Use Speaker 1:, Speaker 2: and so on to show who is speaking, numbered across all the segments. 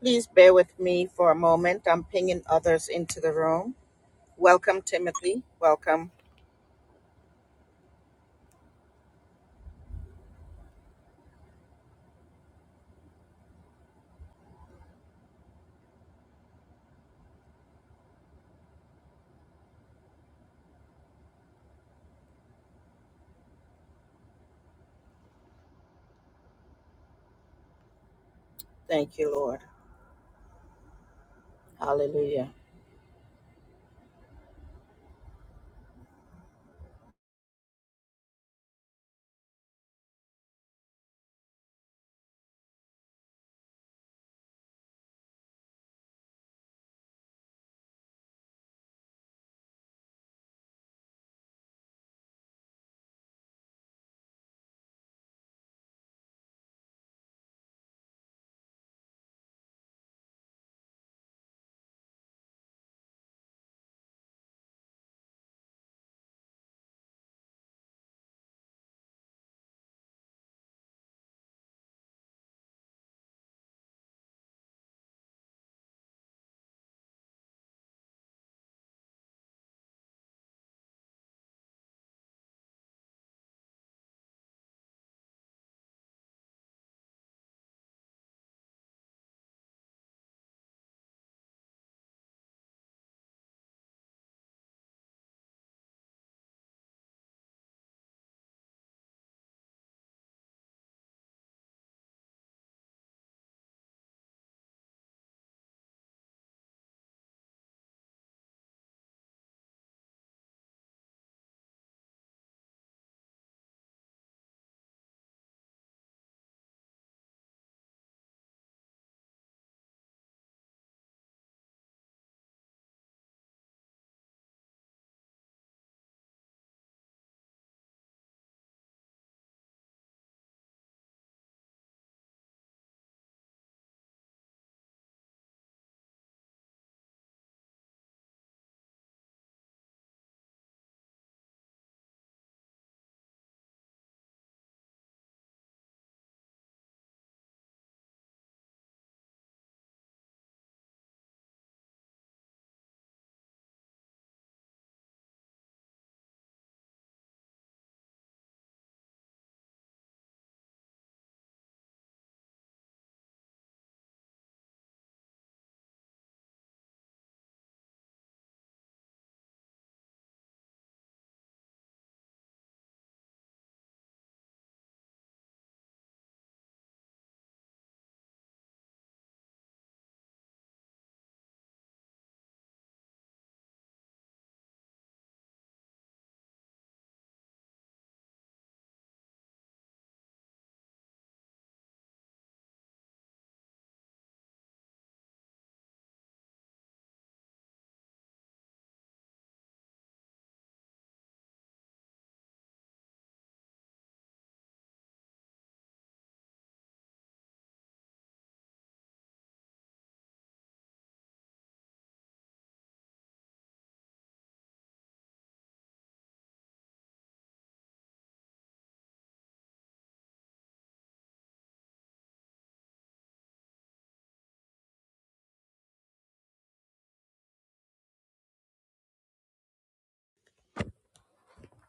Speaker 1: Please bear with me for a moment. I'm pinging others into the room. Welcome, Timothy. Welcome. Thank you, Lord. Hallelujah.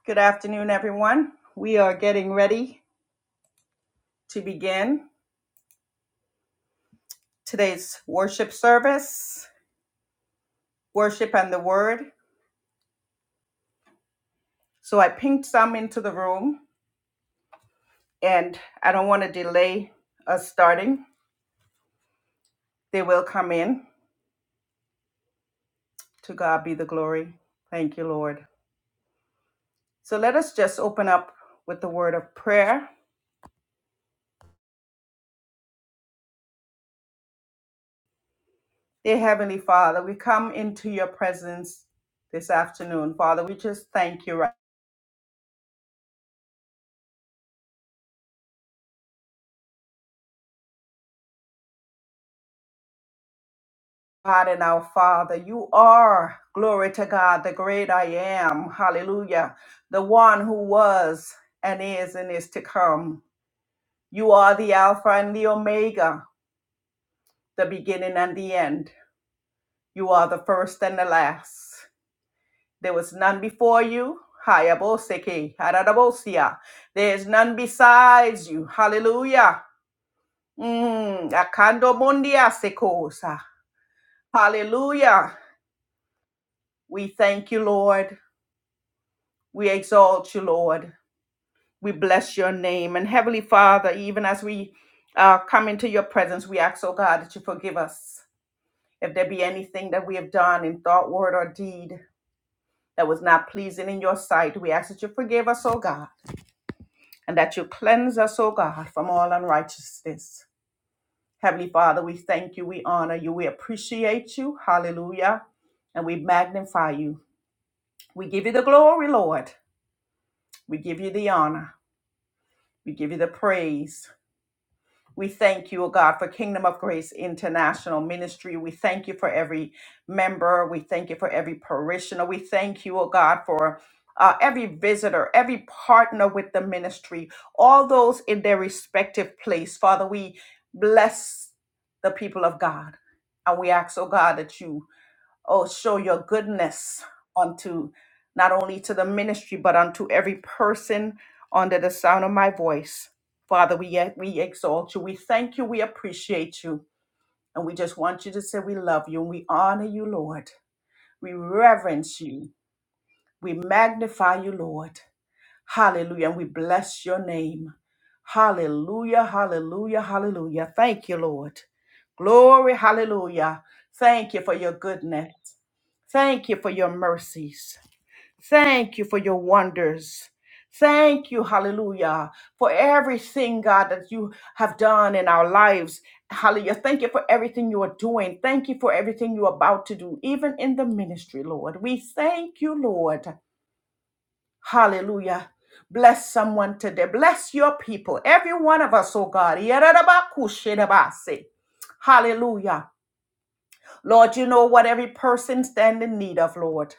Speaker 1: Good afternoon, everyone. We are getting ready to begin today's worship service, worship and the word. So I pinged some into the room, and I don't want to delay us starting. They will come in. To God be the glory. Thank you, Lord. So let us just open up with the word of prayer. Dear Heavenly Father, we come into your presence this afternoon. Father, we just thank you, right- God and our Father. You are, glory to God, the great I am. Hallelujah. The one who was and is and is to come. You are the Alpha and the Omega, the beginning and the end. You are the first and the last. There was none before you. Hayaboseki, Haradabosia. There is none besides you. Hallelujah. Mm, akando mondia sekosa. Hallelujah. We thank you, Lord. We exalt you, Lord. We bless your name. And Heavenly Father, even as we uh, come into your presence, we ask, oh God, that you forgive us if there be anything that we have done in thought, word, or deed that was not pleasing in your sight. We ask that you forgive us, oh God, and that you cleanse us, oh God, from all unrighteousness. Heavenly Father, we thank you, we honor you, we appreciate you. Hallelujah. And we magnify you. We give you the glory, Lord. We give you the honor. We give you the praise. We thank you, O God, for Kingdom of Grace International Ministry. We thank you for every member. We thank you for every parishioner. We thank you, O God, for uh, every visitor, every partner with the ministry, all those in their respective place. Father, we bless the people of God. And we ask, oh God, that you Oh, show your goodness unto not only to the ministry, but unto every person under the sound of my voice. Father, we, we exalt you. We thank you. We appreciate you. And we just want you to say we love you and we honor you, Lord. We reverence you. We magnify you, Lord. Hallelujah. And we bless your name. Hallelujah. Hallelujah. Hallelujah. Thank you, Lord. Glory. Hallelujah. Thank you for your goodness. Thank you for your mercies. Thank you for your wonders. Thank you, hallelujah, for everything, God, that you have done in our lives. Hallelujah. Thank you for everything you are doing. Thank you for everything you're about to do, even in the ministry, Lord. We thank you, Lord. Hallelujah. Bless someone today. Bless your people, every one of us, oh God. Yarabakushinabase. Hallelujah. Lord, you know what every person stands in need of, Lord.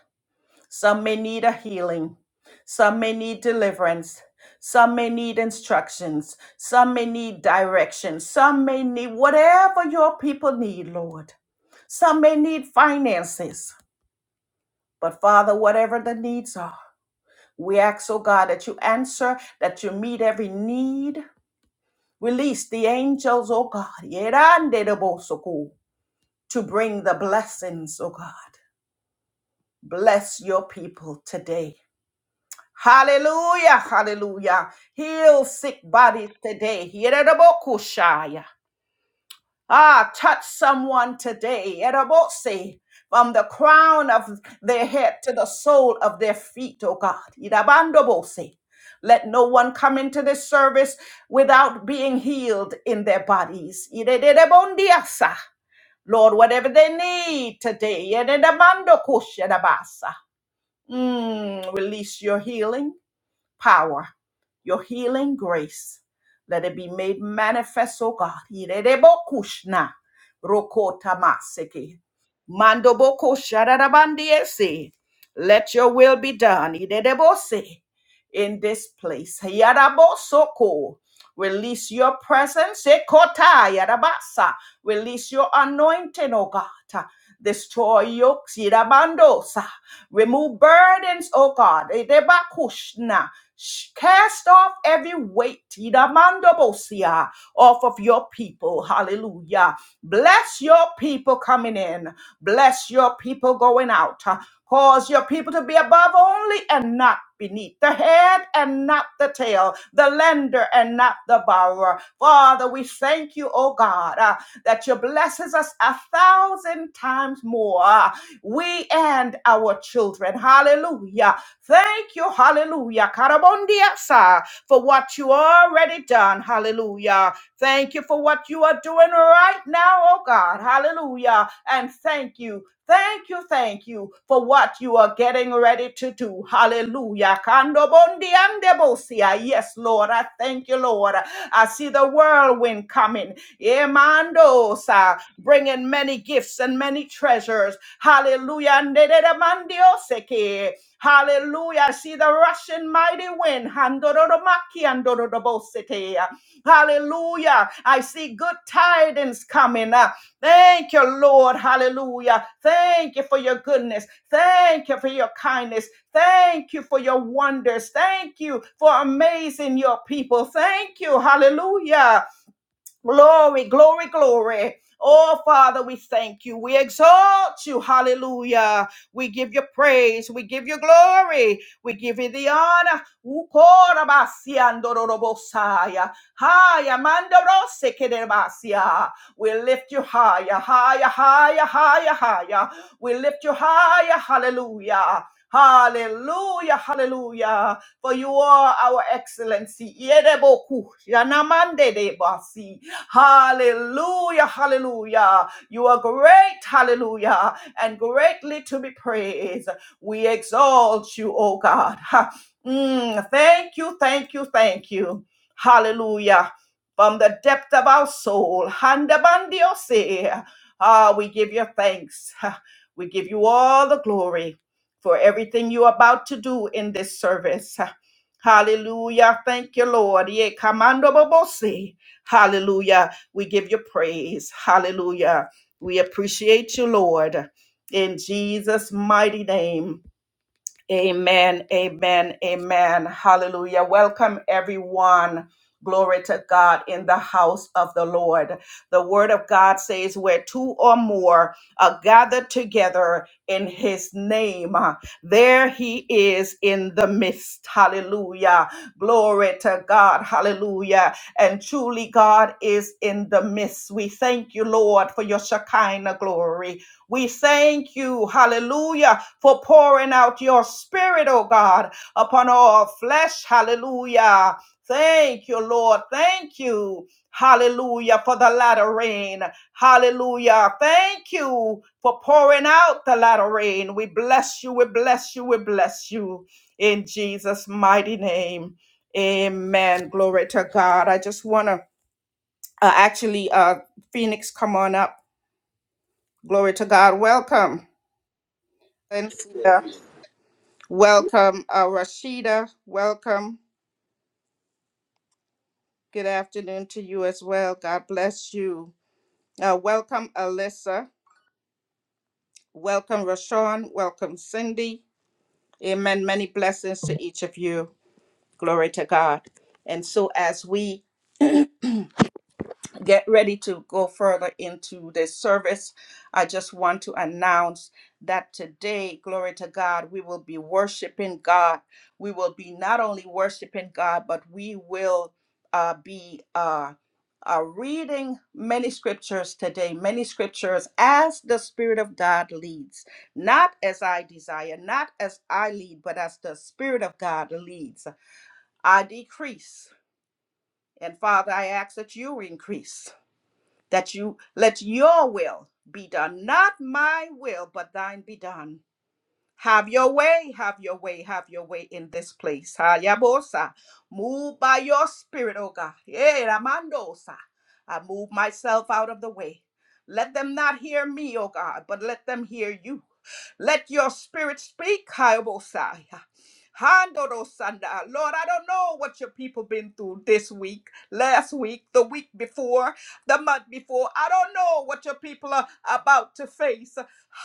Speaker 1: Some may need a healing. Some may need deliverance. Some may need instructions. Some may need direction. Some may need whatever your people need, Lord. Some may need finances. But Father, whatever the needs are, we ask, oh God, that you answer, that you meet every need. Release the angels, oh God, yerandedebosoku, to bring the blessings, oh God. Bless your people today. Hallelujah, hallelujah. Heal sick bodies today. Yerebokushaya. Ah, touch someone today. Yerebose. From the crown of their head to the sole of their feet, oh God. Yerabandobose. Let no one come into this service without being healed in their bodies. Yeredebondiasa. Lord, whatever they need today, yeredemandokusherabasa. Mm, release your healing power, your healing grace. Let it be made manifest, O God. Irerebokushna, rokotamaseke, mandobokoshararabandiese. Let your will be done. Irerebosi, In this place. Yarabosoko. Release your presence. Ekotaya rabasa. Release your anointing, oh God. Destroy yokes. Irabandosa. Remove burdens, oh God. Edebakushna. Cast off every weight Idamandobosia, off of your people. Hallelujah. Bless your people coming in. Bless your people going out. Cause your people to be above only and not beneath, the head and not the tail, the lender and not the borrower. Father, we thank you, oh God, uh, that you blesses us a thousand times more, uh, we and our children. Hallelujah. Thank you, hallelujah. Karabondiasa, for what you already done. Hallelujah. Thank you for what you are doing right now, oh God. Hallelujah. And thank you Thank you, thank you for what you are getting ready to do. Hallelujah. Kando bondi ande bosia. Yes, Lord. I thank you, Lord. I see the whirlwind coming. Emandosa, bringing many gifts and many treasures. Hallelujah. Ndedede mandioseke. Hallelujah. I see the rushing mighty wind. Handororomaki andororobosete. Hallelujah. I see good tidings coming. Thank you, Lord. Hallelujah. Thank you for your goodness. Thank you for your kindness. Thank you for your wonders. Thank you for amazing your people. Thank you. Hallelujah. Glory, glory, glory. Oh, Father, we thank you. We exalt you. Hallelujah. We give you praise. We give you glory. We give you the honor. Ukorabasiandorobosaya. Haya mandorosekerebasia. We lift you higher, higher, higher, higher, higher. We lift you higher. Hallelujah. Hallelujah, hallelujah. For you are our excellency. Yereboku, yanamande Hallelujah, hallelujah. You are great, hallelujah, and greatly to be praised. We exalt you, oh God. Ha. Mm, thank you, thank you, thank you. Hallelujah. From the depth of our soul, handabandiose. Ah, we give you thanks. Ha. We give you all the glory for everything you're about to do in this service. Ha. Hallelujah. Thank you, Lord. Ye commando Hallelujah. We give you praise. Hallelujah. We appreciate you, Lord. In Jesus' mighty name. Amen, amen, amen. Hallelujah. Welcome, everyone. Glory to God in the house of the Lord. The word of God says, Where two or more are gathered together in his name, uh, there he is in the midst. Hallelujah. Glory to God. Hallelujah. And truly, God is in the midst. We thank you, Lord, for your Shekinah glory. We thank you. Hallelujah for pouring out your spirit, oh God, upon all flesh. Hallelujah. Thank you, Lord. Thank you. Hallelujah for the latter rain. Hallelujah. Thank you for pouring out the latter rain. We bless you. We bless you. We bless you in Jesus' mighty name. Amen. Glory to God. I just want to uh, actually, uh, Phoenix, come on up. Glory to God. Welcome. Cynthia. Welcome, uh, Rashida. Welcome. Good afternoon to you as well. God bless you. Uh, welcome, Alyssa. Welcome, Rashawn. Welcome, Cindy. Amen. Many blessings to each of you. Glory to God. And so, as we get ready to go further into the service, I just want to announce that today, glory to God, we will be worshiping God. We will be not only worshiping God, but we will uh, be uh, uh, reading many scriptures today, many scriptures as the Spirit of God leads, not as I desire, not as I lead, but as the Spirit of God leads. I decrease, and Father, I ask that you increase that you let your will be done, not my will, but thine be done. Have your way, have your way, have your way in this place. Hayabosa. Move by your spirit, oh God. Eh, Ramandosa. I move myself out of the way. Let them not hear me, oh God, but let them hear you. Let your spirit speak, Hayabosa. Handorosanda. Lord, I don't know what your people been through this week, last week, the week before, the month before. I don't know what your people are about to face.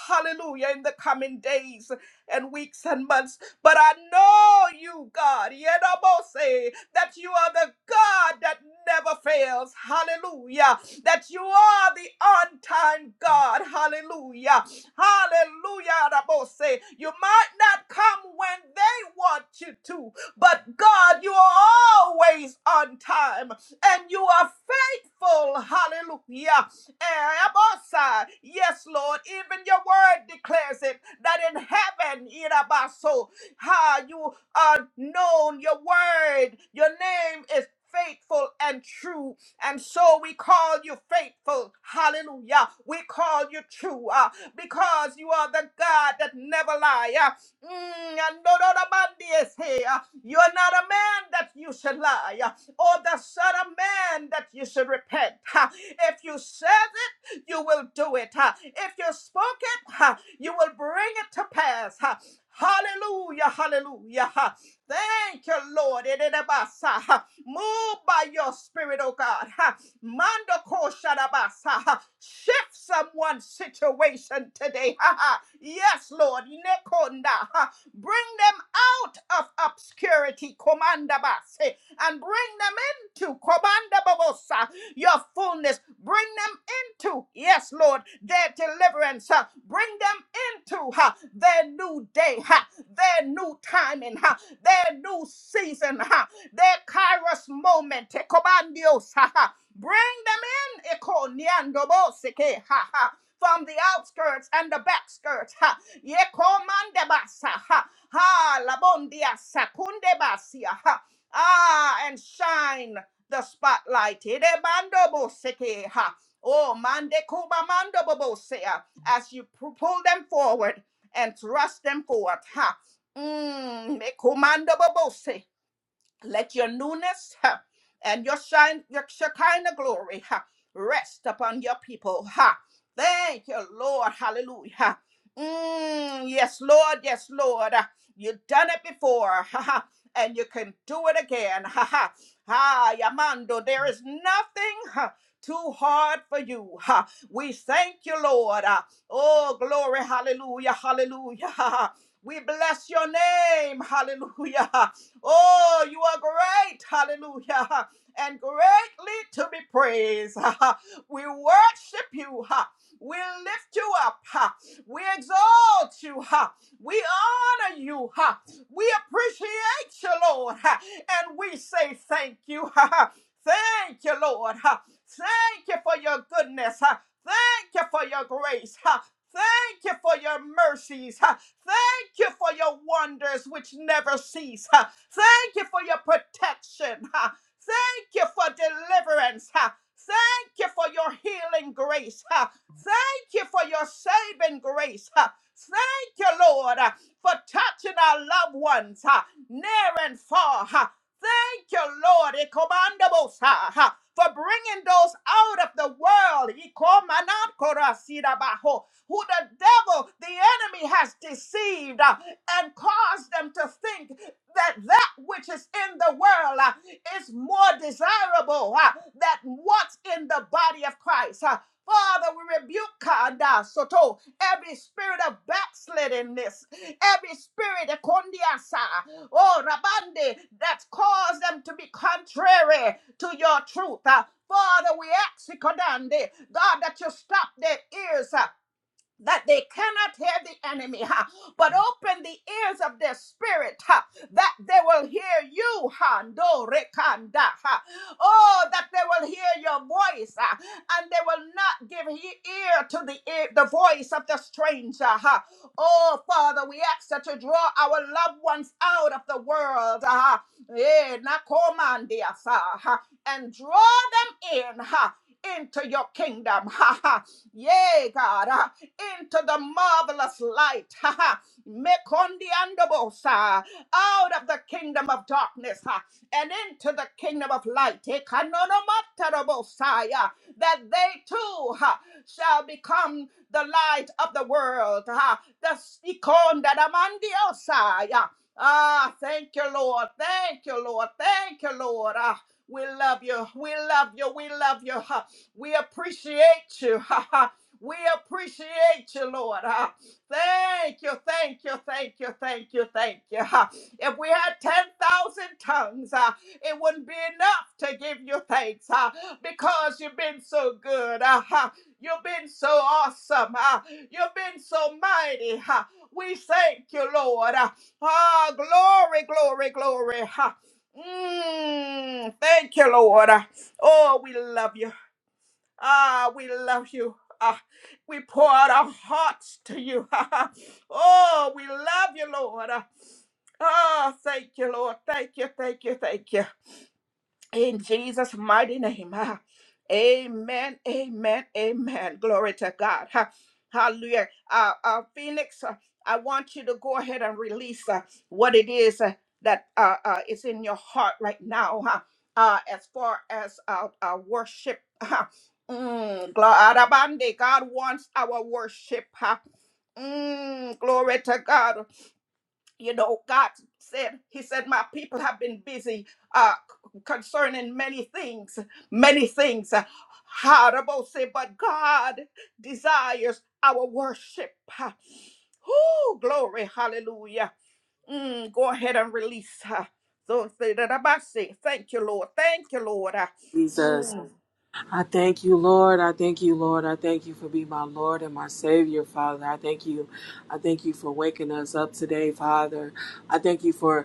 Speaker 1: Hallelujah. In the coming days and weeks and months. But I know you, God, Yedabose, that you are the God that never fails. Hallelujah. That you are the on time God. Hallelujah. Hallelujah. Yedabose. You might not come when they want you to, but God, you are always on time and you are faithful. Hallelujah. Abosai. Yes, Lord, even your word declares it that in heaven, Irabaso, ha, you are known, your word, your name is faithful and true. And so we call you faithful. Hallelujah. We call you true uh, because you are the God that never lie. Uh, mm, and no, no, no, man, yes, hey, uh, you are not a man that you should lie. uh, or the Son of Man that you should repent. Ha. If you said it, you will do it. Ha. If you spoke it, ha, you will bring it to pass. Ha. Hallelujah, hallelujah. Ha. Thank you, Lord. Ededabasa, ha. Move by your spirit, oh God. Ha. Mando ko ha. Shift someone's situation today. Ha, ha. Yes, Lord. Nekonda, ha. Bring them out of obscurity. Komandabase and bring them into Kobanda Babosa, your fullness. Bring them into, yes, Lord, their deliverance. uh, Bring them into uh, their new day, uh, their new timing, uh, their new season, uh, their kairos moment. eh, Kobandios, uh, uh, Bring them in, Eko Boseke, uh, uh, from the outskirts and the back skirts. uh, Yekomandebasa, uh, Ha ha, labondia sakunde basia. huh? Ah, and shine the spotlight. Edebando boseke, ha. Oh, mande kuba mando bobosea. As you pull them forward and thrust them forward. Ha. Mm, mekumando bobose. Let your newness ha, and your shine, your Shekinah glory ha, rest upon your people. Ha. Thank you, Lord. Hallelujah. Mm, yes, Lord. Yes, Lord. Uh, You've done it before. Ha, ha, and you can do it again. Ha, ha. Ha, Yamando, there is nothing ha, too hard for you. Ha. We thank you, Lord. Ah, Oh, glory. Hallelujah. Hallelujah. We bless your name. Hallelujah. Oh, you are great. Hallelujah. And greatly to be praised. We worship you. We lift you up. We exalt you. We honor you. We appreciate you, Lord. And we say thank you. Thank you, Lord. Thank you for your goodness. Thank you for your grace. Thank you for your mercies. thank. Thank you for your wonders which never cease. Ha. Thank you for your protection. Ha. Thank you for deliverance. Ha. Thank you for your healing grace. Ha. Thank you for your saving grace. Ha. Thank you, Lord, uh, for touching our loved ones ha, near and far. ha. Thank you, Lord, Ikomandabosa, ha, for bringing those out of the world. Ikomanatkorasidabaho who the devil, the enemy has deceived uh, and caused them to think that that which is in the world uh, is more desirable uh, than what's in the body of Christ. uh. Father, we rebuke Kada Soto every spirit of backsliddenness, every spirit of kondiasa, oh Rabande, that caused them to be contrary to your truth. uh. Father, we ask you, Kodande, God, that you stop their ears. uh, that they cannot hear the enemy, ha, but open the ears of their spirit ha, that they will hear you. Ha, ndo rekanda, ha. Oh, that they will hear your voice ha, and they will not give he- ear to the, ear, the voice of the stranger. Ha. Oh, Father, we ask that you draw our loved ones out of the world ha, eh, nakomandia, sa, ha, and draw them in ha, into your kingdom. Ha, ha. Yea, God into the marvelous light. Ha ha. Mekondiandobosa. Out of the kingdom of darkness ha, and into the kingdom of light. Ekanonomatarabosa, yeah, That they too ha, shall become the light of the world. Ha. The sikondadamandiosa, yeah. Ah, thank you, Lord. Thank you, Lord. Thank you, Lord. Ah, we love you. We love you. We love you. Ha. We appreciate you. We appreciate you, Lord. Ah, Thank you, thank you, thank you, thank you, thank you. Ah, If we had 10,000 tongues, ah, it wouldn't be enough to give you thanks ah, because you've been so good. Ah, ah, You've been so awesome. ah, You've been so mighty. ah. We thank you, Lord. Ah, ah, glory, glory, glory. ah. Mm, thank you, Lord. Ah, Oh, we love you. Ah, we love you. Ah, we pour out our hearts to you. oh, we love you, Lord. Ah, thank you, Lord. Thank you, thank you, thank you. In Jesus' mighty name. ah. Amen. Amen. Amen. Glory to God. Ha- Hallelujah. Uh, uh, Phoenix, uh, I want you to go ahead and release uh, what it is uh, that uh, uh, is in your heart right now. huh? Uh, as far as uh, uh, worship, huh? Mm, glo- arabande. God wants our worship. huh? Mm, glory to God you know god said he said my people have been busy uh c- concerning many things many things how about say but god desires our worship oh glory hallelujah Mm, go ahead and release her so say that about say thank you lord thank you lord Uh,
Speaker 2: Jesus.
Speaker 1: Mm,
Speaker 2: I thank you, Lord. I thank you, Lord. I thank you for being my Lord and my Savior, Father. I thank you. I thank you for waking us up today, Father. I thank you for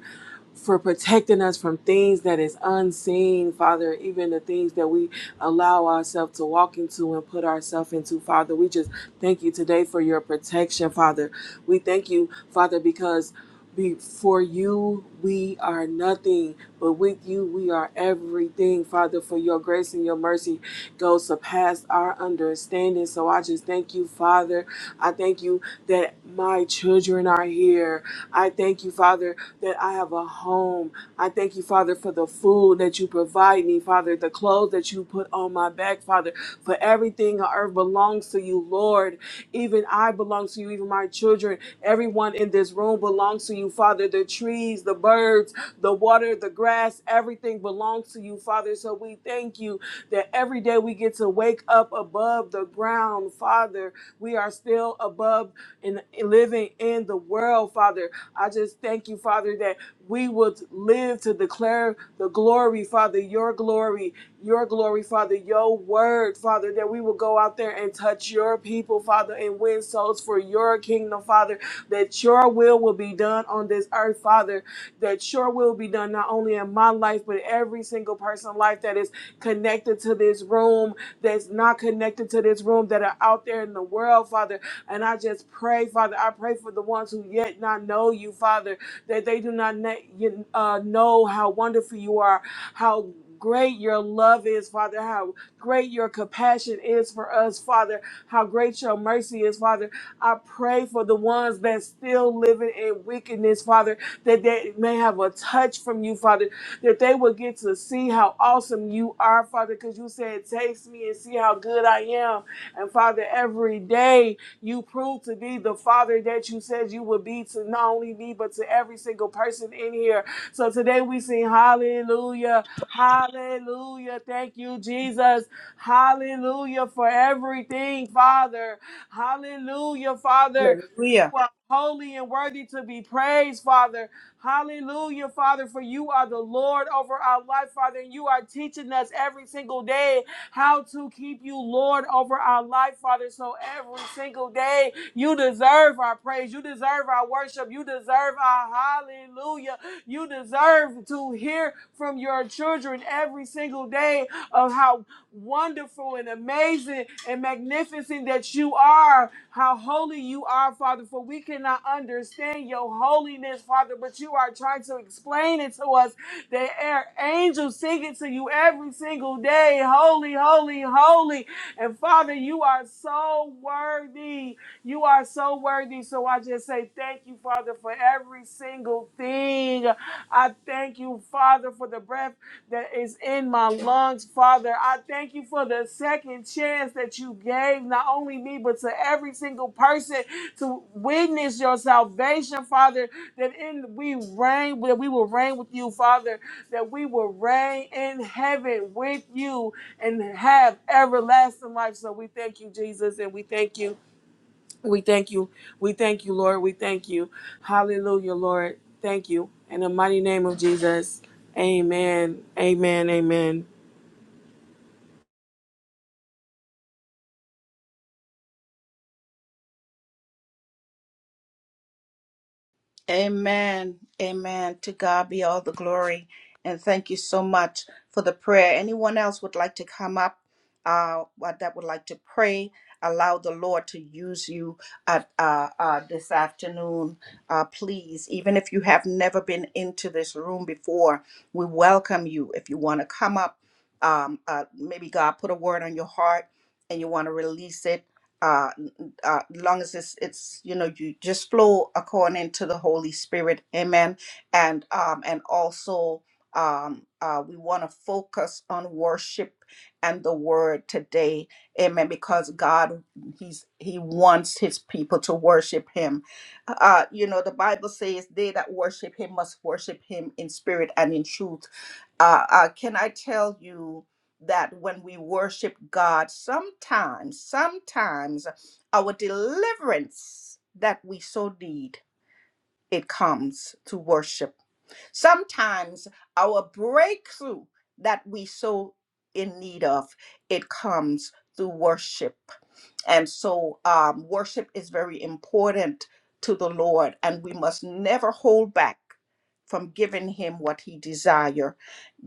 Speaker 2: for protecting us from things that is unseen, Father, even the things that we allow ourselves to walk into and put ourselves into, Father. We just thank you today for your protection, Father. We thank you, Father, because before you we are nothing, but with you we are everything, Father, for your grace and your mercy goes to past our understanding. So I just thank you, Father I thank you that my children are here. I thank you, Father, that I have a home. I thank you, Father, for the food that you provide me, Father, the clothes that you put on my back, Father, for everything on earth belongs to you, Lord. Even I belong to you, even my children, everyone in this room belongs to you, Father. The trees, the birds, the water, the grass, everything belongs to you, Father. So we thank you that every day we get to wake up above the ground, Father we are still above and living in the world, Father. I just thank you, Father, that we would live to declare the glory, Father, your glory, your glory, Father, your word, Father, that we will go out there and touch your people, Father, and win souls for your kingdom, Father, that your will will be done on this earth, Father, that your will be done not only in my life, but every single person's life that is connected to this room that's not connected to this room that are out there in the world, Father. And I just pray, Father, I pray for the ones who yet not know you, Father, that they do not na- you- uh, know how wonderful you are, how great your love is, Father, how great your compassion is for us, Father, how great your mercy is, Father. I pray for the ones that still living in wickedness, Father, that they may have a touch from you, Father, that they will get to see how awesome you are, Father, because you said, Taste me and see how good I am. And Father, every day you prove to be the Father that you said you would be to not only me, but to every single person in here. So today we sing hallelujah, hallelujah. Thank you, Jesus. Hallelujah for everything, Father. Hallelujah, Father.
Speaker 1: hallelujah
Speaker 2: You are holy and worthy to be praised, Father. Hallelujah, Father, for you are the Lord over our life, Father, and you are teaching us every single day how to keep you Lord over our life, Father. So every single day, you deserve our praise, you deserve our worship, you deserve our hallelujah, you deserve to hear from your children every single day of how wonderful and amazing and magnificent that you are, how holy you are, Father. For we cannot understand your holiness, Father, but you are trying to explain it to us. The air angels sing it to you every single day. Holy, holy, holy. And Father, you are so worthy. You are so worthy. So I just say thank you, Father, for every single thing. I thank you, Father, for the breath that is in my lungs, Father. I thank you for the second chance that you gave, not only me, but to every single person to witness your salvation, Father. That in we reign, that we will reign with you, Father. That we will reign in heaven with you and have everlasting life. So we thank you, Jesus, and we thank you. We thank you. We thank you, Lord. We thank you. Hallelujah, Lord. Thank you. In the mighty name of Jesus. Amen. Amen. Amen.
Speaker 1: Amen. Amen. To God be all the glory. And thank you so much for the prayer. Anyone else would like to come up uh, what- that would like to pray? Allow the Lord to use you at, uh, uh, this afternoon, uh, please. Even if you have never been into this room before, we welcome you. If you want to come up, um, uh, maybe God put a word on your heart and you want to release it. uh, uh, long as it's it's you know you just flow according to the Holy Spirit, Amen. And um and also um uh we want to focus on worship and the word today, Amen. Because God He's He wants His people to worship Him. Uh, you know the Bible says they that worship Him must worship Him in spirit and in truth uh, uh, can I tell you that when we worship God, sometimes, sometimes our deliverance that we so need, it comes to worship. Sometimes our breakthrough that we so in need of, it comes through worship. And so um, worship is very important to the Lord, and we must never hold back from giving him what he desires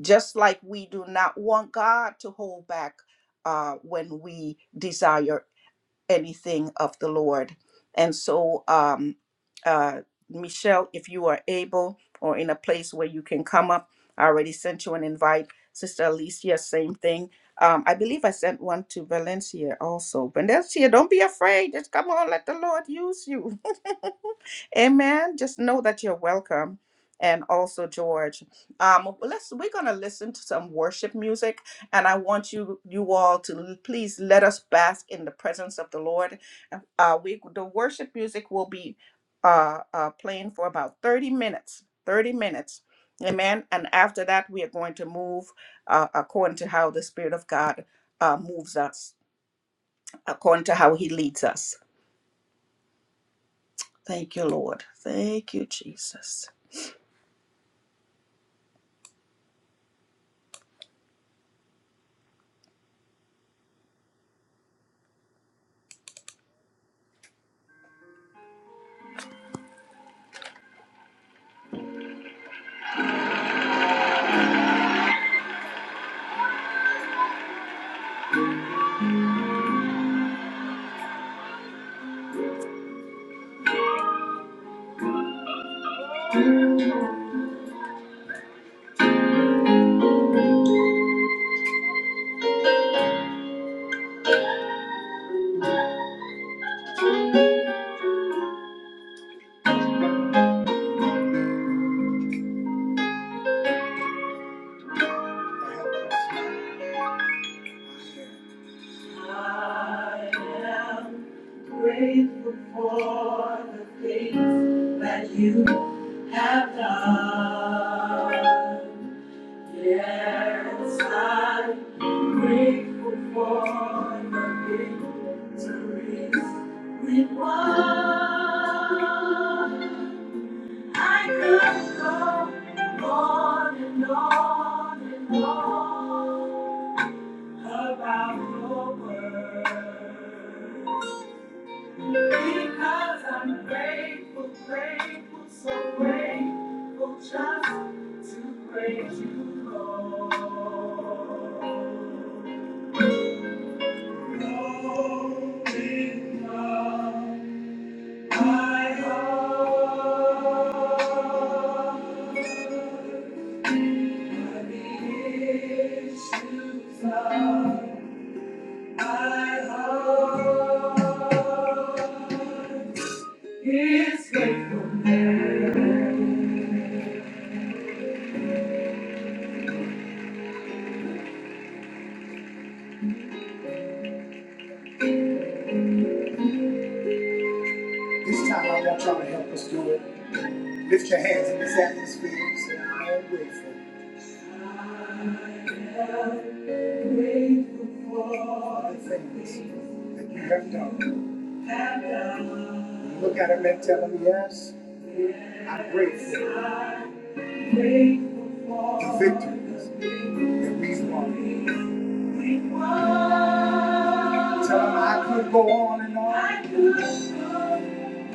Speaker 1: just like we do not want God to hold back uh, when we desire anything of the Lord. And so, um, uh, Michelle, if you are able or in a place where you can come up, I already sent you an invite. Sister Alicia, same thing. Um, I believe I sent one to Valencia also. Valencia, don't be afraid. Just come on, let the Lord use you. Amen. Just know that you're welcome. And also, George, um, let's we're gonna listen to some worship music, and I want you you all to l- please let us bask in the presence of the Lord. Uh, we the worship music will be uh, uh, playing for about thirty minutes. Thirty minutes, amen. And after that, we are going to move uh, according to how the Spirit of God uh, moves us, according to how He leads us. Thank you, Lord. Thank you, Jesus. Whoa, I could go on and on and on about your word. Because I'm grateful, grateful, so grateful just to praise you, Lord. Holy God, my God. This time I want y'all to help us do it. Lift your hands in this atmosphere and say, I am grateful for the things that you have done. Look at him and tell him, yes, I'm grateful for the victories that we've won. Tell him I could go on and on. I could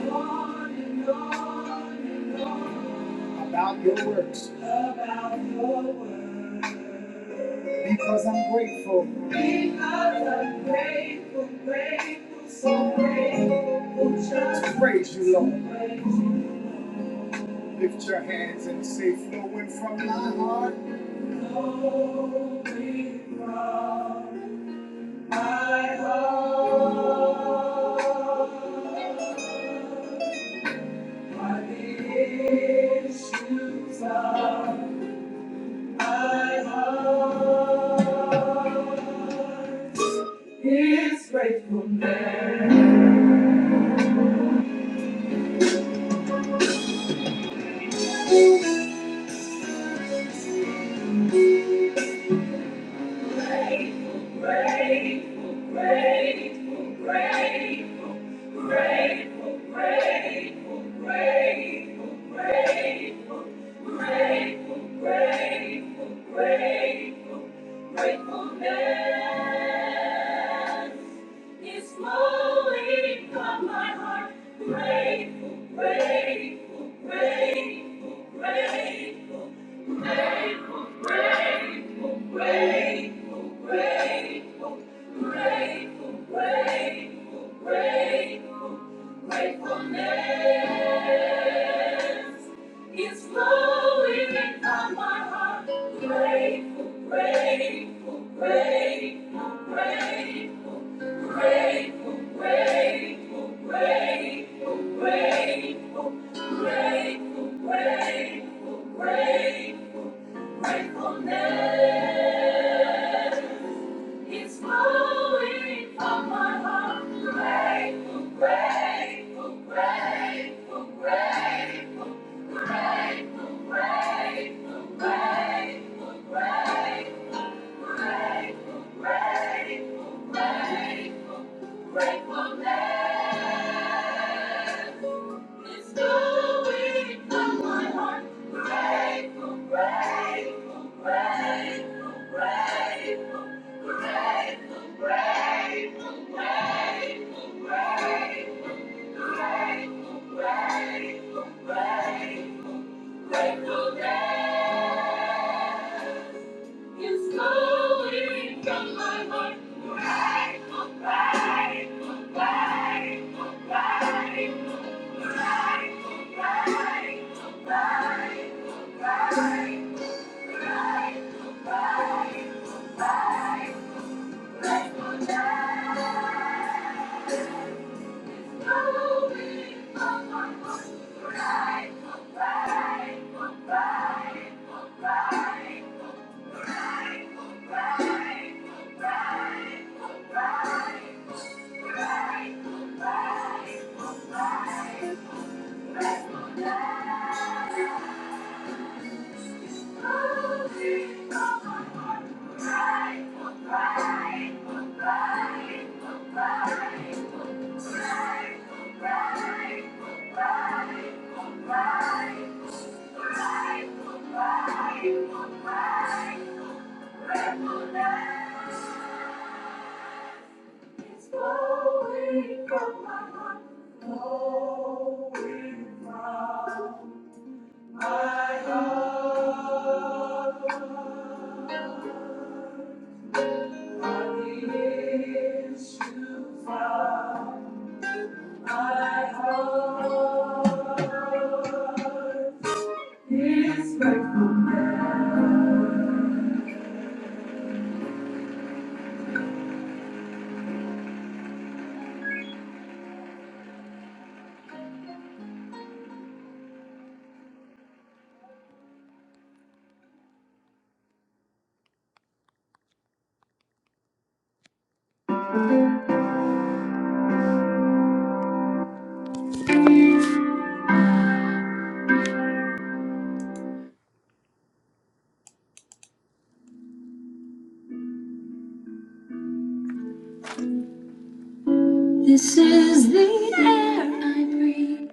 Speaker 1: go on and on and on. About your works. About your works. Because I'm grateful. Because I'm grateful, grateful, so grateful. Just to praise you, Lord. Praise you. Lift your hands and say, flowing from my heart. Flowing from I hope my issues are. I hope His faithfulness. Grateful, grateful, grateful, grateful, grateful, grateful, grateful, grateful, grateful, grateful, grateful. Gratefulness is flowing from my heart. Grateful, grateful, grateful, grateful, grateful, grateful, grateful, grateful, grateful, grateful, grateful, gratefulness. It's flowing from my heart. Grateful, grateful, grateful, grateful, grateful, grateful, grateful, grateful, grateful, grateful, grateful, gratefulness. It's flowing from my heart. Grateful, grateful, grateful, grateful, grateful, grateful, grateful, grateful, grateful, grateful, grateful, grateful, grateful. It's going from my heart. Grateful, grateful, grateful, grateful, grateful, grateful, grateful, grateful, grateful, grateful, grateful grateful that it's going from my heart. Grateful, grateful, grateful, going from my heart. It's This is the air I breathe.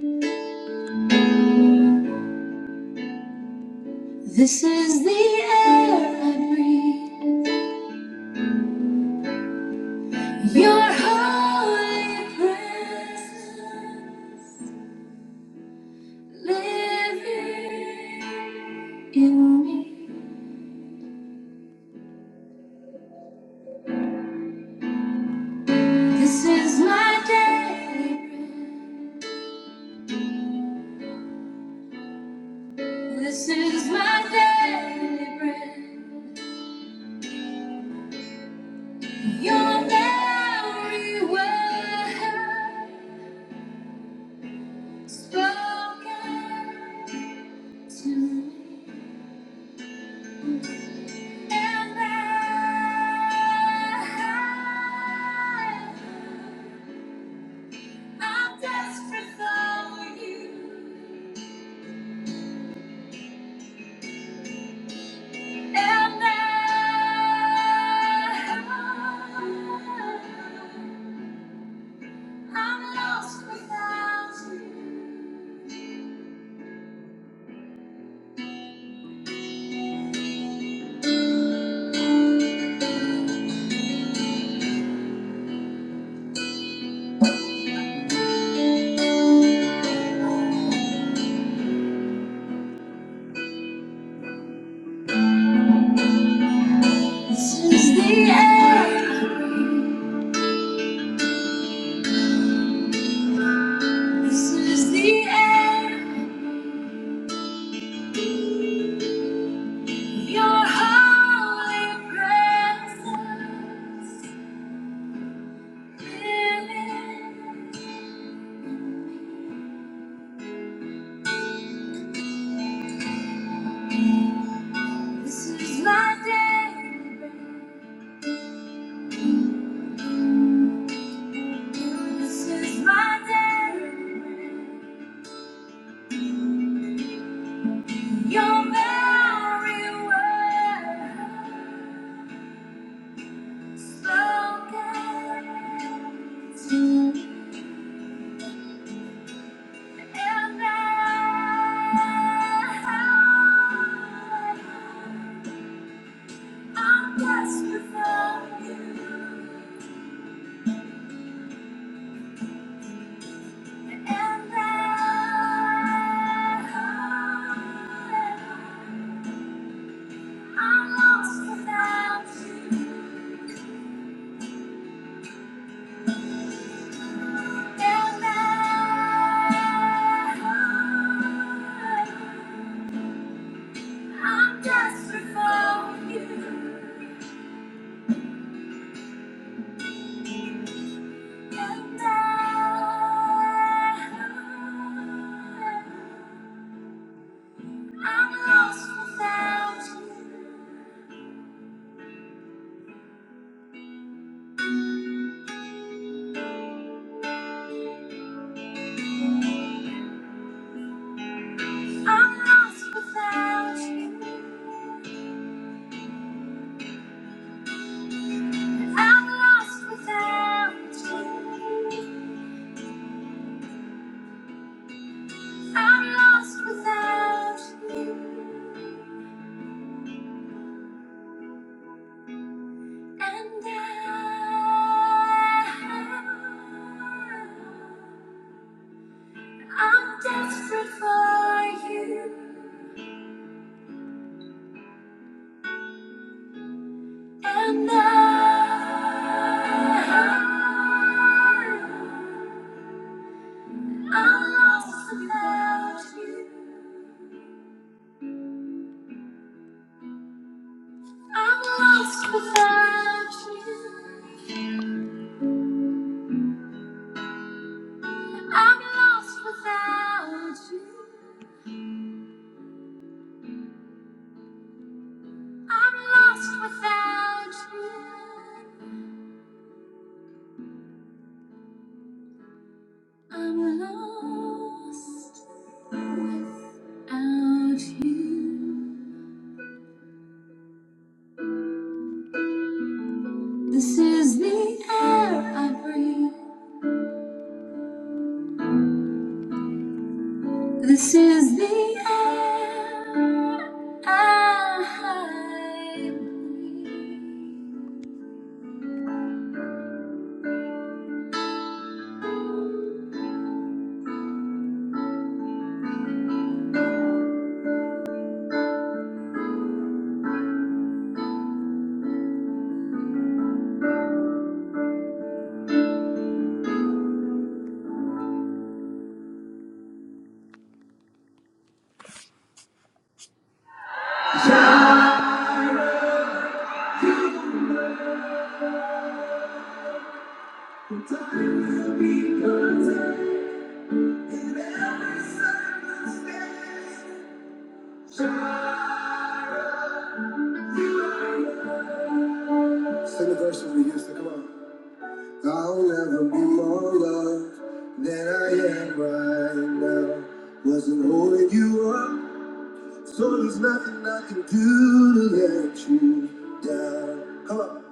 Speaker 1: This is the air I breathe. Your holy presence living in me. This is my daily bread. This is my daily bread. Your very word spoken to me. And I, I'm desperate for you. And I, I'm lost without you. This is the end. This is the end. Your holy presence. Really? This is my day. This is my day. Your very word spoken to me. And I, I'm desperate for you. And I, And I, I'm desperate for you. And I, I'm lost without you. I'm lost without you. I'm lost without you. I'm lost without you. And I, I'm desperate for you. And I, I'm lost without you. I'm lost without you. I'm lost without you. I'm lost without you. I'm lost without you. This is the air I breathe. This is the air I breathe. The time will be content in every circumstance. Shara, you are. mine. Sing the verse that we used to come on. I'll never be more loved than I am right now. Wasn't holding you up, so there's nothing I can do to let you down. Come on.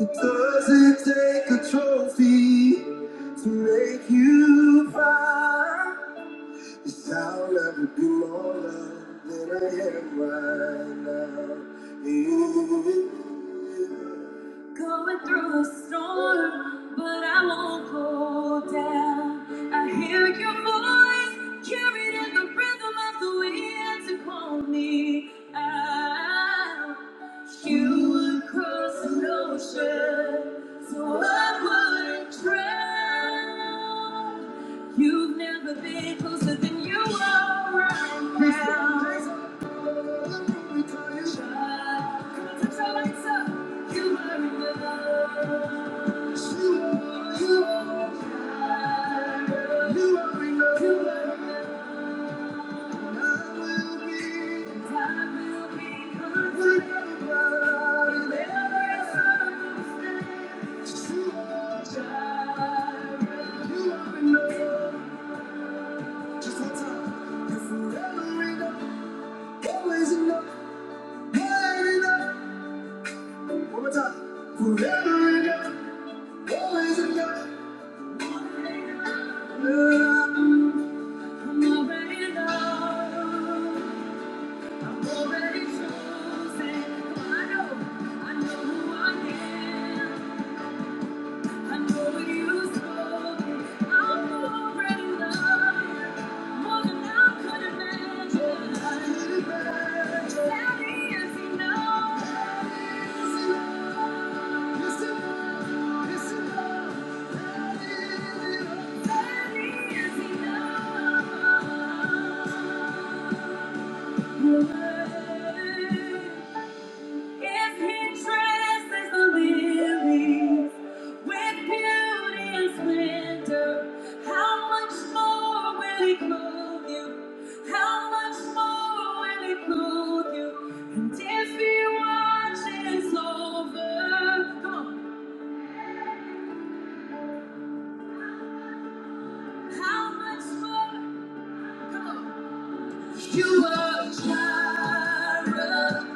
Speaker 1: It doesn't take a trophy to make you proud. Cause I'll never be more loved than I am right now. Yeah. Going through a storm, but I won't go down. I hear your voice carried in the rhythm of the wind to call me out. You would cross an ocean, so I wouldn't drown. You've never been closer than you are right now. Come on, touch your lights up. You are enough. You are enough. You are enough. You are enough. God will be good. Whenever it's over. You are enough. You are enough. Just one time. You're forever enough. Always enough. More enough. One time. Forever enough. Always enough. I'm already in love. I'm already chosen. I know. I know who I am. I know what you sold. I'm already loved more than I could imagine. That is enough. That is enough. If he dresses the lilies with beauty and splendor, how much more will he clothe you? How much more will he clothe you? And if he watches over, how much more? Come on. You are Jireh.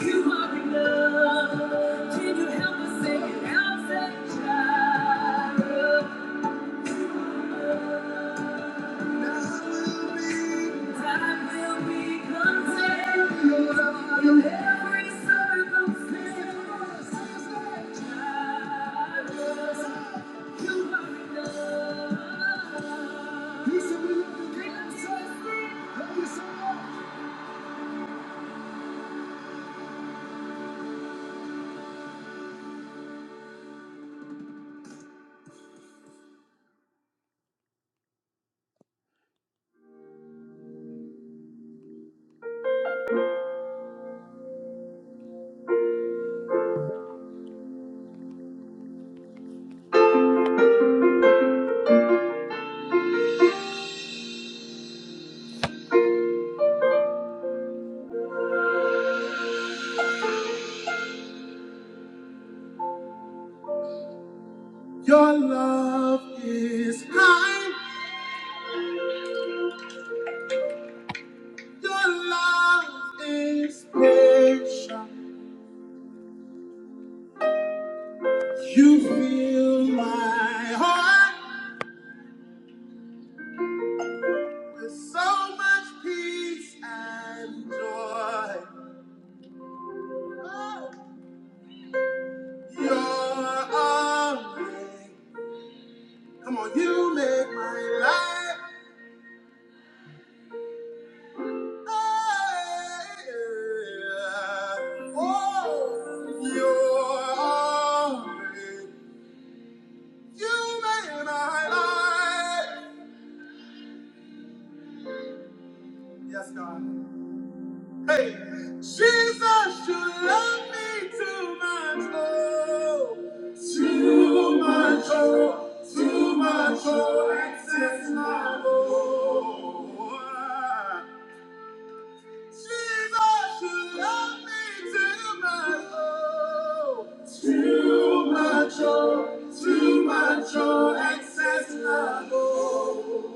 Speaker 1: You are enough. Can you help us sing it out? Say Jireh. Time will be. Time will be content. You're Lord in every circumstance. Jireh. You are enough. You said we love you, God. Say it. Love you so much. Your love is kind, your love is patient. You fill my heart with so much peace and joy. Your arms, come on, you make my life. Oh, your arms. You made my life. Yes, God. Hey, Jesus, you love me too much. Oh, too much. Oh, too much. Oh, excess love. Oh, Jesus, you love me too much. Oh, too much. Oh, too much. Oh, excess love. Oh.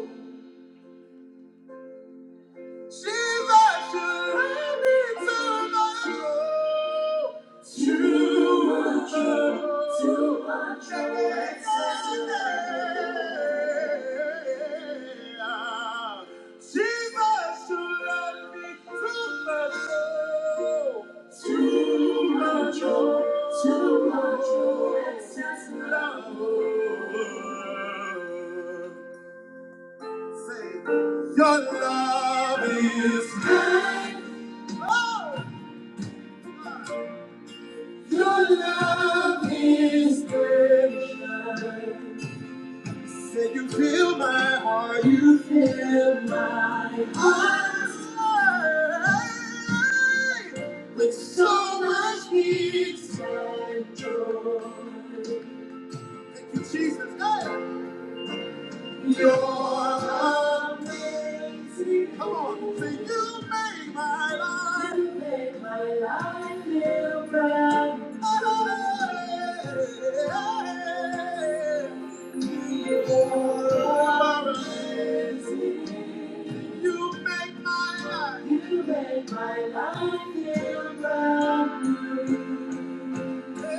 Speaker 1: Too much, oh, excess love. Your love is mine. Oh. Your love is great. Say you fill my heart. You fill my heart with so much peace and joy. Thank you, Jesus. Hey! Uh, come on, say You make my life feel bright. You can make my life feel brand new. Too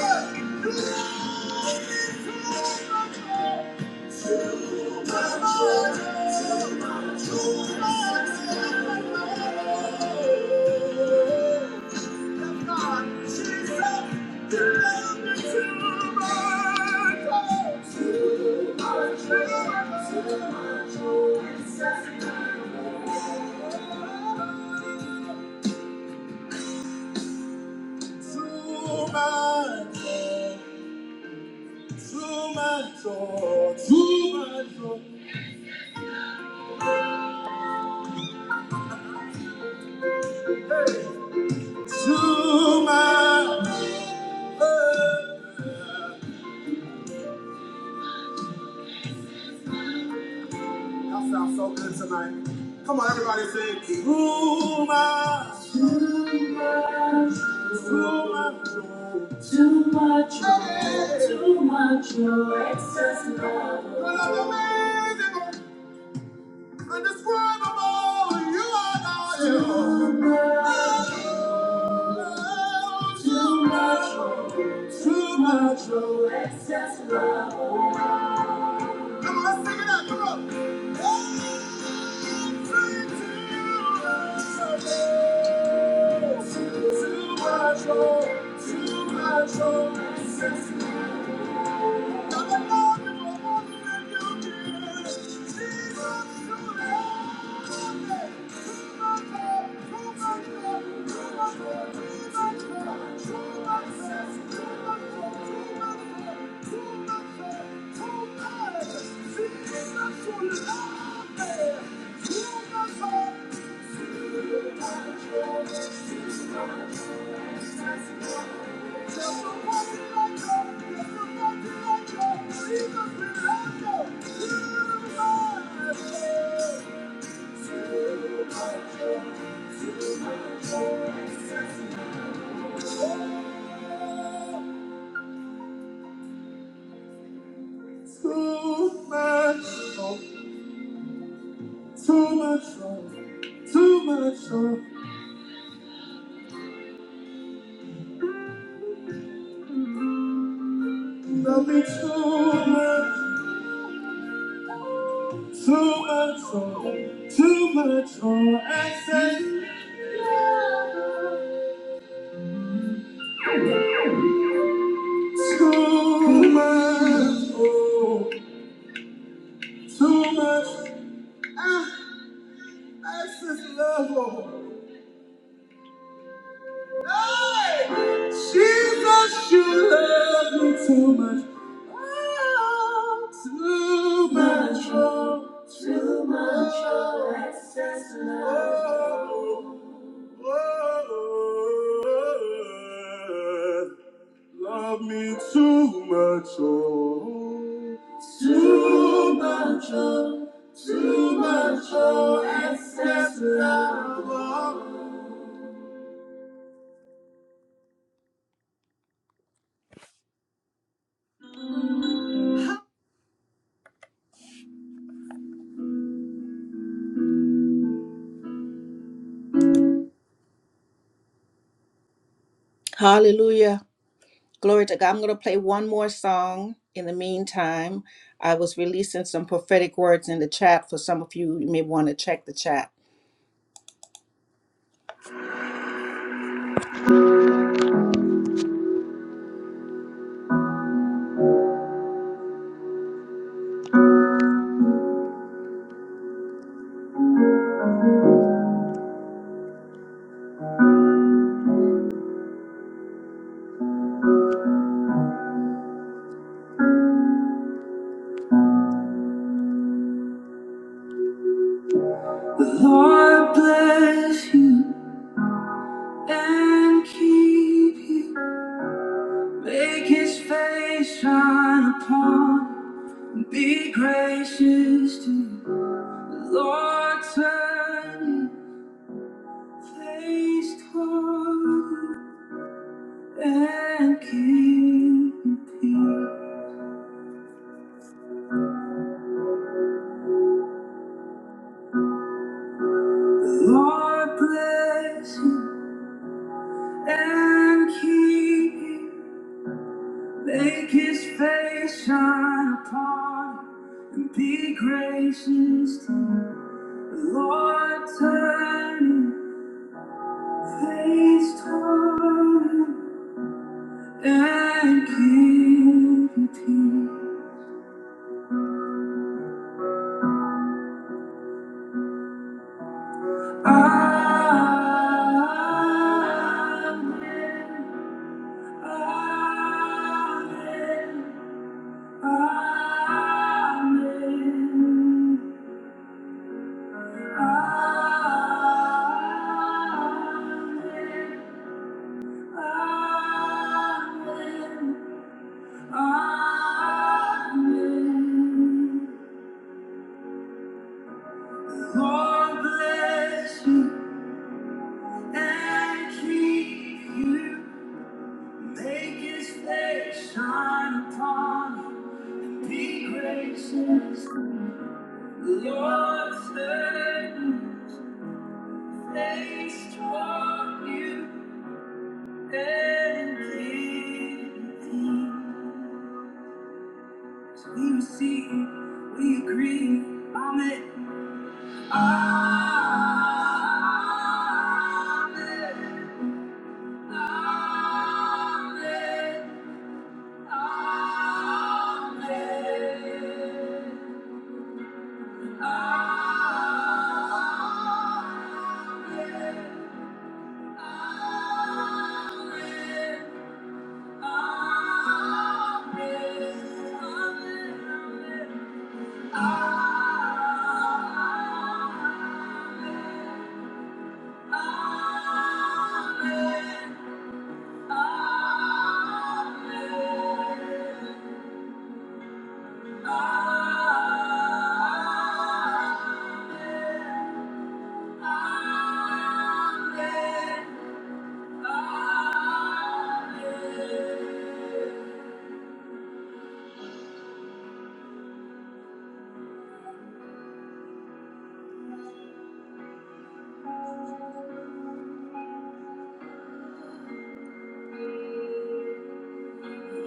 Speaker 1: much, Too much, oh, too much, oh, too much, oh. to my Lord. Y'all sound so good tonight. Come on, everybody sing. To my, to my, Unbelievable, Indescribable, you are not you. Too much, too much, Come on, let's sing it out. Come on. Too much love, too much love, got the love in my heart and you give it. Jesus, too late. Too much love, too much love, too much love, too much love, too much love, too much love, too much love, too much love, too much. Too much, love, too much, love, too much, love, nothing too much. Too much oil, too much oil, excess, too much, too much, excess love, Lord. Jesus, you love me too much. Oh, too much oil, too much oil, excess. Oh, love me too much, oh. Hallelujah. Glory to God. I'm going to play one more song in the meantime. I was releasing some prophetic words in the chat for some of you. You may want to check the chat. Bless And keep you. Make his face shine upon. you. Be gracious to you. Lord. Turn your face toward you and keep you. peace. Lord bless you and keep you. Make his face shine upon you and be gracious to you. The Lord turn his face toward you and give you peace. Amen. Amen. Amen. Amen. Amen. Amen. God bless you and keep you. Make his face shine upon you. Be gracious. The Lord turn his face toward you and give you peace. We receive, we agree. Amen. Amen.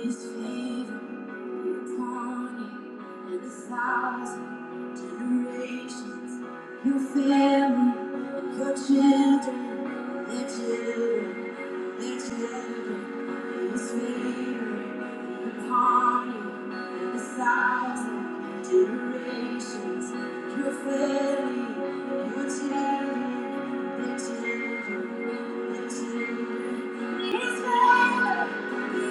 Speaker 1: His favor upon you, and a thousand generations, Your family and your children, and their children. Thank you. Thank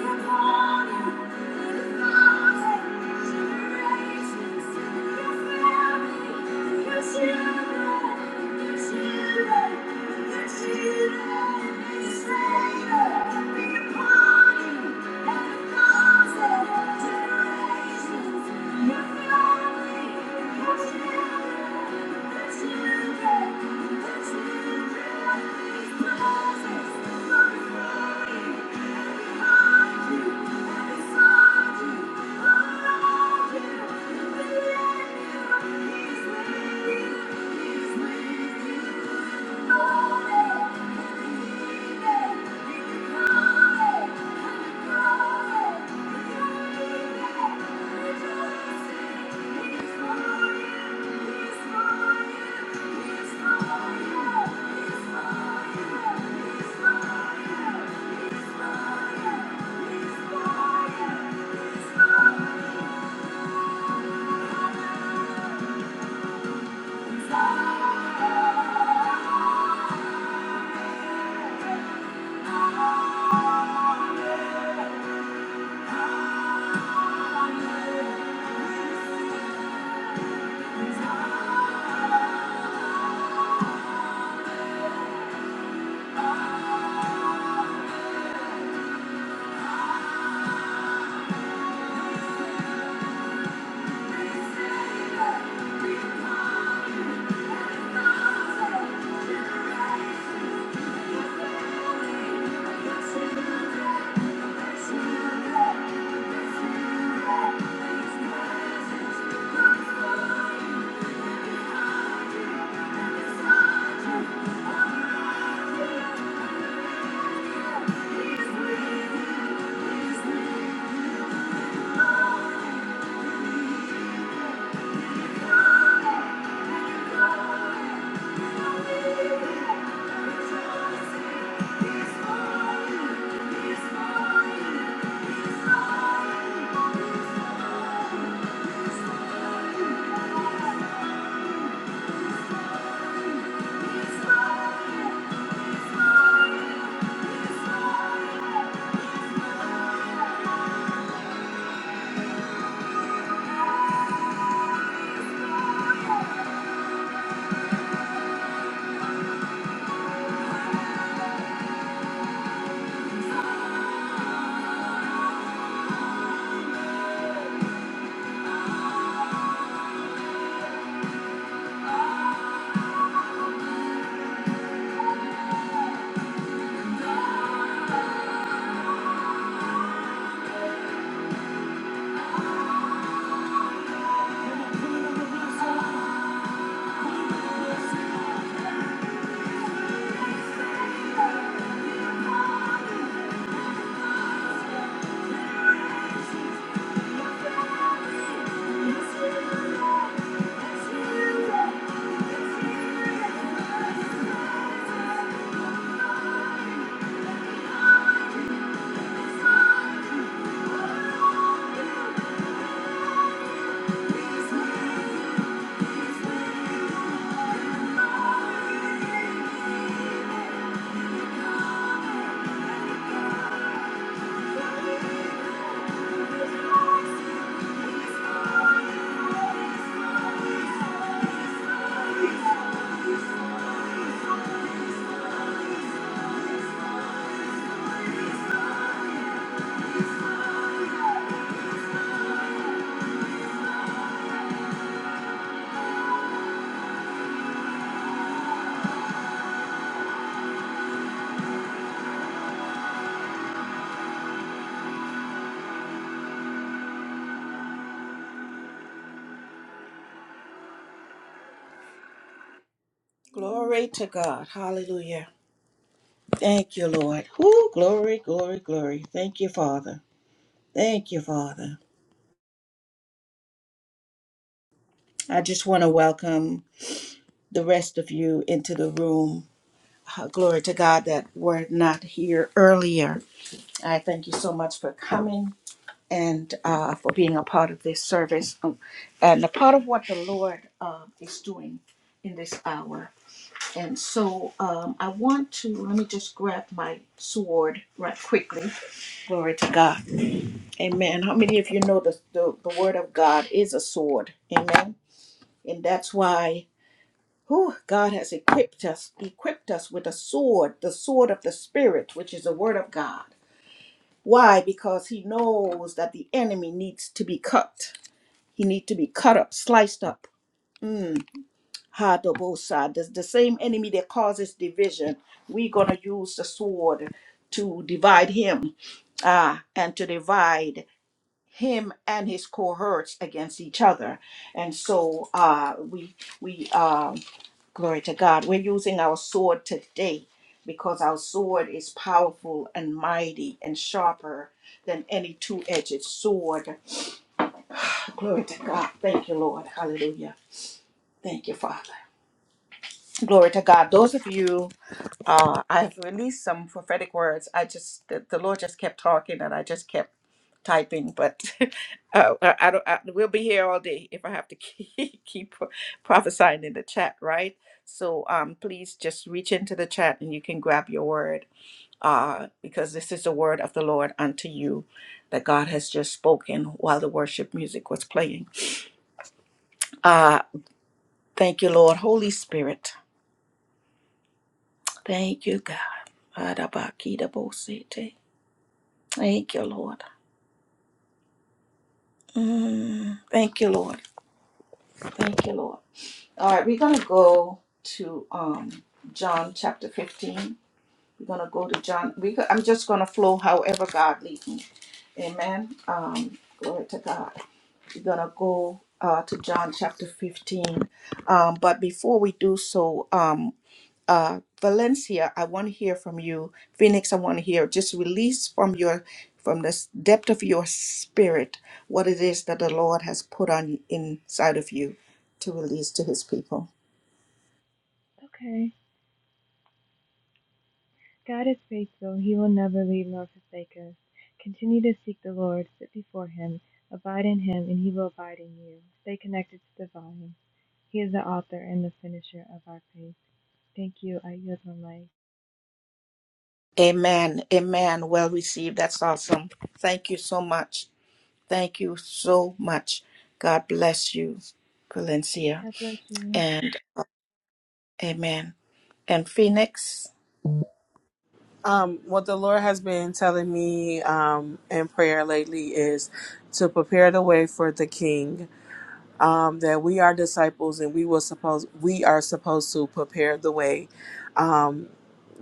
Speaker 1: you. He's Glory to God. Hallelujah. Thank you, Lord. Whoo, glory, glory, glory. Thank you, Father. Thank you, Father. I just want to welcome the rest of you into the room. Uh, Glory to God that were not here earlier. I thank you so much for coming and uh, for being a part of this service um, and a part of what the Lord uh, is doing in this hour. And so um, I want to, let me just grab my sword right quickly. Glory to God. Amen. How many of you know the, the, the word of God is a sword? Amen. And that's why whew, God has equipped us, equipped us with a sword, the sword of the spirit, which is the word of God. Why? Because he knows that the enemy needs to be cut. He needs to be cut up, sliced up. Mm. Hadobosa, the, the same enemy that causes division, we're going to use the sword to divide him uh, and to divide him and his cohorts against each other. And so uh, we, we um, glory to God, we're using our sword today because our sword is powerful and mighty and sharper than any two-edged sword. Glory to God. Thank you, Lord. Hallelujah. Thank you, Father. Glory to God. Those of you Uh, I've released some prophetic words. I just the, the Lord just kept talking, and I just kept typing. But uh, I, I don't. I, we'll be here all day if I have to keep, keep prophesying in the chat, right? So um, please just reach into the chat, and you can grab your word, uh, because this is the word of the Lord unto you that God has just spoken while the worship music was playing. Uh, thank you, Lord, Holy Spirit. Thank you, God. Arabakidabosete. Thank you, Lord. Mm, thank you, Lord. Thank you, Lord. All right, we're gonna go to um John chapter 15. We're gonna go to John. We go, I'm just gonna flow however God leads me. Amen. Um, glory to God. We're gonna go uh, to John chapter 15. Um, but before we do so, um, uh, Valencia, I want to hear from you. Phoenix, I want to hear. Just release from your from the s- depth of your spirit what it is that the Lord has put on inside of you to release to His people.
Speaker 3: Okay. God is faithful. He will never leave nor forsake us. Continue to seek the Lord, sit before Him, abide in Him, and He will abide in you. Stay connected to the vine. He is the author and the finisher of our faith. Thank you. I yield my life.
Speaker 1: Amen. Amen. Well received. That's awesome. Thank you so much. Thank you so much. God bless you, Valencia,
Speaker 3: God bless you.
Speaker 1: and Amen. And Phoenix.
Speaker 2: Um, what the Lord has been telling me um, in prayer lately is to prepare the way for the King. um, that we are disciples and we were supposed we are supposed to prepare the way. Um,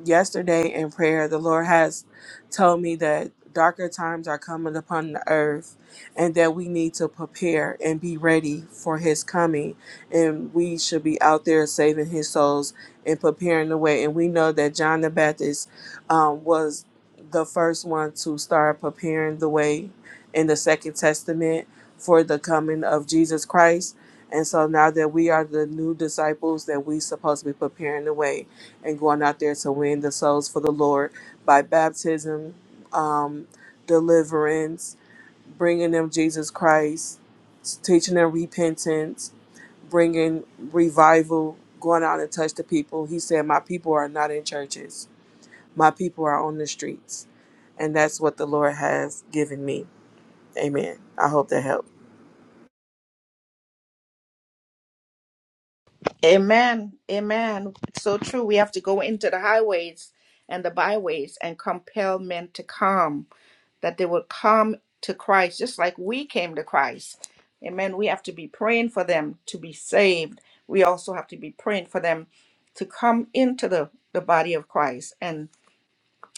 Speaker 2: yesterday in prayer, the Lord has told me that darker times are coming upon the earth, and that we need to prepare and be ready for His coming, and we should be out there saving His souls and preparing the way. And we know that John the Baptist um, was the first one to start preparing the way in the Second Testament for the coming of Jesus Christ. And so now that we are the new disciples, that we supposed to be preparing the way and going out there to win the souls for the Lord by baptism, um, deliverance, bringing them Jesus Christ, teaching them repentance, bringing revival, going out and touch the people. He said, "My people are not in churches; my people are on the streets," and that's what the Lord has given me. Amen. I hope that helped.
Speaker 1: Amen. Amen. It's so true. We have to go into the highways and the byways and compel men to come, that they will come to Christ, just like we came to Christ. Amen. We have to be praying for them to be saved. We also have to be praying for them to come into the, the body of Christ and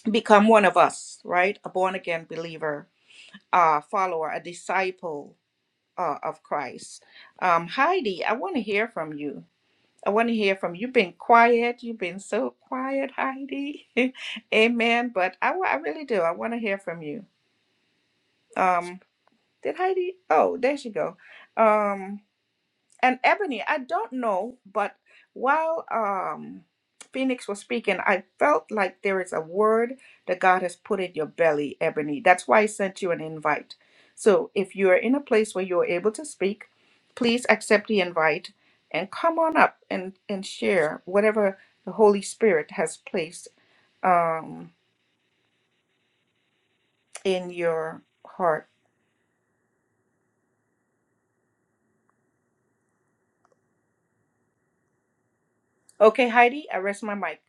Speaker 1: become one of us, right? A born again believer, a follower, a disciple uh, of Christ. Um, Heidi, I want to hear from you. I want to hear from you. You've been quiet. You've been so quiet, Heidi. Amen. But I, wa- I really do. I want to hear from you. Um, did Heidi? Oh, there she go. Um, and Ebony, I don't know, but while um, Phoenix was speaking, I felt like there is a word that God has put in your belly, Ebony. That's why I sent you an invite. So if you are in a place where you're able to speak, please accept the invite and come on up and, and share whatever the Holy Spirit has placed um, in your heart. Okay, Heidi, I rest my mic.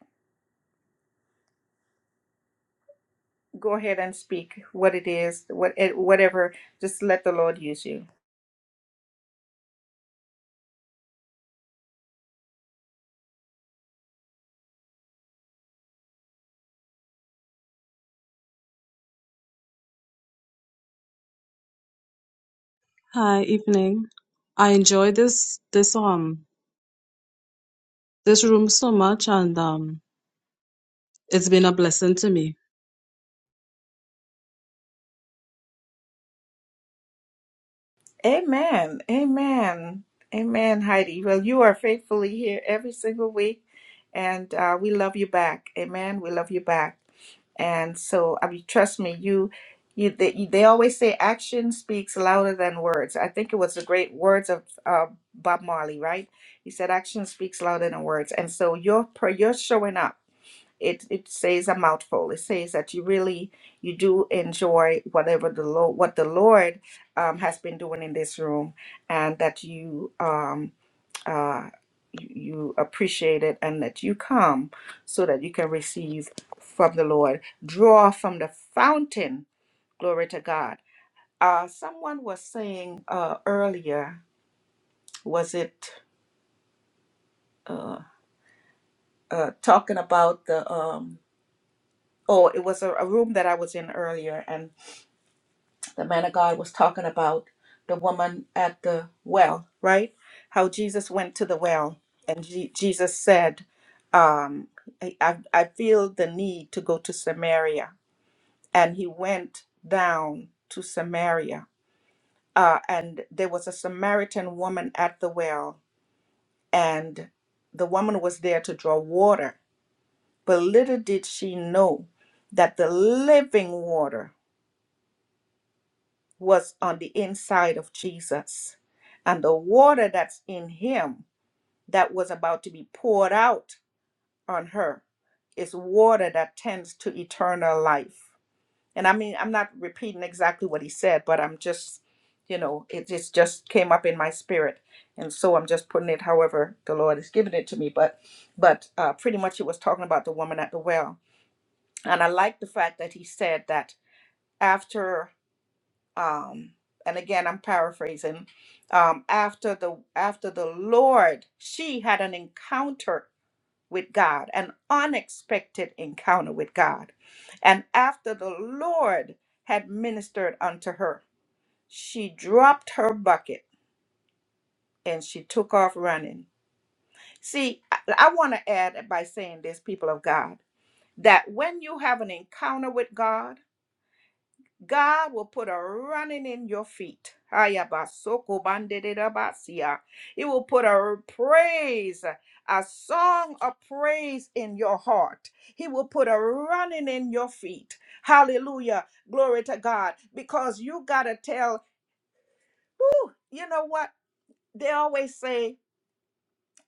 Speaker 1: Go ahead and speak what it is, what, eh, whatever. Just let the Lord use you.
Speaker 4: Hi, evening. I enjoy this this um this room so much, and um, it's been a blessing to me.
Speaker 1: Amen. Amen. Amen, Heidi. Well, you are faithfully here every single week, and uh, we love you back. Amen. We love you back. And so, I mean, trust me, you, you, they, they always say action speaks louder than words. I think it was the great words of uh, Bob Marley, right? He said, "Action speaks louder than words." And so, your prayer, you're showing up it it says a mouthful. It says that you really you do enjoy whatever the Lord what the Lord um, has been doing in this room, and that you um uh you you appreciate it and that you come so that you can receive from the Lord, draw from the fountain. Glory to God. Uh, someone was saying uh, earlier, was it uh, uh, talking about the um, oh, it was a, a room that I was in earlier, and. the man of God was talking about the woman at the well, right? How Jesus went to the well and Je- Jesus said, um, I, I I feel the need to go to Samaria. And he went down to Samaria. Uh, and there was a Samaritan woman at the well, and the woman was there to draw water. But little did she know that the living water was on the inside of Jesus. And the water that's in him that was about to be poured out on her is water that tends to eternal life. And I mean, I'm not repeating exactly what he said, but I'm just, you know, it just, just came up in my spirit. And so I'm just putting it however the Lord has given it to me. But but uh, pretty much it was talking about the woman at the well. And I like the fact that he said that after um and again i'm paraphrasing um after the after the lord she had an encounter with god an unexpected encounter with god and after the lord had ministered unto her she dropped her bucket and she took off running see i, I want to add by saying this people of god that when you have an encounter with god God will put a running in your feet. Ayabasoko bandederabasia. It will put a praise, a song of praise in your heart. He will put a running in your feet. Hallelujah. Glory to God. Because you got to tell, Woo, you know what? They always say,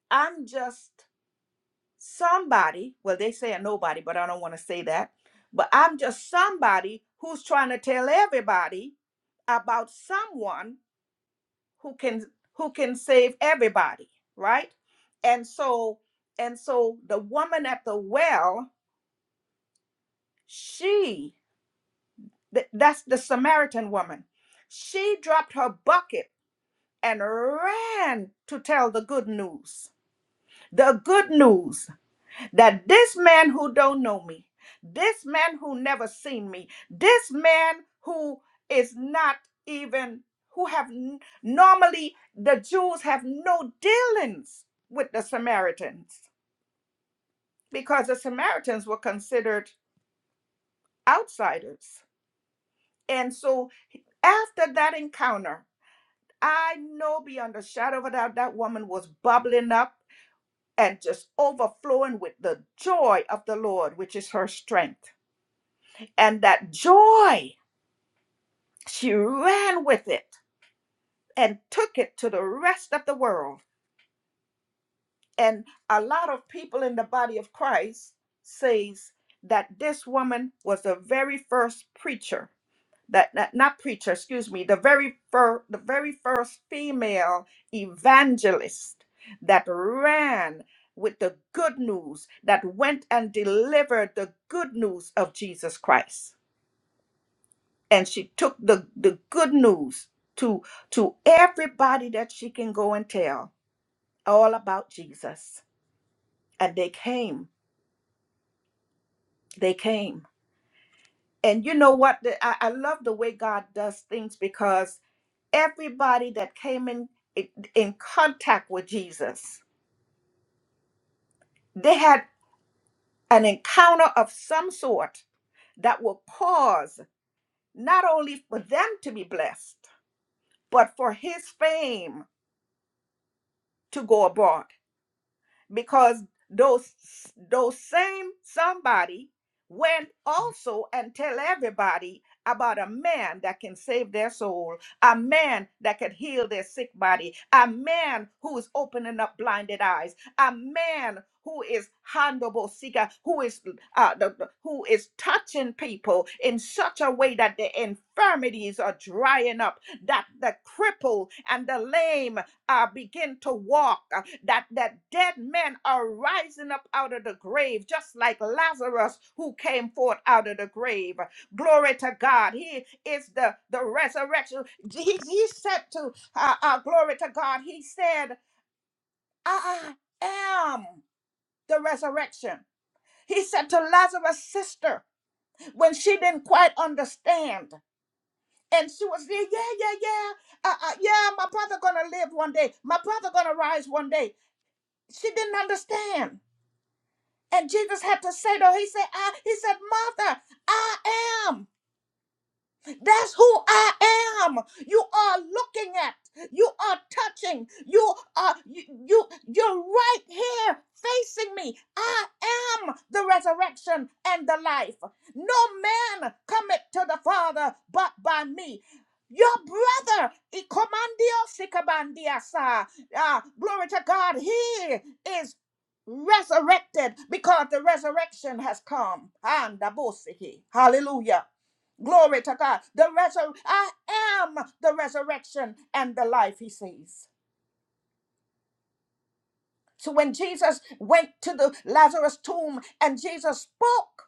Speaker 1: I'm just. somebody, well, they say a nobody, but I don't want to say that. But I'm just somebody who's trying to tell everybody about someone who can who can save everybody, right? And so and so the woman at the well, she th- that's the Samaritan woman. She dropped her bucket and ran to tell the good news. The good news that this man who don't know me, this man who never seen me, this man who is not even who have n- normally the Jews have no dealings with the Samaritans because the Samaritans were considered outsiders. And so after that encounter, I know beyond a shadow of a doubt that woman was bubbling up and just overflowing with the joy of the Lord, which is her strength. and that joy, she ran with it and took it to the rest of the world. And a lot of people in the body of Christ says that this woman was the very first preacher that, that- not preacher, excuse me, the very first the very first female evangelist that ran with the good news that went and delivered the good news of Jesus Christ and she took the, the good news to to everybody that she can go and tell all about jesus and they came they came and you know what The- i, I love the way god does things because everybody that came in in contact with jesus they had an encounter of some sort that will cause not only for them to be blessed but for his fame to go abroad because those those same somebody went also and tell everybody about a man that can save their soul, a man that can heal their sick body, a man who is opening up blinded eyes, a man who is handable seeker, who is uh, the, the- who is touching people in such a way that the infirmities are drying up, that the cripple and the lame uh, begin to walk, uh, that, that dead men are rising up out of the grave, just like Lazarus who came forth out of the grave. Glory to God. He is the, the resurrection. He, he said to, uh, uh, glory to God, he said, I am the resurrection. He said to Lazarus' sister when she didn't quite understand. And she was there, yeah, yeah, yeah, uh, uh, yeah. My brother gonna live one day. My brother gonna rise one day. She didn't understand. And Jesus had to say to her, He said, I, He said, Mother, I am. That's who I am. You are looking at. You are touching. You are you, you you're right here facing me. I am the resurrection and the life. No man cometh to the Father but by me. Your brother, Ikomandio Sikabandiasa, ah, glory to God, he is resurrected because the resurrection has come. And Hallelujah. Glory to God. The resur- I am the resurrection and the life, he says. So when Jesus went to the Lazarus tomb and Jesus spoke,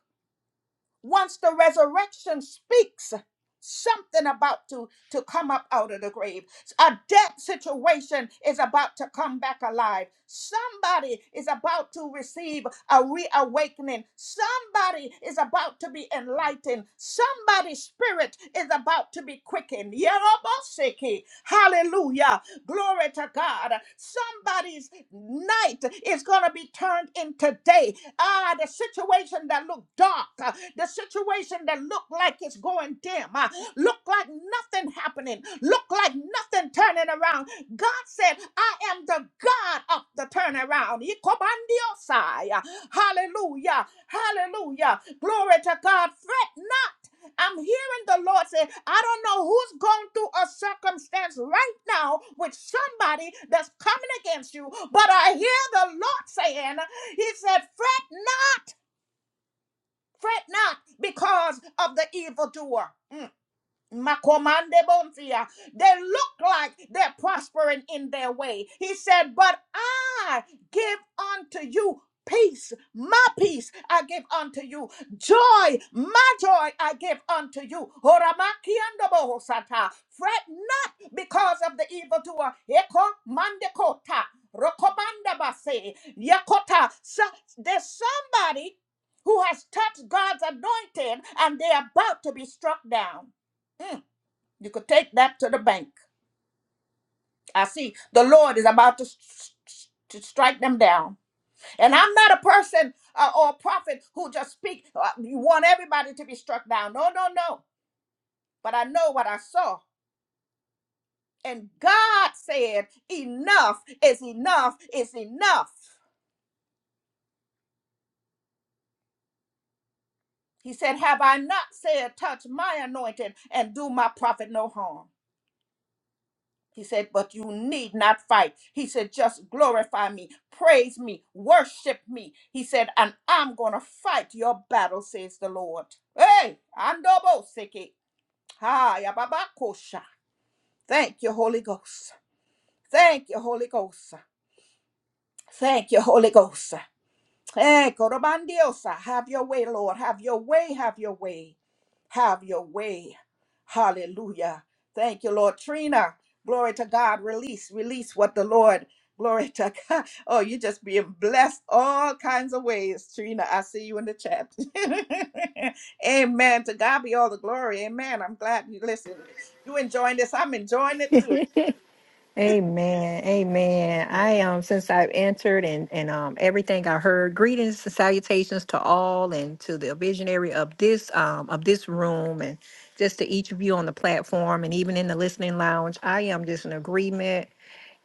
Speaker 1: Once the resurrection speaks, something about to, to come up out of the grave. A dead situation is about to come back alive. Somebody is about to receive a reawakening. Somebody is about to be enlightened. Somebody's spirit is about to be quickened. Yerobosiki. Hallelujah. Glory to God. Somebody's night is going to be turned into day. Ah, the situation that looked dark, uh, the situation that looked like it's going dim, uh, look like nothing happening, look like nothing turning around. God said, I am the God of the turnaround. Ikobandiosai. Hallelujah. Hallelujah. Glory to God. Fret not. I'm hearing the Lord say, I don't know who's going through a circumstance right now with somebody that's coming against you, but I hear the Lord saying, He said, Fret not, fret not because of the evildoer. Mm. Makomande bontia. They look like they're prospering in their way. He said, But I give unto you peace, my peace I give unto you. Joy, my joy I give unto you. Horamakiandobohosata. Fret not because of the evildoer. Eko mandekota. Rokomandabase. Yakota. So, there's somebody who has touched God's anointing and they're about to be struck down. Hmm. You could take that to the bank. I see the Lord is about to, to strike them down. And I'm not a person uh, or a prophet who just speak. Uh, you want everybody to be struck down. No, no, no. But I know what I saw. And God said, Enough is enough is enough. He said, Have I not said, Touch my anointed and do my prophet no harm? He said, But you need not fight. He said, Just glorify me, praise me, worship me. He said, And I'm going to fight your battle, says the Lord. Hey, Andobo Seke. Ha, Yababakosha. Thank you, Holy Ghost. Thank you, Holy Ghost. Thank you, Holy Ghost. Hey, Korobandiosa. Have your way, Lord. Have your way. Have your way. Have your way. Hallelujah. Thank you, Lord. Trina, glory to God. Release, release what the Lord. Glory to God. Oh, you're just being blessed all kinds of ways, Trina. I see you in the chat. Amen. To God be all the glory. Amen. I'm glad you listen. You enjoying this? I'm enjoying it too.
Speaker 5: Amen. Amen. I um since I've entered and and um everything I heard, greetings and salutations to all and to the visionary of this um of this room and just to each of you on the platform and even in the listening lounge. I am just in agreement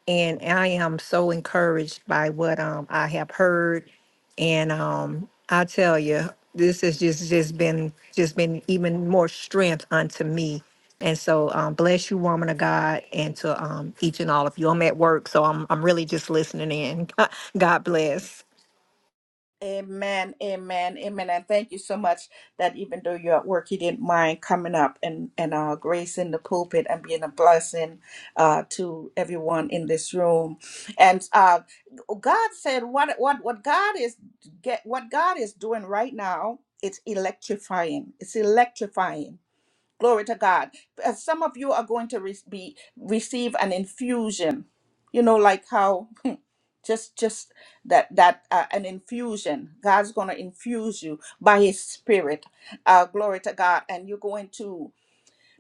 Speaker 5: and I am so encouraged by what um I have heard. And um I tell you, this has just just been just been even more strength unto me. And so um bless you, woman of God, and to um each and all of you. I'm at work, so I'm I'm really just listening in. God bless.
Speaker 1: Amen, amen, amen. And thank you so much that even though you're at work, you didn't mind coming up and, and uh, gracing the pulpit and being a blessing uh, to everyone in this room. And uh, God said, what, what, what God is get, what God is doing right now, it's electrifying. It's electrifying. Glory to God. Uh, Some of you are going to re- be receive an infusion. You know, like how just just that that uh, an infusion god's going to infuse you by his spirit uh glory to god and you're going to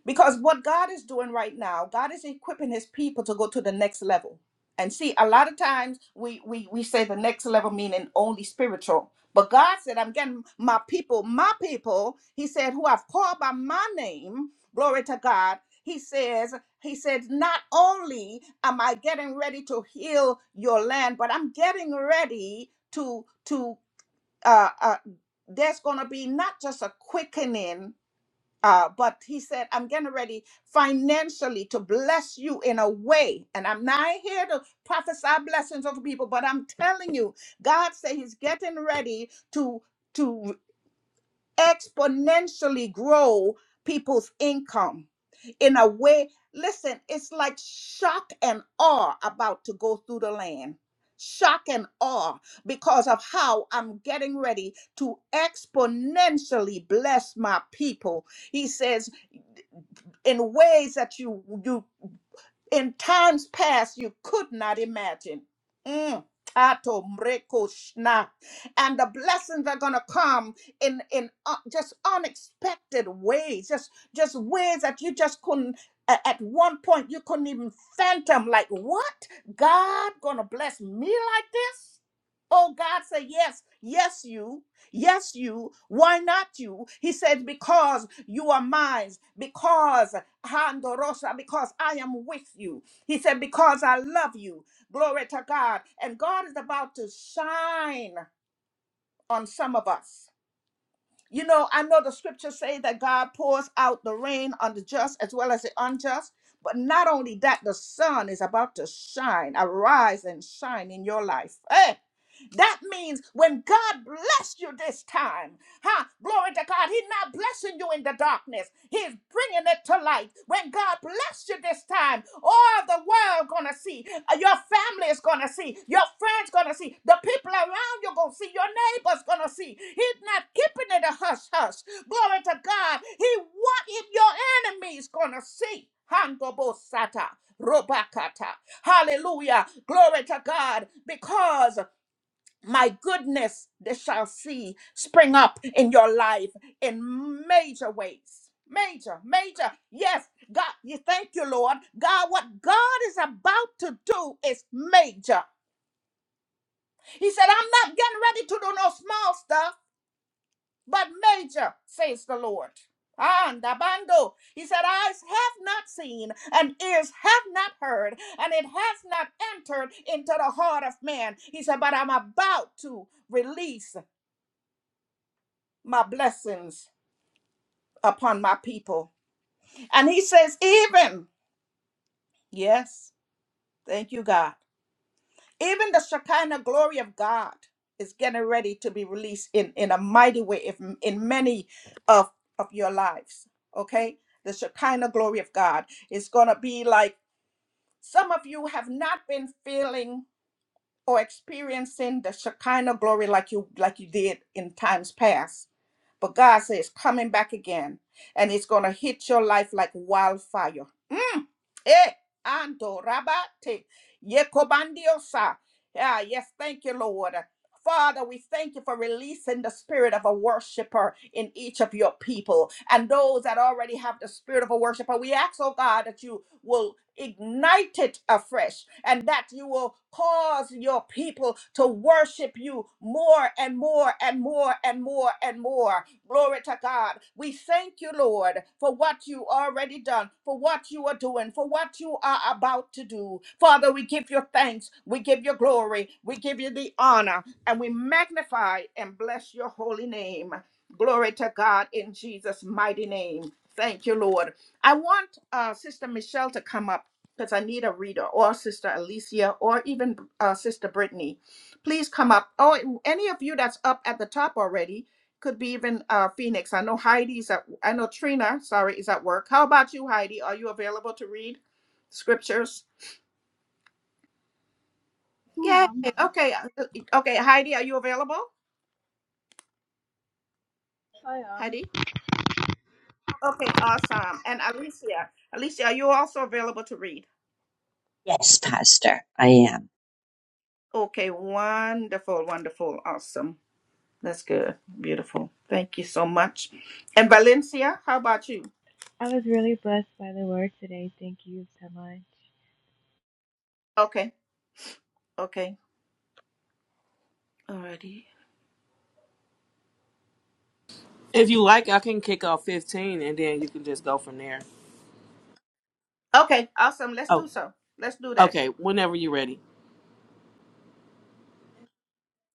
Speaker 1: because what God is doing right now, God is equipping his people to go to the next level. And see, a lot of times we we we say the next level meaning only spiritual. But God said, I'm getting my people, my people, he said, who I've called by my name, glory to God. He says, he said, not only am I getting ready to heal your land, but I'm getting ready to to uh, uh there's gonna be not just a quickening uh, but he said, I'm getting ready financially to bless you in a way. And I'm not here to prophesy blessings over people, but I'm telling you, God said he's getting ready to. To exponentially grow people's income in a way. Listen, it's like shock and awe about to go through the land. Shock and awe because of how I'm getting ready to exponentially bless my people. He says, in ways that you you in times past you could not imagine. Mm. Ato mreko shna. And the blessings are gonna come in in uh, just unexpected ways, just just ways that you just couldn't. a- At one point, you couldn't even phantom. Like what? God gonna bless me like this? Oh, God said yes, yes you, yes you. Why not you? He said because you are mine. Because Handorosa, because I am with you. He said, Because I love you. Glory to God. And God is about to shine on some of us. You know, I know the scriptures say that God pours out the rain on the just as well as the unjust. But not only that, the sun is about to shine. Arise and shine in your life. Hey, that means when God blessed you this time. Huh? Glory to God. He's not blessing you in the darkness. He's bringing it to light. When God blessed you this time, all the world gonna see. Uh, Your family is gonna see. Your friends gonna see. The people around you gonna see. Your neighbors gonna see. He's not keeping it a hush hush. Glory to God. He what if your enemies gonna see? Handobosata. Robakata. Hallelujah. Glory to God. Because my goodness they shall see spring up in your life in major ways major major yes god you thank you lord god what god is about to do is major he said i'm not getting ready to do no small stuff but major says the lord and abando he said eyes have not seen and ears have not heard and it has not entered into the heart of man he said but i'm about to release my blessings upon my people. And he says, even, yes, thank you, God, even the Shekinah glory of God is getting ready to be released in, in a mighty way if, in many of, of your lives. Okay? The Shekinah glory of God is going to be like some of you have not been feeling. or experiencing the Shekinah glory like you like you did in times past. But God says it's coming back again, and it's gonna hit your life like wildfire. Mm. Eh, ando rabate yekobandiosa. Yeah, yes, thank you, Lord. Father, we thank you for releasing the spirit of a worshiper in each of your people. And those that already have the spirit of a worshiper, we ask, oh God, that you will ignite it afresh and that you will cause your people to worship you more and more and more and more and more. Glory to God. We thank you, Lord, for what you already done, for what you are doing, for what you are about to do. Father, we give you thanks. We give you glory. We give you the honor. And we magnify and bless your holy name. Glory to God in Jesus' mighty name. Thank you, Lord. I want uh, Sister Michelle to come up because I need a reader, or Sister Alicia, or even uh, Sister Brittany please come up. Oh, any of you that's up at the top already could be even uh, Phoenix. I know Heidi's at. I know Trina. Sorry, is at work. How about you, Heidi? Are you available to read scriptures? Yay! Okay, uh, okay. Heidi, are you available? Heidi. Okay, awesome. And Alicia, Alicia, are you also available to read?
Speaker 6: Yes, Pastor, I am.
Speaker 1: Okay, wonderful, wonderful, awesome. That's good, beautiful. Thank you so much. And Valencia, how about you?
Speaker 3: I was really blessed by the word today. Thank you so much.
Speaker 1: Okay, okay, alrighty.
Speaker 2: If you like, I can kick off 15 and then you can just go from there.
Speaker 1: Okay, awesome. Let's
Speaker 2: Oh,
Speaker 1: do so. Let's do that.
Speaker 2: okay. Whenever you're ready.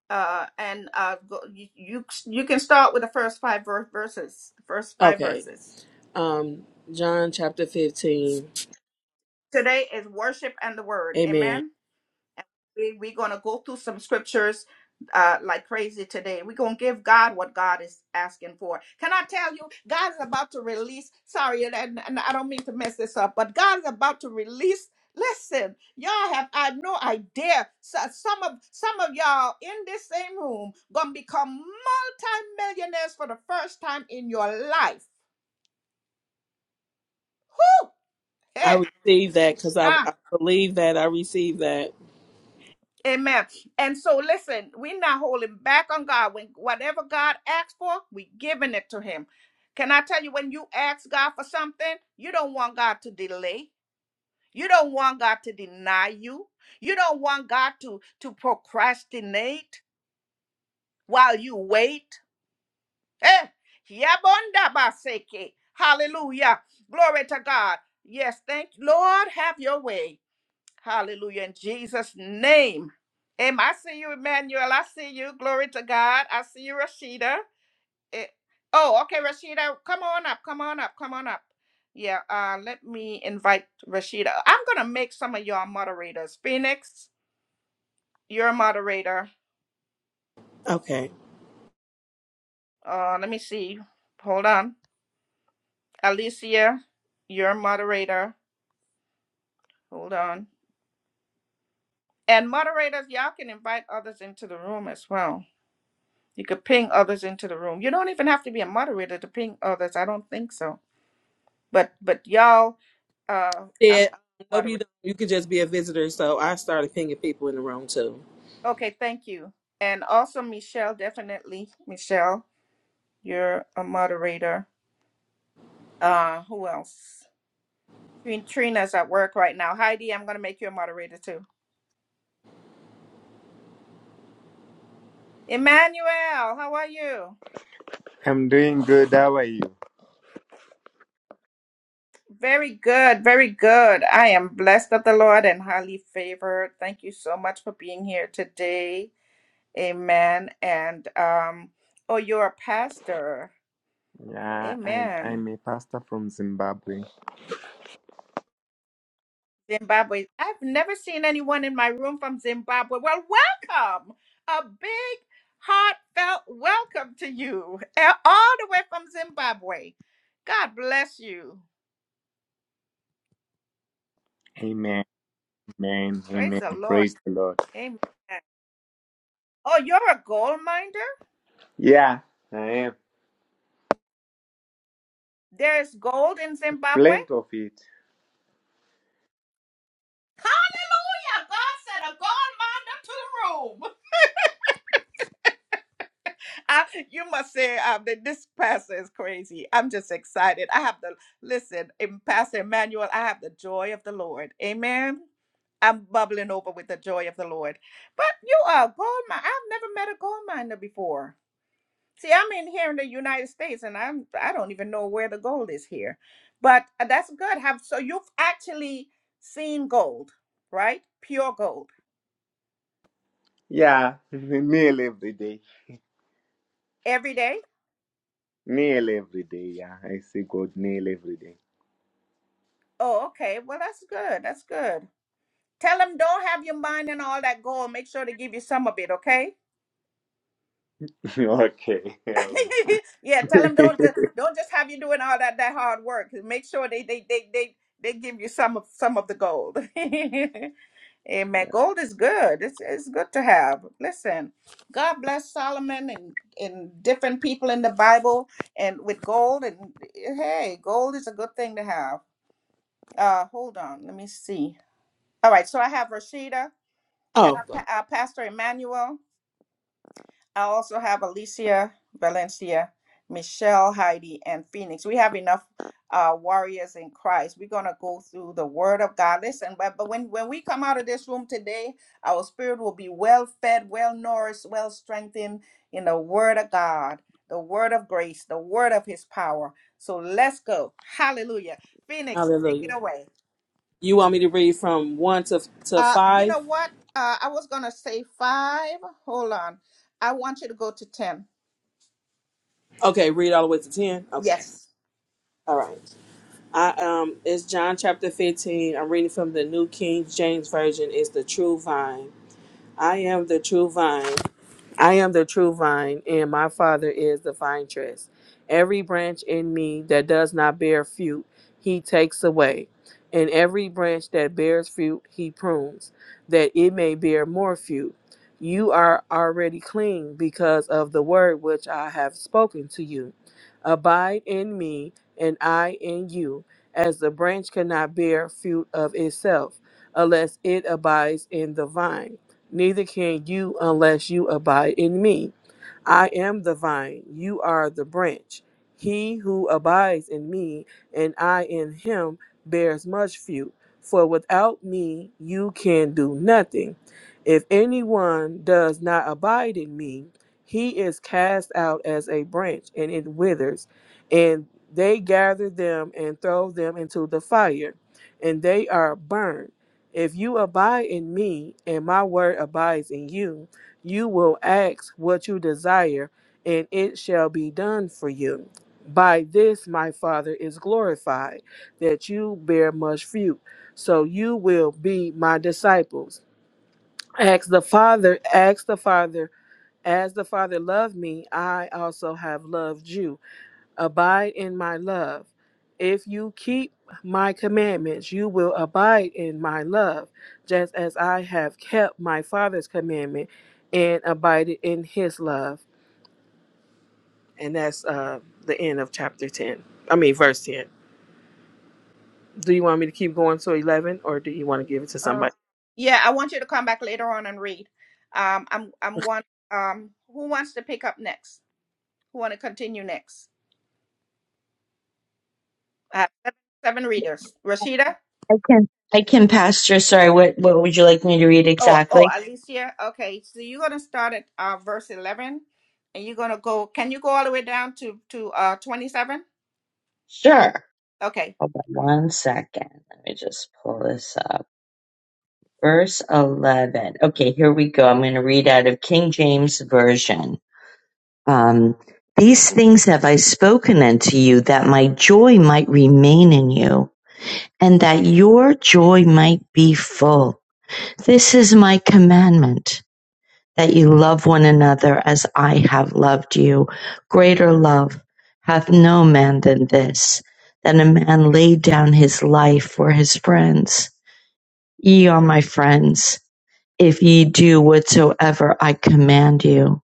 Speaker 1: Uh, and uh, go, you, you you can start with the first five ver- verses. The first five
Speaker 2: Okay.
Speaker 1: verses.
Speaker 2: Um, John chapter 15.
Speaker 1: Today is worship and the word.
Speaker 2: Amen.
Speaker 1: Amen. we- we're going to go through some scriptures uh, like crazy today. We're going to give God what God is asking for. Can I tell you, God is about to release, sorry, and, and and I don't mean to mess this up, but God is about to release. Listen, y'all have I no idea. So some of some of y'all in this same room gonna become multi-millionaires for the first time in your life. Woo!
Speaker 2: I
Speaker 1: Hey,
Speaker 2: received that because I,
Speaker 1: ah,
Speaker 2: I believe that I received that.
Speaker 1: Amen. And so listen, we're not holding back on God. When whatever God asks for, we are giving it to him. Can I tell you when you ask God for something, you don't want God to delay. You don't want God to deny you. You don't want God to to procrastinate while you wait. Eh, yabonda baseke. Hallelujah. Glory to God. Yes, thank you. Lord, have your way. Hallelujah. In Jesus' name. Am I see you, Emmanuel. I see you. Glory to God. I see you, Rashida. Eh, oh, okay, Rashida. Come on up. Come on up. Come on up. Yeah, uh, let me invite Rashida. I'm gonna make some of y'all moderators. Phoenix, you're a moderator.
Speaker 2: Okay.
Speaker 1: Uh, let me see. Hold on. Alicia, you're a moderator. Hold on. And moderators, y'all can invite others into the room as well. You could ping others into the room. You don't even have to be a moderator to ping others. I don't think so. But but y'all, uh,
Speaker 2: Yeah.
Speaker 1: I'm
Speaker 2: I hope you
Speaker 1: moderator.
Speaker 2: don't. You could just be a visitor. So I started pinging people in the room too.
Speaker 1: Okay, thank you. And also Michelle, definitely Michelle, you're a moderator. Uh, who else? Trin- Trina's at work right now. Heidi, I'm gonna make you a moderator too. Emmanuel, how are you?
Speaker 7: I'm doing good. How are you?
Speaker 1: Very good, very good. I am blessed of the Lord and highly favored. Thank you so much for being here today. Amen. And um, oh, you're a pastor.
Speaker 7: Yeah, I'm
Speaker 1: Amen.
Speaker 7: I'm a pastor from Zimbabwe.
Speaker 1: Zimbabwe. I've never seen anyone in my room from Zimbabwe. Well, welcome. A big, heartfelt welcome to you, eh, all the way from Zimbabwe. God bless you.
Speaker 7: Amen. Amen.
Speaker 1: Praise
Speaker 7: Amen.
Speaker 1: the Lord.
Speaker 7: Praise the Lord.
Speaker 1: Amen. Oh, you're a gold miner.
Speaker 7: Yeah, I am.
Speaker 1: There is gold in Zimbabwe.
Speaker 7: Plenty of it.
Speaker 1: Hallelujah. God sent a gold miner to the room. I, you must say um, that this pastor is crazy. I'm just excited. I have the listen, in Pastor Emmanuel. I have the joy of the Lord. Amen. I'm bubbling over with the joy of the Lord. But you are a gold mine. I've never met a gold miner before. See, I'm in here in the United States, and I'm I don't even know where the gold is here. But uh, that's good. Have so you've actually seen gold, right? Pure gold
Speaker 7: Yeah. Meal every day.
Speaker 1: every day.
Speaker 7: Meal every day. Yeah. I see God meal every day.
Speaker 1: Oh, okay. Well, that's good. That's good. Tell them don't have your mind and all that gold. Make sure to give you some of it, okay?
Speaker 7: okay. um,
Speaker 1: yeah, tell them don't just, don't just have you doing all that that hard work. Make sure they they they they they give you some of some of the gold. Amen. Gold is good. It's it's good to have. Listen, God bless Solomon and and different people in the Bible and with gold and hey, gold is a good thing to have. Uh, hold on, let me see. All right, so I have Rashida, uh,
Speaker 2: Oh,
Speaker 1: Pa- uh, Pastor Emmanuel. I also have Alicia, Valencia, Michelle, Heidi, and Phoenix. We have enough uh, warriors in Christ. We're gonna go through the Word of God. Listen, but but when when we come out of this room today, our spirit will be well fed, well nourished, well strengthened in the Word of God, the Word of grace, the Word of His power. So let's go. Hallelujah. Phoenix, take it
Speaker 2: hallelujah.
Speaker 1: away.
Speaker 2: You want me to read from 1 to, to
Speaker 1: Uh, you
Speaker 2: 5?
Speaker 1: know what? Uh, I was gonna say five. Hold on. I want you to go to ten.
Speaker 2: Okay. Read all the way to 10? Okay.
Speaker 1: Yes.
Speaker 2: All right. I um it's John chapter 15. I'm reading from the New King James Version. It's the true vine. I am the true vine. I am the true vine, and my Father is the vine tress. Every branch in me that does not bear fruit, he takes away. And every branch that bears fruit, he prunes, that it may bear more fruit. You are already clean because of the word which I have spoken to you. Abide in me, and I in you, as the branch cannot bear fruit of itself, unless it abides in the vine Neither can you unless you abide in me. I am the vine, you are the branch. He who abides in me and I in him bears much fruit, for without me you can do nothing. If anyone does not abide in me, he is cast out as a branch and it withers, and they gather them and throw them into the fire, and they are burned if you abide in me and my word abides in you, you will ask what you desire, and it shall be done for you. By this my Father is glorified, that you bear much fruit, so you will be my disciples. Ask the Father, ask the Father, as the Father loved me, I also have loved you Abide in my love. If you keep my commandments, you will abide in my love, just as I have kept my Father's commandment and abided in his love. And that's uh, the end of chapter 10. I mean, verse 10. Do you want me to keep going to 11 or do you want to give it to
Speaker 1: Um,
Speaker 2: somebody?
Speaker 1: yeah, I want you to come back later on and read. Um, I'm I'm one. Um, who wants to pick up next? Who want to continue next? I seven, seven readers. Rashida.
Speaker 6: I can. I can, Pastor. Sorry, what, what would you like me to read
Speaker 1: Oh, oh,
Speaker 6: exactly?
Speaker 1: Alicia. Okay, so you're gonna start at uh, verse eleven, and you're gonna go. Can you go all the way down to to uh twenty seven?
Speaker 6: Sure.
Speaker 1: Okay.
Speaker 6: Hold on one second. Let me just pull this up. Verse 11. Okay, here we go. I'm going to read out of King James Version. Um, These things have I spoken unto you, that my joy might remain in you, and that your joy might be full. This is my commandment that you love one another as I have loved you. Greater love hath no man than this, that a man lay down his life for his friends. Ye are my friends, if ye do whatsoever I command you.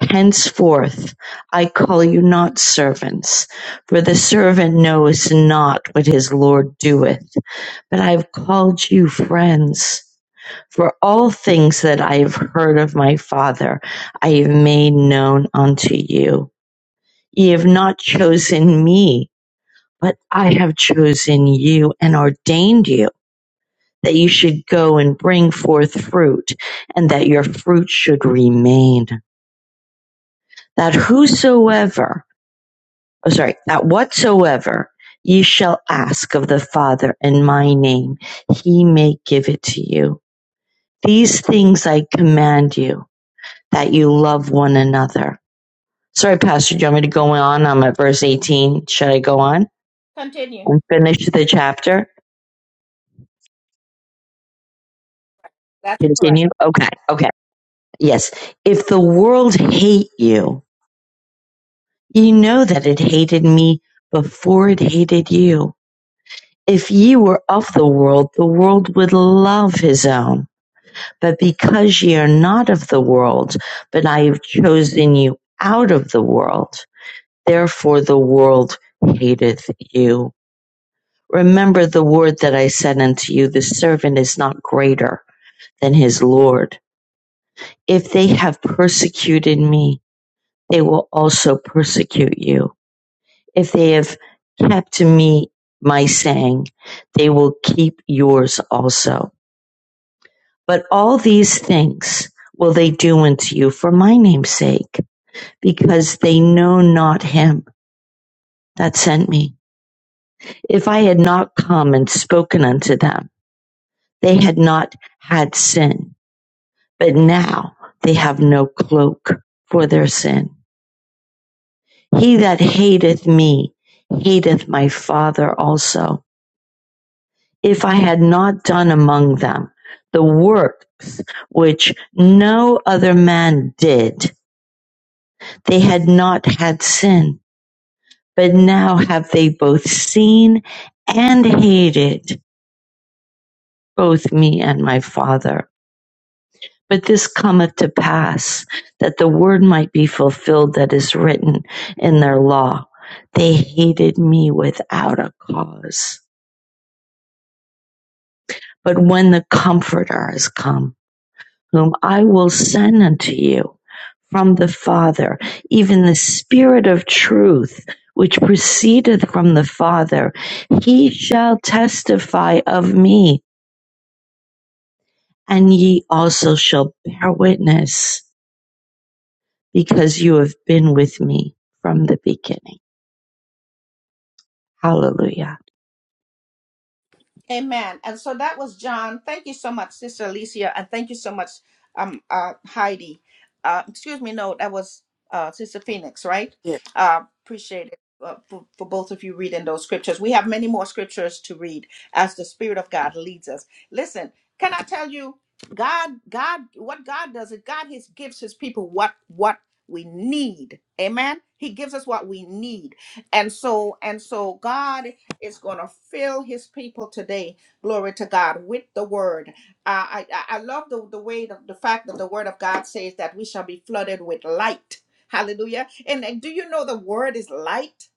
Speaker 6: Henceforth I call you not servants, for the servant knoweth not what his Lord doeth, but I have called you friends. For all things that I have heard of my Father, I have made known unto you. Ye have not chosen me, but I have chosen you and ordained you that you should go and bring forth fruit and that your fruit should remain. That whosoever, oh sorry, that whatsoever ye shall ask of the Father in my name, he may give it to you. These things I command you that you love one another. Sorry, Pastor, do you want me to go on? I'm at verse 18. Should I go on and finish the chapter? Continue? Okay, okay. Yes. If the world hate you, you know that it hated me before it hated you. If ye were of the world, the world would love his own. But because ye are not of the world, but I have chosen you out of the world, therefore the world hateth you Remember the word that I said unto you, the servant is not greater than his Lord. If they have persecuted me, they will also persecute you. If they have kept to me my saying, they will keep yours also. But all these things will they do unto you for my name's sake, because they know not him that sent me. If I had not come and spoken unto them, they had not had sin but now they have no cloak for their sin. He that hateth me hateth my Father also. If I had not done among them the works which no other man did, they had not had sin. But now have they both seen and hated both me and my Father. But this cometh to pass, that the word might be fulfilled that is written in their law. They hated me without a cause. But when the Comforter is come, whom I will send unto you from the Father, even the Spirit of truth, which proceedeth from the Father, he shall testify of me, and ye also shall bear witness because you have been with me from the beginning. Hallelujah.
Speaker 1: Amen. And so that was John. Thank you so much, Sister Alicia, and thank you so much, um, uh, Heidi. Uh, excuse me, no, that was uh, Sister Phoenix, right?
Speaker 2: Yeah.
Speaker 1: Uh, appreciate it uh, for, for both of you reading those scriptures. We have many more scriptures to read as the Spirit of God leads us. Listen, can I tell you, God, God, what God does is God his, gives His people what what we need. Amen. He gives us what we need, and so and so God is going to fill his people today glory to god with the word uh, i i I love the, the way the, the fact that the word of god says that we shall be flooded with light hallelujah and, and do you know the word is light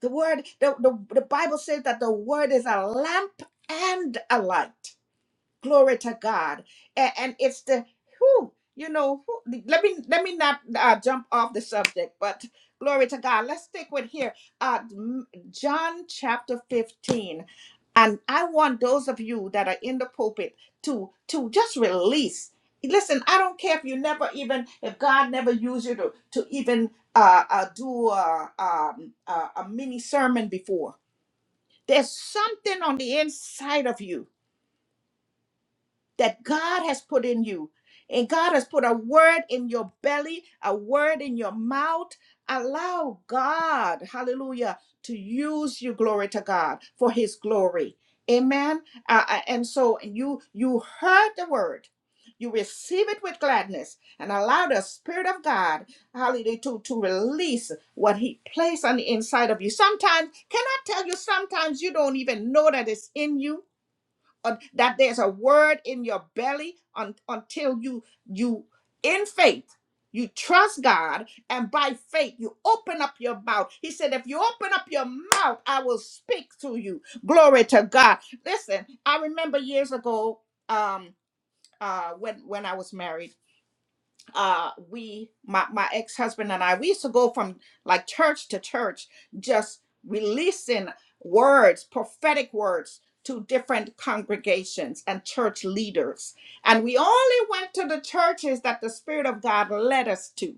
Speaker 1: the word the, the, the bible says that the word is a lamp and a light Glory to God. And, and it's the who you know. Who, let me let me not uh, jump off the subject, but glory to God. Let's stick with here. Uh, m- John chapter fifteen, and I want those of you that are in the pulpit to to just release. Listen, I don't care if you never even if God never used you to to even uh, uh do a, um, a a mini sermon before. There's something on the inside of you that God has put in you. And God has put a word in your belly, a word in your mouth. Allow God, hallelujah, to use you, glory to God, for his glory. Amen. Uh, uh, and so you you heard the word. You receive it with gladness and allow the Spirit of God, hallelujah, to, to release what He placed on the inside of you. Sometimes, can I tell you, sometimes you don't even know that it's in you un- that there's a word in your belly un- until you you in faith you trust god and by faith you open up your mouth he said if you open up your mouth i will speak to you glory to god listen i remember years ago um uh when when i was married uh we my my ex-husband and I we used to go from like church to church just releasing words prophetic words to different congregations and church leaders and we only went to the churches that the spirit of God led us to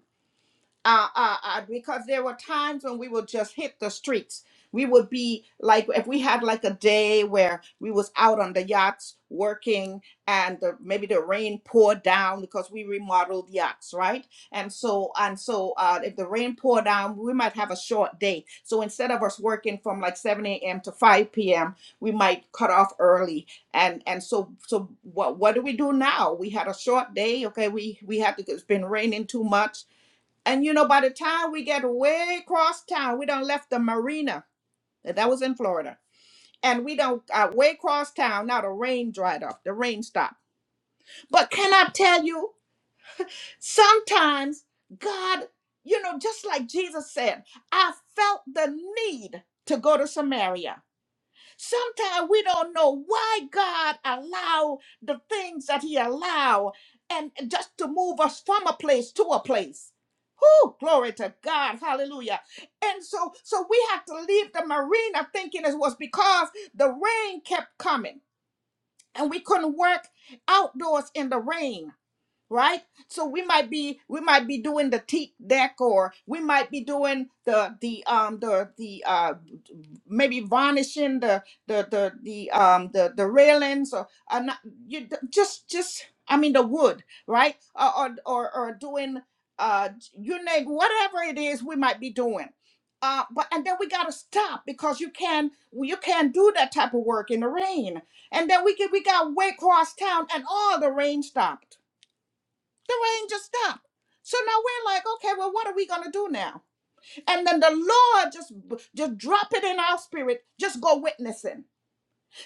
Speaker 1: uh, uh, uh, because there were times when we would just hit the streets. We would be like, if we had like a day where we was out on the yachts working, and the, maybe the rain poured down because we remodeled yachts, right? And so, and so, uh, if the rain poured down, we might have a short day. So instead of us working from like 7 a.m. to 5 p.m., we might cut off early. And and so, so what what do we do now? We had a short day. Okay, we we had to. It's been raining too much and you know, by the time we get way across town, we done left the marina. uh, That was in Florida. And we don't uh, way across town. Now the rain dried up. The rain stopped. But can I tell you, sometimes God, you know, just like Jesus said, I felt the need to go to Samaria. Sometimes we don't know why God allow the things that He allow, and just to move us from a place to a place. Woo! glory to God. Hallelujah. And so so we have to leave the marina thinking it was because the rain kept coming and we couldn't work outdoors in the rain right so we might be we might be doing the teak deck or we might be doing the the um the the uh maybe varnishing the the the the um the the railings or uh, not, you just just i mean the wood right or or or, or doing uh you name whatever it is we might be doing uh but and then we got to stop because you can you can't do that type of work in the rain and then we can we got way across town and all the rain stopped the rain just stopped. So now we're like, okay, well, what are we gonna do now? And then the Lord just just drop it in our spirit. Just go witnessing.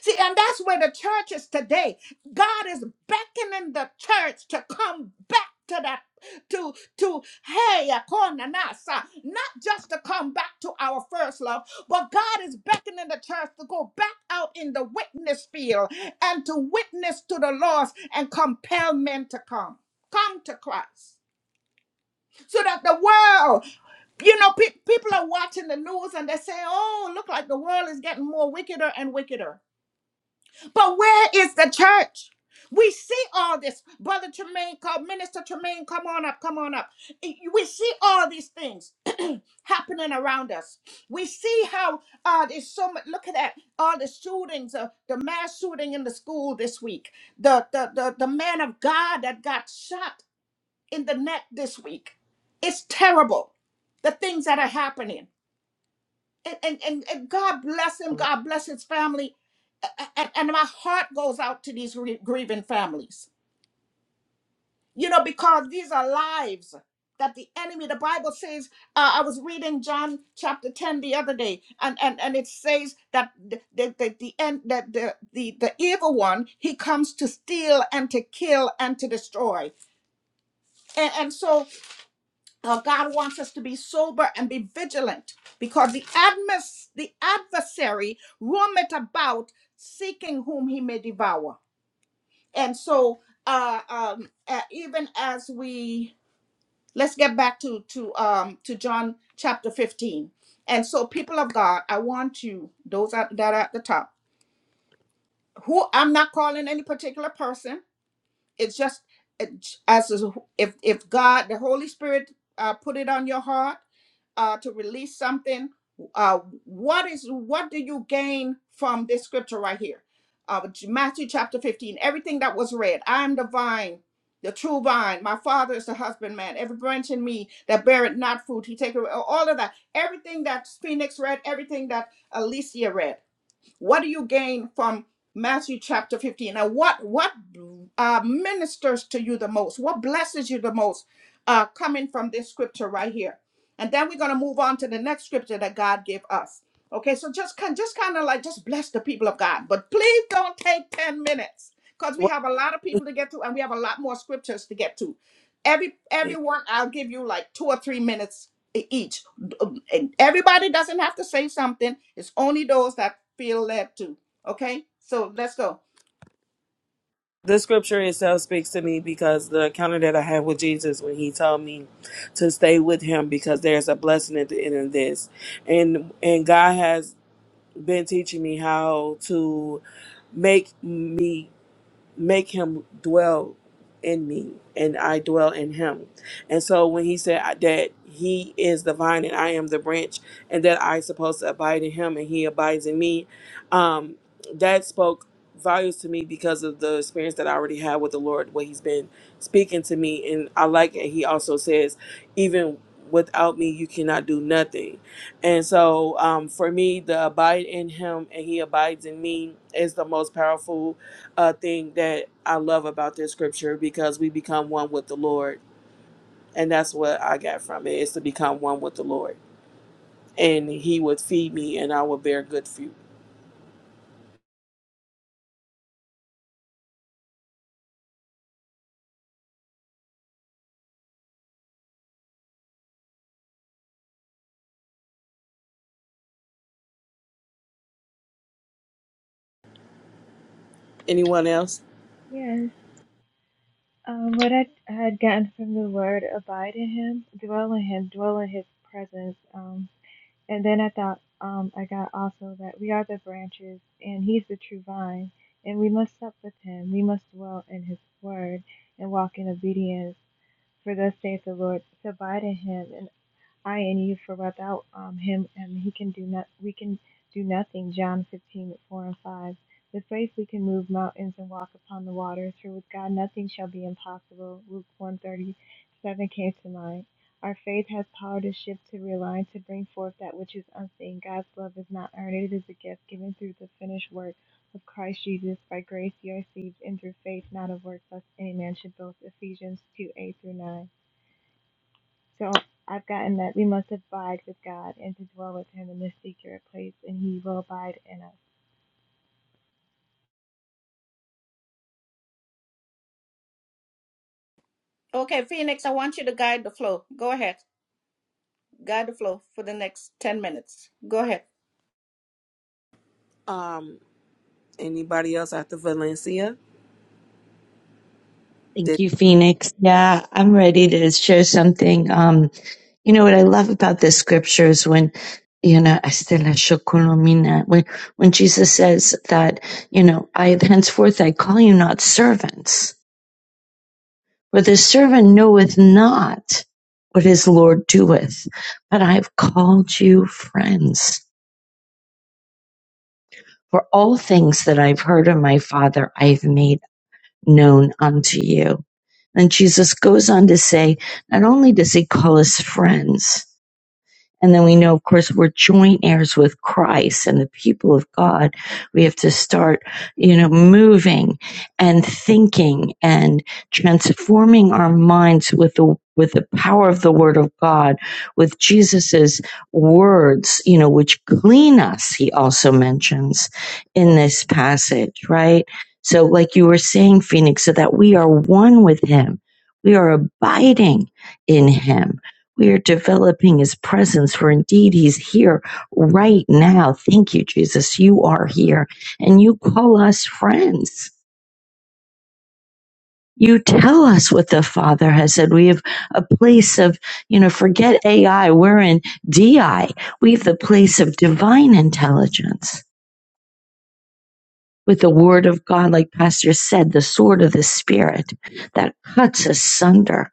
Speaker 1: See, and that's where the church is today. God is beckoning the church to come back to that to to hey akonanasa, not just to come back to our first love but god is beckoning the church to go back out in the witness field and to witness to the lost and compel men to come come to christ so that the world, you know, pe- people are watching the news and they say, oh, look like the world is getting more wickeder and wickeder. But where is the church? We see all this. Brother Tremaine, called Minister Tremaine, come on up, come on up. We see all these things happening around us. We see how uh, there's so much. Look at that. All the shootings, uh, the mass shooting in the school this week. The, the, the, the man of God that got shot in the net this week. It's terrible, the things that are happening. And, and, and, and God bless him, God bless his family. A- a- And, my heart goes out to these gr- grieving families, you know, because these are lives that the enemy, the Bible says, uh, I was reading John chapter 10 the other day, and, and, and it says that the, the, the, the end, that the, the, the evil one, he comes to steal and to kill and to destroy. And, and so Uh, God wants us to be sober and be vigilant because the, admis- the adversary roameth about seeking whom he may devour. And so, uh, um, uh, even as we let's get back to to um, to John chapter fifteen. And so, people of God, I want you those that that are at the top who I'm not calling any particular person. it's just it- as a- if if God, the Holy Spirit, uh, put it on your heart uh, to release something. Uh, what is what do you gain from this scripture right here? Uh, Matthew chapter 15, everything that was read. I am the vine, the true vine. My father is the husbandman. Every branch in me that beareth not fruit, he taketh away. All of that. Everything that Phoenix read, everything that Alicia read what do you gain from Matthew chapter 15? Now, what what uh, ministers to you the most? What blesses you the most uh, coming from this scripture right here? And then we're going to move on to the next scripture that God gave us. Okay, so just kind, just kind of like just bless the people of God, but please don't take ten minutes because we
Speaker 2: What?
Speaker 1: have a lot of people to get to, and we have a lot more scriptures to get to. Every everyone, I'll give you like two or three minutes e- each um, and everybody doesn't have to say something. It's only those that feel led to. Okay, so let's go.
Speaker 2: the scripture itself speaks to me because the encounter that I had with Jesus when he told me to stay with him because there's a blessing at the end of this. And and God has been teaching me how to make me make him dwell in me and I dwell in him. And so when he said I- that he is the vine and I am the branch and that I supposed to abide in him and he abides in me, um, that spoke volumes to me because of the experience that I already had with the Lord, what he's been speaking to me. And I like it. He also says, even without me, you cannot do nothing. And so um, for me, the abide in him and he abides in me is the most powerful a thing that I love about this scripture because we become one with the Lord. And that's what I got from it is to become one with the Lord. And he would feed me and I would bear good fruit. Anyone else?
Speaker 3: Yes. Um, what I I had gotten from the word abide in Him, dwell in Him, dwell in His presence. Um. And then I thought, um, I got also that we are the branches, and He's the true vine, and we must sup with Him. We must dwell in His Word and walk in obedience, for thus saith the Lord, to abide in Him, and. I and you for without um, him and he can do not we can do nothing. John 15:4 and 5. With faith we can move mountains and walk upon the waters, for with God nothing shall be impossible. Luke 137 came to mind. Our faith has power to shift, to realign, to bring forth that which is unseen. God's love is not earned, it is a gift given through the finished work of Christ Jesus. By grace you are saved, and through faith, not of works, lest any man should boast. Ephesians 2 8 through 9. So I've gotten that we must abide with God and to dwell with Him in this secret place, and He will abide in us.
Speaker 1: Okay, Phoenix, I want you to guide the flow. Go ahead, guide the flow for the next ten minutes. Go ahead.
Speaker 2: Um, anybody else after Valencia? Did
Speaker 6: Thank you, Phoenix. Yeah, I'm ready to share something. Um, you know what I love about this scripture is when, you know, Estela Shokolomina, when, when Jesus says that, you know, I henceforth I call you not servants, for the servant knoweth not what his Lord doeth, but I've called you friends. For all things that I've heard of my Father, I've made known unto you. And Jesus goes on to say, not only does he call us friends, and then we know, of course, we're joint heirs with Christ and the people of God. We have to start, you know, moving and thinking and transforming our minds with the with the power of the word of God, with Jesus's words, you know, which clean us, he also mentions in this passage, right? So like you were saying, Phoenix, so that we are one with him. We are abiding in him we are developing his presence, for indeed he's here right now. Thank you, Jesus. You are here and you call us friends. You tell us what the Father has said. We have a place of, you know, forget AI. We're in DI. We have the place of divine intelligence with the word of God, like Pastor said, the sword of the spirit that cuts asunder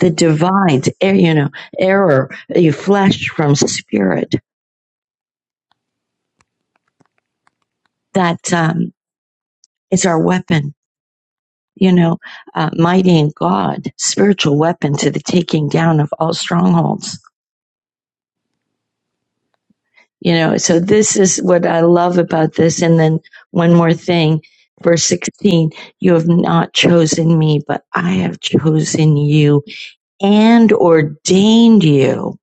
Speaker 6: the divides, eh, you know, error, eh, flesh from spirit that, um, It's our weapon, you know, uh, mighty in God, spiritual weapon to the taking down of all strongholds. You know, so this is what I love about this. And then one more thing, verse 16, you have not chosen me, but I have chosen you and ordained you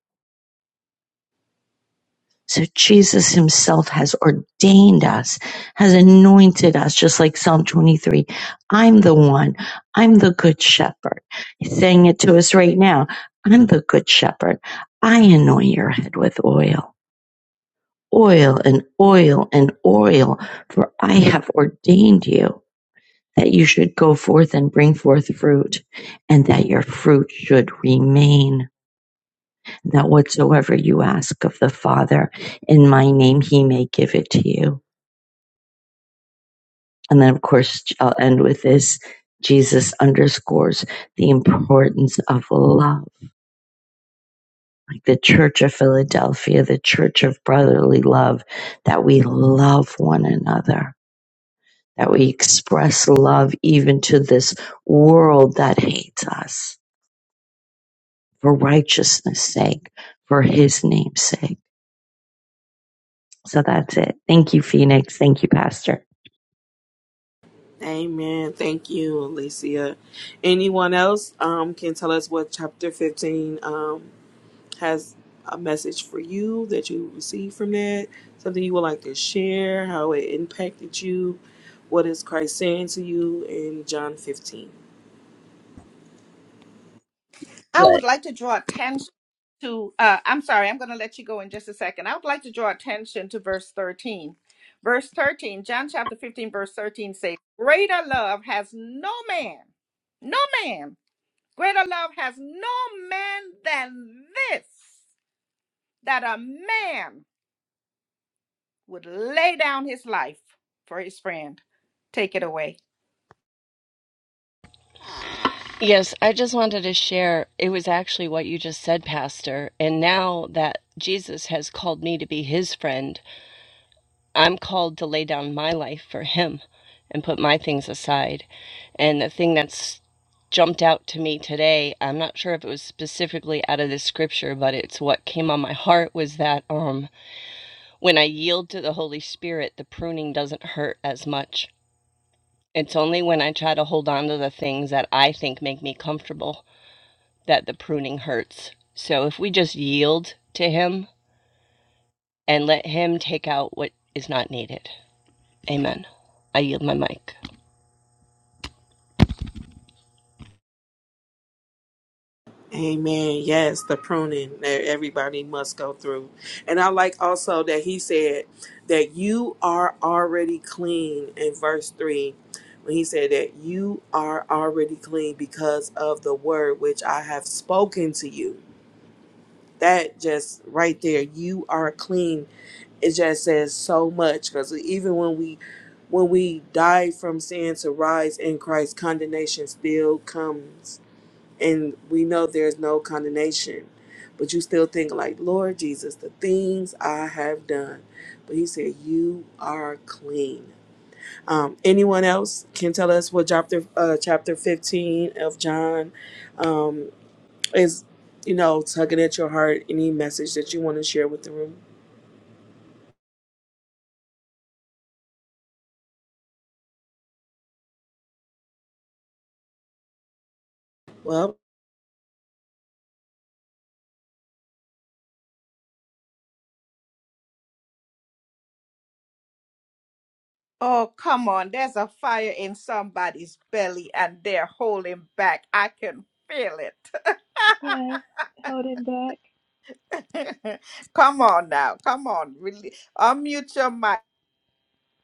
Speaker 6: So Jesus himself has ordained us, has anointed us, just like Psalm 23. I'm the one. I'm the good shepherd. He's saying it to us right now. I'm the good shepherd. I anoint your head with oil, oil and oil and oil, for I have ordained you that you should go forth and bring forth fruit and that your fruit should remain that whatsoever you ask of the Father in my name, he may give it to you. And then, of course, I'll end with this. Jesus underscores the importance of love, like the Church of Philadelphia, the Church of Brotherly Love, that we love one another, that we express love even to this world that hates us for righteousness' sake, for his name's sake. So that's it. Thank you, Phoenix. Thank you, Pastor.
Speaker 2: Amen. Thank you, Alicia. Anyone else um can tell us what chapter fifteen um has a message for you that you received from that, something you would like to share, how it impacted you, what is Christ saying to you in John 15.
Speaker 1: I would
Speaker 8: But
Speaker 1: like to draw attention to. Uh, I'm sorry, I'm going to let you go in just a second. I would like to draw attention to verse thirteen. Verse thirteen, John chapter fifteen, verse thirteen says, "Greater love has no man, no man. Greater love has no man than this." that a man would lay down his life for his friend. Take it away.
Speaker 8: yes, I just wanted to share. It was actually what you just said, Pastor. And now that Jesus has called me to be his friend, I'm called to lay down my life for him and put my things aside. And the thing that's jumped out to me today, I'm not sure if it was specifically out of this scripture, but it's what came on my heart was that um when I yield to the Holy Spirit, the pruning doesn't hurt as much. It's only when I try to hold on to the things that I think make me comfortable that the pruning hurts. So if we just yield to Him and let Him take out what is not needed. Amen. I yield my mic.
Speaker 2: Amen. Yes, the pruning that everybody must go through. And I like also that he said that you are already clean in verse 3 when he said that you are already clean because of the word which I have spoken to you. That just right there, you are clean it just says so much because even when we when we die from sin to rise in christ condemnation still comes and we know there's no condemnation but you still think like lord jesus the things i have done but he said you are clean um, anyone else can tell us what chapter uh, chapter 15 of john um, is you know tugging at your heart any message that you want to share with the room well
Speaker 1: Oh, come on. There's a fire in somebody's belly and they're holding back. I can feel it.
Speaker 3: Yes, hold it back.
Speaker 1: come on now. Come on. Really, unmute your mic.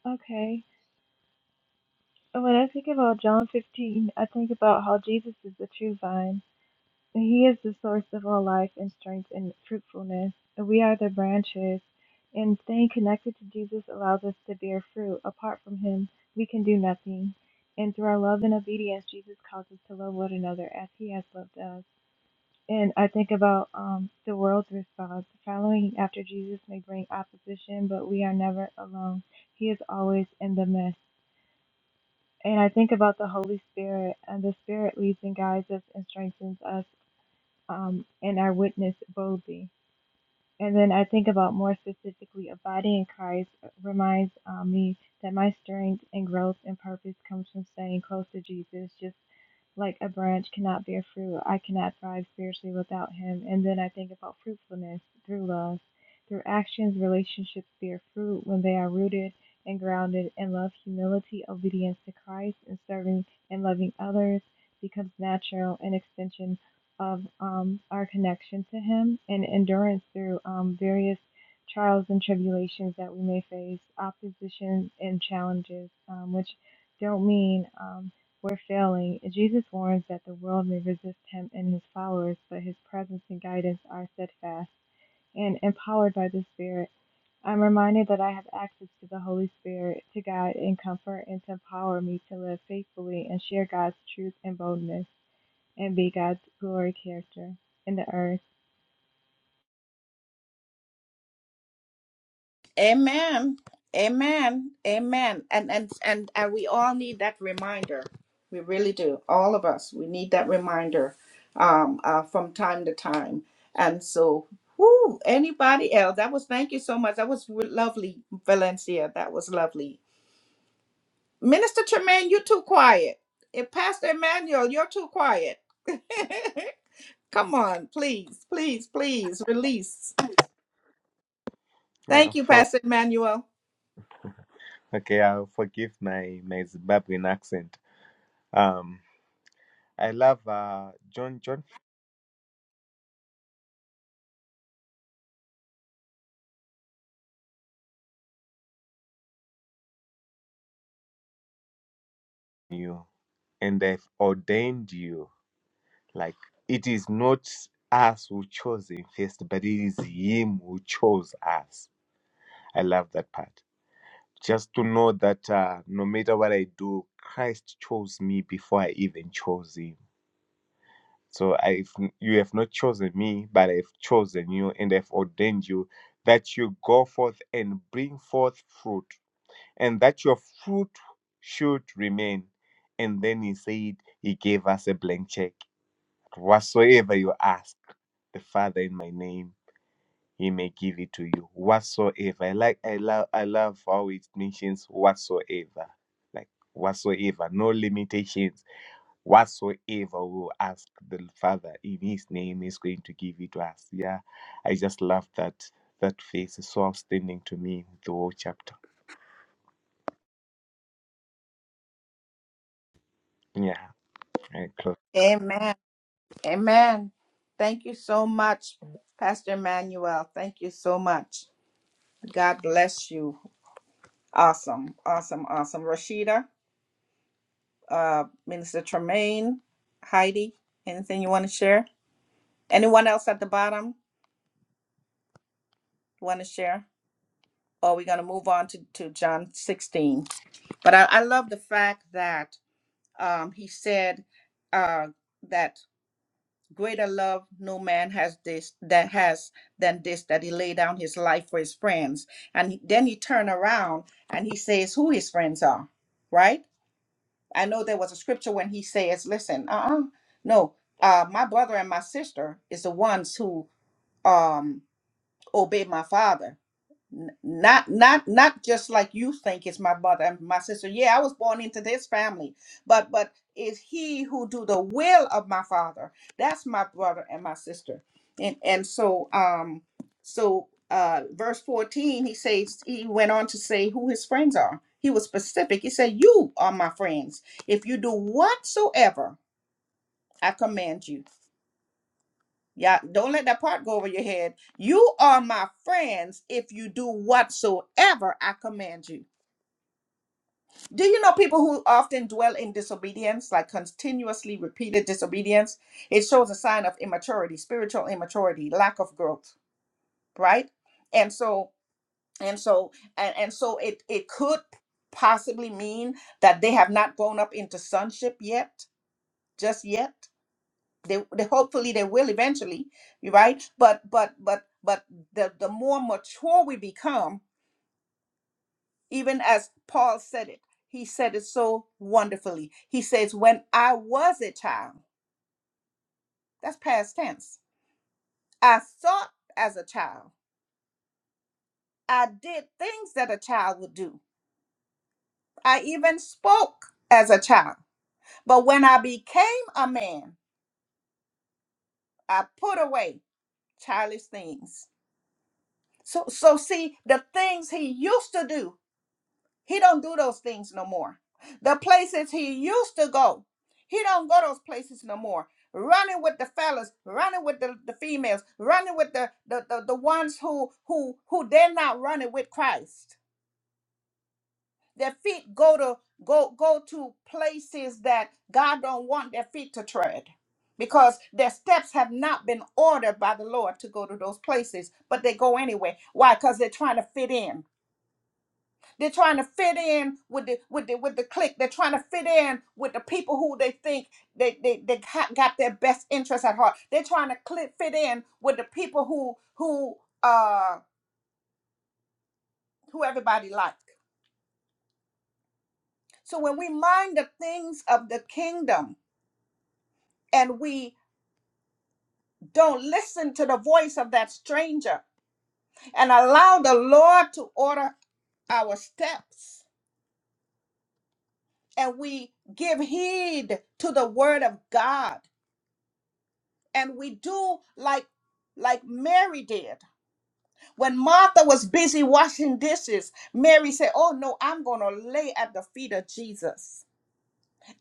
Speaker 3: Okay. And When I think about John 15, I think about how Jesus is the true vine, and He is the source of all life and strength and fruitfulness, and we are the branches. And staying connected to Jesus allows us to bear fruit. Apart from Him, we can do nothing. And through our love and obedience, Jesus calls us to love one another as He has loved us. And I think about um, the world's response. Following after Jesus may bring opposition, but we are never alone. He is always in the midst. And I think about the Holy Spirit, and the Spirit leads and guides us and strengthens us um, in our witness boldly. And then I think about more specifically, abiding in Christ uh, reminds um, me that my strength and growth and purpose comes from staying close to Jesus, just like a branch cannot bear fruit. I cannot thrive spiritually without him. And then I think about fruitfulness through love. Through actions, relationships bear fruit when they are rooted and grounded in love, humility, obedience to Christ, and serving and loving others becomes natural an extension of um, our connection to Him and endurance through um, various trials and tribulations that we may face, opposition and challenges, um, which don't mean um, were failing, Jesus warns that the world may resist him and his followers, but his presence and guidance are steadfast. And empowered by the Spirit, I'm reminded that I have access to the Holy Spirit to guide and comfort and to empower me to live faithfully and share God's truth and boldness and be God's glory character in the earth.
Speaker 1: Amen. Amen. Amen. And and and and we all need that reminder. We really do. All of us. We need that reminder um uh from time to time. And so whoo, anybody else? That was thank you so much. That was re- lovely, Valencia. That was lovely. Minister Tremaine, you're too quiet. And Pastor Emmanuel, you're too quiet. Come on, please, please, please release.
Speaker 7: yeah,
Speaker 1: Thank you,
Speaker 7: for,
Speaker 1: Pastor Emmanuel.
Speaker 7: okay, I'll forgive my, my Zimbabwean accent. Um I love uh John John you and I've ordained you. Like it is not us who chose him first, but it is him who chose us. I love that part. Just to know that uh, no matter what I do, Christ chose me before I even chose him. So I, you have not chosen me, but I've chosen you, and I've ordained you that you go forth and bring forth fruit, and that your fruit should remain. And then he said he gave us a blank check Whatsoever you ask the Father in my name, He may give it to you. Whatsoever. I like I love I love how it mentions whatsoever. Like whatsoever. No limitations. Whatsoever we will ask the Father in His name is going to give it to us. Yeah. I just love that that face is so outstanding to me, the whole chapter. Yeah. I close.
Speaker 1: Amen. Amen. Thank you so much, Pastor Emmanuel. Thank you so much. God bless you. Awesome, awesome, awesome. Rashida, uh, Minister Tremaine, Heidi, anything you want to share? Anyone else at the bottom want to share? Or we're going to move on to, to John 16. But I, I love the fact that um, he said uh, that. greater love no man has this that has than this that he lay down his life for his friends and he- then he turned around and he says who his friends are right i know there was a scripture when he says listen uh-uh no uh my brother and my sister is the ones who um obey my father N- not not not just like you think it's my brother and my sister yeah i was born into this family but but it's he who do the will of my father that's my brother and my sister and and so um so uh verse 14 he says he went on to say who his friends are he was specific he said you are my friends if you do whatsoever i command you yeah, don't let that part go over your head. You are my friends if you do whatsoever I command you. Do you know people who often dwell in disobedience, like continuously repeated disobedience? It shows a sign of immaturity, spiritual immaturity, lack of growth, right? And so, and so, and, and so it it could possibly mean that they have not grown up into sonship yet, just yet they, they hopefully they will eventually right but but but but the the more mature we become even as paul said it he said it so wonderfully he says when i was a child that's past tense i thought as a child i did things that a child would do i even spoke as a child but when i became a man i put away childish things so so see the things he used to do He don't do those things no more. The places he used to go, he don't go those places no more. Running with the fellas, running with the, the females, running with the, the, the, the ones who who who they're not running with Christ. Their feet go to go go to places that God don't want their feet to tread. Because their steps have not been ordered by the Lord to go to those places, but they go anyway. Why? Because they're trying to fit in. They're trying to fit in with the with the with the clique. They're trying to fit in with the people who they think they they, they ha- got their best interests at heart. They're trying to cli fit in with the people who who uh who everybody like. So when we mind the things of the kingdom and we don't listen to the voice of that stranger and allow the Lord to order our steps and we give heed to the word of God and we do like like Mary did. When Martha was busy washing dishes, Mary said, "Oh no, I'm going to lay at the feet of Jesus.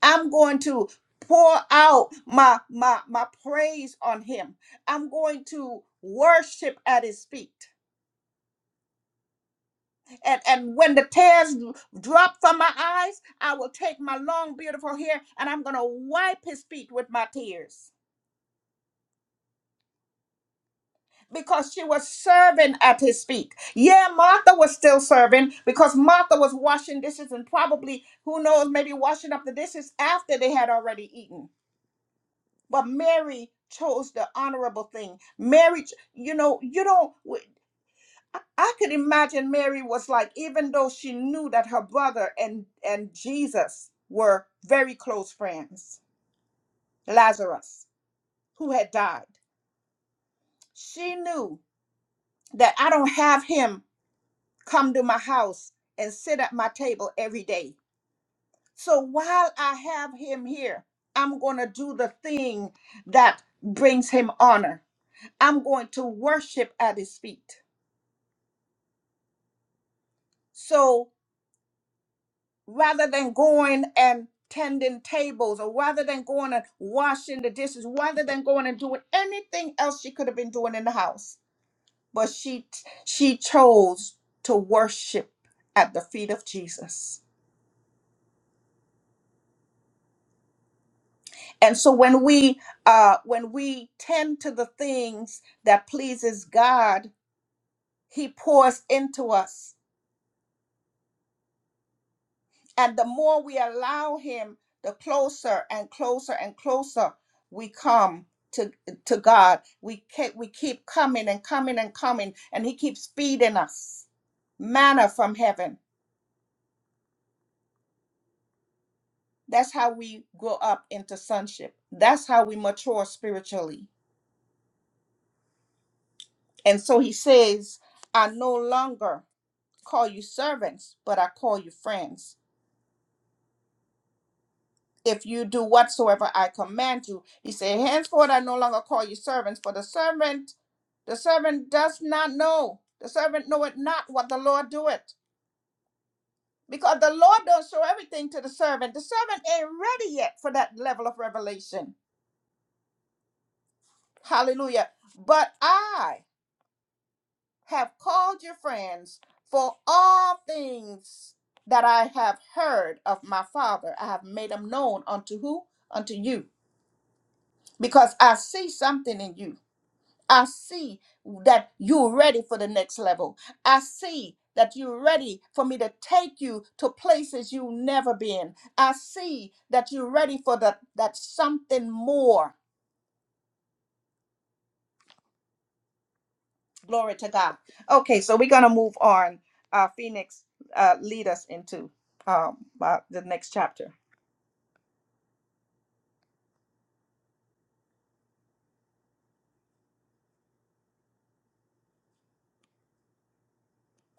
Speaker 1: I'm going to pour out my my my praise on him. I'm going to worship at his feet. And and when the tears drop from my eyes, I will take my long beautiful hair and I'm going to wipe his feet with my tears." because she was serving at his feet. Yeah, Martha was still serving because Martha was washing dishes and probably, who knows, maybe washing up the dishes after they had already eaten. But Mary chose the honorable thing. Mary, you know, you don't. w- I I could imagine Mary was like, even though she knew that her brother and and Jesus were very close friends, Lazarus, who had died, she knew that I don't have him come to my house and sit at my table every day. So while I have him here, I'm going to do the thing that brings him honor. I'm going to worship at his feet. So rather than going and tending tables or rather than going and washing the dishes, rather than going and doing anything else she could have been doing in the house, but she she chose to worship at the feet of Jesus. and so when we uh when we tend to the things that pleases god he pours into us and the more we allow him the closer and closer and closer we come to to god we keep we keep coming and coming and coming and he keeps feeding us manna from heaven that's how we grow up into sonship that's how we mature spiritually and so he says i no longer call you servants, but I call you friends. If you do whatsoever I command you, he said, Henceforth I no longer call you servants, for the servant, the servant does not know. The servant knoweth not what the Lord doeth. Because the Lord don't show everything to the servant. The servant ain't ready yet for that level of revelation. Hallelujah. But I have called you friends for all things that I have heard of my father. I have made them known unto who? Unto you. because I see something in you. I see that you're ready for the next level. I see that you're ready for me to take you to places you've never been. I see that you're ready for the, that something more. Glory to God. Okay, so we're going to move on. Uh, Phoenix, uh, lead us into um, uh, the next chapter.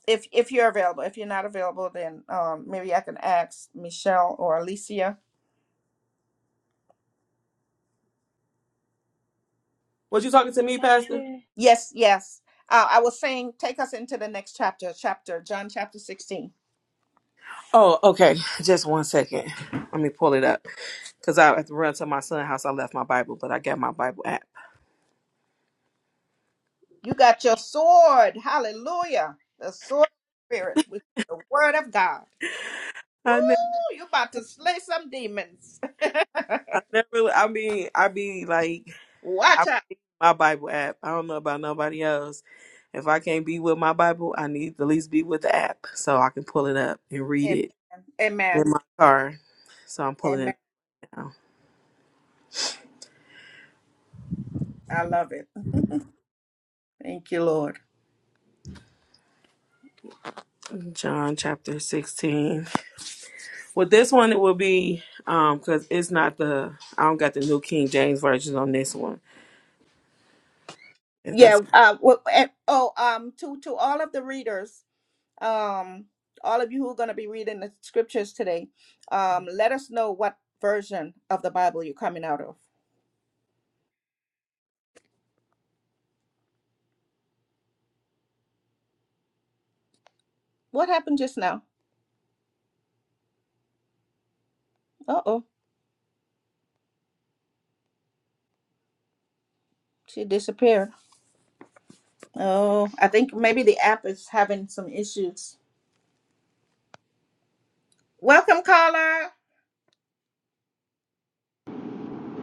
Speaker 1: If, if you're available, if you're not available, then um, maybe I can ask Michelle or Alicia
Speaker 2: was you talking to me pastor
Speaker 3: Chapter
Speaker 1: Yes, yes. Uh, I was saying, take us into the next chapter, chapter John chapter 16.
Speaker 2: Oh, okay. Just one second. Let me pull it up because I have to run to my son's house. I left my Bible, but I got my Bible app.
Speaker 1: You got your sword. Hallelujah. The sword of the spirit, which is the word of God.
Speaker 2: I never,
Speaker 1: Ooh, you about to slay some demons.
Speaker 2: I never. I mean, I be like, I
Speaker 1: Watch out.
Speaker 2: be my Bible app. I don't know about nobody else. If I can't be with my Bible, I need to at least be with the app so I can pull it up and read
Speaker 1: Amen.
Speaker 2: it in
Speaker 1: Amen.
Speaker 2: my car. So I'm pulling it
Speaker 1: Amen.
Speaker 2: now.
Speaker 1: I love it. Thank you, Lord.
Speaker 2: John chapter 16. With this one, it will be um because it's not the I don't got the New King James version on this one. If that's
Speaker 1: Yeah. Uh, wh- and, oh, um, to to all of the readers, um, all of you who are going to be reading the scriptures today, um, let us know what version of the Bible you're coming out of What happened just now? Uh oh, she disappeared. Oh, I think maybe the app is having some issues. Welcome, caller.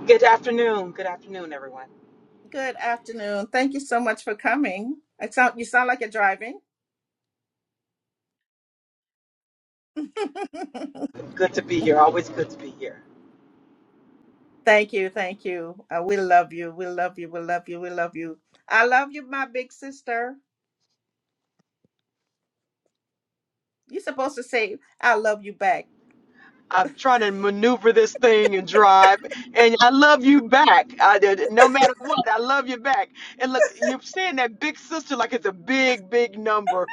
Speaker 9: Good afternoon. Good afternoon, everyone.
Speaker 1: Good afternoon. Thank you so much for coming. It sound, you sound like you're driving.
Speaker 9: Good to be here. Always good to be here.
Speaker 1: thank you. Thank you. Uh, we love you. We love you. We love you. We love you. I love you, my big sister. You're supposed to say, I love you back.
Speaker 9: I'm trying to maneuver this thing and drive, and I love you back. I did, no matter what, I love you back. And look, you're saying that big sister like it's a big, big number.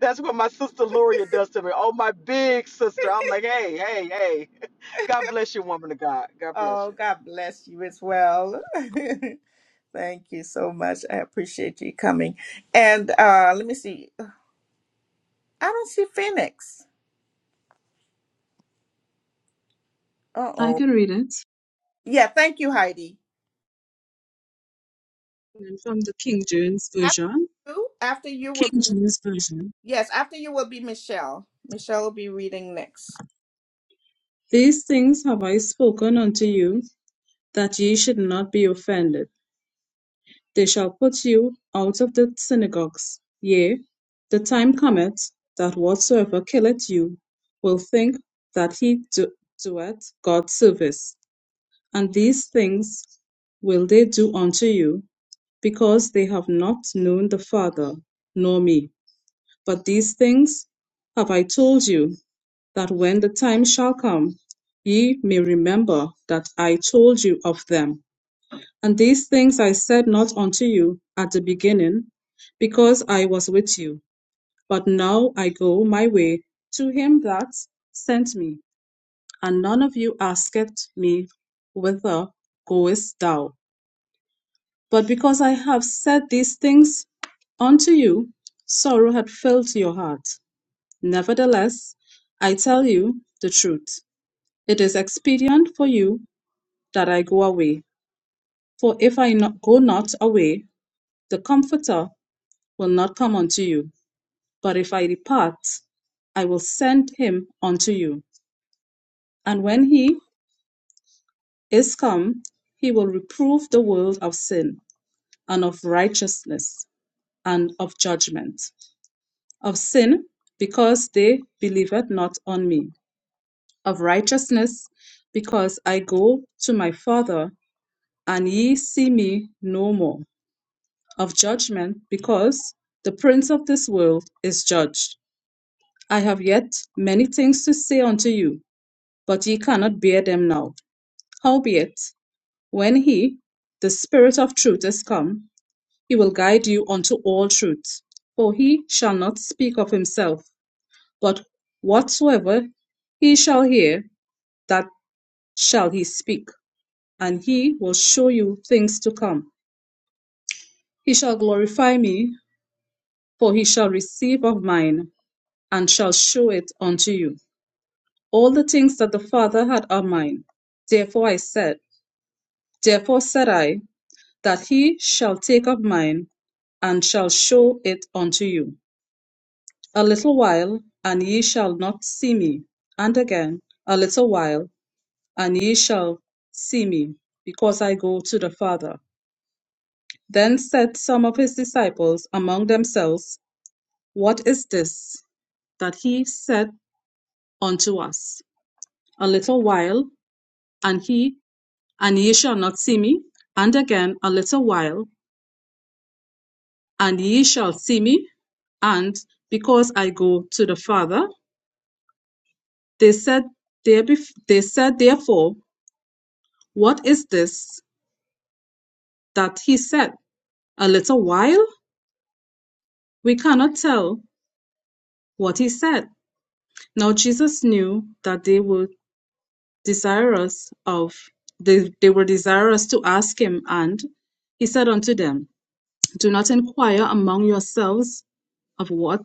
Speaker 9: That's what my sister Loria does to me. Oh, my big sister. I'm like, hey, hey, hey. God bless you, woman of God. God bless
Speaker 1: Oh,
Speaker 9: you.
Speaker 1: God bless you as well. Thank you so much. I appreciate you coming. And uh, let me see. I don't see Phoenix. Uh
Speaker 4: I
Speaker 1: oh.
Speaker 4: can read it
Speaker 1: Yeah, thank you, Heidi.
Speaker 4: And from the King James
Speaker 1: After
Speaker 4: version.
Speaker 1: you, after you will
Speaker 4: King
Speaker 1: be
Speaker 4: James version.
Speaker 1: yes, after you will be Michelle. Michelle will be reading next.
Speaker 4: These things have I spoken unto you, that ye should not be offended. They shall put you out of the synagogues. Yea, the time cometh that whatsoever killeth you will think that he do- doeth God service. And these things will they do unto you, because they have not known the Father, nor me. But these things have I told you, that when the time shall come, ye may remember that I told you of them. And these things I said not unto you at the beginning, because I was with you. But now I go my way to him that sent me, and none of you asketh me, Whither goest thou? But because I have said these things unto you, sorrow hath filled your heart. Nevertheless, I tell you the truth. It is expedient for you that I go away. For if I not, go not away, the Comforter will not come unto you. But if I depart, I will send him unto you. And when he is come, he will reprove the world of sin, and of righteousness, and of judgment of sin, because they believed not on me, of righteousness, because I go to my Father, and ye see me no more, of judgment, because the prince of this world is judged. I have yet many things to say unto you, but ye cannot bear them now. Howbeit, when he, the Spirit of truth, is come, he will guide you unto all truth. For he shall not speak of himself, But whatsoever he shall hear, that shall he speak, and he will show you things to come. He shall glorify me, for he shall receive of mine, and shall show it unto you. All the things that the Father had are mine. Therefore I said, therefore said I, that he shall take of mine, and shall show it unto you. A little while, and ye shall not see me. And again, a little while, and ye shall see me, because I go to the Father. Then said some of his disciples among themselves, What is this that he said unto us? A little while, and he, and ye shall not see me, and again a little while, and ye shall see me, and because I go to the Father. They said, there bef- they said therefore, What is this that he said? A little while? We cannot tell what he said. Now Jesus knew that they were desirous of they, they were desirous to ask him, and he said unto them, Do not inquire among yourselves of what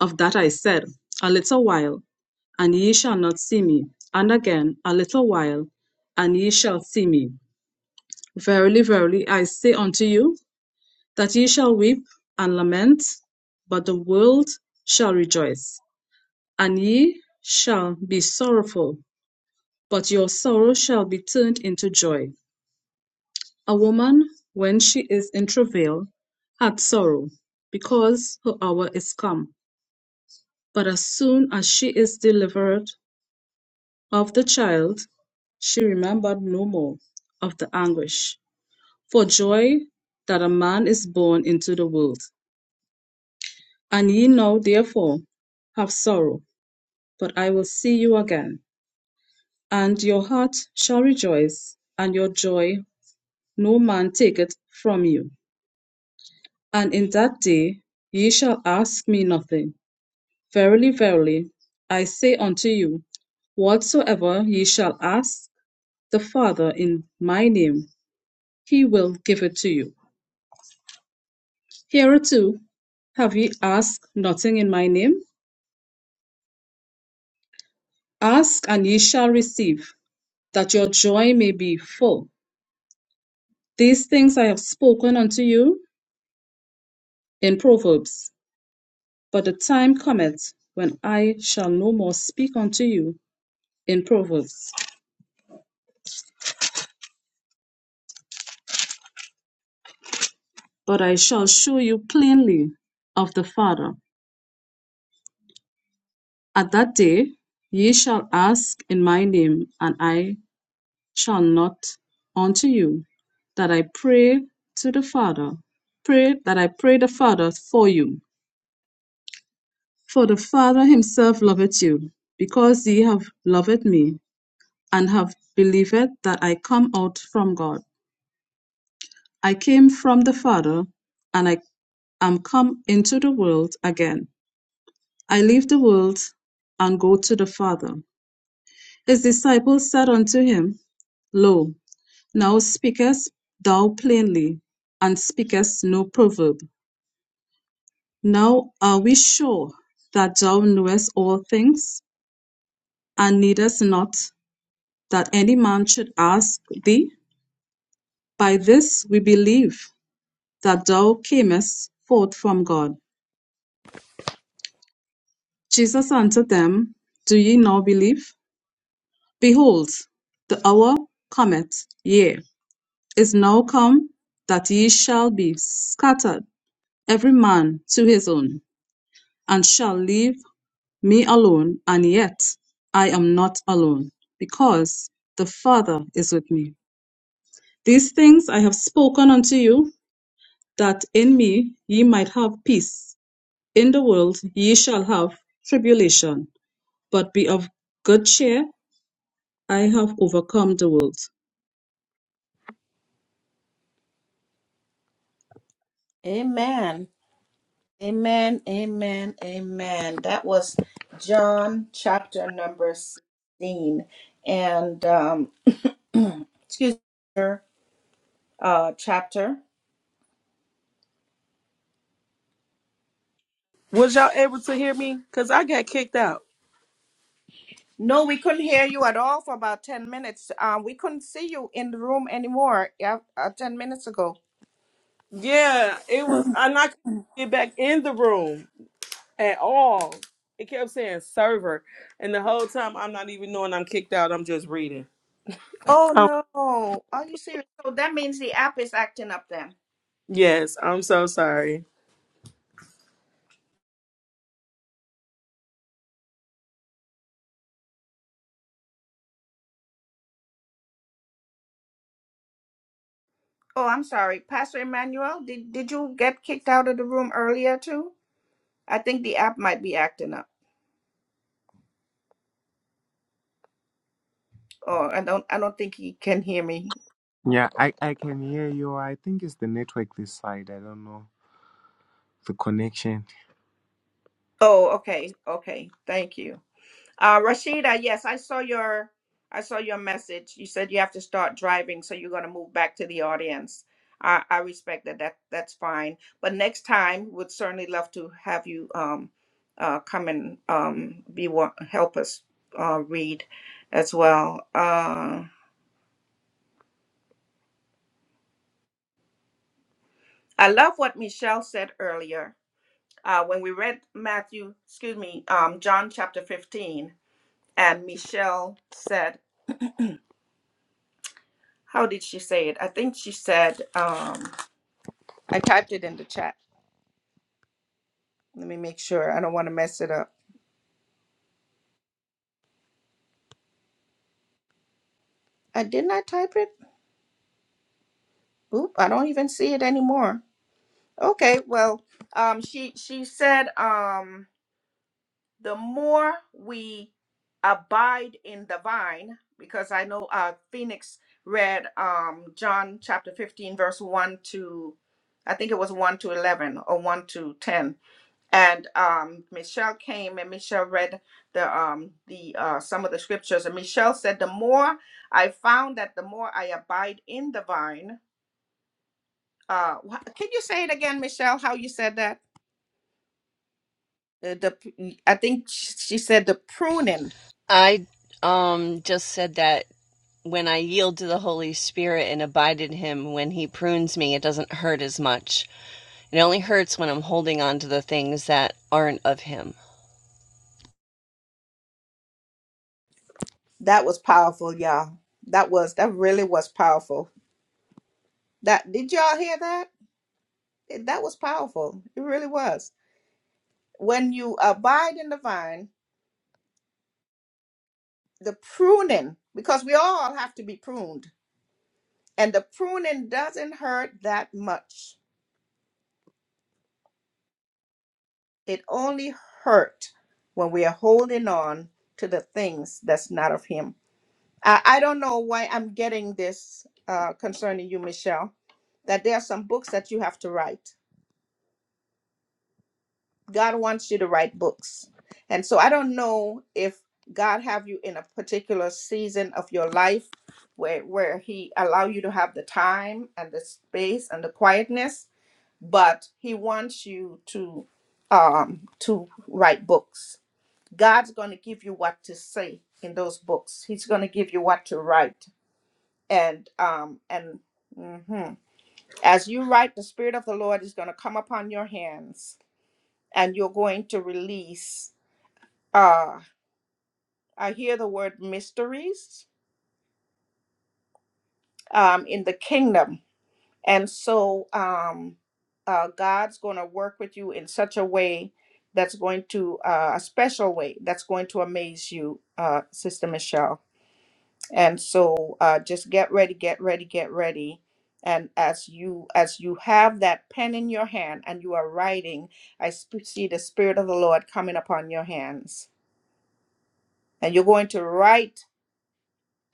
Speaker 4: of that I said, a little while, and ye shall not see me, and again a little while, and ye shall see me. Verily, verily, I say unto you, that ye shall weep and lament, but the world shall rejoice, and ye shall be sorrowful But your sorrow shall be turned into joy. A woman, when she is in travail, hath sorrow, because her hour is come. But as soon as she is delivered of the child, she remembered no more of the anguish for joy that a man is born into the world. And ye now, therefore, have sorrow, but I will see you again, and your heart shall rejoice, and your joy no man taketh from you. And in that day ye shall ask me nothing. Verily, verily, I say unto you, whatsoever ye shall ask the Father in my name, he will give it to you. Hereto have ye asked nothing in my name? Ask, and ye shall receive, that your joy may be full. These things I have spoken unto you in Proverbs. But the time cometh when I shall no more speak unto you in Proverbs, But I shall shew you plainly of the Father. At that day ye shall ask in my name, and I shall not unto you that I pray to the Father. Pray that I pray the Father for you. For the Father himself loveth you, because ye have loved me, and have believed that I come out from God. I came from the Father, and I am come into the world again. I leave the world and go to the Father. His disciples said unto him, Lo, now speakest thou plainly, and speakest no proverb. Now are we sure that thou knowest all things, and needest not that any man should ask thee? By this we believe that thou camest forth from God. Jesus answered them, Do ye now believe? Behold, the hour cometh, yea, is now come, that ye shall be scattered, every man to his own, and shall leave me alone, and yet I am not alone, because the Father is with me. These things I have spoken unto you, that in me ye might have peace. In the world ye shall have tribulation, but be of good cheer, I have overcome the world.
Speaker 1: Amen. Amen. Amen. Amen. That was John chapter number sixteen, and um, excuse me, uh, chapter.
Speaker 2: Was y'all able to hear me? Cause I got kicked out.
Speaker 1: No, we couldn't hear you at all for about ten minutes. Um, we couldn't see you in the room anymore. Yeah, uh, ten minutes ago.
Speaker 2: Yeah, it was. I not get back in the room at all. It kept saying server, and the whole time I'm not even knowing I'm kicked out. I'm just reading.
Speaker 1: Oh
Speaker 2: Oh
Speaker 1: no. Are you serious? So that means the app is acting up then.
Speaker 2: yes, I'm so sorry.
Speaker 1: Oh, I'm sorry. Pastor Emmanuel, did did you get kicked out of the room earlier too? I think the app might be acting up. Oh, I don't I don't think he can hear me.
Speaker 7: Yeah, I, I can hear you. I think it's the network this side. I don't know. The connection.
Speaker 1: Oh, okay. Okay. Thank you. Uh, Rashida, yes, I saw your I saw your message. You said you have to start driving, so you're gonna move back to the audience. I, I respect that. That that's fine. But next time, would certainly love to have you um uh come and um be one help us uh read as well. Uh, I love what Michelle said earlier. Uh, when we read Matthew, excuse me, um, John chapter 15, and Michelle said, how did she say it? I think she said. Um, I typed it in the chat. Let me make sure. I don't want to mess it up. I didn't I type it? Oop, I don't even see it anymore. Okay, well, um she she said um the more we abide in the vine because I know uh Phoenix read um John chapter 15 verse 1 to I think it was 1 to 11 or 1 to 10 and um, Michelle came and Michelle read the um, the uh, some of the scriptures. And Michelle said, "The more I found that, the more I abide in the vine." Uh, wha- can you say it again, Michelle? How you said that? Uh, the p- I think sh- she said the pruning.
Speaker 8: I um just said that when I yield to the Holy Spirit and abide in Him, when He prunes me, it doesn't hurt as much. It only hurts when I'm holding on to the things that aren't of Him.
Speaker 1: That was powerful, y'all. That was that really was powerful. That did y'all hear that? that was powerful. It really was. When you abide in the vine, the pruning, because we all have to be pruned, and the pruning doesn't hurt that much. It only hurt when we are holding on to the things that's not of Him. I, I don't know why I'm getting this uh, concerning you, Michelle, that there are some books that you have to write God wants you to write books. And so I don't know if God have you in a particular season of your life where where he allow you to have the time and the space and the quietness, but he wants you to um to write books. God's going to give you what to say in those books. He's going to give you what to write. And um and mhm. as you write the spirit of the Lord is going to come upon your hands and you're going to release uh, I hear the word mysteries um, in the kingdom. And so um, uh, God's going to work with you in such a way that's going to, uh, a special way that's going to amaze you, uh, Sister Michelle. And so uh, just get ready, get ready, get ready. And as you as you have that pen in your hand and you are writing, I sp- see the spirit of the Lord coming upon your hands, and you're going to write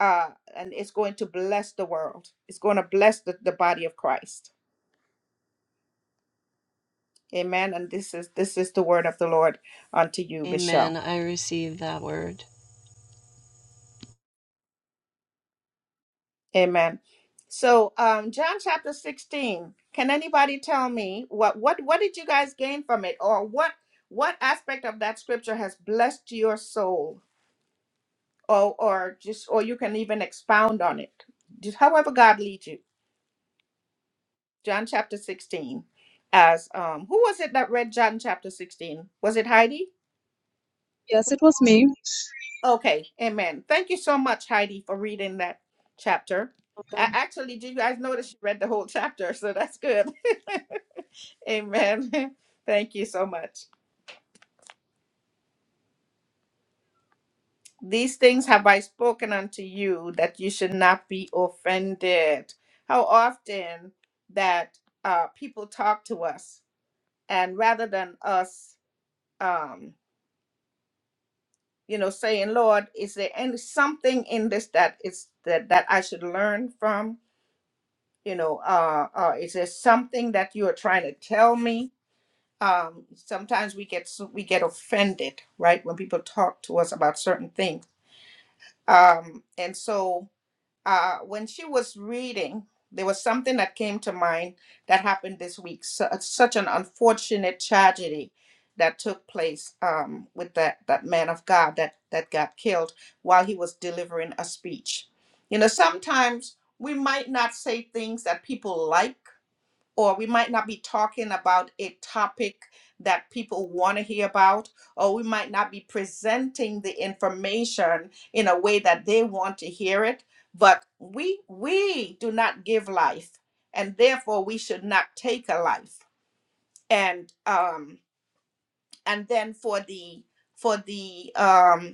Speaker 1: uh, and it's going to bless the world. It's going to bless the, the body of Christ. Amen. And this is this is the word of the Lord unto you,
Speaker 8: Amen.
Speaker 1: Michelle.
Speaker 8: I receive that word.
Speaker 1: Amen. So um, John chapter 16. Can anybody tell me what what what did you guys gain from it? Or what what aspect of that scripture has blessed your soul? Or or just or you can even expound on it. Just however God leads you. John chapter 16. As um, who was it that read John chapter 16? Was it Heidi?
Speaker 4: Yes, it was me.
Speaker 1: Okay, amen. Thank you so much, Heidi, for reading that chapter. I actually, did you guys notice you read the whole chapter? So that's good. amen. Thank you so much. These things have I spoken unto you that you should not be offended. How often that uh, people talk to us, and rather than us, um, you know, saying, "Lord, is there any something in this that is that that I should learn from?" you know, uh, uh, is there something that you are trying to tell me? Um, sometimes we get so- we get offended, right, when people talk to us about certain things. Um, and so uh, when she was reading, there was something that came to mind that happened this week. Su uh, such an unfortunate tragedy that took place um, with that that man of God that that got killed while he was delivering a speech. You know, sometimes we might not say things that people like or we might not be talking about a topic that people want to hear about, or we might not be presenting the information in a way that they want to hear it. But we we do not give life, and therefore we should not take a life. And um, and then for the for the um.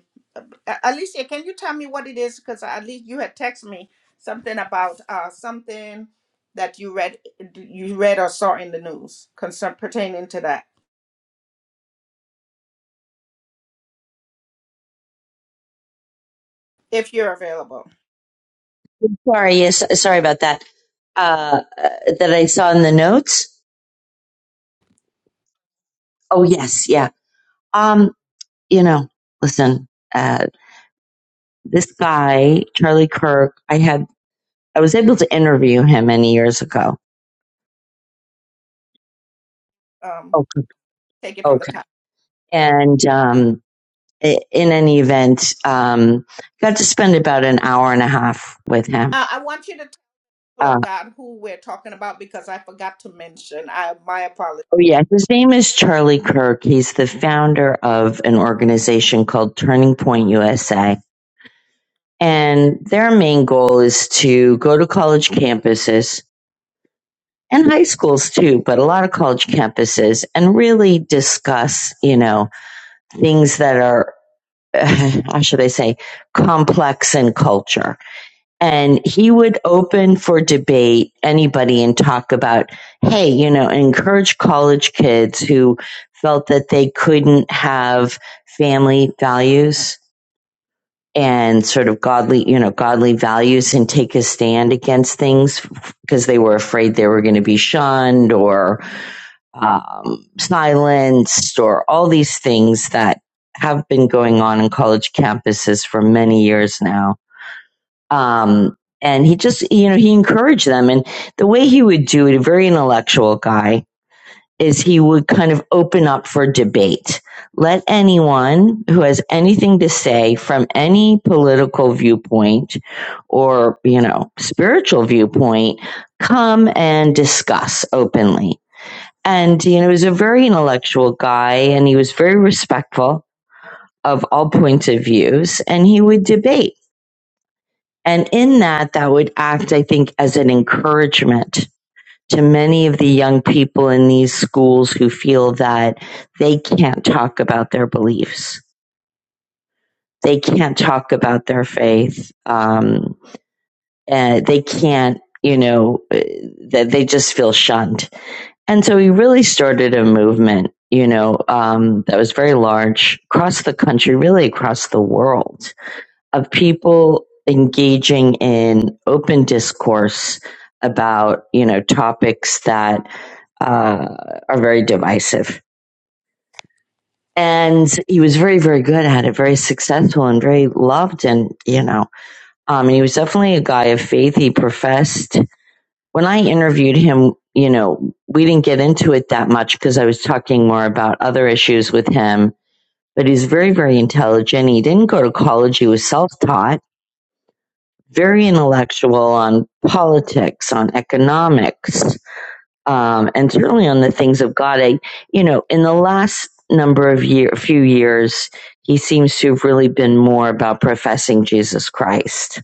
Speaker 1: A- Alicia, can you tell me what it is? Because at least you had texted me something about uh, something that you read, you read or saw in the news concern pertaining to that. If you're available,
Speaker 6: Sorry, yes, sorry about that. Uh, uh, that I saw in the notes. Oh, yes, yeah. Um, you know, listen, uh, this guy, Charlie Kirk, I had, I was able to interview him many years ago.
Speaker 1: um,
Speaker 6: Okay.
Speaker 1: take it from the
Speaker 6: Okay.
Speaker 1: top.
Speaker 6: And, um, i- in any event, um, got to spend about an hour and a half with him.
Speaker 1: Uh, I want you to tell people
Speaker 6: Uh,
Speaker 1: of God who we're talking about because I forgot to mention. I my apologies.
Speaker 6: oh yeah, his name is Charlie Kirk. He's the founder of an organization called Turning Point USA And their main goal is to go to college campuses and high schools too, but a lot of college campuses and really discuss, you know, things that are, how should I say, complex in culture. And he would open for debate anybody and talk about, hey, you know, encourage college kids who felt that they couldn't have family values and sort of godly, you know, godly values and take a stand against things because they were afraid they were going to be shunned or um, silenced or all these things that have been going on in college campuses for many years now. Um, and he just, you know, he encouraged them. And the way he would do it, a very intellectual guy, is he would kind of open up for debate. Let anyone who has anything to say from any political viewpoint or, you know, spiritual viewpoint come and discuss openly. And, you know, he was a very intellectual guy and he was very respectful of all points of views and he would debate. And in that, that would act, I think, as an encouragement to many of the young people in these schools who feel that they can't talk about their beliefs, they can't talk about their faith, um, and they can't, you know, uh, that they just feel shunned. And so he really started a movement, you know, um, that was very large across the country, really across the world, of people engaging in open discourse about, you know, topics that uh, are very divisive. And he was very, very good at it, very successful and very loved. And, you know, um, and he was definitely a guy of faith. He professed. When I interviewed him, you know, we didn't get into it that much because I was talking more about other issues with him, but he's very, very intelligent. He didn't go to college. He was self taught, very intellectual on politics, on economics, um, and certainly on the things of God. I, you know, in the last number of year, few years, he seems to have really been more about professing Jesus Christ.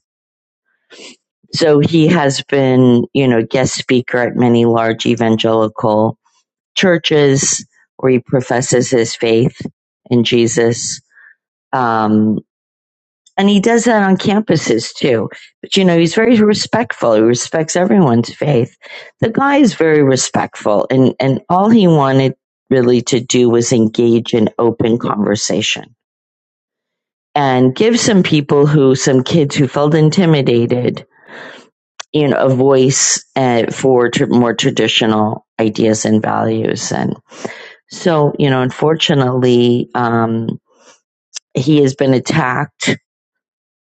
Speaker 6: So he has been, you know, guest speaker at many large evangelical churches where he professes his faith in Jesus. Um, and he does that on campuses too. But you know, he's very respectful. He respects everyone's faith. The guy is very respectful, and and all he wanted really to do was engage in open conversation and give some people who some kids who felt intimidated, you know, a voice uh, for tr more traditional ideas and values. And so, you know, unfortunately, um, he has been attacked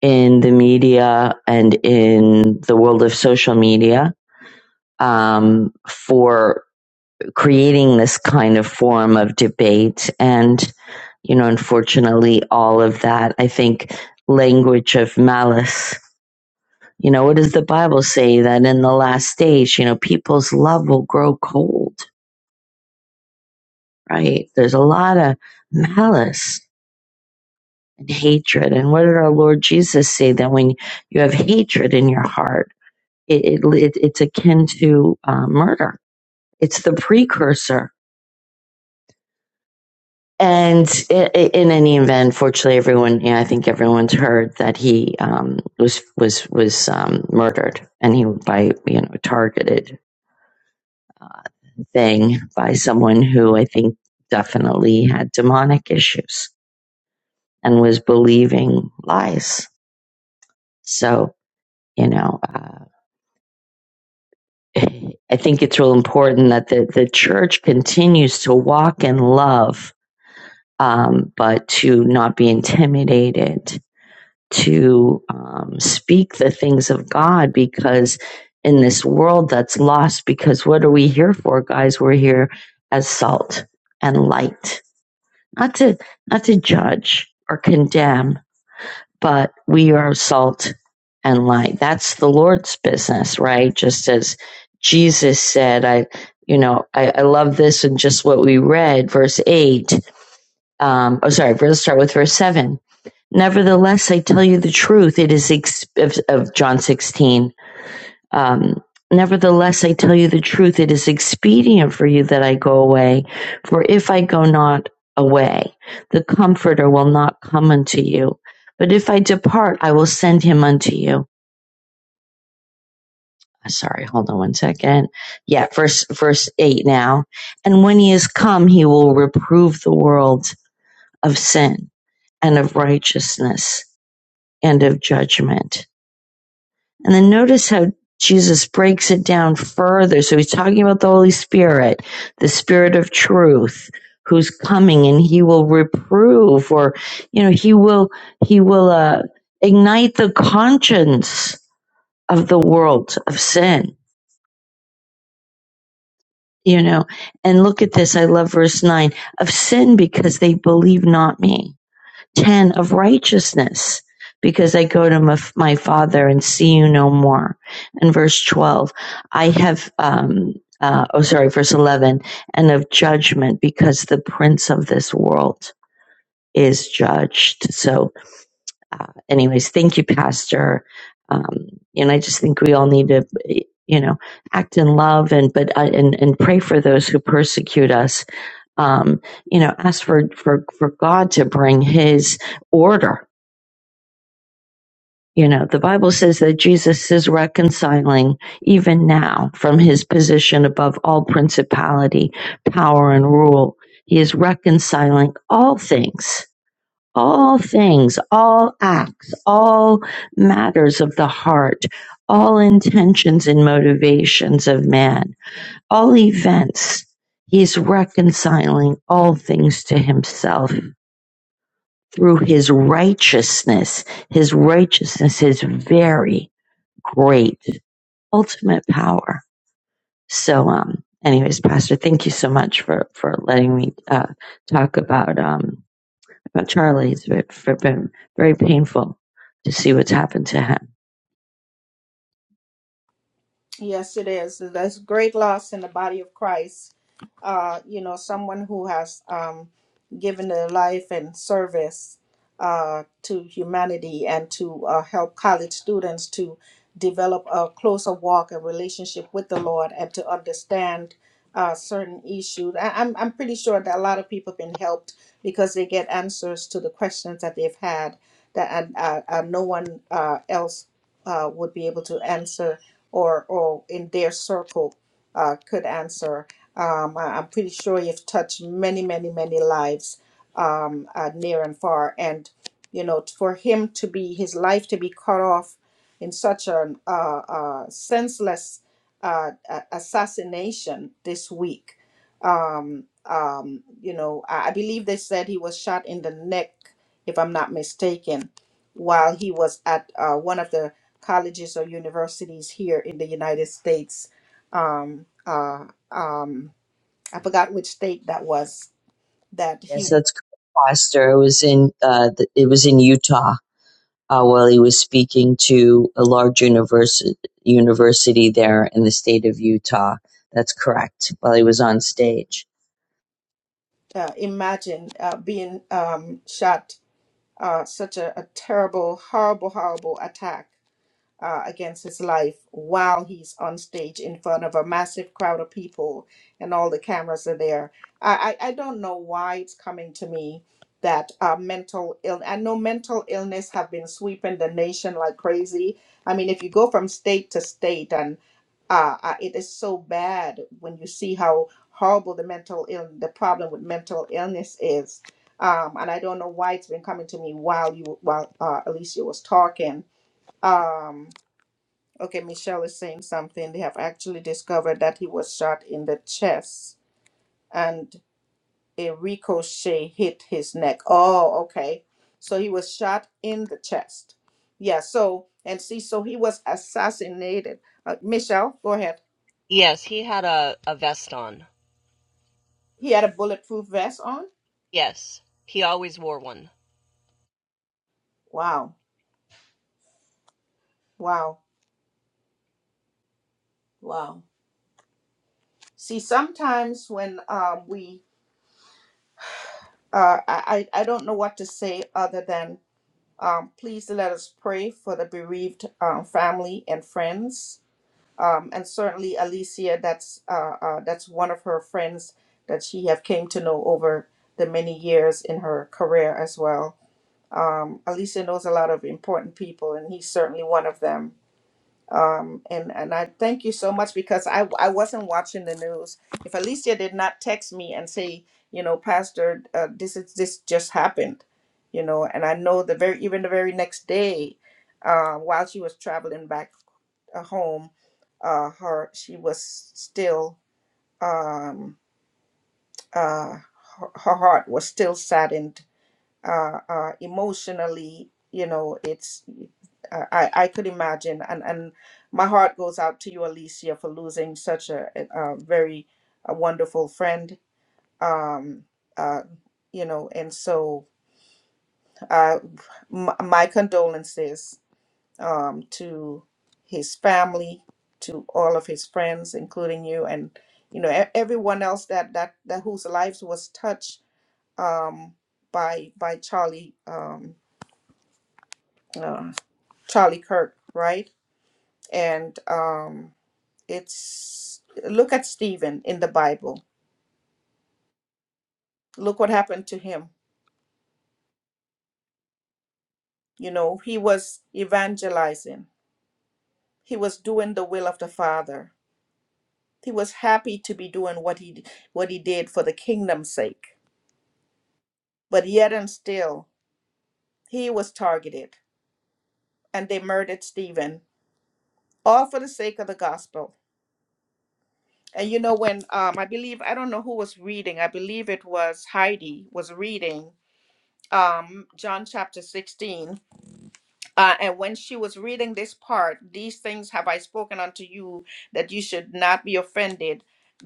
Speaker 6: in the media and in the world of social media um, for creating this kind of form of debate. And, you know, unfortunately, all of that, I think, language of malice. You know, what does the Bible say that in the last days, you know, people's love will grow cold, right? There's a lot of malice and hatred. And what did our Lord Jesus say that when you have hatred in your heart, It, it, it's akin to uh, murder. It's the precursor. And i i in any event, fortunately, everyone, yeah, I think everyone's heard that he um, was was was um, murdered, and he by you know targeted thing by someone who I think definitely had demonic issues and was believing lies. So you know, uh, I think it's real important that the the church continues to walk in love um, but to not be intimidated, to um, speak the things of God, because in this world that's lost, because what are we here for, guys? We're here as salt and light, not to not to judge or condemn, but we are salt and light. That's the Lord's business, right? Just as Jesus said, I. You know, I, I love this and just what we read, verse 8 um, oh, sorry, let's start with verse 7. Nevertheless, I tell you the truth. It is ex- of, of John 16. Um, Nevertheless, I tell you the truth. It is expedient for you that I go away. For if I go not away, the Comforter will not come unto you. But if I depart, I will send him unto you. Sorry, hold on one second. Yeah, verse, verse 8 now. And when he is come, he will reprove the world of sin and of righteousness and of judgment. And then notice how Jesus breaks it down further. So he's talking about the Holy Spirit, the Spirit of truth who's coming and he will reprove or, you know, he will, he will, uh, ignite the conscience of the world of sin, you know, and look at this. I love verse nine of sin because they believe not me 10 of righteousness because I go to my, father and see you no more. And verse 12, I have, um, uh, oh, sorry, verse 11, and of judgment because the prince of this world is judged. So, uh, anyways, thank you, Pastor. Um, and I just think we all need to, you know, act in love and, but, uh, and, and pray for those who persecute us. Um, you know, ask for, for, for God to bring his order You know, the Bible says that Jesus is reconciling even now from his position above all principality, power, and rule. He is reconciling all things, all things, all acts, all matters of the heart, all intentions and motivations of man, all events. He's reconciling all things to himself through his righteousness. His righteousness is very great ultimate power. So, um, anyways, Pastor, thank you so much for for letting me uh, talk about um about Charlie. It's been, for- been very painful to see what's happened to him.
Speaker 1: Yes, it is. There's great loss in the body of Christ. Uh, you know, someone who has um, given their life and service uh, to humanity and to uh, help college students to develop a closer walk and relationship with the Lord and to understand uh, certain issues. I- I'm, I'm pretty sure that a lot of people have been helped because they get answers to the questions that they've had that uh, uh, uh, no one uh, else uh, would be able to answer or or in their circle uh, could answer. Um, I- I'm pretty sure you've touched many, many, many lives um, uh, near and far, and you know for him to be his life to be cut off in such an uh, uh, senseless uh, a- assassination this week. Um, um, you know, I, I believe they said he was shot in the neck, if I'm not mistaken, while he was at uh, one of the colleges or universities here in the United States. Um, uh, um, I forgot which state that was that he
Speaker 6: Yes, that's correct, Pastor. It was in uh, the, it was in Utah. uh, while he was speaking to a large university university there in the state of Utah. That's correct. While he was on stage.
Speaker 1: uh, imagined uh, being um, shot uh, such a, a terrible, horrible, horrible attack. uh, against his life while he's on stage in front of a massive crowd of people and all the cameras are there. I, I, I don't know why it's coming to me that uh, mental ill I know mental illness have been sweeping the nation like crazy. I mean, if you go from state to state and uh, uh, it is so bad when you see how horrible the mental ill the problem with mental illness is. Um, and I don't know why it's been coming to me while you while uh, Alicia was talking. Um, Okay, Michelle is saying something. They have actually discovered that he was shot in the chest and a ricochet hit his neck. Oh, okay. So he was shot in the chest. Yeah, so, and see, so he was assassinated. Uh, Michelle, go ahead.
Speaker 8: Yes, he had a, a vest on.
Speaker 1: He had a bulletproof vest on?
Speaker 8: Yes, he always wore one.
Speaker 1: Wow, wow, wow. See, sometimes when um, we, uh, I, I I don't know what to say other than Um, please let us pray for the bereaved um, family and friends, um, and certainly Alicia. That's uh, uh, that's one of her friends that she have came to know over the many years in her career as well. Um, Alicia knows a lot of important people, and he's certainly one of them um and and i thank you so much because i i wasn't watching the news if alicia did not text me and say you know pastor uh, this is this just happened you know and i know the very even the very next day uh, while she was traveling back uh, home uh her she was still um uh her, her heart was still saddened uh, uh, emotionally, you know, it's uh, I, I could imagine, and and my heart goes out to you, Alicia, for losing such a, a a very a wonderful friend. Um, uh, you know, and so uh, m- my condolences um, to his family, to all of his friends, including you, and you know e- everyone else that that that whose lives was touched um, by by Charlie. Um, uh, Charlie Kirk, right? And um, it's look at Stephen in the Bible. Look what happened to him. You know, he was evangelizing. He was doing the will of the Father. He was happy to be doing what he what he did for the kingdom's sake. But yet and still, he was targeted, and they murdered Stephen, all for the sake of the gospel. And you know, when um, I believe I don't know who was reading. I believe it was Heidi was reading um, John chapter 16. Uh, and when she was reading this part, these things have I spoken unto you that you should not be offended.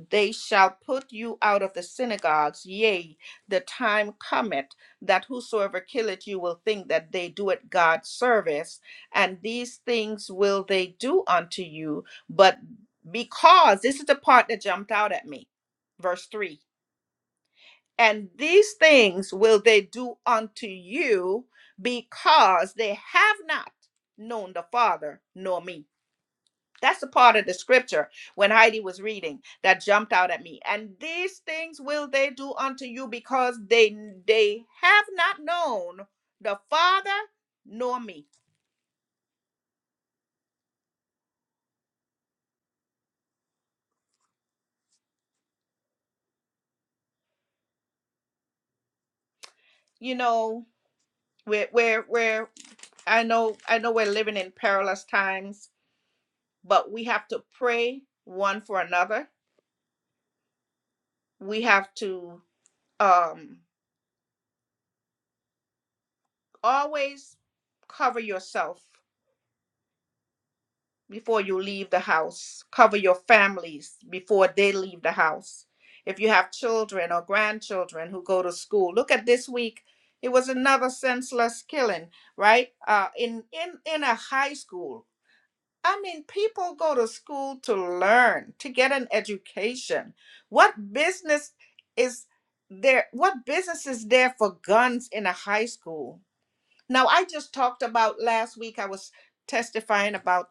Speaker 1: They shall put you out of the synagogues. Yea, the time cometh that whosoever killeth you will think that they do it God's service. And these things will they do unto you. But because, this is the part that jumped out at me, verse 3 and these things will they do unto you because they have not known the Father nor me. That's the part of the scripture when Heidi was reading that jumped out at me. And these things will they do unto you because they they have not known the Father nor me. You know, we're we're, we're I know I know we're living in perilous times, but we have to pray one for another. We have to um always cover yourself before you leave the house cover your families before they leave the house if you have children or grandchildren who go to school look at this week it was another senseless killing right uh in in in a high school i mean people go to school to learn to get an education what business is there what business is there for guns in a high school Now, I just talked about last week, I was testifying about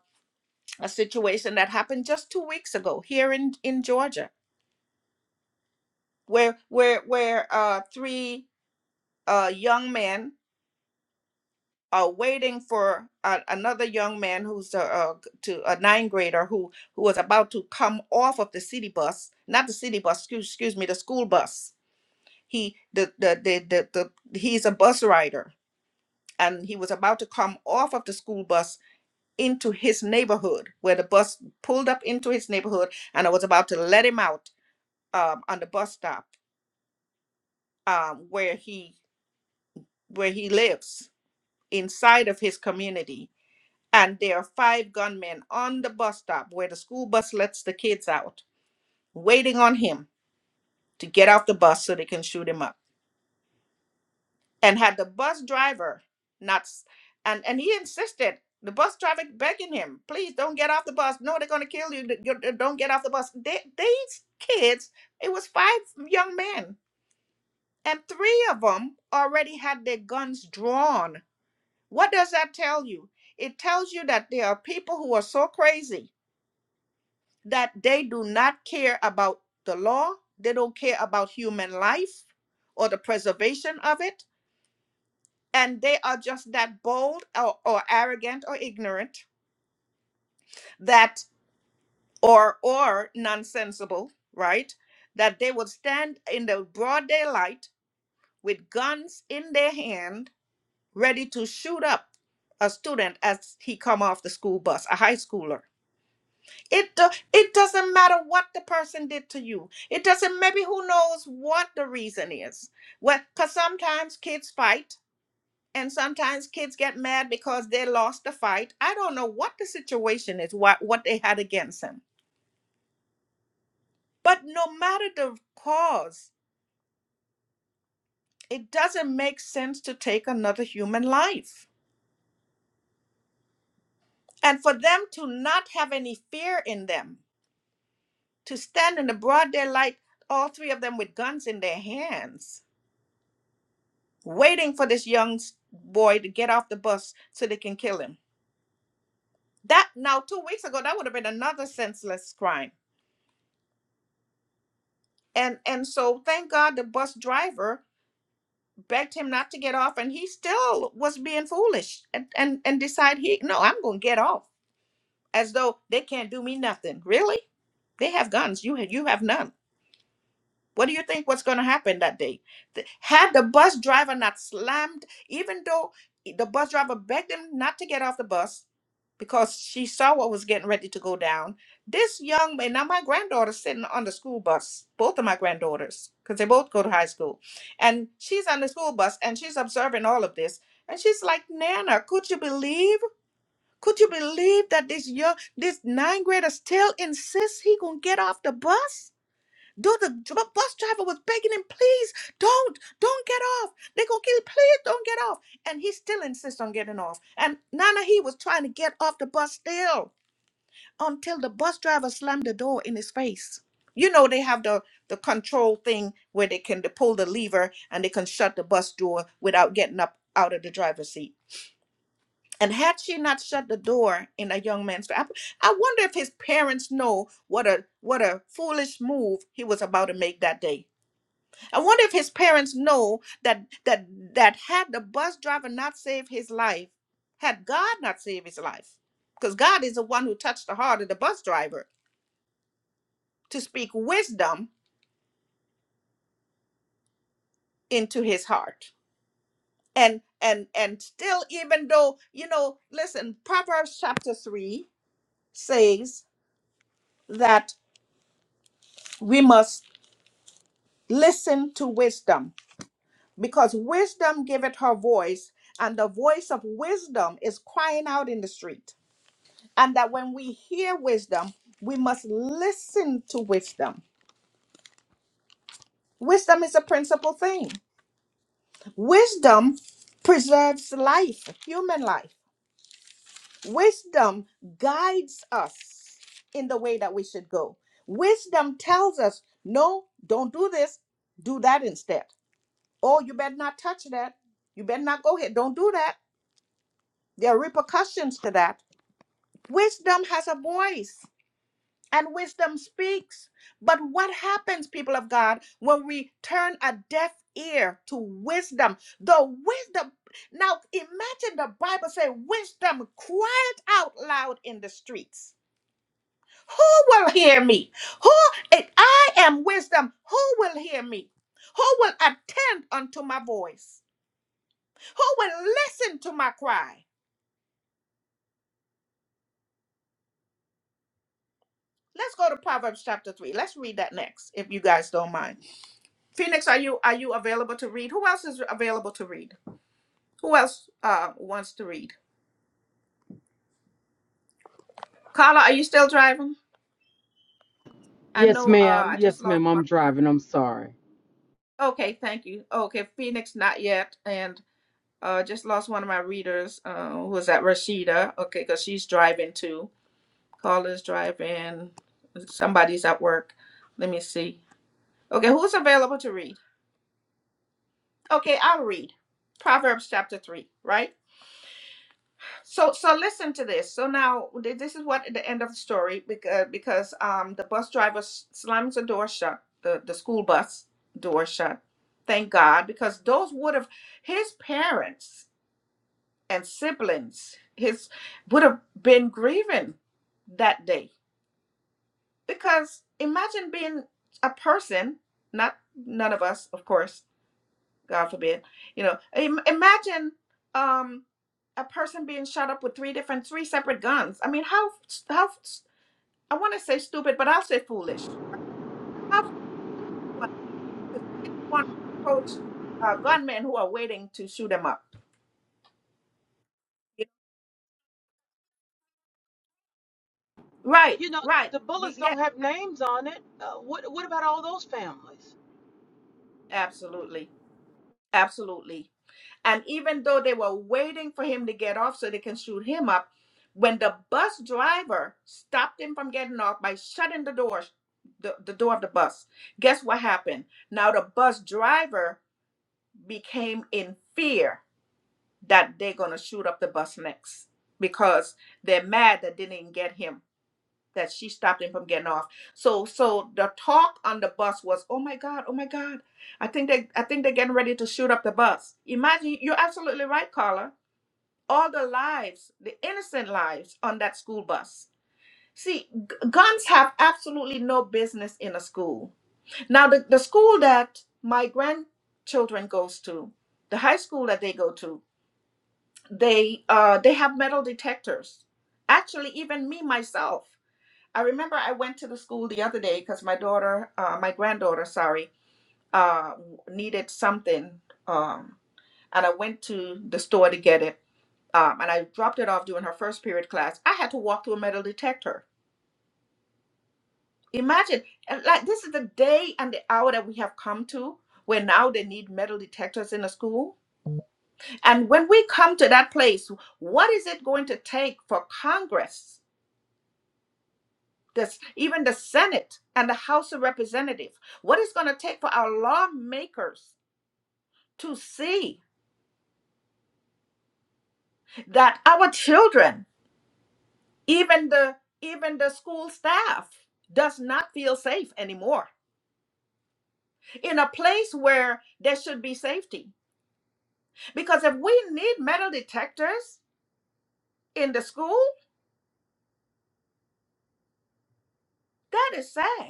Speaker 1: a situation that happened just two weeks ago here in, in Georgia, where where where uh, three uh, young men are waiting for uh, another young man who's a, uh to a nine grader who who was about to come off of the city bus, not the city bus, excuse, excuse me, the school bus. He the the, the the the he's a bus rider and he was about to come off of the school bus into his neighborhood where the bus pulled up into his neighborhood and I was about to let him out um, on the bus stop um, where he where he lives inside of his community and there are five gunmen on the bus stop where the school bus lets the kids out waiting on him to get off the bus so they can shoot him up and had the bus driver not s- and and he insisted the bus driver begging him please don't get off the bus no they're going to kill you D- you- don't get off the bus they, these kids it was five young men and three of them already had their guns drawn what does that tell you it tells you that there are people who are so crazy that they do not care about the law they don't care about human life or the preservation of it and they are just that bold or, or arrogant or ignorant that or or nonsensical right that they would stand in the broad daylight with guns in their hand ready to shoot up a student as he come off the school bus a high schooler it do- it doesn't matter what the person did to you it doesn't maybe who knows what the reason is well because sometimes kids fight and sometimes kids get mad because they lost the fight. I don't know what the situation is, what what they had against him. But no matter the cause, it doesn't make sense to take another human life. And for them to not have any fear in them, to stand in the broad daylight, all three of them with guns in their hands, waiting for this young s- boy to get off the bus so they can kill him. That now two weeks ago, that would have been another senseless crime and and so thank god the bus driver begged him not to get off and he still was being foolish and and, and decide he no i'm gonna get off as though they can't do me nothing really they have guns you ha- you have none what do you think was going to happen that day? Th- Had the bus driver not slammed, even though the bus driver begged him not to get off the bus because she saw what was getting ready to go down, this young man, now my granddaughter's sitting on the school bus, both of my granddaughters, because they both go to high school. And she's on the school bus and she's observing all of this. And she's like, Nana, could you believe? Could you believe that this young, this nine grader still insists he gonna get off the bus? Dude, the dr- bus driver was begging him, please don't, don't get off. They're gonna kill you, please don't get off. And he still insists on getting off. And Nana he was trying to get off the bus still until the bus driver slammed the door in his face. You know they have the the control thing where they can pull the lever and they can shut the bus door without getting up out of the driver's seat. And had she not shut the door in a young man's face, I I wonder if his parents know what a what a foolish move he was about to make that day I wonder if his parents know that that that had the bus driver not saved his life, had God not saved his life, because God is the one who touched the heart of the bus driver to speak wisdom into his heart. And and and still, even though you know, listen, Proverbs chapter three says that we must listen to wisdom because wisdom giveth her voice, and the voice of wisdom is crying out in the street. and that when we hear wisdom, we must listen to wisdom. Wisdom is a principal thing. Wisdom preserves life, human life. Wisdom guides us in the way that we should go. Wisdom tells us, no, don't do this, do that instead. Oh, you better not touch that. You better not go here. Don't do that. There are repercussions to that. Wisdom has a voice. and wisdom speaks. But what happens, people of God, when we turn a deaf ear to wisdom? The wisdom. Now, imagine the Bible say, "Wisdom, cry out loud in the streets. Who will hear me? Who? If I am wisdom, who will hear me? Who will attend unto my voice? Who will listen to my cry?" Let's go to Proverbs chapter 3. Let's read that next, if you guys don't mind. Phoenix, are you are you available to read? Who else is available to read? Who else uh wants to read? Carla, are you still driving? I
Speaker 9: Yes,
Speaker 1: know uh
Speaker 9: ma'am.
Speaker 1: I just
Speaker 9: Yes,
Speaker 1: lost
Speaker 9: ma'am.
Speaker 1: one.
Speaker 9: I'm driving.
Speaker 1: Okay, thank you. Okay, Phoenix not yet and uh just lost one of my readers. Uh who was that Rashida? Okay, cuz she's driving too. Carla's driving. Somebody's at work. Let me see. Okay, who's available to read? Okay, I'll read. Proverbs chapter 3, right? So so listen to this. So now th- this is what the end of the story because because um the bus driver s- slams the door shut, the the school bus door shut. Thank God because those would have his parents and siblings his would have been grieving that day because imagine being a person not none of us of course God forbid. You know, Im- imagine um, a person being shot up with three different, three separate guns. I mean, how, how, I want to say stupid, but I'll say foolish. How one to still want to approach uh, gunmen who are waiting to shoot them up? You know? Right,
Speaker 9: You know,
Speaker 1: right.
Speaker 9: the
Speaker 1: Be-
Speaker 9: bullets
Speaker 1: Yeah,
Speaker 9: don't have names on it. Uh, what, what about all those families?
Speaker 1: absolutely. Absolutely. And even though they were waiting for him to get off so they can shoot him up, when the bus driver stopped him from getting off by shutting the door, the, the door of the bus, guess what happened? Now the bus driver became in fear that they're going to shoot up the bus next because they're mad that they didn't get him that she stopped him from getting off. So so the talk on the bus was, "Oh my god, oh my god. I think they I think they're getting ready to shoot up the bus." Imagine you're absolutely right, Carla. All the lives, the innocent lives on that school bus. See, g- guns have absolutely no business in a school. Now the, the school that my grandchildren goes to, the high school that they go to, they uh they have metal detectors. Actually, even me myself I remember I went to the school the other day because my daughter, uh, my granddaughter, sorry, uh, needed something, um, and I went to the store to get it, um, and I dropped it off during her first period class. I had to walk through a metal detector. Imagine, and, like this is the day and the hour that we have come to, where now they need metal detectors in the school. And when we come to that place, what is it going to take for Congress? this even the senate and the house of representatives what it's going to take for our lawmakers to see that our children even the even the school staff does not feel safe anymore in a place where there should be safety because if we need metal detectors in the school that is sad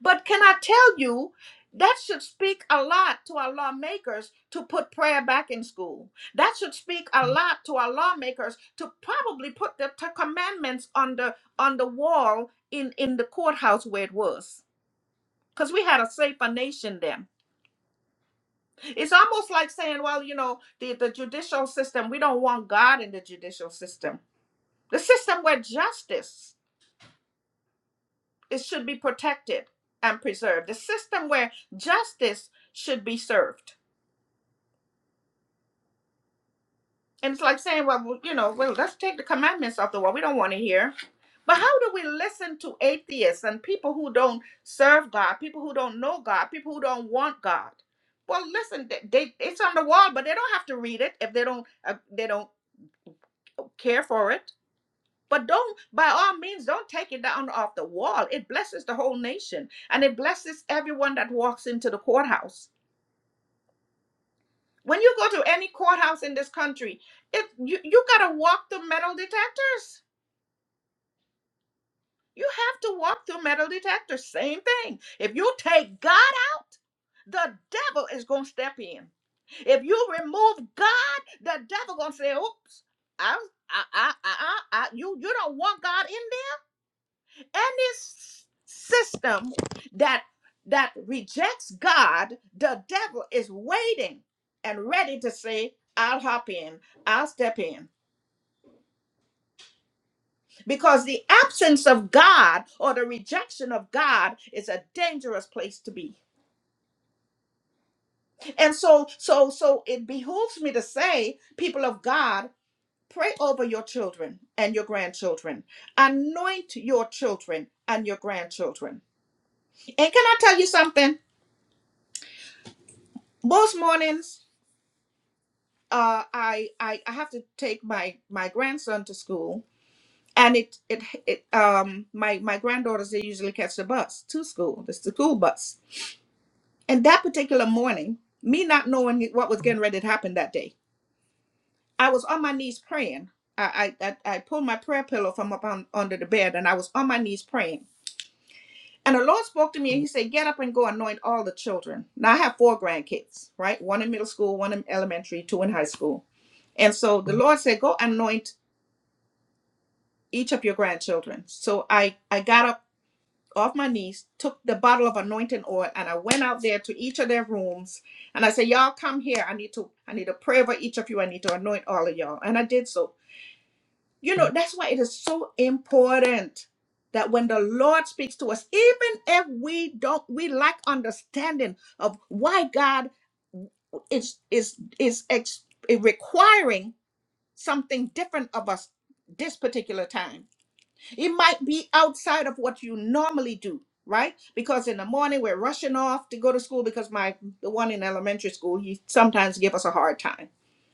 Speaker 1: But can I tell you, that should speak a lot to our lawmakers to put prayer back in school. That should speak a lot to our lawmakers to probably put the Ten commandments on the on the wall in in the courthouse where it was, because we had a safer nation then. It's almost like saying, well, you know, the the judicial system. We don't want God in the judicial system. The system where justice it should be protected and preserved. The system where justice should be served And it's like saying, well, well, you know, well, let's take the commandments off the wall. We don't want to hear. But how do we listen to atheists and people who don't serve God, people who don't know God, people who don't want God? Well, listen, they, they, it's on the wall, but they don't have to read it if they don't uh, they don't care for it. But don't, by all means, don't take it down off the wall. It blesses the whole nation and it blesses everyone that walks into the courthouse. When you go to any courthouse in this country, it you, you gotta walk through metal detectors You have to walk through metal detector. Same thing. If you take God out, the devil is going to step in. If you remove God, the devil going to say, oops, I, I, I, I, I, you, you don't want God in there. And this system that that rejects God, the devil is waiting and ready to say, I'll hop in, I'll step in. because the absence of God or the rejection of God is a dangerous place to be. And so so so it behooves me to say people of God pray over your children and your grandchildren. Anoint your children and your grandchildren. And can I tell you something? Most mornings uh I I, I have to take my my grandson to school and it, it it um my my granddaughters they usually catch the bus to school. It's the school bus And that particular morning, me not knowing what was getting ready to happen that day, I was on my knees praying. I I, I, I pulled my prayer pillow from up on, under the bed and I was on my knees praying. And the Lord spoke to me and He said, Get up and go anoint all the children. Now I have four grandkids, right? One in middle school, one in elementary, two in high school. And so the Lord said, Go anoint each of your grandchildren. So I, I got up off my knees, took the bottle of anointing oil, and I went out there to each of their rooms. And I said, Y'all come here. I need to, I need to pray over each of you. I need to anoint all of y'all. And I did so. You know, that's why it is so important that when the Lord speaks to us, even if we don't, we lack understanding of why God is is is ex- requiring something different of us this particular time it might be outside of what you normally do, right? Because in the morning we're rushing off to go to school because my the one in elementary school, he sometimes give us a hard time.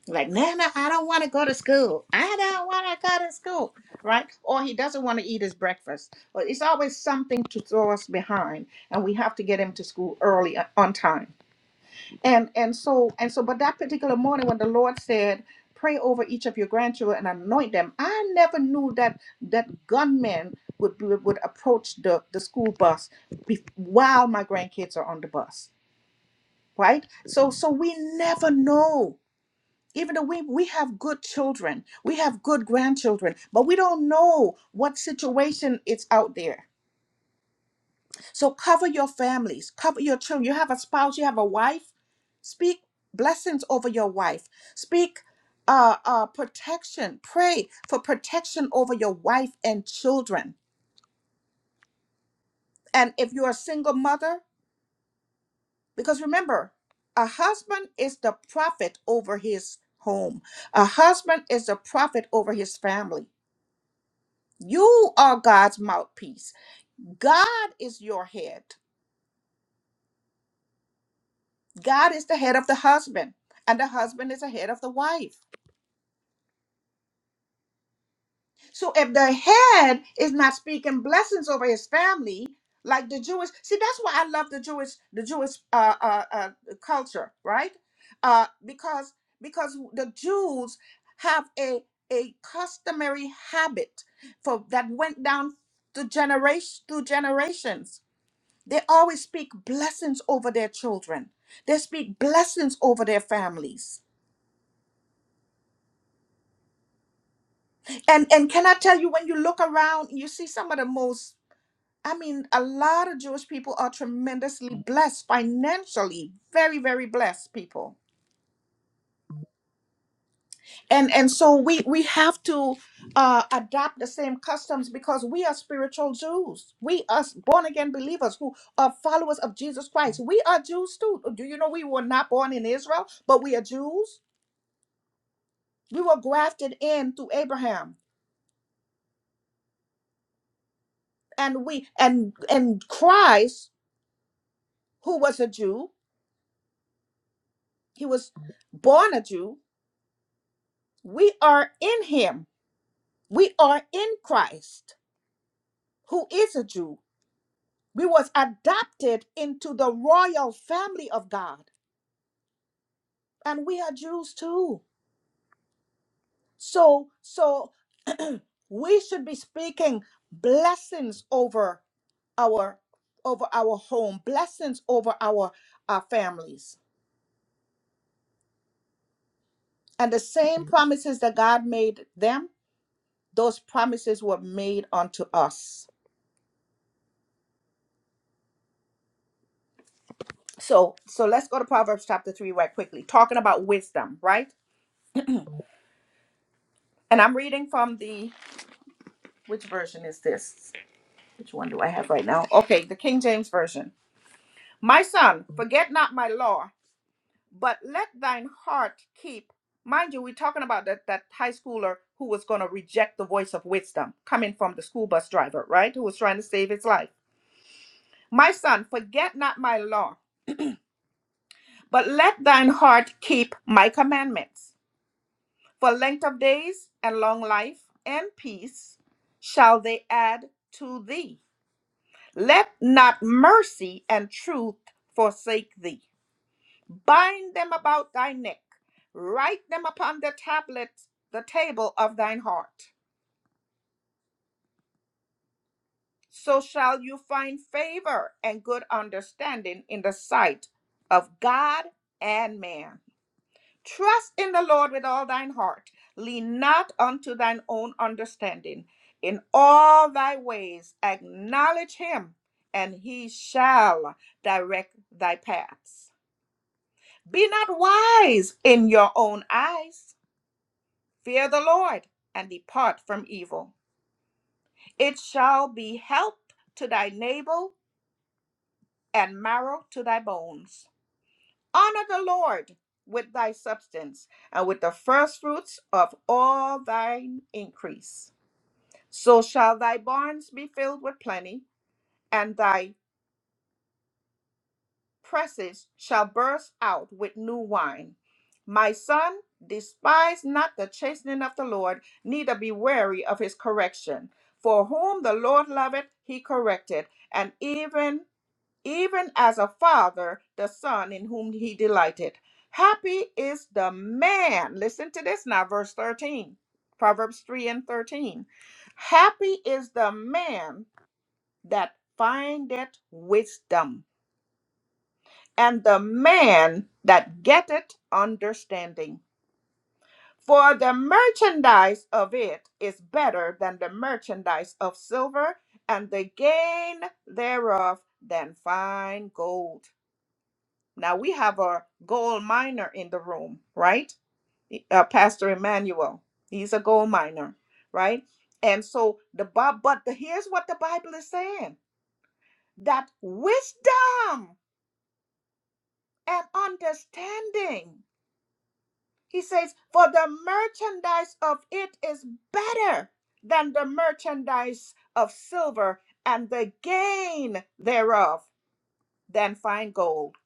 Speaker 1: Like, Nana, I don't want to go to school. I don't want to go to school, right? Or he doesn't want to eat his breakfast. Or it's always something to throw us behind, and we have to get him to school early uh, on time. And and so and so, but that particular morning when the Lord said, "Pray over each of your grandchildren and anoint them," I never knew that that gunmen would be, would approach the the school bus be, while my grandkids are on the bus, right? So so we never know. Even though we we have good children, we have good grandchildren, but we don't know what situation it's out there so cover your families, cover your children. You have a spouse, you have a wife. Speak blessings over your wife. Speak uh, uh, protection. Pray for protection over your wife and children. And if you're a single mother, because remember, a husband is the prophet over his home, a husband is the prophet over his family. You are God's mouthpiece. God is your head. God is the head of the husband, and the husband is the head of the wife. So if the head is not speaking blessings over his family, like the Jewish, see that's why I love the Jewish, the Jewish uh, uh, uh, culture, right? Uh, because because the Jews have a a customary habit for that went down to generation through generations. They always speak blessings over their children. They speak blessings over their families. And and can I tell you when you look around, you see some of the most I mean, a lot of Jewish people are tremendously blessed financially, very, very blessed people, and and so we we have to uh, adopt the same customs because we are spiritual Jews. We are born again believers who are followers of Jesus Christ. We are Jews too. Do you know we were not born in Israel, but we are Jews. We were grafted in through Abraham, and we and and Christ, who was a Jew, he was born a Jew. We are in Him. We are in Christ, who is a Jew. We was adopted into the royal family of God, and we are Jews too. So, so we should be speaking blessings over our over our home, blessings over our our families. And the same Mhm. promises that God made them, those promises were made unto us. So, so let's go to Proverbs chapter 3 right quickly, talking about wisdom, right? And I'm reading from the, which version is this? Which one do I have right now? Okay, the King James Version. My son, forget not my law, but let thine heart keep. Mind you, we're talking about that, that high schooler who was going to reject the voice of wisdom coming from the school bus driver, right? Who was trying to save his life. My son, forget not my law, but let thine heart keep my commandments. For length of days and long life and peace shall they add to thee. Let not mercy and truth forsake thee. Bind them about thy neck, write them upon the tablet, the table of thine heart. So shall you find favor and good understanding in the sight of God and man. Trust in the Lord with all thine heart. Lean not unto thine own understanding. In all thy ways acknowledge him, and he shall direct thy paths. Be not wise in your own eyes. Fear the Lord and depart from evil. It shall be health to thy navel and marrow to thy bones. Honor the Lord with thy substance and with the firstfruits of all thine increase. So shall thy barns be filled with plenty, and thy presses shall burst out with new wine. My son, despise not the chastening of the Lord, neither be weary of his correction. For whom the Lord loveth, he corrected, and even even as a father, the son in whom he delighted. Happy is the man. Listen to this now, verse 13. Proverbs 3 and 13. Happy is the man that findeth wisdom and the man that getteth understanding. For the merchandise of it is better than the merchandise of silver, and the gain thereof than fine gold. Now we have a gold miner in the room, right? E, Uh, Pastor Emmanuel, he's a gold miner, right? And so the Bob, but the, here's what the Bible is saying: that wisdom and understanding He says, For the merchandise of it is better than the merchandise of silver, and the gain thereof than fine gold.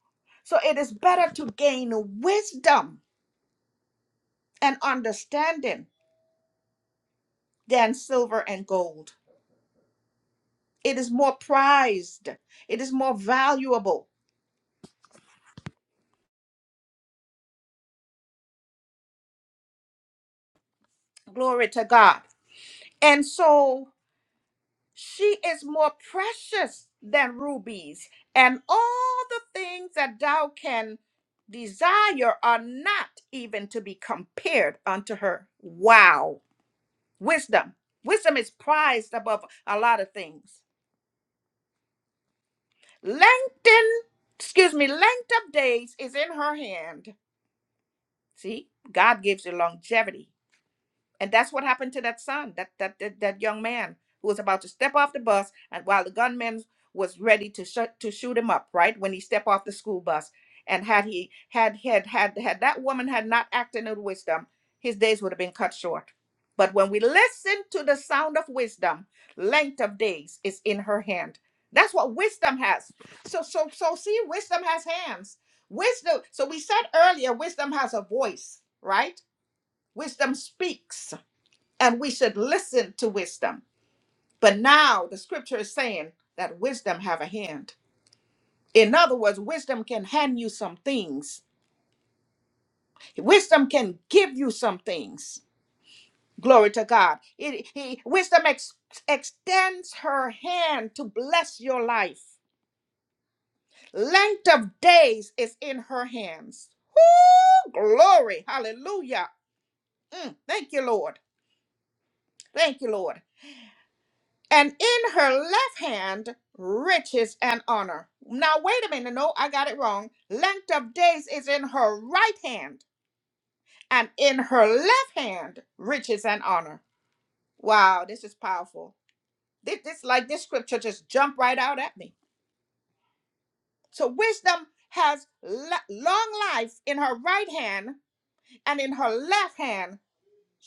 Speaker 1: So it is better to gain wisdom and understanding than silver and gold. It is more prized, it is more valuable. Glory to God. And so She is more precious than rubies, and all the things that thou can desire are not even to be compared unto her. Wow. Wisdom. Wisdom is prized above a lot of things. Lengthen, excuse me, length of days is in her hand. See, God gives you longevity. And that's what happened to that son, that that that, that young man who was about to step off the bus, and while the gunman was ready to shut to shoot him up, right when he stepped off the school bus. And had he had had had had that woman had not acted in wisdom, his days would have been cut short. But when we listen to the sound of wisdom, length of days is in her hand. That's what wisdom has. So so so see, wisdom has hands. Wisdom. So we said earlier, wisdom has a voice, right? Wisdom speaks and we should listen to wisdom. But now the scripture is saying that wisdom have a hand. In other words, wisdom can hand you some things. Wisdom can give you some things. Glory to God. It, he, wisdom ex- extends her hand to bless your life. Length of days is in her hands. Woo! Glory. Hallelujah. Mm, thank you, Lord. Thank you, Lord. and in her left hand riches and honor. Now, wait a minute. No, I got it wrong. Length of days is in her right hand, and in her left hand riches and honor. Wow, this is powerful. This, this like this scripture just jumped right out at me. So wisdom has l- long life in her right hand, and in her left hand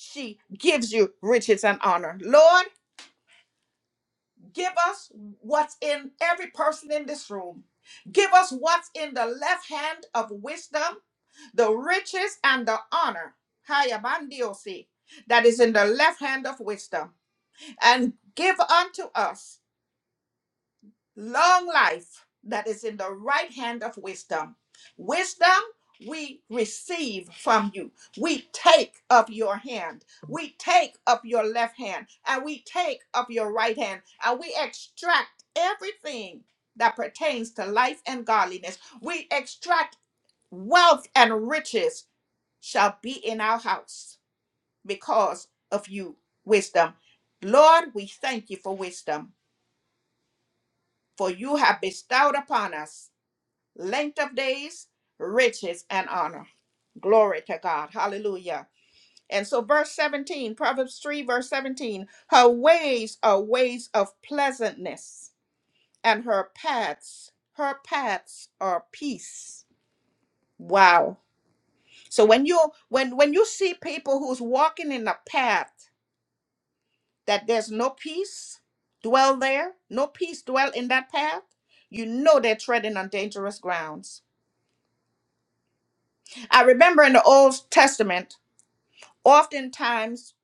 Speaker 1: she gives you riches and honor. Lord. Give us what's in every person in this room. Give us what's in the left hand of wisdom, the riches and the honor. Haya bandiosi, That is in the left hand of wisdom. And give unto us long life that is in the right hand of wisdom. Wisdom we receive from you. We take of your hand. We take of your left hand. And we take of your right hand. And we extract everything that pertains to life and godliness. We extract wealth and riches shall be in our house because of you, wisdom. Lord, we thank you for wisdom, for you have bestowed upon us length of days, riches, and honor. Glory to God. Hallelujah. And so, verse 17, Proverbs 3, verse 17, her ways are ways of pleasantness, and her paths, her paths are peace. Wow. So when you when when you see people who's walking in a path that there's no peace, dwell there, no peace dwell in that path, you know they're treading on dangerous grounds. I remember in the Old Testament oftentimes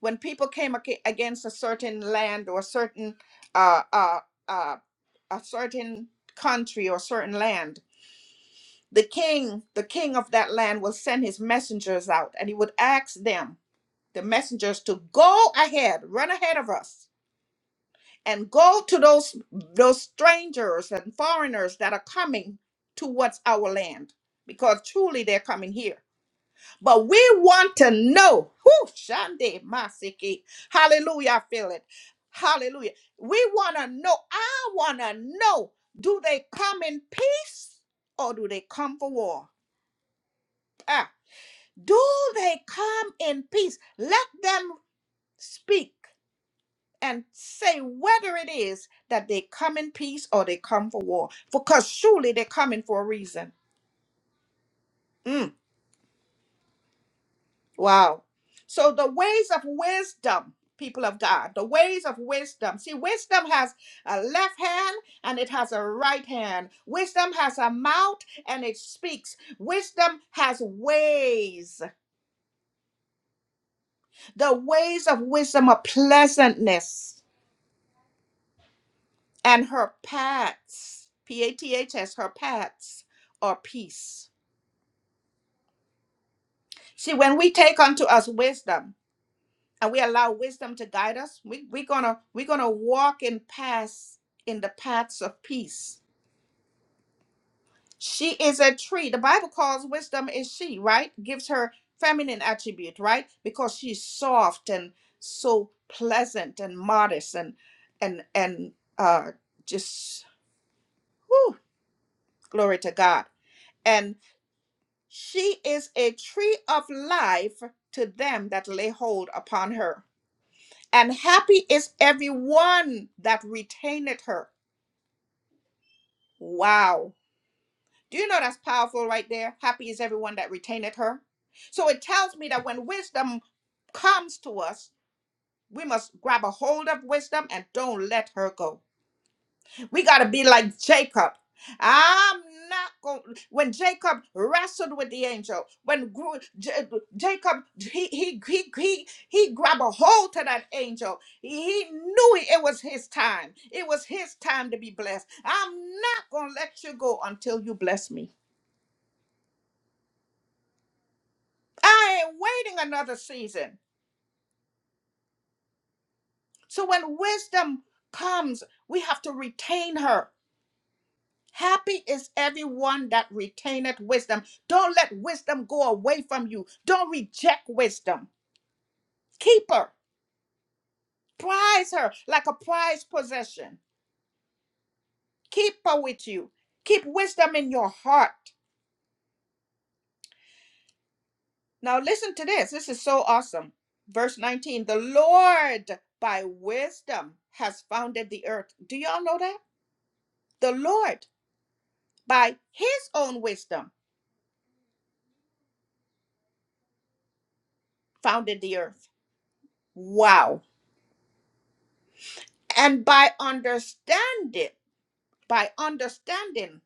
Speaker 1: when people came ag- against a certain land or a certain uh, uh, uh, a certain country or certain land the king the king of that land will send his messengers out and he would ask them the messengers to go ahead run ahead of us and go to those those strangers and foreigners that are coming towards our land because truly they're coming here But we want to know. Whoo, Shande Masiki. Hallelujah. I feel it. Hallelujah. We want to know. I want to know. Do they come in peace or do they come for war? Ah, do they come in peace? Let them speak and say whether it is that they come in peace or they come for war. Because surely they're coming for a reason. Mm. Wow. So the ways of wisdom, people of God, the ways of wisdom. See, wisdom has a left hand and it has a right hand. Wisdom has a mouth and it speaks. Wisdom has ways. The ways of wisdom are pleasantness and her paths, P A T H S, her paths are peace. See, when we take unto us wisdom, and we allow wisdom to guide us we, we're gonna we're gonna walk in paths in the paths of peace she is a tree the bible calls wisdom is she right gives her feminine attribute right because she's soft and so pleasant and modest and and and uh just whew, glory to god and she is a tree of life to them that lay hold upon her and happy is everyone that retaineth her. Wow. Do you know that's powerful right there? Happy is everyone that retaineth her. So it tells me that when wisdom comes to us, we must grab a hold of wisdom and don't let her go. We got to be like Jacob. I'm not going. When Jacob wrestled with the angel, when gru- J- Jacob he he he he he grabbed a hold to that angel. He he knew it was his time. It was his time to be blessed. I'm not gonna let you go until you bless me. I ain't waiting another season. So when wisdom comes, we have to retain her. Happy is everyone that retaineth wisdom. Don't let wisdom go away from you. Don't reject wisdom. Keep her. Prize her like a prized possession. Keep her with you. Keep wisdom in your heart. Now, listen to this. This is so awesome. Verse 19 The Lord by wisdom has founded the earth. Do y'all know that? The Lord by his own wisdom founded the earth. Wow. And by understanding By understanding,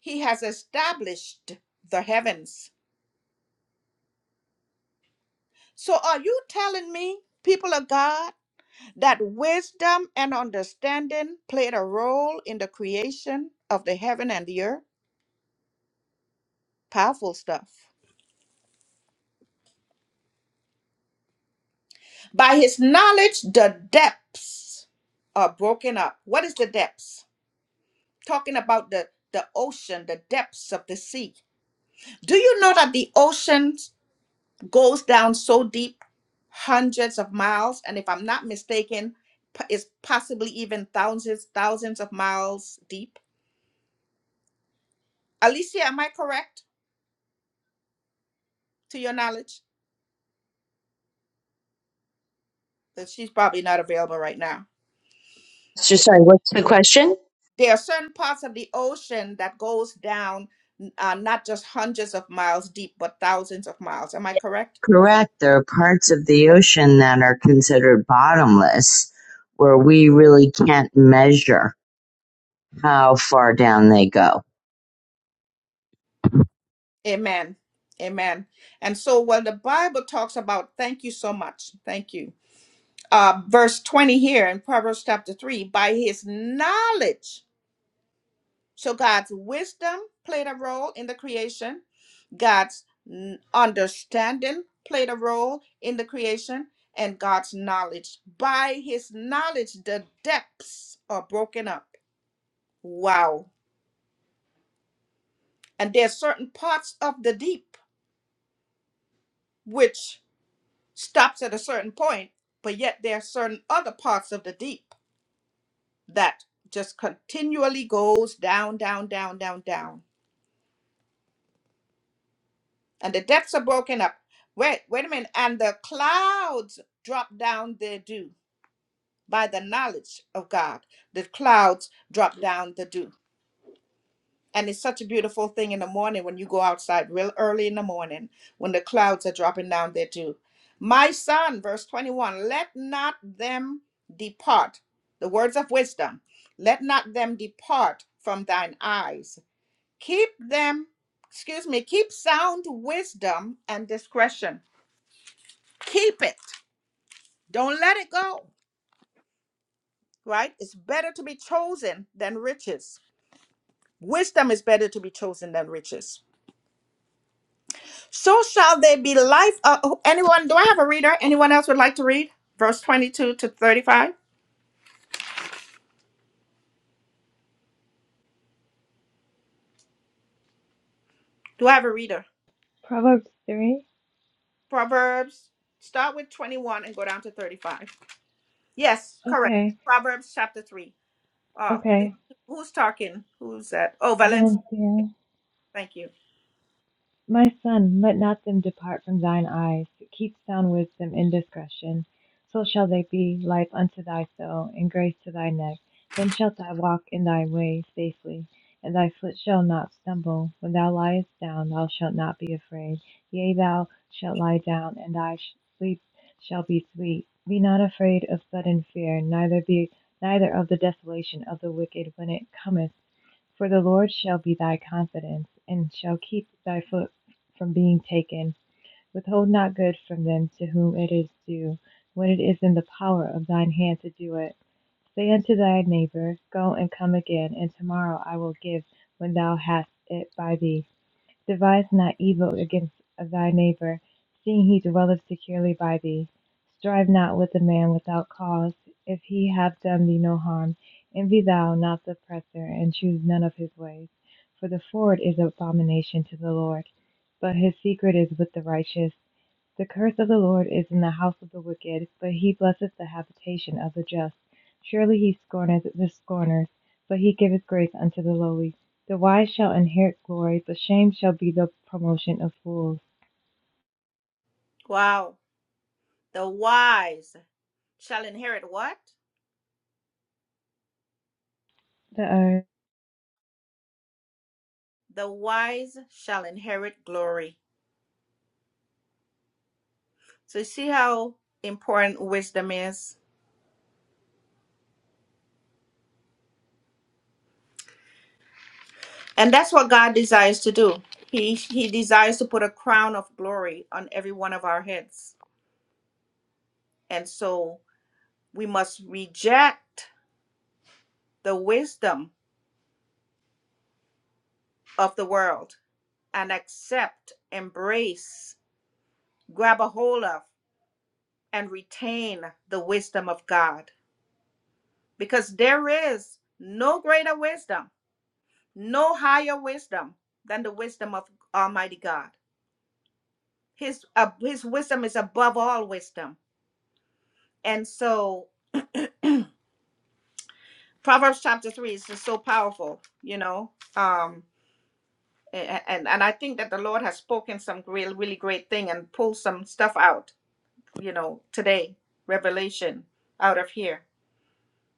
Speaker 1: he has established the heavens. So, are you telling me, people of God, that wisdom and understanding played a role in the creation of the heaven and the earth? Powerful stuff. By his knowledge, the depths are broken up. What is the depths? Talking about the the ocean, the depths of the sea. Do you know that the oceans? goes down so deep, hundreds of miles, and if I'm not mistaken, is possibly even thousands, thousands of miles deep. Alicia, am I correct to your knowledge? That she's probably not available right now.
Speaker 6: So sorry. What's the question?
Speaker 1: There are certain parts of the ocean that goes down uh, not just hundreds of miles deep, but thousands of miles. Am I correct?
Speaker 6: Correct. There are parts of the ocean that are considered bottomless where we really can't measure how far down they go.
Speaker 1: Amen. Amen. And so when the Bible talks about, thank you so much. Thank you. Uh, verse 20 here in Proverbs chapter 3 by his knowledge. So God's wisdom played a role in the creation, God's n- understanding played a role in the creation, and God's knowledge. By his knowledge, the depths are broken up. Wow. And there's certain parts of the deep which stops at a certain point, but yet there are certain other parts of the deep that just continually goes down, down, down, down, down. And the depths are broken up. Wait, wait a minute. And the clouds drop down their dew by the knowledge of God. The clouds drop down the dew. And it's such a beautiful thing in the morning when you go outside real early in the morning when the clouds are dropping down there too. My son, verse 21, let not them depart. The words of wisdom, let not them depart from thine eyes. Keep them, excuse me, keep sound wisdom and discretion. Keep it. Don't let it go, right? It's better to be chosen than riches. Wisdom is better to be chosen than riches So shall they be life. Uh, oh, anyone, do I have a reader? Anyone else would like to read? Verse 22 to 35. Do I have a reader?
Speaker 3: Proverbs 3.
Speaker 1: Proverbs, start with 21 and go down to 35. Yes, correct.
Speaker 3: Okay,
Speaker 1: Proverbs chapter 3. Oh,
Speaker 3: okay.
Speaker 1: who's talking? Who's that? Oh, Valencia.
Speaker 3: Valencia.
Speaker 1: Thank you.
Speaker 3: My son, let not them depart from thine eyes. Keep sound wisdom in discretion. So shall they be life unto thy soul, and grace to thy neck. Then shalt thou walk in thy way safely, and thy foot shall not stumble. When thou liest down, thou shalt not be afraid. Yea, thou shalt lie down, and thy sleep shall be sweet. Be not afraid of sudden fear, neither be neither of the desolation of the wicked when it cometh for the Lord shall be thy confidence, and shall keep thy foot from being taken. Withhold not good from them to whom it is due, when it is in the power of thine hand to do it. Say unto thy neighbor, Go and come again, and tomorrow I will give when thou hast it by thee. Devise not evil against thy neighbor, seeing he dwelleth securely by thee. Strive not with a man without cause, if he have done thee no harm. Envy thou not the oppressor, and choose none of his ways. For the forward is abomination to the Lord, but his secret is with the righteous. The curse of the Lord is in the house of the wicked, but he blesseth the habitation of the just. Surely he scorneth the scorners, but he giveth grace unto the lowly. The wise shall inherit glory, but shame shall be the promotion of fools.
Speaker 1: Wow. The wise shall inherit what?
Speaker 3: The earth.
Speaker 1: The wise shall inherit glory. So you see how important wisdom is? And that's what God desires to do. He he desires to put a crown of glory on every one of our heads. And so we must reject the wisdom of the world and accept, embrace, grab a hold of and retain the wisdom of God because there is no greater wisdom, no higher wisdom than the wisdom of Almighty God. His uh, his wisdom is above all wisdom. And so Proverbs chapter three is just so powerful, you know. Um, a- and and I think that the Lord has spoken some real, really great thing and pulled some stuff out, you know, today, revelation out of here.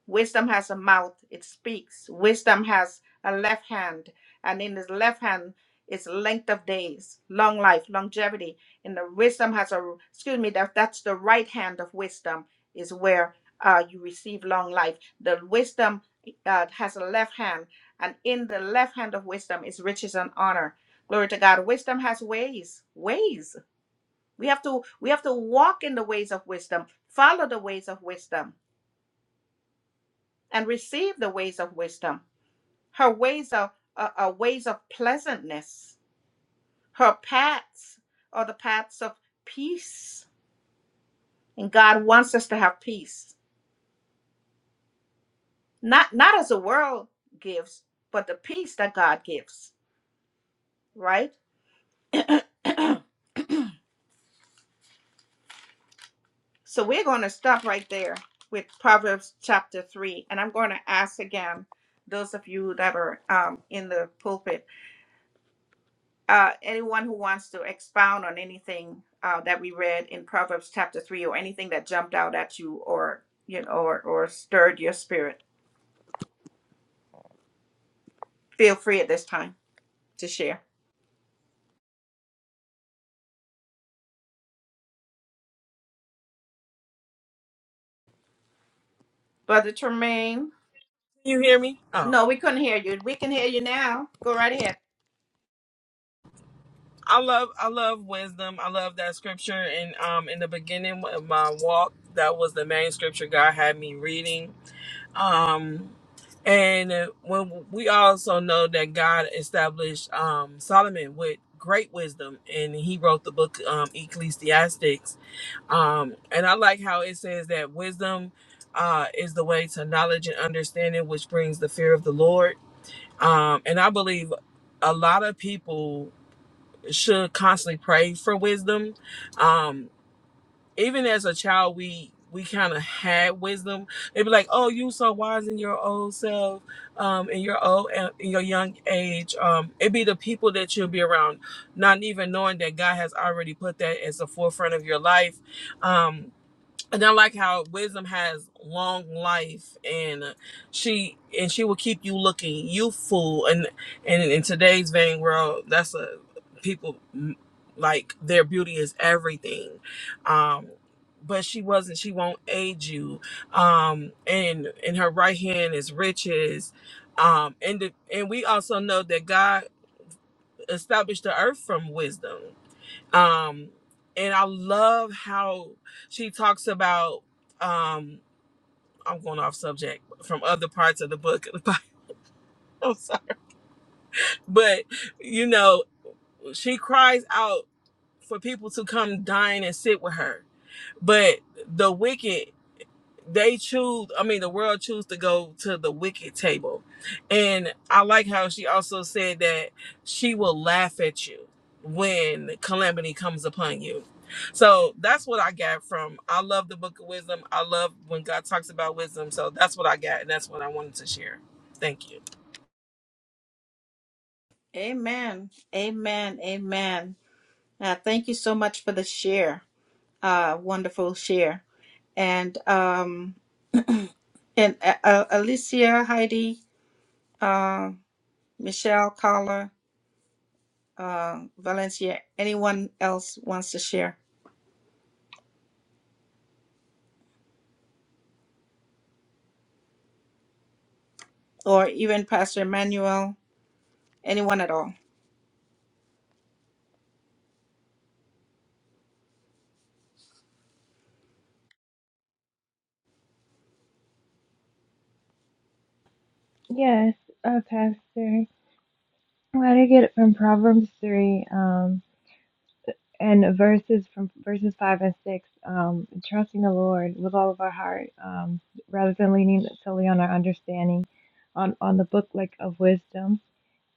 Speaker 1: Wisdom has a mouth, it speaks. Wisdom has a left hand, and in his left hand is length of days, long life, longevity. And the wisdom has a, excuse me, that, that's the right hand of wisdom, is where uh, you receive long life. The wisdom uh, has a left hand, and in the left hand of wisdom is riches and honor. Glory to God. Wisdom has ways, ways. We have to we have to walk in the ways of wisdom, follow the ways of wisdom and receive the ways of wisdom, her ways of uh, uh, ways of pleasantness, her paths are the paths of peace. And God wants us to have peace, not not as the world gives, but the peace that God gives, right? so we're going to stop right there with Proverbs chapter three, and I'm going to ask again those of you that are um, in the pulpit uh, anyone who wants to expound on anything uh, that we read in Proverbs chapter three, or anything that jumped out at you, or you know, or, or stirred your spirit, feel free at this time to share. Brother Tremaine,
Speaker 2: Can you hear me? Oh,
Speaker 1: no, we couldn't hear you. We can hear you now. Go right ahead.
Speaker 2: I love I love wisdom. I love that scripture. And um, in the beginning of my walk, that was the main scripture God had me reading Um, and uh, when we also know that God established um, Solomon with great wisdom, and he wrote the book um, Ecclesiastics. Um, and I like how it says that wisdom uh, is the way to knowledge and understanding, which brings the fear of the Lord. Um, and I believe a lot of people should constantly pray for wisdom Um, even as a child we we kind of had wisdom they'd be like oh you so wise in your old self um in your old in your young age um it'd be the people that you'll be around not even knowing that god has already put that as the forefront of your life um and I like how wisdom has long life, and she and she will keep you looking youthful. And and in today's vain world, that's a people mm, like their beauty is everything. Um, but she wasn't. She won't age you. Um, and in her right hand is riches. Um, and the, and we also know that God established the earth from wisdom um and i love how she talks about um i'm going off subject from other parts of the book of the Bible, I'm sorry. but you know she cries out for people to come dine and sit with her but the wicked they choose i mean the world choose to go to the wicked table and i like how she also said that she will laugh at you when calamity comes upon you so that's what i got from i love the book of wisdom i love when god talks about wisdom so that's what i got and that's what i wanted to share thank you
Speaker 1: Amen. Amen. Amen. Uh, thank you so much for the share. Uh, wonderful share. And um, and uh, uh, Alicia, Heidi, uh, Michelle, Carla. uh, Valencia, anyone else wants to share, or even Pastor Emmanuel, anyone at all.
Speaker 3: Yes, uh, Pastor. What I get it from Proverbs 3 um, and verses from verses 5 and 6, um, trusting the Lord with all of our heart um, rather than leaning solely on our understanding, on, on the book like of wisdom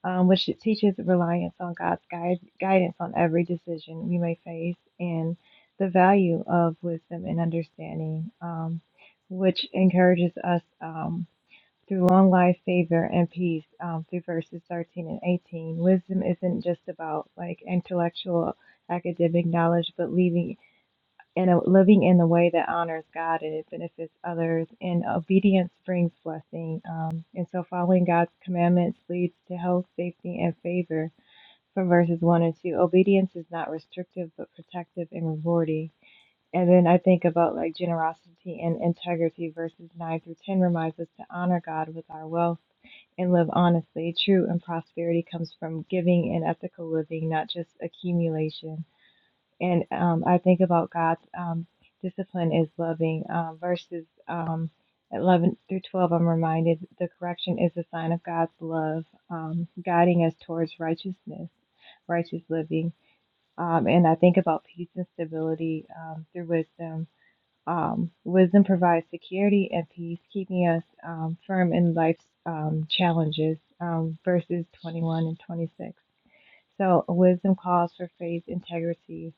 Speaker 3: um, which teaches reliance on God's guide, guidance on every decision we may face and the value of wisdom and understanding, um, which encourages us um, through long life, favor, and peace um, through verses 13 and 18. Wisdom isn't just about like intellectual academic knowledge, but leaving and uh, living in a way that honors God and it benefits others. And obedience brings blessing. Um, and so following God's commandments leads to health, safety, and favor from verses 1 and 2. Obedience is not restrictive, but protective and rewarding. And then I think about like generosity and integrity. Verses 9 through 10 reminds us to honor God with our wealth and live honestly. True and prosperity comes from giving and ethical living, not just accumulation. And um, I think about God's um, discipline is loving. Um, verses um, 11 through 12, I'm reminded the correction is a sign of God's love, um, guiding us towards righteousness, righteous living. Um, and I think about peace and stability um, through wisdom. Um, wisdom provides security and peace, keeping us um, firm in life's um, challenges. Um, verses 21 and 26. So wisdom calls for faith, integrity,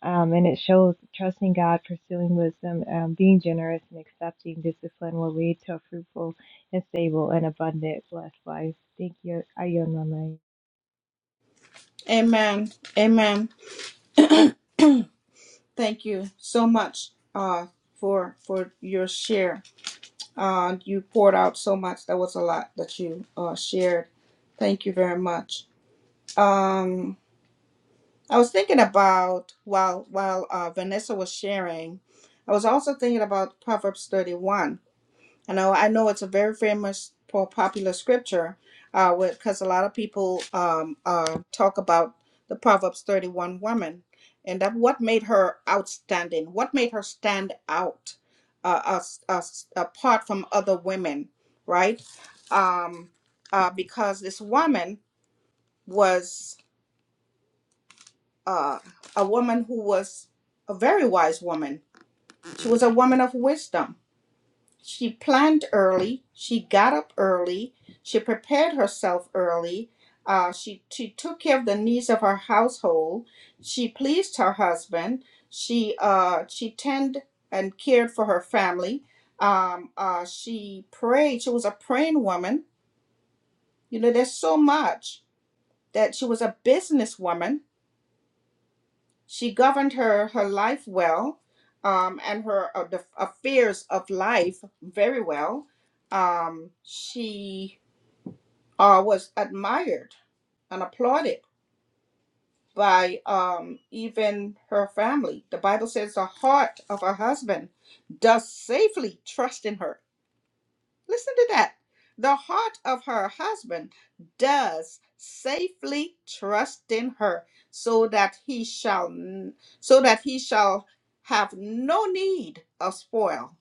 Speaker 3: um, and it shows trusting God, pursuing wisdom, um, being generous, and accepting discipline will lead to a fruitful and stable and abundant blessed life. Thank you. I yield my mic.
Speaker 1: Amen. Amen. Thank you so much uh, for for your share. Uh, you poured out so much. That was a lot that you uh, shared. Thank you very much. Um, I was thinking about while while uh, Vanessa was sharing, I was also thinking about Proverbs thirty one I know I know it's a very famous po- popular scripture uh because a lot of people um uh talk about the Proverbs 31 woman and that what made her outstanding what made her stand out uh us, us apart from other women right um uh because this woman was uh a woman who was a very wise woman she was a woman of wisdom She planned early. She got up early. She prepared herself early. Uh, she, she took care of the needs of her household. She pleased her husband. She uh, she tended and cared for her family. Um, uh, she prayed. She was a praying woman. You know, there's so much that she was a businesswoman she governed her her life well um, and her uh, the affairs of life very well um, she uh, was admired and applauded by um, even her family the bible says the heart of her husband does safely trust in her Listen to that. The heart of her husband does safely trust in her, so that he shall n- so that he shall have no need of spoil.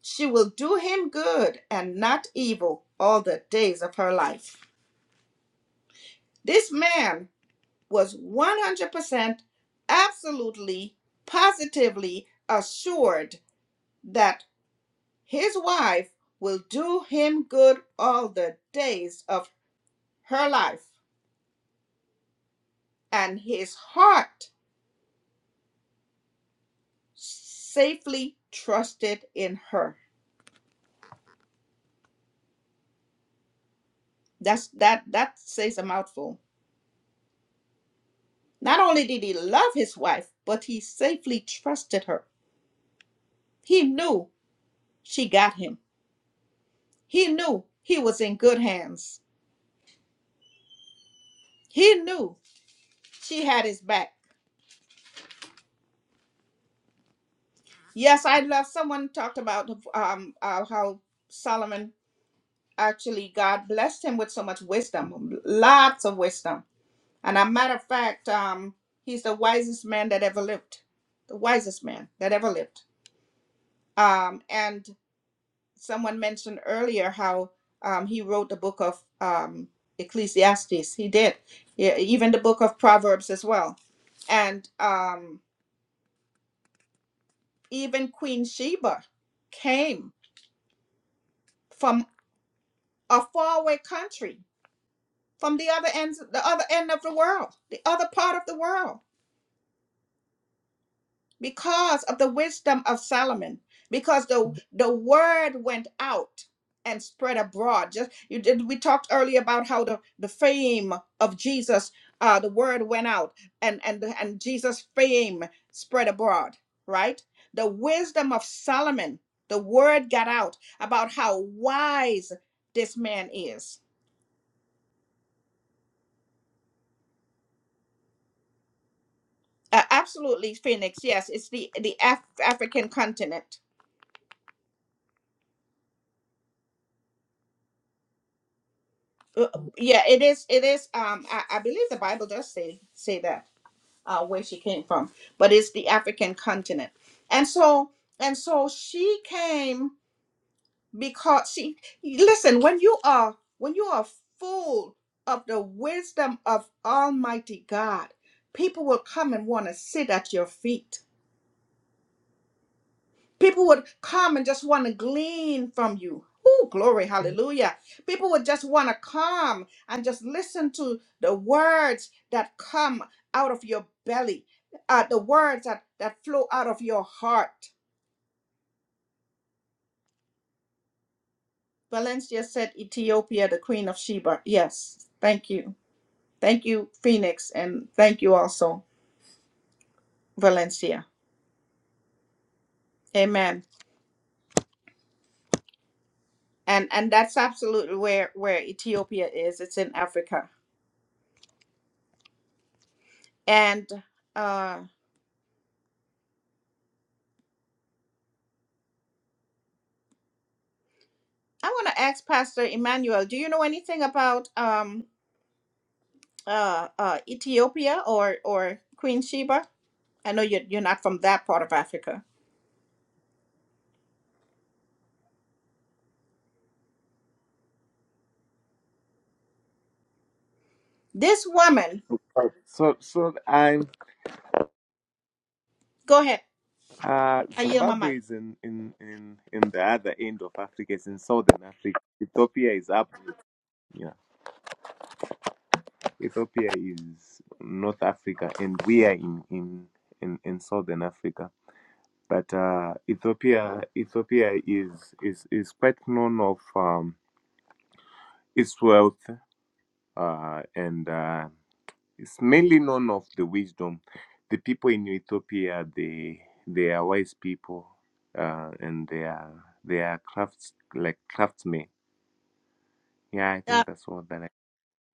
Speaker 1: She will do him good and not evil all the days of her life. This man was 100% absolutely positively assured that his wife will do him good all the days of her life, and his heart safely trusted in her. That's that that says a mouthful. Not only did he love his wife, but he safely trusted her. He knew she got him. He knew he was in good hands. He knew she had his back. Yes, I love someone talked about um uh, how Solomon actually God blessed him with so much wisdom, lots of wisdom And a matter of fact, um, he's the wisest man that ever lived, the wisest man that ever lived. Um, and someone mentioned earlier how um, he wrote the book of um, Ecclesiastes. He did, yeah, even the book of Proverbs as well. And um, even Queen Sheba came from a faraway country, from the other end, the other end of the world, the other part of the world because of the wisdom of Solomon, because the the word went out and spread abroad. Just you did we talked earlier about how the, the fame of Jesus, uh, the word went out and and and Jesus' fame spread abroad, right? The wisdom of Solomon, the word got out about how wise this man is. Uh, absolutely, Phoenix. Yes, it's the the Af- African continent. Uh, yeah it is it is um I, I believe the bible does say say that uh where she came from but it's the african continent and so and so she came because she listen when you are when you are full of the wisdom of almighty god people will come and want to sit at your feet People would come and just want to glean from you. Oh, glory, hallelujah. People would just want to come and just listen to the words that come out of your belly, uh, the words that, that flow out of your heart. Valencia said, Ethiopia, the queen of Sheba. Yes, thank you. Thank you, Phoenix, and thank you also, Valencia. Amen. And and that's absolutely where where Ethiopia is. It's in Africa. And uh. I want to ask Pastor Emmanuel, do you know anything about um uh uh Ethiopia or or Queen Sheba? I know you're you're not from that part of Africa. This woman,
Speaker 7: Oh, So so I'm
Speaker 1: go ahead.
Speaker 7: Uh,
Speaker 1: I yield my
Speaker 7: Zimbabwe
Speaker 1: mic.
Speaker 7: is in, in, in, in the other end of Africa. It's in southern Africa. Ethiopia is up. Yeah, Ethiopia is North Africa, and we are in in, in, in southern Africa. But uh, Ethiopia, Ethiopia is is is quite known of um, its wealth uh, and uh, It's mainly known of the wisdom. The people in Ethiopia, they they are wise people, uh, and they are they are crafts like craftsmen. Yeah, I think that's what that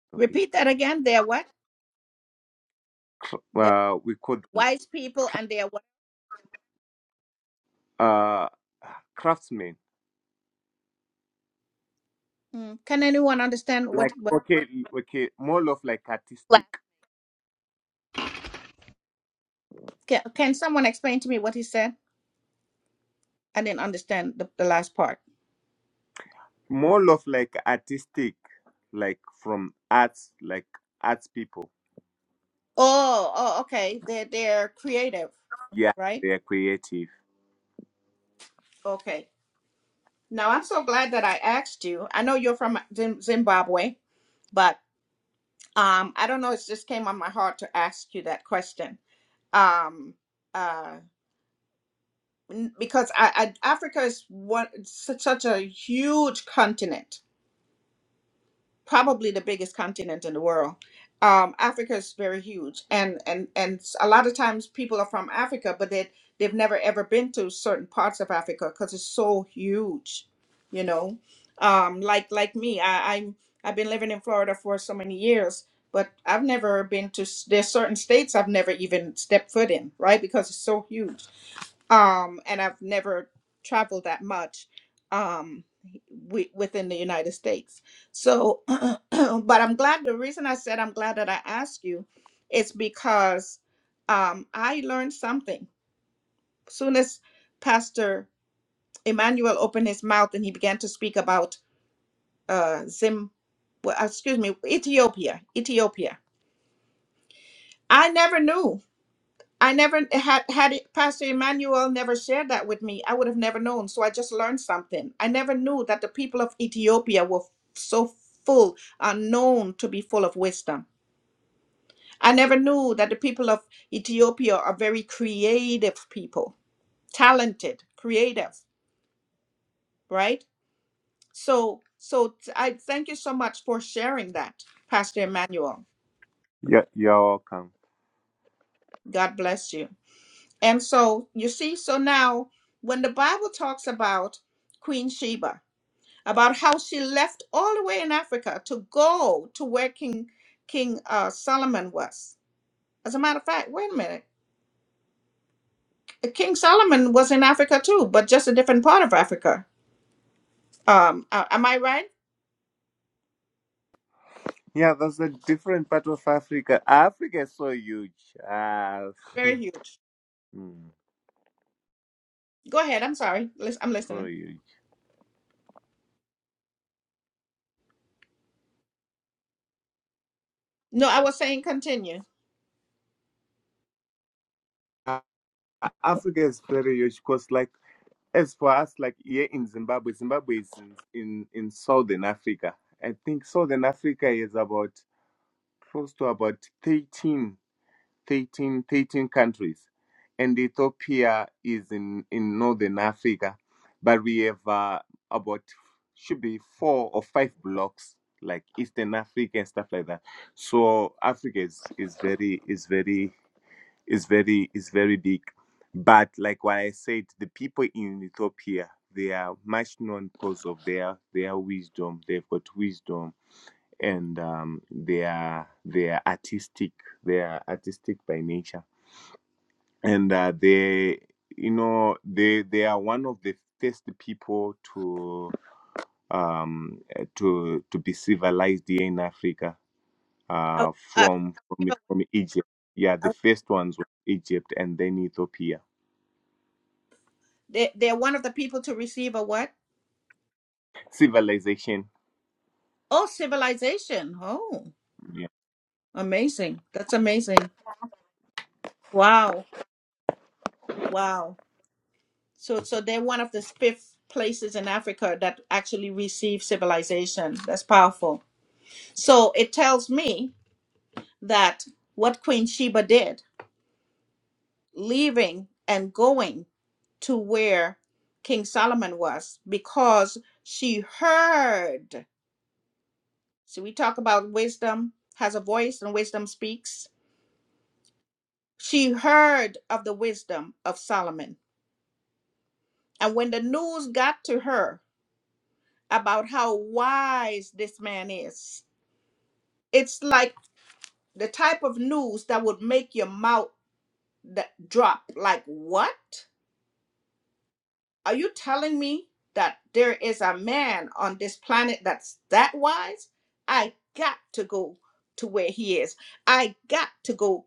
Speaker 7: Ethiopia.
Speaker 1: What?
Speaker 7: Well, we could uh, craftsmen.
Speaker 1: Mm. Can anyone understand
Speaker 7: Like
Speaker 1: what what
Speaker 7: okay, okay, more of like artistic,
Speaker 1: that? I didn't understand the, the last part.
Speaker 7: more of like artistic, like from arts, like arts people.
Speaker 1: Oh, oh, okay. They're they're creative,
Speaker 7: Yeah,
Speaker 1: right?
Speaker 7: they are creative.
Speaker 1: Okay. Now I'm so glad that I asked you. I know you're from Zim- Zimbabwe, but um, I don't know. It just came on my heart to ask you that question um uh n- because I, I africa is one such, such a huge continent probably the biggest continent in the world um africa is very huge and and and s- a lot of times people are from africa but they they've never ever been to certain parts of africa because it's so huge you know um like like me i i'm i've been living in florida for so many years but i've never been to s- there's certain states i've never even stepped foot in right because it's so huge um and i've never traveled that much um wi- within the united states so but i'm glad the reason i said i'm glad that i asked you is because um i learned something soon as pastor emmanuel opened his mouth and he began to speak about uh zim well, excuse me ethiopia ethiopia i never knew I never had had it, Pastor Emmanuel never shared that with me. I would have never known. So I just learned something. I never knew that the people of Ethiopia were so full are known to be full of wisdom. I never knew that the people of Ethiopia are very creative people, talented, creative, right? So so t- I thank you so much for sharing that, Pastor Emmanuel.
Speaker 7: Yeah, you're welcome.
Speaker 1: God bless you. And so you see, so now when the Bible talks about Queen Sheba, about how she left all the way in Africa to go to where King King uh, Solomon was. As a matter of fact, wait a minute, King Solomon was in Africa too, but just a different part of Africa. Um, uh, am I right?
Speaker 7: Yeah, that's a different part of Africa. Africa is so huge. Ah,
Speaker 1: Very huge.
Speaker 7: hmm,
Speaker 1: Go ahead. I'm sorry. Lis- I'm
Speaker 7: so
Speaker 1: listening.
Speaker 7: huge.
Speaker 1: No, I was saying continue.
Speaker 7: Ah, Africa is very huge because, like, as for us, like here in Zimbabwe, Zimbabwe is in, in, in southern Africa. I think southern Africa is about close to about 13. 13, 13 countries, and Ethiopia is in, in northern Africa. But we have uh, about should be four or five blocks like Eastern Africa and stuff like that. So Africa is, is very is very is very is very big. But like what I said, the people in Ethiopia they are much known because of their their wisdom. They've got wisdom and um, they are they are artistic. They are artistic by nature and uh, they you know they they are one of the first people to um eh, to to be civilized here in africa uh
Speaker 1: Uh,
Speaker 7: from from from egypt yeah the first ones were egypt and then ethiopia
Speaker 1: they they're one of the people to receive a what?
Speaker 7: civilization
Speaker 1: Oh, civilization. Oh,
Speaker 7: yeah
Speaker 1: amazing. That's amazing. Wow. Wow. So, so they're one of the fifth places in Africa that actually receive civilization. That's powerful. So it tells me that what Queen Sheba did, leaving and going to where King Solomon was, because she heard. So we talk about wisdom has a voice and wisdom speaks. She heard of the wisdom of Solomon. And when the news got to her about how wise this man is, it's like the type of news that would make your mouth th- drop like what are you telling me that there is a man on this planet that's that wise? I got to go to where he is. I got to go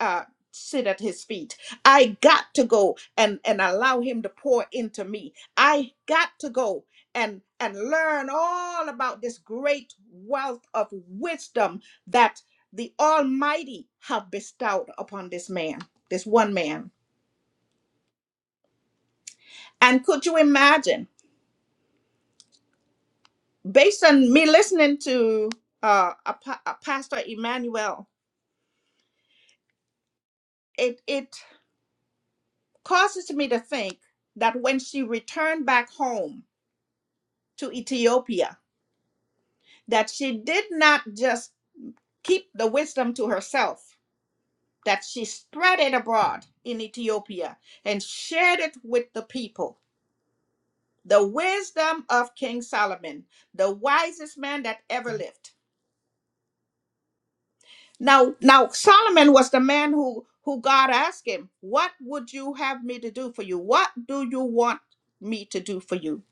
Speaker 1: uh, sit at his feet. I got to go and, and allow him to pour into me. I got to go and and learn all about this great wealth of wisdom that the Almighty have bestowed upon this man, this one man. And could you imagine? based on me listening to uh, a, pa- a pastor Emmanuel, it it causes me to think that when she returned back home to Ethiopia, that she did not just keep the wisdom to herself, that she spread it abroad in Ethiopia and shared it with the people. The wisdom of King Solomon, the wisest man that ever lived Now, now Solomon was the man who who God asked him, "What would you have me to do for you? What do you want me to do for you?"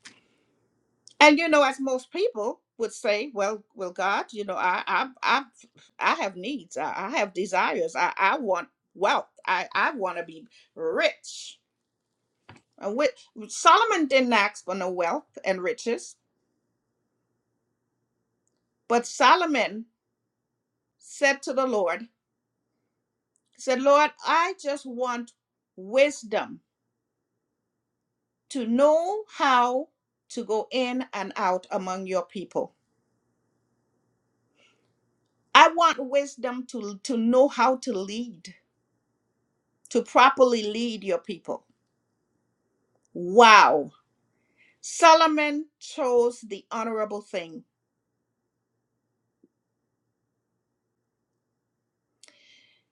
Speaker 1: And you know, as most people would say, "Well, well, God, you know, I I I, I have needs. I, I have desires. I I want wealth. I I want to be rich." And with, Solomon didn't ask for no wealth and riches, but Solomon said to the Lord, he "said Lord, I just want wisdom." to know how to go in and out among your people. I want wisdom to, to know how to lead, to properly lead your people. Wow. Solomon chose the honorable thing.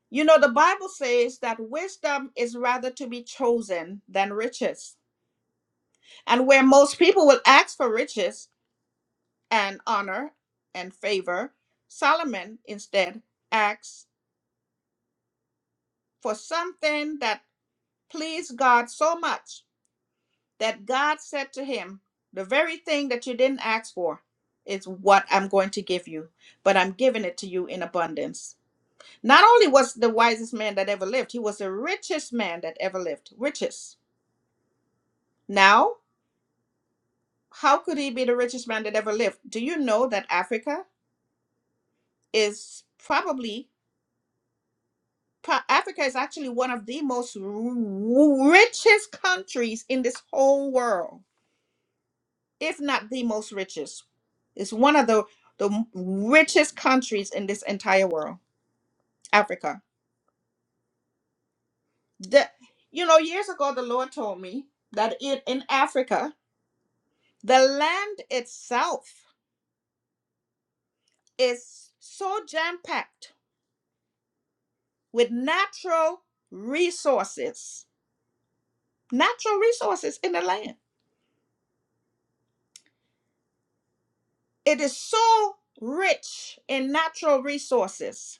Speaker 1: You know, the Bible says that wisdom is rather to be chosen than riches. And where most people will ask for riches and honor and favor, Solomon instead asks for something that pleased God so much that God said to him, The very thing that you didn't ask for is what I'm going to give you, but I'm giving it to you in abundance. Not only was the wisest man that ever lived, he was the richest man that ever lived. Richest. Now, how could he be the richest man that ever lived? Do you know that Africa is probably Africa is actually one of the most richest countries in this whole world. if not the most richest. It's one of the the richest countries in this entire world, Africa. The, you know, years ago, the Lord told me that in, in Africa, the land itself is so jam packed with natural resources, natural resources in the land. It is so rich in natural resources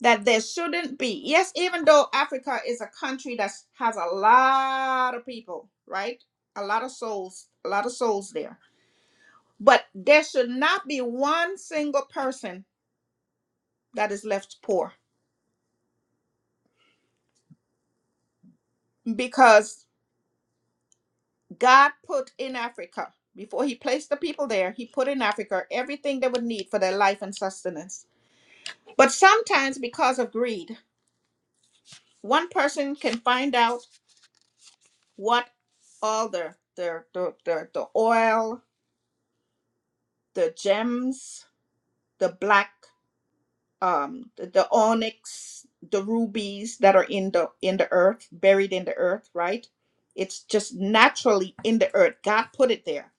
Speaker 1: that there shouldn't be. Yes, even though Africa is a country that has a lot of people, right? A lot of souls, a lot of souls there. But there should not be one single person that is left poor because God put in Africa, before He placed the people there, He put in Africa everything they would need for their life and sustenance. But sometimes, because of greed, one person can find out what all the, the, the, the, the oil, the gems, the black, um, the, the onyx, the rubies that are in the in the earth, buried in the earth, right? It's just naturally in the earth. God put it there.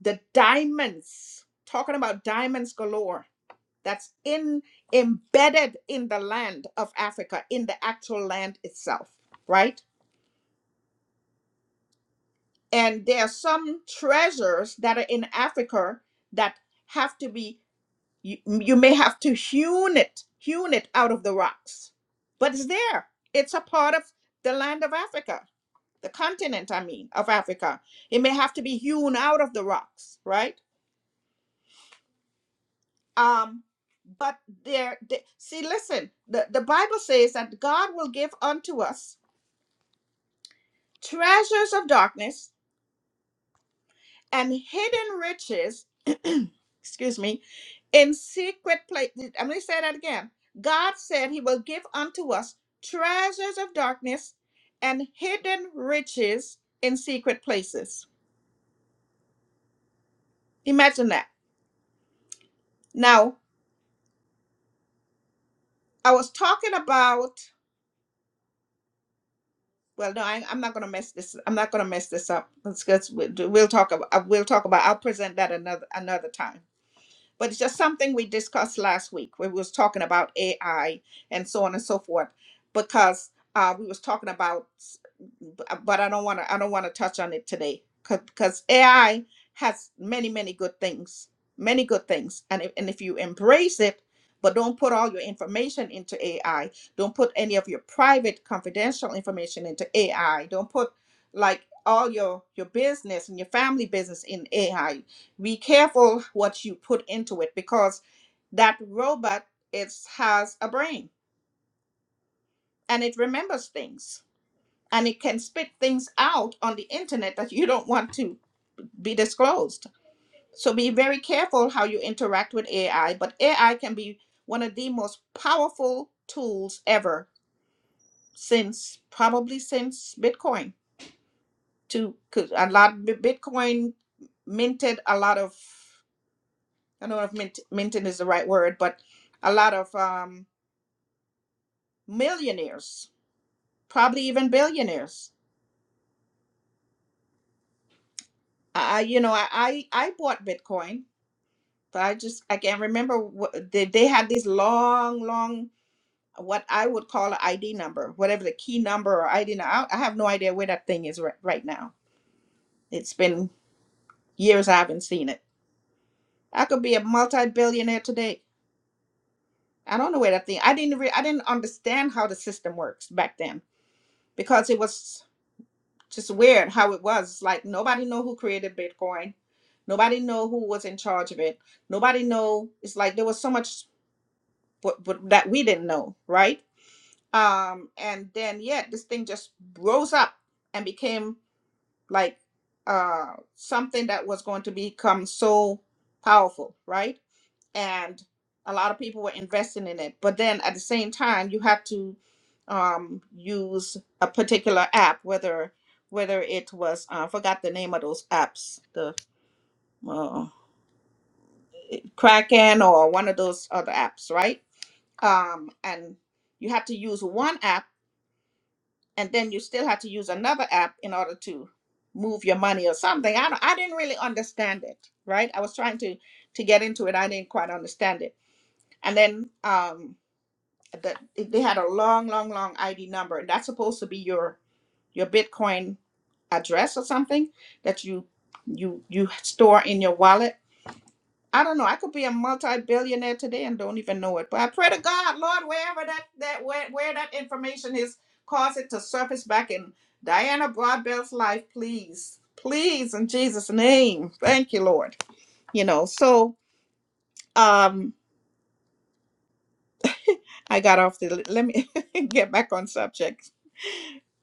Speaker 1: The diamonds, talking about diamonds galore, that's in embedded in the land of Africa, in the actual land itself, right? And there are some treasures that are in Africa that have to be you, you may have to hewn it hewn it out of the rocks but it's there it's a part of the land of africa the continent i mean of africa it may have to be hewn out of the rocks right um but there the- see listen the, the bible says that god will give unto us treasures of darkness and hidden riches excuse me in secret place. I'm going to say that again. God said he will give unto us treasures of darkness and hidden riches in secret places. Imagine that. Now, I was talking about. Well, no, I, I'm not going to mess this. I'm not going to mess this up. Let's, let's we'll, we'll talk about. We'll talk about. I'll present that another another time. but it's just something we discussed last week where we was talking about AI and so on and so forth because uh, we was talking about but I don't want to I don't want to touch on it today because AI has many many good things many good things and if, and if you embrace it but don't put all your information into AI don't put any of your private confidential information into AI don't put like all your your business and your family business in AI be careful what you put into it because that robot is has a brain and it remembers things and it can spit things out on the internet that you don't want to be disclosed. So be very careful how you interact with AI, but AI can be one of the most powerful tools ever since probably since Bitcoin to 'cause a lot Bitcoin minted a lot of I don't know if mint, minting is the right word, but a lot of um, millionaires, probably even billionaires. I, you know, I, I, I bought Bitcoin, but I just, I can't remember what they, they had this long, long, what I would call an ID number, whatever the key number or ID number. I, I have no idea where that thing is right, right now. It's been years I haven't seen it. I could be a multi-billionaire today. I don't know where that thing. I didn't. Re- I didn't understand how the system works back then because it was. just weird how it was like nobody know who created bitcoin nobody know who was in charge of it nobody know it's like there was so much but, but that we didn't know right um and then yeah this thing just rose up and became like uh something that was going to become so powerful right and a lot of people were investing in it but then at the same time you had to um use a particular app whether whether it was uh, I forgot the name of those apps the uh, Kraken or one of those other apps right um and you had to use one app and then you still had to use another app in order to move your money or something. I don't, I didn't really understand it, right? I was trying to to get into it. I didn't quite understand it. And then um, the, they had a long, long, long ID number, and that's supposed to be your your Bitcoin address or something that you you you store in your wallet I don't know. I could be a multi-billionaire today and don't even know it. But I pray to God, Lord, wherever that that where, where that information is, cause it to surface back in Diana Broadbell's life, please, please, in Jesus' name. Thank you, Lord. You know. So, um, I got off the. Let me get back on subject.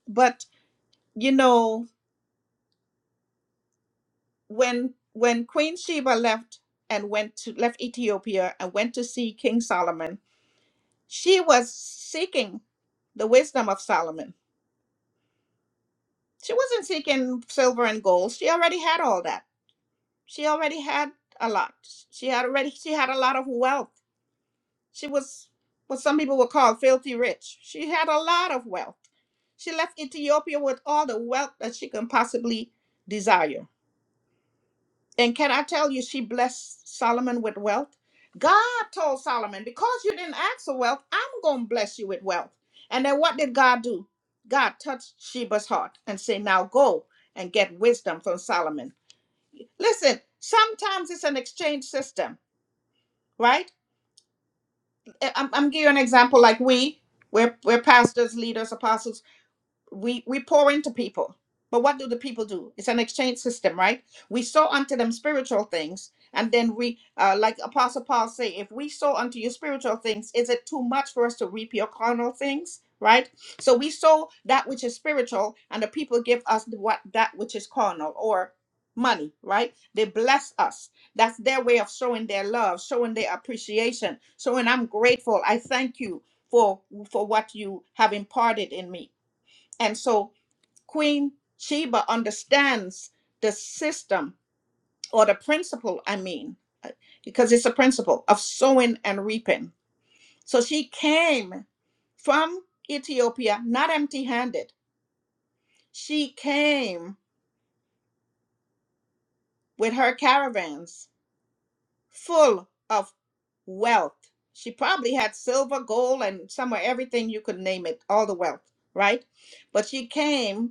Speaker 1: But you know, when when Queen Sheba left and went to left Ethiopia and went to see King Solomon, she was seeking the wisdom of Solomon She wasn't seeking silver and gold. She already had all that. She already had a lot. She had already she had a lot of wealth. She was what some people would call filthy rich. She had a lot of wealth. She left Ethiopia with all the wealth that she can possibly desire. And can I tell you, she blessed Solomon with wealth? God told Solomon, because you didn't ask for wealth, I'm going to bless you with wealth. And then what did God do? God touched Sheba's heart and said, Now go and get wisdom from Solomon. Listen, sometimes it's an exchange system, right? I- I'm, I'm giving you an example like we, we're, we're pastors, leaders, apostles we we pour into people but what do the people do it's an exchange system right we sow unto them spiritual things and then we uh, like apostle paul say if we sow unto you spiritual things is it too much for us to reap your carnal things right so we sow that which is spiritual and the people give us the- what that which is carnal or money right they bless us that's their way of showing their love showing their appreciation showing i'm grateful i thank you for for what you have imparted in me and so Queen Sheba understands the system or the principle, I mean, uh, because it's a principle of sowing and reaping. So she came from Ethiopia not empty handed. She came with her caravans full of wealth. She probably had silver, gold, and somewhere everything you could name it, all the wealth, right? But she came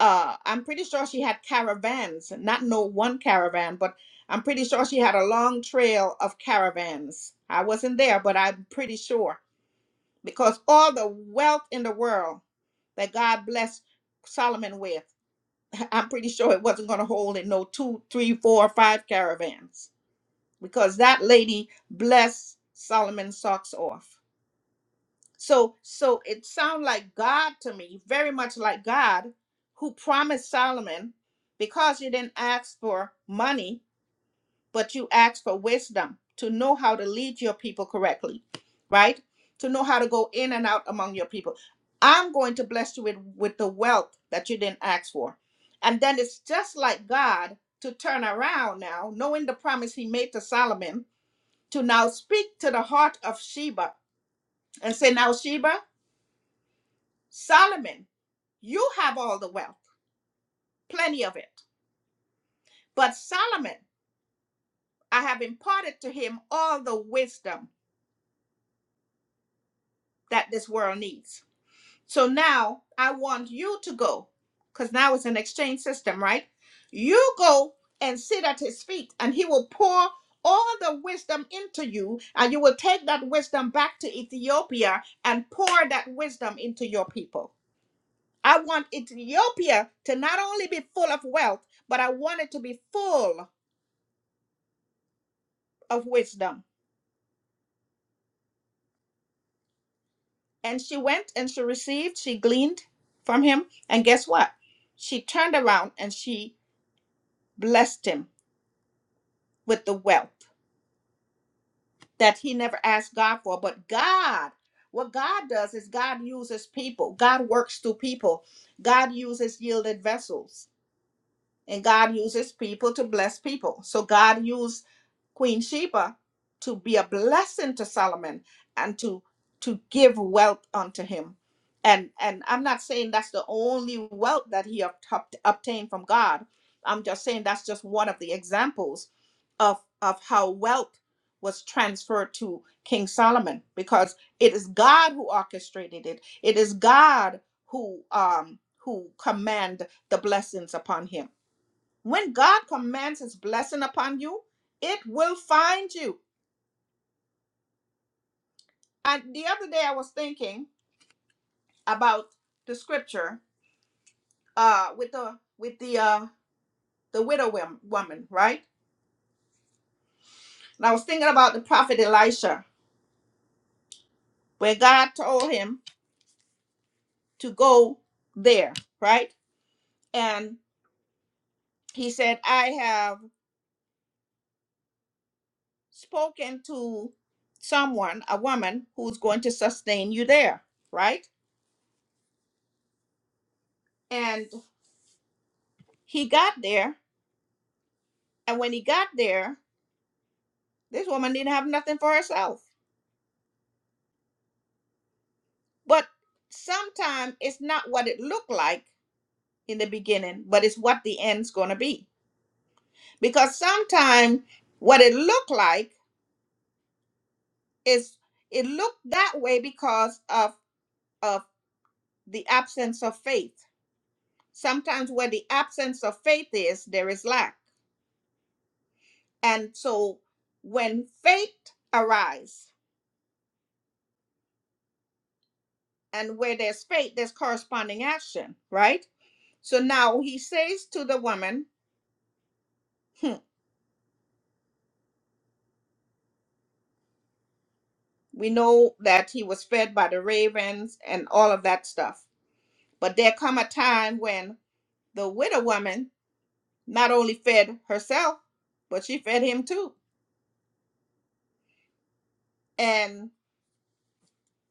Speaker 1: uh i'm pretty sure she had caravans not no one caravan but i'm pretty sure she had a long trail of caravans i wasn't there but i'm pretty sure because all the wealth in the world that god blessed solomon with i'm pretty sure it wasn't going to hold in no two three four five caravans because that lady blessed solomon's socks off so so it sounds like God to me, very much like God, who promised Solomon, because you didn't ask for money, but you asked for wisdom to know how to lead your people correctly, right? To know how to go in and out among your people. I'm going to bless you with, with the wealth that you didn't ask for. And then it's just like God to turn around now, knowing the promise he made to Solomon, to now speak to the heart of Sheba and say, Now, Sheba, Solomon, you have all the wealth, plenty of it. But Solomon, I have imparted to him all the wisdom that this world needs. So now I want you to go, because now it's an exchange system, right? You go and sit at his feet, and he will pour all the wisdom into you, and you will take that wisdom back to Ethiopia and pour that wisdom into your people. I want Ethiopia to not only be full of wealth, but I want it to be full of wisdom. And she went and she received, she gleaned from him. And guess what? She turned around and she blessed him with the wealth that he never asked God for. But God, what God does is God uses people, God works through people, God uses yielded vessels, and God uses people to bless people. So God used Queen Sheba to be a blessing to Solomon and to to give wealth unto him. And and I'm not saying that's the only wealth that he obt- obtained from God. I'm just saying that's just one of the examples of of how wealth was transferred to King Solomon because it is God who orchestrated it. It is God who um who command the blessings upon him. When God commands his blessing upon you, it will find you. And the other day I was thinking about the scripture uh with the with the uh the widow wom- woman, right? And I was thinking about the prophet Elisha, where God told him to go there, right? And he said, I have spoken to someone, a woman who's going to sustain you there, right? And he got there, and when he got there, This woman didn't have nothing for herself. But sometimes it's not what it looked like in the beginning, but it's what the end's going to be. Because sometimes what it looked like is it looked that way because of of the absence of faith. Sometimes where the absence of faith is, there is lack. And so when faith arises and where there's faith, there's corresponding action, right? So now he says to the woman, "Hmm, We know that he was fed by the ravens and all of that stuff. But there come a time when the widow woman not only fed herself, but she fed him too. And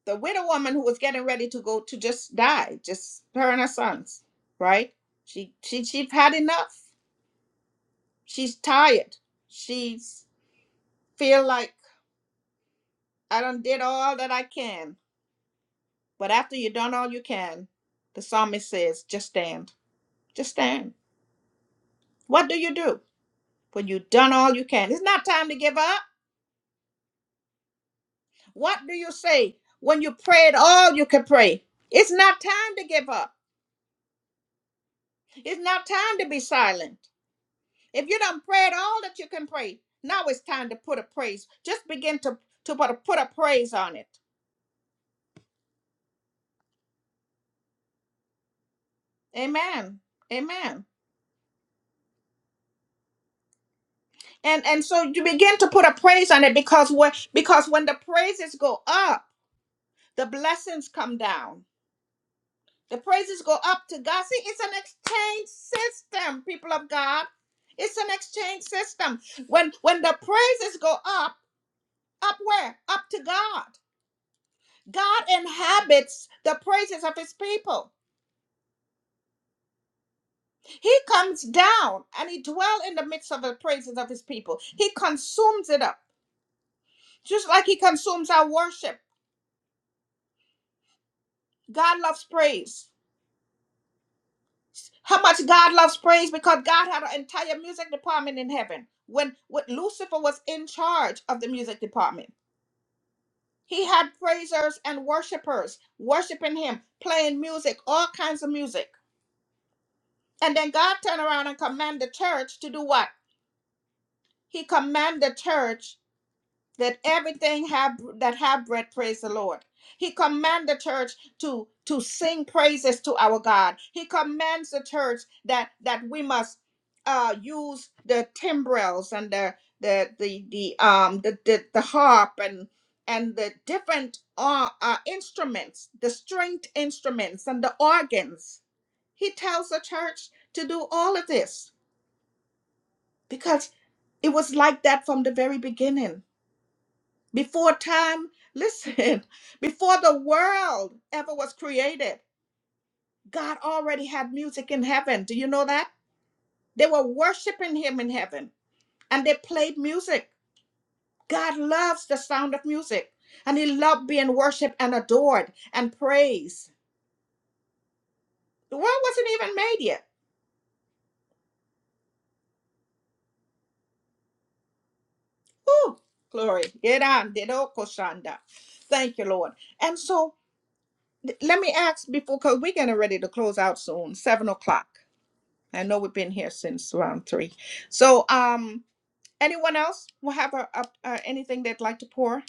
Speaker 1: the widow woman who was getting ready to go to just die, just her and her sons, right? She she she's had enough. She's tired. She's feel like I done did all that I can. But after you done all you can, the psalmist says, just stand. Just stand. What do you do? for you've done all you can. It's not time to give up. What do you say when you prayed all you can pray? It's not time to give up. It's not time to be silent. If you don't pray at all that you can pray, now it's time to put a praise. Just begin to, to put, a, put a praise on it. Amen. Amen. And and so you begin to put a praise on it because when because when the praises go up, the blessings come down. The praises go up to God. See, it's an exchange system, people of God. It's an exchange system. When when the praises go up, up where? Up to God. God inhabits the praises of his people. He comes down and he dwells in the midst of the praises of his people. He consumes it up. Just like he consumes our worship. God loves praise. How much God loves praise because God had an entire music department in heaven. When, when Lucifer was in charge of the music department, he had praisers and worshipers worshiping him, playing music, all kinds of music. And then God turned around and commanded the church to do what? He commanded the church that everything have that have bread praise the lord he commands the church to to sing praises to our god he commands the church that that we must uh use the timbrels and the the the, the um the, the the harp and and the different uh, uh instruments the stringed instruments and the organs he tells the church to do all of this because it was like that from the very beginning before time, listen, before the world ever was created, God already had music in heaven. Do you know that? They were worshiping Him in heaven and they played music. God loves the sound of music and He loved being worshiped and adored and praised. The world wasn't even made yet. Ooh, glory. Yeran dedoko shanda. Thank you, Lord. And so th- let me ask before, because we're getting ready to close out soon, seven o'clock. I know we've been here since round three. So, um, anyone else will have a, a, a anything they'd like to pour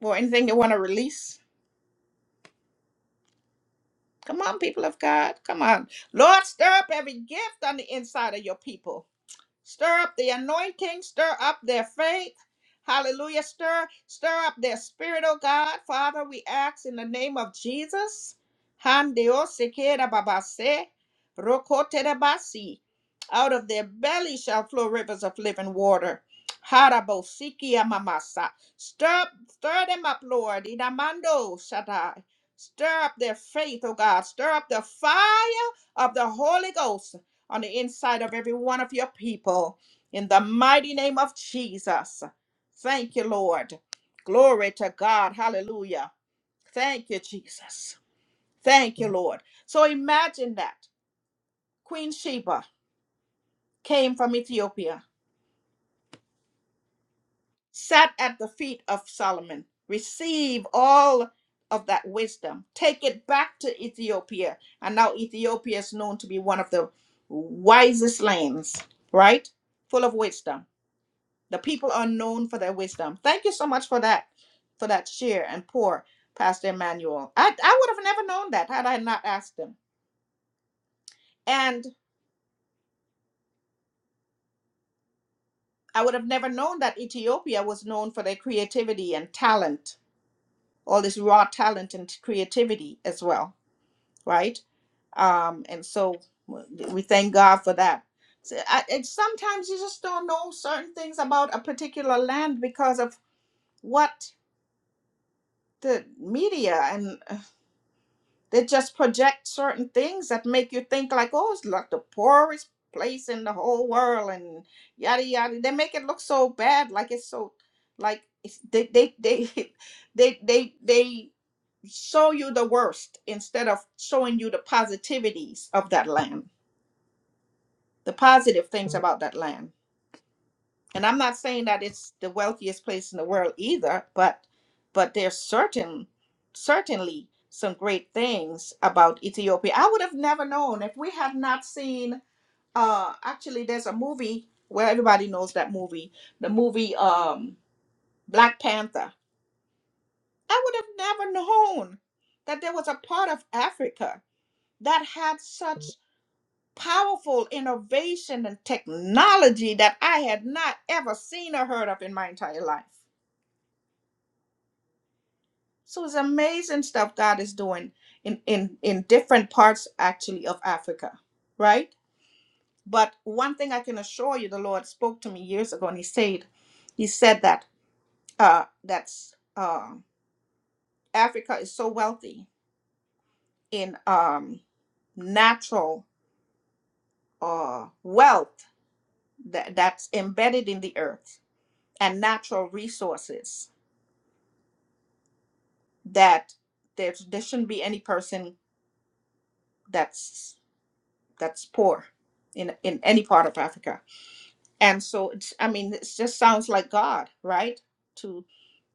Speaker 1: or anything they want to release? Come on, people of God. Come on. Lord, stir up every gift on the inside of your people. Stir up the anointing, stir up their faith. Hallelujah. Stir, stir up their spirit, oh God. Father, we ask in the name of Jesus. Handio sekera babase, rokote de basi. Out of their belly shall flow rivers of living water. Harabo sikia mamasa. Stir up, stir them up, Lord. Inamando shaddai. Stir up their faith, oh God. Stir up the fire of the Holy Ghost on the inside of every one of your people. In the mighty name of Jesus. Thank you, Lord. Glory to God. Hallelujah. Thank you, Jesus. Thank you, Lord. So imagine that Queen Sheba came from Ethiopia, sat at the feet of Solomon, receive all of that wisdom, take it back to Ethiopia. And now Ethiopia is known to be one of the wisest lands, right? Full of wisdom. The people are known for their wisdom. Thank you so much for that, for that share and pour, Pastor Emmanuel. I, I would have never known that had I not asked him. And I would have never known that Ethiopia was known for their creativity and talent, all this raw talent and creativity as well, right? Um, and so we thank God for that. So I, and sometimes you just don't know certain things about a particular land because of what the media and They just project certain things that make you think like, oh, it's like the poorest place in the whole world and yada yada. They make it look so bad, like it's so like it's, they, they they they they they show you the worst instead of showing you the positivities of that land, the positive things about that land and i'm not saying that it's the wealthiest place in the world either but but there's certain certainly some great things about ethiopia i would have never known if we had not seen uh actually there's a movie where everybody knows that movie the movie um black panther i would have never known that there was a part of africa that had such powerful innovation and technology that i had not ever seen or heard of in my entire life So it's amazing stuff God is doing in in in different parts actually of Africa, right? But one thing I can assure you, the Lord spoke to me years ago, and He said, He said that uh, that's uh, Africa is so wealthy in um, natural uh, wealth that, that's embedded in the earth and natural resources that there there shouldn't be any person that's that's poor in in any part of Africa and so it's i mean it just sounds like god right to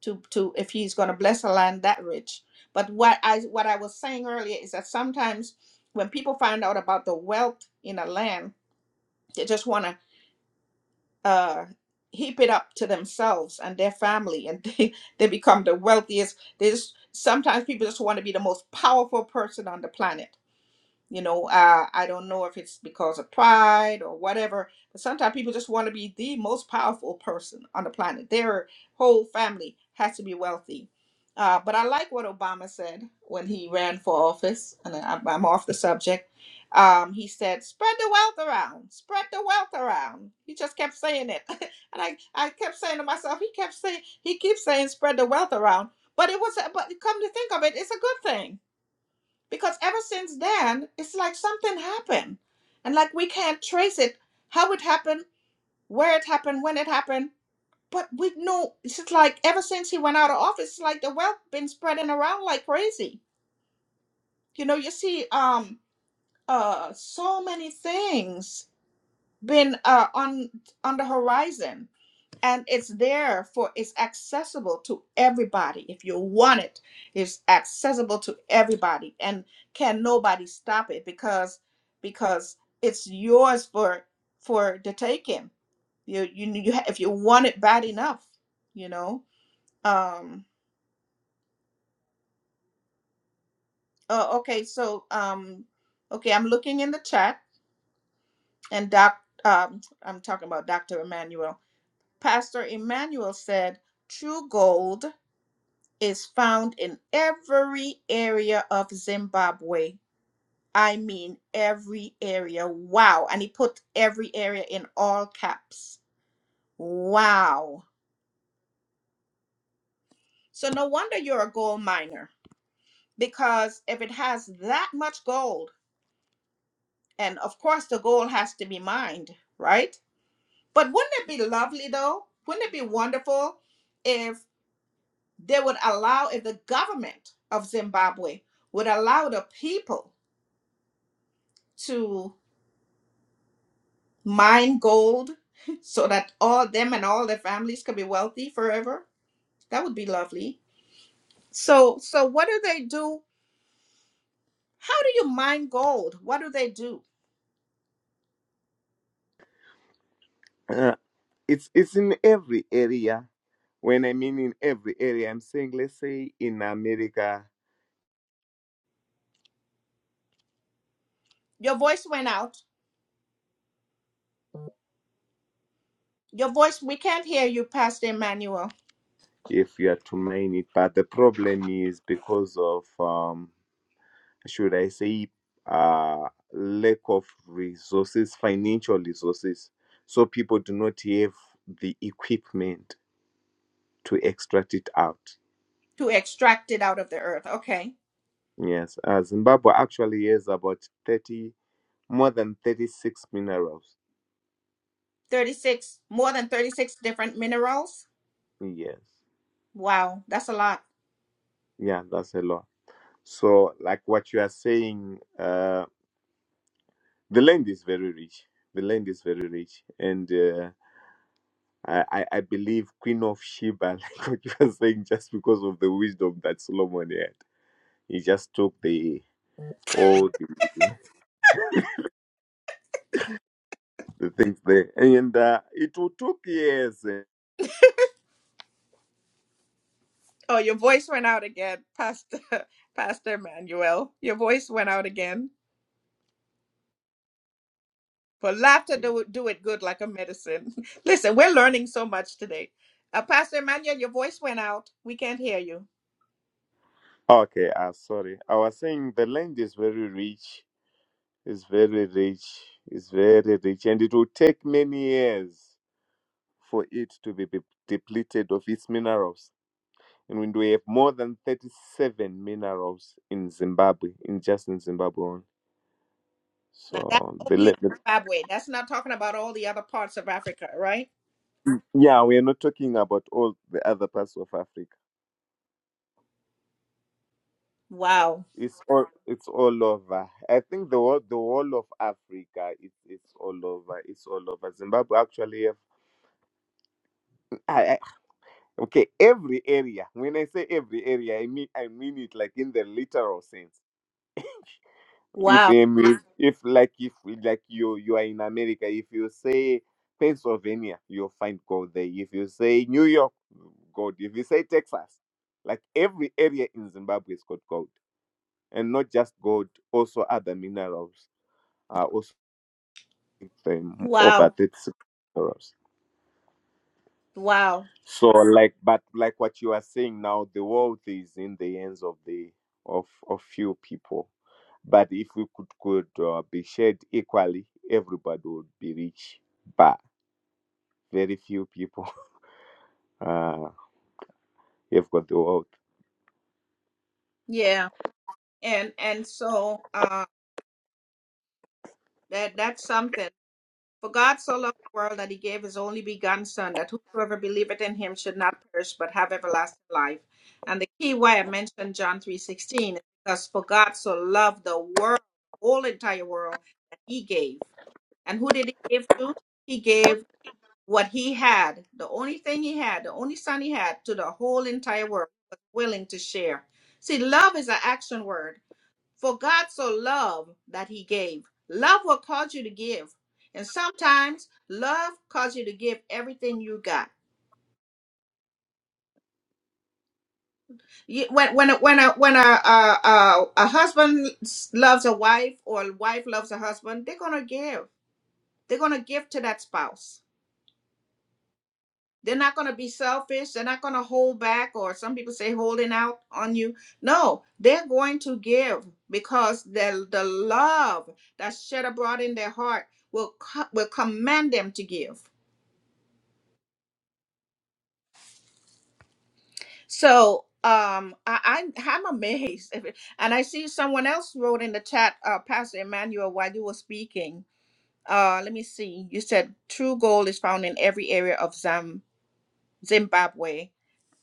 Speaker 1: to to if he's going to bless a land that rich but what i what i was saying earlier is that sometimes when people find out about the wealth in a land they just want to uh heap it up to themselves and their family and they they become the wealthiest they just sometimes people just want to be the most powerful person on the planet you know, uh, I don't know if it's because of pride or whatever, but sometimes people just want to be the most powerful person on the planet. Their whole family has to be wealthy. Uh, but I like what Obama said when he ran for office, and I- I'm off the subject. Um, he said, "Spread the wealth around, spread the wealth around." He just kept saying it, and I, I kept saying to myself, he kept saying, he keeps saying, "Spread the wealth around," but it was, but come to think of it, it's a good thing because ever since then it's like something happened and like we can't trace it how it happened where it happened when it happened but we know it's just like ever since he went out of office it's like the wealth been spreading around like crazy you know you see um uh so many things been uh on on the horizon and it's there for it's accessible to everybody if you want it it's accessible to everybody and can nobody stop it because because it's yours for for the taking you you, you ha- if you want it bad enough you know um oh, okay so um okay i'm looking in the chat and doc um i'm talking about dr emmanuel pastor emmanuel said true gold is found in every area of Zimbabwe. I mean, every area. Wow. And he put every area in all caps. Wow. So, no wonder you're a gold miner because if it has that much gold, and of course the gold has to be mined, right? But wouldn't it be lovely though? Wouldn't it be wonderful if they would allow, if the government of Zimbabwe would allow the people? to mine gold so that all them and all their families could be wealthy forever that would be lovely so so what do they do how do you mine gold what do they do
Speaker 7: uh, it's it's in every area when i mean in every area i'm saying let's say in america
Speaker 1: your voice went out your voice we can't hear you pastor emmanuel
Speaker 7: if you are to mine it but the problem is because of um should I say, uh, lack of resources, financial resources. So people do not have the equipment to extract it out.
Speaker 1: to extract it out of the earth okay
Speaker 7: Yes, uh, Zimbabwe actually has about 30, more than 36 minerals.
Speaker 1: 36 more than 36 different minerals
Speaker 7: Yes,
Speaker 1: wow that's a lot
Speaker 7: yeah, that's a lot. So, like what you are saying, uh, the land is very rich. The land is very rich. And uh, I, I I believe Queen of Sheba, like what you were saying, just because of the wisdom that Solomon had, he just took the all the things there, and uh, it will took years. and-
Speaker 1: oh your voice went out again pastor pastor emmanuel your voice went out again For laughter do do it good like a medicine. Listen, we're learning so much today. Uh, Pastor Emmanuel, your voice went out. We can't hear you.
Speaker 7: Okay, uh, sorry, I was saying the land is very rich, it's very rich, it's very rich, and it will take many years for it to be, be depleted of its minerals. And when we have more than thirty-seven minerals in Zimbabwe, in just in Zimbabwe. alone.
Speaker 1: Now that's
Speaker 7: So the, le-
Speaker 1: only
Speaker 7: the
Speaker 1: Zimbabwe. That's not talking about all the other parts of Africa, right?
Speaker 7: Yeah, we are not talking about all the other parts of Africa.
Speaker 1: Wow.
Speaker 7: It's all it's all over. I think the whole the whole of Africa it, it's all over. It's all over. Zimbabwe actually have I, I, okay, every area. When I say every area, I mean I mean it like in the literal sense. If
Speaker 1: Wow.
Speaker 7: um, if if, like if like you you are in America, if you say Pennsylvania, you'll find gold there. If you say New York, gold. If you say Texas, like every area in Zimbabwe is got gold. and not just gold, also other minerals are also in them, over
Speaker 1: Wow.
Speaker 7: 36 minerals.
Speaker 1: Wow.
Speaker 7: So like but like what you are saying now, the world is in the hands of the of of few people. But if we could could uh, be shared equally, everybody would be rich. But very few people uh, have got the world.
Speaker 1: Yeah. And and so uh that that's something. For God so loved the world that he gave his only begotten Son, that whosoever believeth in him should not perish but have everlasting life. And the key why I mentioned John three sixteen is because for God so loved the world, the whole entire world, that he gave. And who did he give to? He gave what he had, the only thing he had, the only son he had, to the whole entire world, He Was willing to share. See, love is an action word. For God so loved that he gave. Love will cause you to give. And sometimes love causes you to give everything you got. You, when when a, when a, when a, a, a, a husband loves a wife or a wife loves a husband, they're going to give. They're going to give to that spouse They're not going to be selfish. They're not going to hold back, or some people say holding out on you. No, they're going to give because the, the love that's shed abroad in their heart will co- will command them to give. So um, I, I I'm amazed, If it- and I see someone else wrote in the chat, uh, Pastor Emmanuel, while you were speaking. Uh, let me see. You said true gold is found in every area of Zam- Zimbabwe,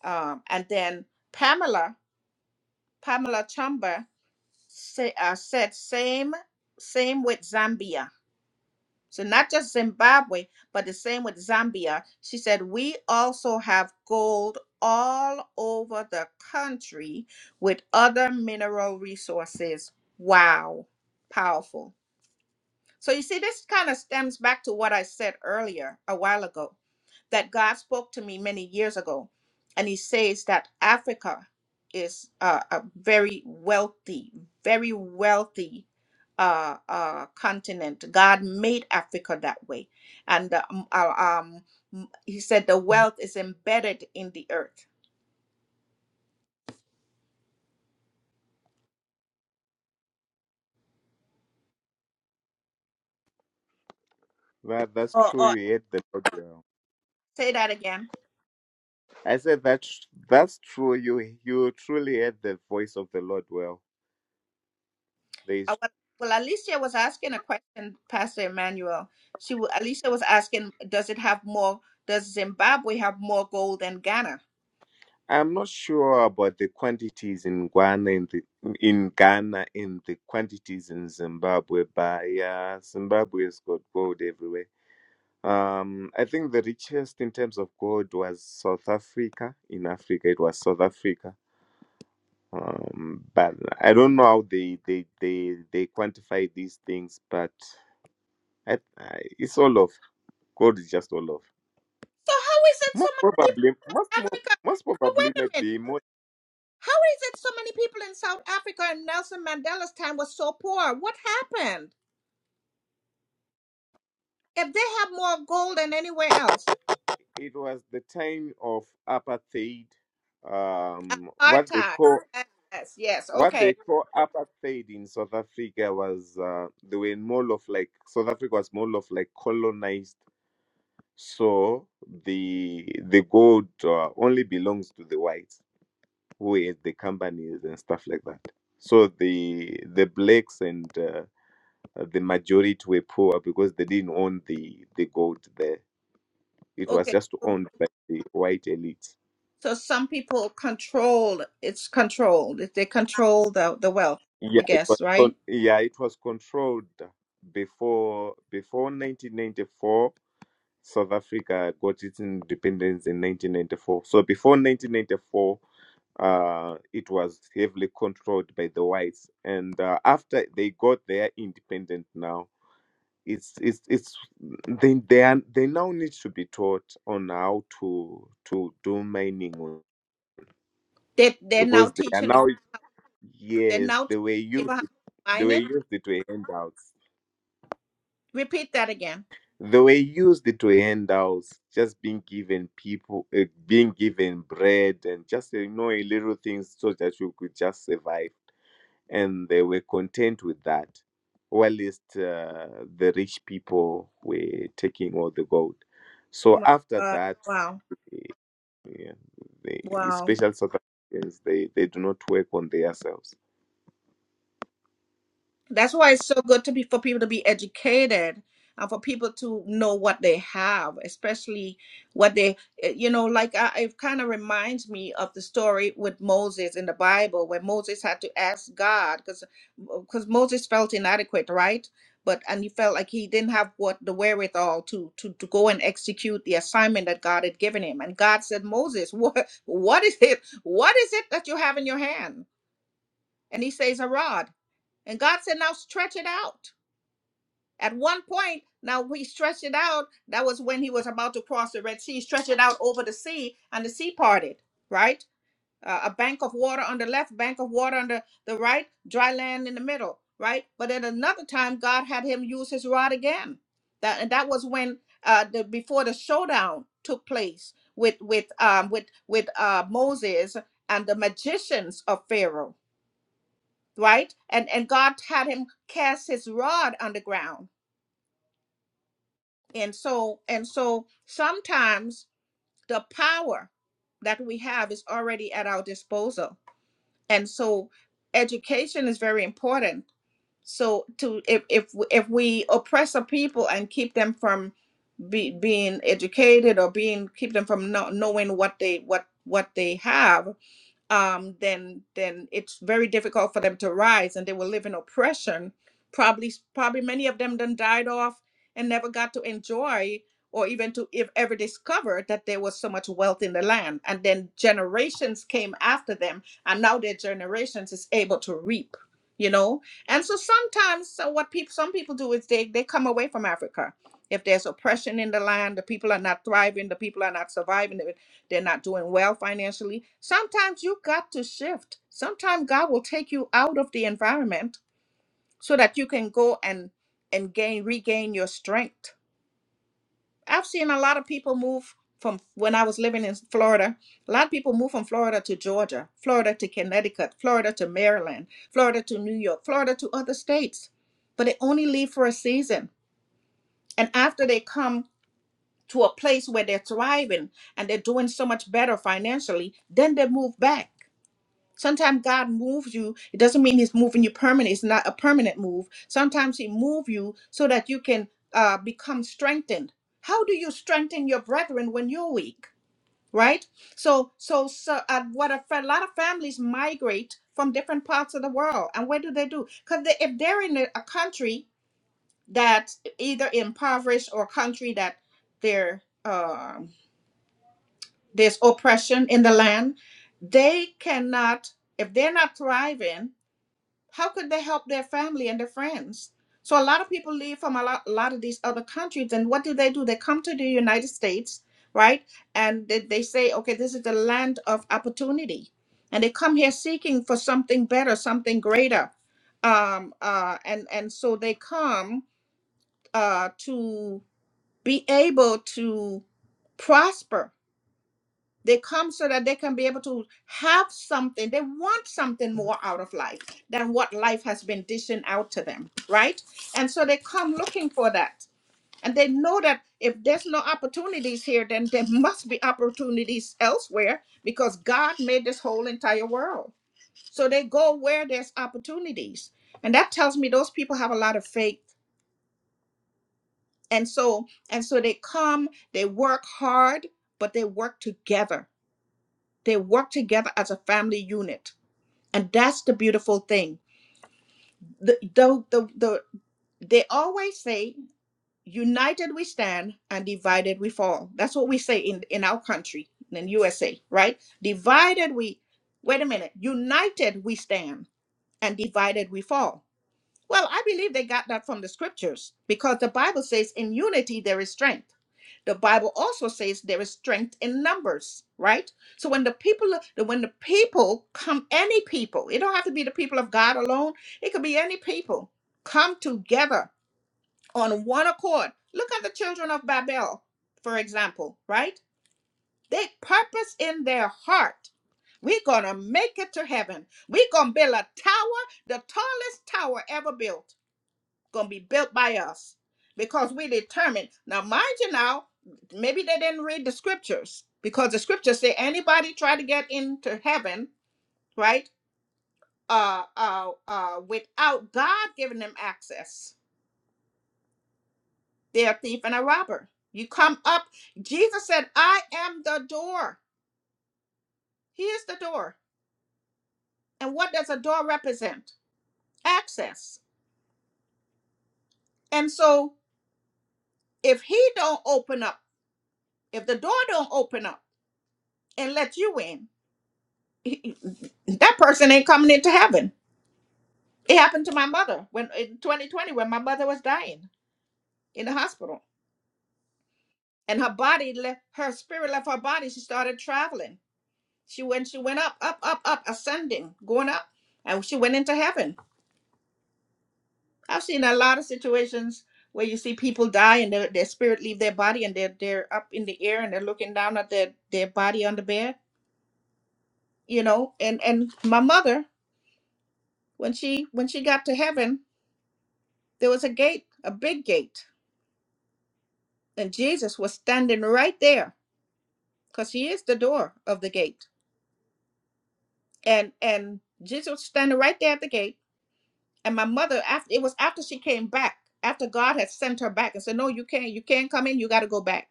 Speaker 1: um, and then Pamela Pamela Chumba say, uh, said same same with Zambia. So not just Zimbabwe, but the same with Zambia. She said we also have gold all over the country with other mineral resources. Wow, powerful. So you see, this kind of stems back to what I said earlier a while ago that God spoke to me many years ago, and He says that Africa is uh, a very wealthy, very wealthy uh, uh, continent. God made Africa that way, and uh, um, uh, um, m- He said the wealth is embedded in the earth.
Speaker 7: Well, that's
Speaker 1: Or,
Speaker 7: true.
Speaker 1: or
Speaker 7: You heard the Lord well.
Speaker 1: say that again.
Speaker 7: I said that that's that's true. You you truly heard the voice of the Lord well. There
Speaker 1: I
Speaker 7: is
Speaker 1: wa- well, Alicia was asking a question, Pastor Emmanuel. She wa- Alicia was asking, does it have more? Does Zimbabwe have more gold than Ghana?
Speaker 7: I'm not sure about the quantities in Ghana in the in Ghana and the quantities in Zimbabwe, but yeah, Zimbabwe has got gold everywhere. Um, I think the richest in terms of gold was South Africa. In Africa, it was South Africa. Um, but I don't know how they they they they quantify these things, but I, I, it's all of gold is just all of
Speaker 1: So how is it so many people
Speaker 7: probably
Speaker 1: in
Speaker 7: most
Speaker 1: South
Speaker 7: mo-
Speaker 1: Africa?
Speaker 7: most
Speaker 1: But
Speaker 7: probably
Speaker 1: wait a minute.
Speaker 7: maybe more.
Speaker 1: How is it so many people in South Africa in Nelson Mandela's time was so poor? What happened? If they have more gold than anywhere else,
Speaker 7: it was the time of apartheid. Um, what they
Speaker 1: apartheid.
Speaker 7: call
Speaker 1: Yes, yes.
Speaker 7: what they
Speaker 1: Okay,
Speaker 7: call apartheid in South Africa was uh, they were more of like South Africa was more of like colonized, so the the gold uh, only belongs to the whites who is the companies and stuff like that. So the the blacks and uh, the majority were poor because they didn't own the the gold there. It was
Speaker 1: okay.
Speaker 7: just
Speaker 1: so
Speaker 7: owned by the white elite.
Speaker 1: So some people control, it's controlled. They control the, the wealth,
Speaker 7: Yeah,
Speaker 1: I
Speaker 7: it was
Speaker 1: guess,
Speaker 7: con-
Speaker 1: right?
Speaker 7: yeah, it was controlled before before 1994. South Africa got its independence in 1994. So before 1994, uh, it was heavily controlled by the whites, and uh, after they got their independence now, it's it's it's they they are, they now need to be taught on how to to do mining
Speaker 1: They, they're now
Speaker 7: because they are
Speaker 1: teaching the,
Speaker 7: now
Speaker 1: they're
Speaker 7: yes
Speaker 1: now
Speaker 7: they
Speaker 1: teaching
Speaker 7: were used
Speaker 1: people how to
Speaker 7: they
Speaker 1: mine
Speaker 7: were used to handouts.
Speaker 1: Repeat that again.
Speaker 7: They were used to handouts, just being given people, uh, being given bread, and just you know a little things so that you could just survive. And they were content with that. While uh, the rich people were taking all the gold. So
Speaker 1: My
Speaker 7: after
Speaker 1: God.
Speaker 7: that,
Speaker 1: Wow.
Speaker 7: yeah, the
Speaker 1: Wow.
Speaker 7: special South Africans they, they do not work on themselves.
Speaker 1: That's why it's so good to be for people to be educated and for people to know what they have, especially what they, eh, you know, like I, it kind of reminds me of the story with Moses in the Bible where Moses had to ask God because because Moses felt inadequate, right? But and he felt like he didn't have what the wherewithal to to to go and execute the assignment that God had given him. And God said, Moses, what what is it? What is it that you have in your hand? And he says, a rod. And God said, now stretch it out. At one point, now we stretched it out. That was when he was about to cross the Red Sea, He stretched it out over the sea, and the sea parted, right? Uh, a bank of water on the left, bank of water on the, the right, dry land in the middle, right? But at another time, God had him use his rod again. That, and that was when uh, the before the showdown took place with with um, with with uh, Moses and the magicians of Pharaoh right and and god had him cast his rod on the ground and so and so sometimes the power that we have is already at our disposal and so education is very important so to if if if we oppress a people and keep them from be, being educated or being keep them from not knowing what they what what they have um, then then it's very difficult for them to rise, and they will live in oppression. Probably probably many of them then died off and never got to enjoy or even to if ever discover that there was so much wealth in the land. And then generations came after them, and now their generations is able to reap. You know, and so sometimes, so what people, some people do is they they come away from Africa. If there's oppression in the land, the people are not thriving, the people are not surviving, they- they're not doing well financially. Sometimes you got to shift. Sometimes God will take you out of the environment so that you can go and and gain regain your strength. I've seen a lot of people move from when I was living in Florida. A lot of people move from Florida to Georgia, Florida to Connecticut, Florida to Maryland, Florida to New York, Florida to other states. But they only leave for a season. And after they come to a place where they're thriving and they're doing so much better financially, then they move back. Sometimes God moves you. It doesn't mean He's moving you permanent. It's not a permanent move. Sometimes He move you so that you can uh, become strengthened. How do you strengthen your brethren when you're weak? Right. So, so, so, uh, what a, fa- lot of families migrate from different parts of the world, and what do they do? Because they, if they're in a, a country that's either impoverished or a country that there um there's oppression in the land, they cannot. If they're not thriving, how could they help their family and their friends? So a lot of people leave from a lot, a lot of these other countries, and what do they do? They come to the United States, right? And they, they say, okay, this is the land of opportunity, and they come here seeking for something better, something greater, um, uh, and and so they come uh, to be able to prosper they come so that they can be able to have something. They want something more out of life than what life has been dishing out to them, right? And so they come looking for that. And they know that if there's no opportunities here, then there must be opportunities elsewhere because God made this whole entire world. So they go where there's opportunities. And that tells me those people have a lot of faith. And so and so they come, they work hard, but they work together They work together as a family unit. And that's the beautiful thing. The, the, the, the, they always say, united we stand and divided we fall. That's what we say in, in our country, in USA, right? Divided we, wait a minute, united we stand and divided we fall. Well, I believe they got that from the scriptures because the Bible says in unity there is strength. the bible also says there is strength in numbers right so when the people when the people come any people it don't have to be the people of god alone it could be any people come together on one accord look at the children of babel for example right they purpose in their heart we're gonna make it to heaven we're gonna build a tower the tallest tower ever built gonna be built by us because we determined. Now, mind you, now maybe they didn't read the scriptures because the scriptures say anybody try to get into heaven, right? Uh, uh, uh, without God giving them access, they're a thief and a robber. You come up. Jesus said, "I am the door. He is the door." And what does a door represent? Access. And so, if He don't open up, if the door don't open up and let you in, he- that person ain't coming into heaven. It happened to my mother when in 2020 when my mother was dying in the hospital, and her body left, her spirit left her body. She started traveling. She went, she went up, up, up, up, ascending, going up, and she went into heaven. I've seen a lot of situations where you see people die and their, their spirit leave their body and they're they're up in the air and they're looking down at their their body on the bed, you know. And and my mother when she when she got to heaven, there was a gate, a big gate and jesus was standing right there because he is the door of the gate and and jesus was standing right there at the gate and my mother after it was after she came back after god had sent her back and said no you can't you can't come in you got to go back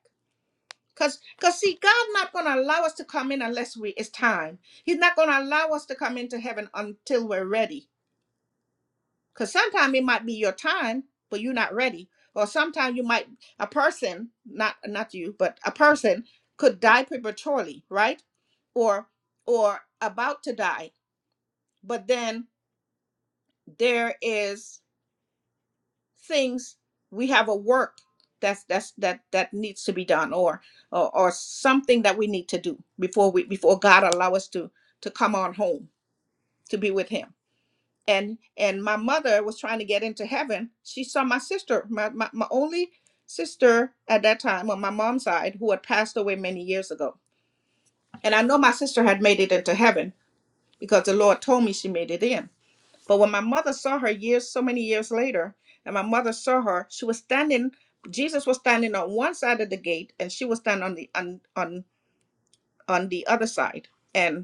Speaker 1: because because see God's not going to allow us to come in unless we it's time he's not going to allow us to come into heaven until we're ready Because sometimes it might be your time, but you're not ready. Or sometimes you might a person, not not you, but a person could die prematurely, right? Or or about to die. But then there is things we have a work that's that's that that needs to be done or or, or something that we need to do before we before God allow us to to come on home to be with him and and my mother was trying to get into heaven she saw my sister my, my, my only sister at that time on my mom's side who had passed away many years ago and i know my sister had made it into heaven because the lord told me she made it in but when my mother saw her years so many years later and my mother saw her she was standing jesus was standing on one side of the gate and she was standing on the on on, on the other side And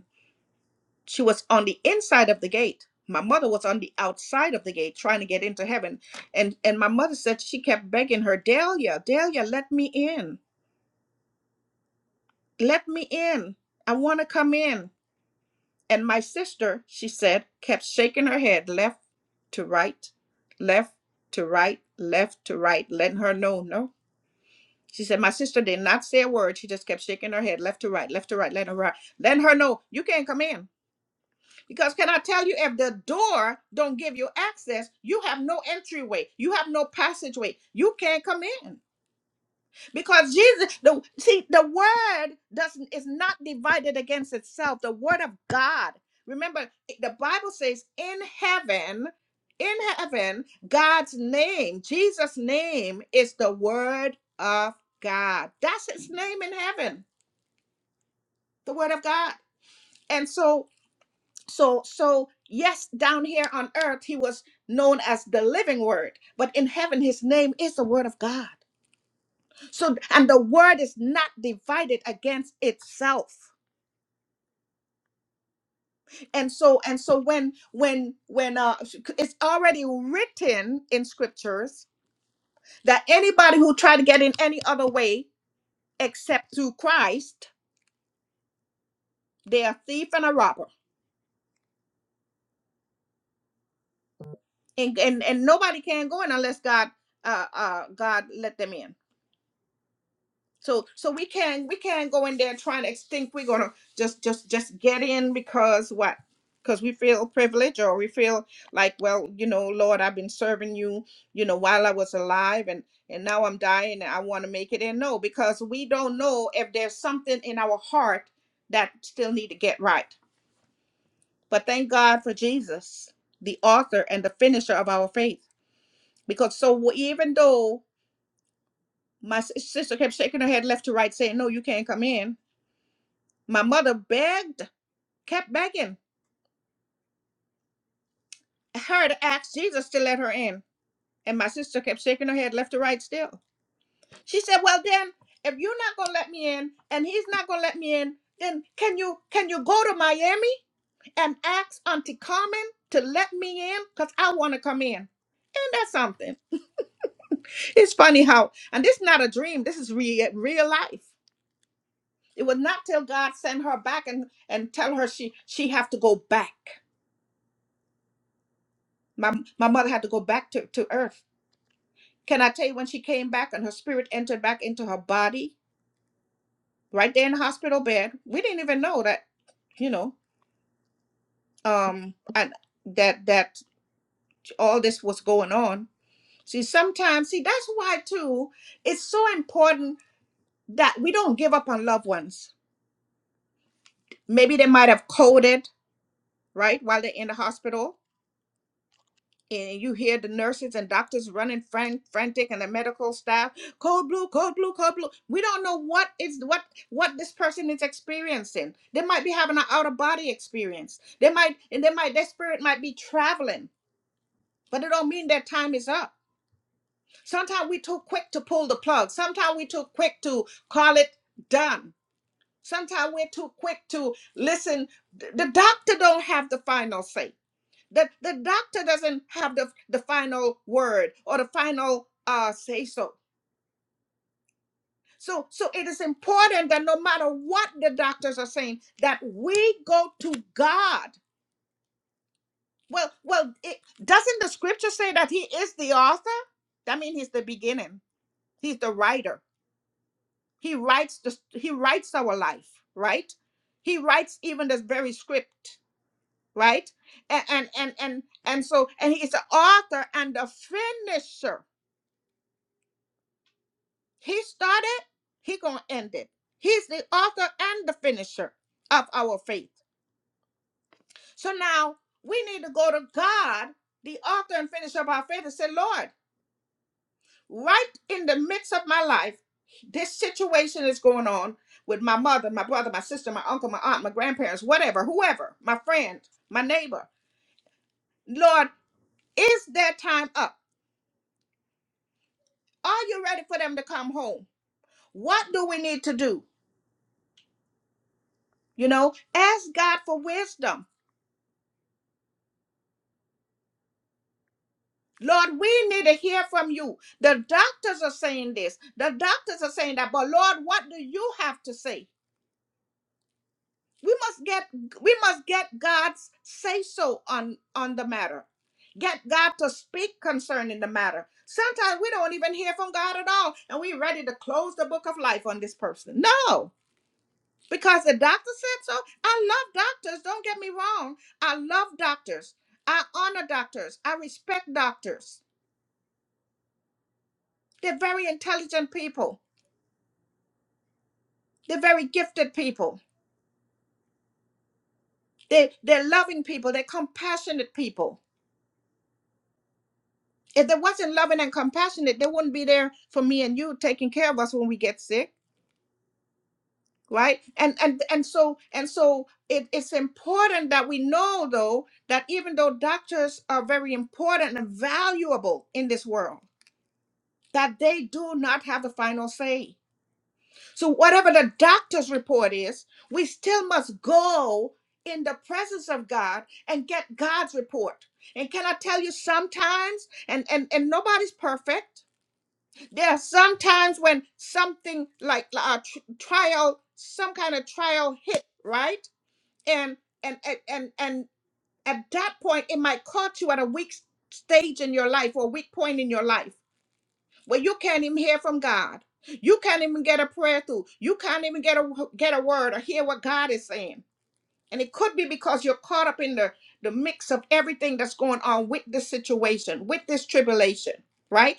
Speaker 1: She was on the inside of the gate. My mother was on the outside of the gate trying to get into heaven. And and my mother said she kept begging her, Delia, Delia, let me in. Let me in. I want to come in. And my sister, she said, kept shaking her head left to right, left to right, left to right, letting her know no. She said, My sister did not say a word. She just kept shaking her head left to right, left to right, letting her, letting her know, you can't come in. Because can I tell you, if the door don't give you access, you have no entryway, you have no passageway, you can't come in. Because Jesus, the see, the word doesn't is not divided against itself. The word of God. Remember, the Bible says, in heaven, in heaven, God's name, Jesus' name is the word of God. That's his name in heaven, the word of God. And so so so yes down here on earth he was known as the living word but in heaven his name is the word of god so and the word is not divided against itself and so and so when when when uh it's already written in scriptures that anybody who try to get in any other way except through christ they're a thief and a robber and and, and nobody can go in unless god uh uh god let them in So so we can we can not go in there trying to think we're gonna just just just get in because what? Because we feel privileged or we feel like, well, you know, Lord, I've been serving you, you know, while I was alive and and now I'm dying and I want to make it in. No, because we don't know if there's something in our heart that still need to get right. But thank God for Jesus, the author and the finisher of our faith. Because so even though my sis- sister kept shaking her head left to right, saying, No, you can't come in My mother begged, kept begging her to ask Jesus to let her in. And my sister kept shaking her head left to right still. She said, Well then, if you're not gonna let me in and he's not gonna let me in, then can you can you go to Miami and ask Auntie Carmen to let me in? Because I wanna come in. And that's something? It's funny how and this is not a dream, this is real real life. It was not till God sent her back and, and tell her she she have to go back. My my mother had to go back to, to earth Can I tell you when she came back and her spirit entered back into her body right there in the hospital bed? We didn't even know that, you know, um, and that that all this was going on. See, sometimes, see, that's why too. It's so important that we don't give up on loved ones. Maybe they might have coded right while they're in the hospital and you hear the nurses and doctors running fran- frantic and the medical staff cold blue cold blue cold blue we don't know what is what what this person is experiencing they might be having an out of body experience they might and they might their spirit might be traveling but it don't mean their time is up sometimes we too quick to pull the plug sometimes we too quick to call it done sometimes we're too quick to listen the doctor don't have the final say the, the doctor doesn't have the, the final word or the final uh, say so. So, so it is important that no matter what the doctors are saying, that we go to God. Well, well, it, doesn't the scripture say that He is the author? That means He's the beginning. He's the writer. He writes the He writes our life, right? He writes even this very script, right? And and and and, and so and He's the author and the finisher He started, he gonna end it. He's the author and the finisher of our faith. So now we need to go to God, the author and finisher of our faith, and say, Lord, right in the midst of my life, this situation is going on with my mother, my brother, my sister, my uncle, my aunt, my grandparents, whatever, whoever, my friend, my neighbor. Lord, is their time up? Are you ready for them to come home? What do we need to do? You know, ask God for wisdom Lord, we need to hear from you. The doctors are saying this, the doctors are saying that, but Lord, what do you have to say? We must get we must get God's say so on on the matter. Get God to speak concerning the matter. Sometimes we don't even hear from God at all, and we're ready to close the book of life on this person. No, because the doctor said so. I love doctors. Don't get me wrong. I love doctors. I honor doctors. I respect doctors. They're very intelligent people They're very gifted people. They, they're loving people. They're compassionate people. If they wasn't loving and compassionate, they wouldn't be there for me and you taking care of us when we get sick, right? And and and so and so it, it's important that we know though that even though doctors are very important and valuable in this world, that they do not have the final say So, whatever the doctor's report is, we still must go in the presence of God and get God's report. And can I tell you, sometimes, and, and, and nobody's perfect, there are sometimes when something like like a tr- trial, some kind of trial hit, right? And, and, and, and, and at that point, it might caught you at a weak stage in your life or a weak point in your life where you can't even hear from God. You can't even get a prayer through. You can't even get a get a word or hear what God is saying. And it could be because you're caught up in the the mix of everything that's going on with this situation, with this tribulation, right?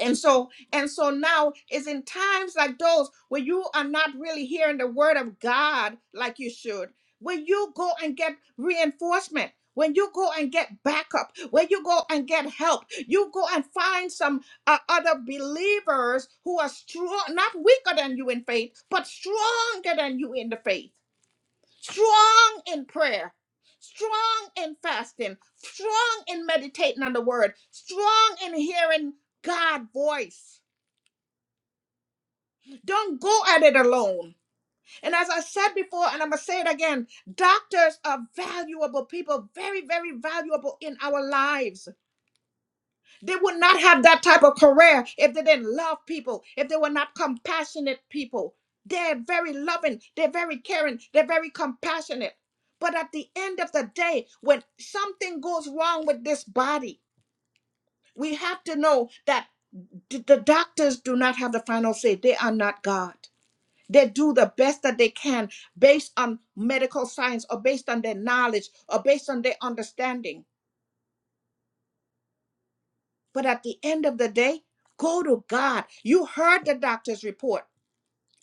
Speaker 1: and so and so now is in times like those where you are not really hearing the word of god like you should Where you go and get reinforcement when you go and get backup when you go and get help you go and find some uh, other believers who are strong not weaker than you in faith but stronger than you in the faith strong in prayer, strong in fasting, strong in meditating on the word, strong in hearing God's voice. Don't go at it alone. And as I said before, and I'm going to say it again doctors are valuable people, very, very valuable in our lives They would not have that type of career if they didn't love people, if they were not compassionate people. They're very loving, they're very caring, they're very compassionate. But at the end of the day, when something goes wrong with this body, we have to know that d- the doctors do not have the final say. They are not God. They do the best that they can based on medical science or based on their knowledge or based on their understanding. But at the end of the day, go to God. You heard the doctor's report,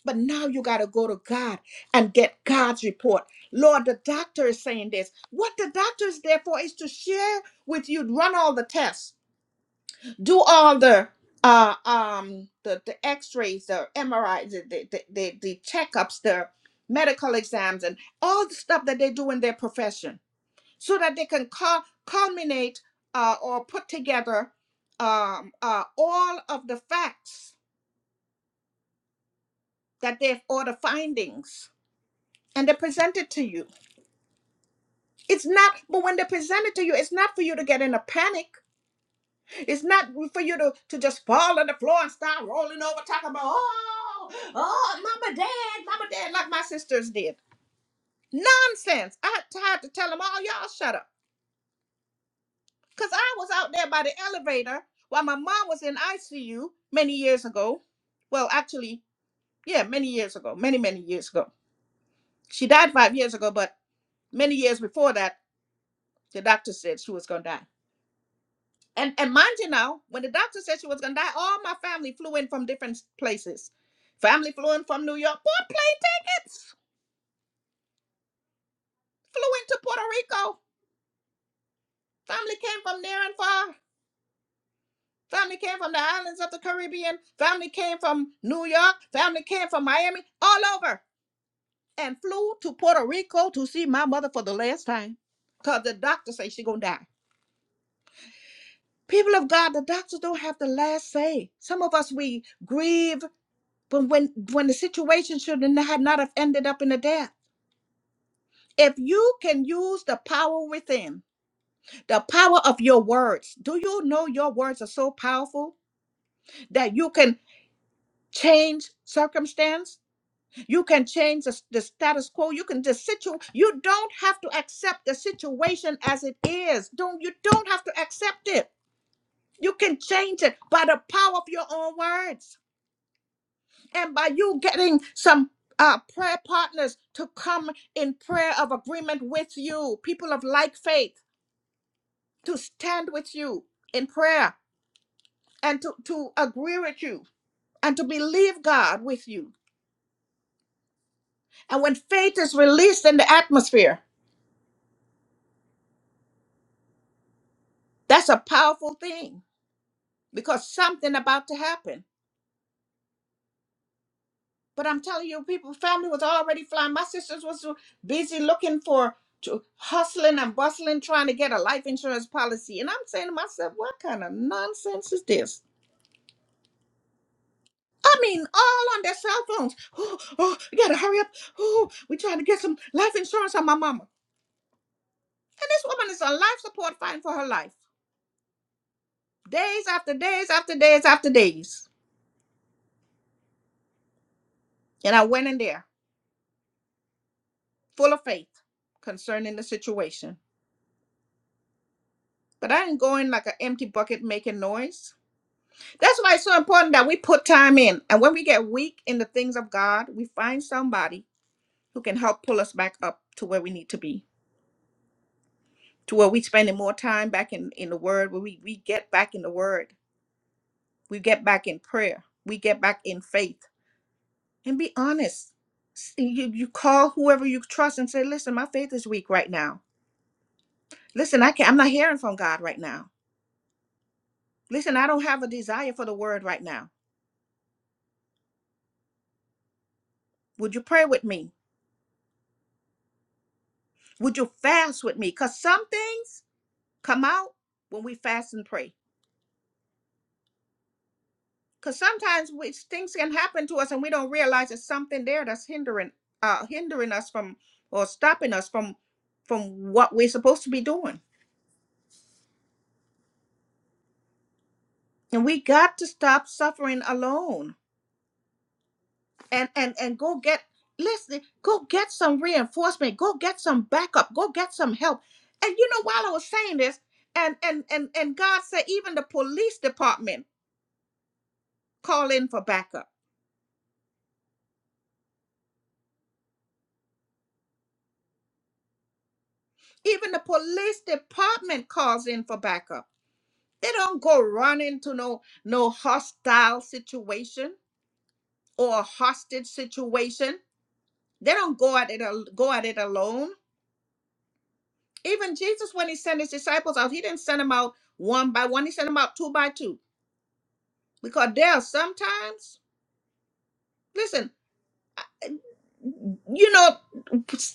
Speaker 1: but now you got to go to God and get God's report. Lord, the doctor is saying this. What the doctor is there for is to share with you, run all the tests, do all the uh um the, the x-rays the mris the, the, the, the the checkups the medical exams and all the stuff that they do in their profession so that they can cul- culminate uh, or put together um, uh, all of the facts that they've or the findings and they present it to you it's not but when they present it to you it's not for you to get in a panic it's not for you to, to just fall on the floor and start rolling over talking about oh oh mama dad mama dad like my sisters did nonsense i had to, had to tell them all y'all shut up Because I was out there by the elevator while my mom was in ICU many years ago. Well, actually, yeah, many years ago, many, many years ago. She died five years ago, but many years before that, the doctor said she was going to die. And, and mind you now, when the doctor said she was going to die, all my family flew in from different places. Family flew in from New York, bought plane tickets, flew into Puerto Rico. Family came from near and far. Family came from the islands of the Caribbean. Family came from New York. Family came from Miami, all over, and flew to Puerto Rico to see my mother for the last time. Because the doctor say she gonna die. People of God, the doctors don't have the last say. Some of us we grieve, but when when the situation should not had not have ended up in a death. If you can use the power within, the power of your words, do you know your words are so powerful that you can change circumstance? You can change the, the status quo. You can just situ. You don't have to accept the situation as it is. Don't you don't have to accept it. You can change it by the power of your own words and by you getting some uh, prayer partners to come in prayer of agreement with you, people of like faith, to stand with you in prayer and to, to agree with you and to believe God with you. And when faith is released in the atmosphere, that's a powerful thing because something about to happen. But I'm telling you, people, family was already flying. My sisters was busy looking for, to, hustling and bustling, trying to get a life insurance policy. And I'm saying to myself, what kind of nonsense is this? I mean, all on their cell phones. Oh, oh, we gotta hurry up. Oh, we trying to get some life insurance on my mama. And this woman is on life support fighting for her life. Days after days after days after days. And I went in there full of faith concerning the situation. But I ain't going like an empty bucket making noise. That's why it's so important that we put time in. And when we get weak in the things of God, we find somebody who can help pull us back up to where we need to be, to where we are spending more time back in, in the Word, where we, we get back in the Word, we get back in prayer, we get back in faith. And be honest. S- You, you call whoever you trust and say, listen, my faith is weak right now. Listen, I can't, I'm not hearing from God right now. Listen, I don't have a desire for the Word right now. Would you pray with me? Would you fast with me? Because some things come out when we fast and pray. Because sometimes we, things can happen to us and we don't realize there's something there that's hindering uh hindering us from or stopping us from from what we're supposed to be doing. And we got to stop suffering alone and and and go get listen, go get some reinforcement, go get some backup, go get some help. And you know, while I was saying this, and and and and God said even the police department call in for backup Even the police department calls in for backup. They don't go run into no no hostile situation or a hostage situation. They don't go at it al- go at it alone. Even Jesus, when he sent his disciples out, he didn't send them out one by one. He sent them out two by two because there are sometimes. Listen, you know,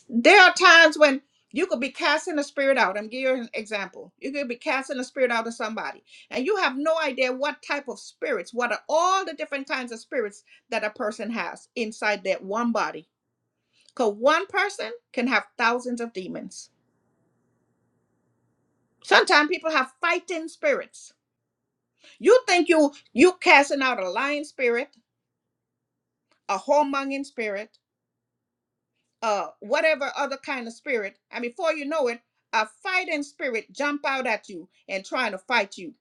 Speaker 1: there are times when you could be casting a spirit out. I'm giving you an example. You could be casting a spirit out of somebody, and you have no idea what type of spirits, what are all the different kinds of spirits that a person has inside that one body. Because one person can have thousands of demons. Sometimes people have fighting spirits. You think you you casting out a lying spirit, a whoremongering spirit, uh whatever other kind of spirit and before you know it a fighting spirit jump out at you and trying to fight you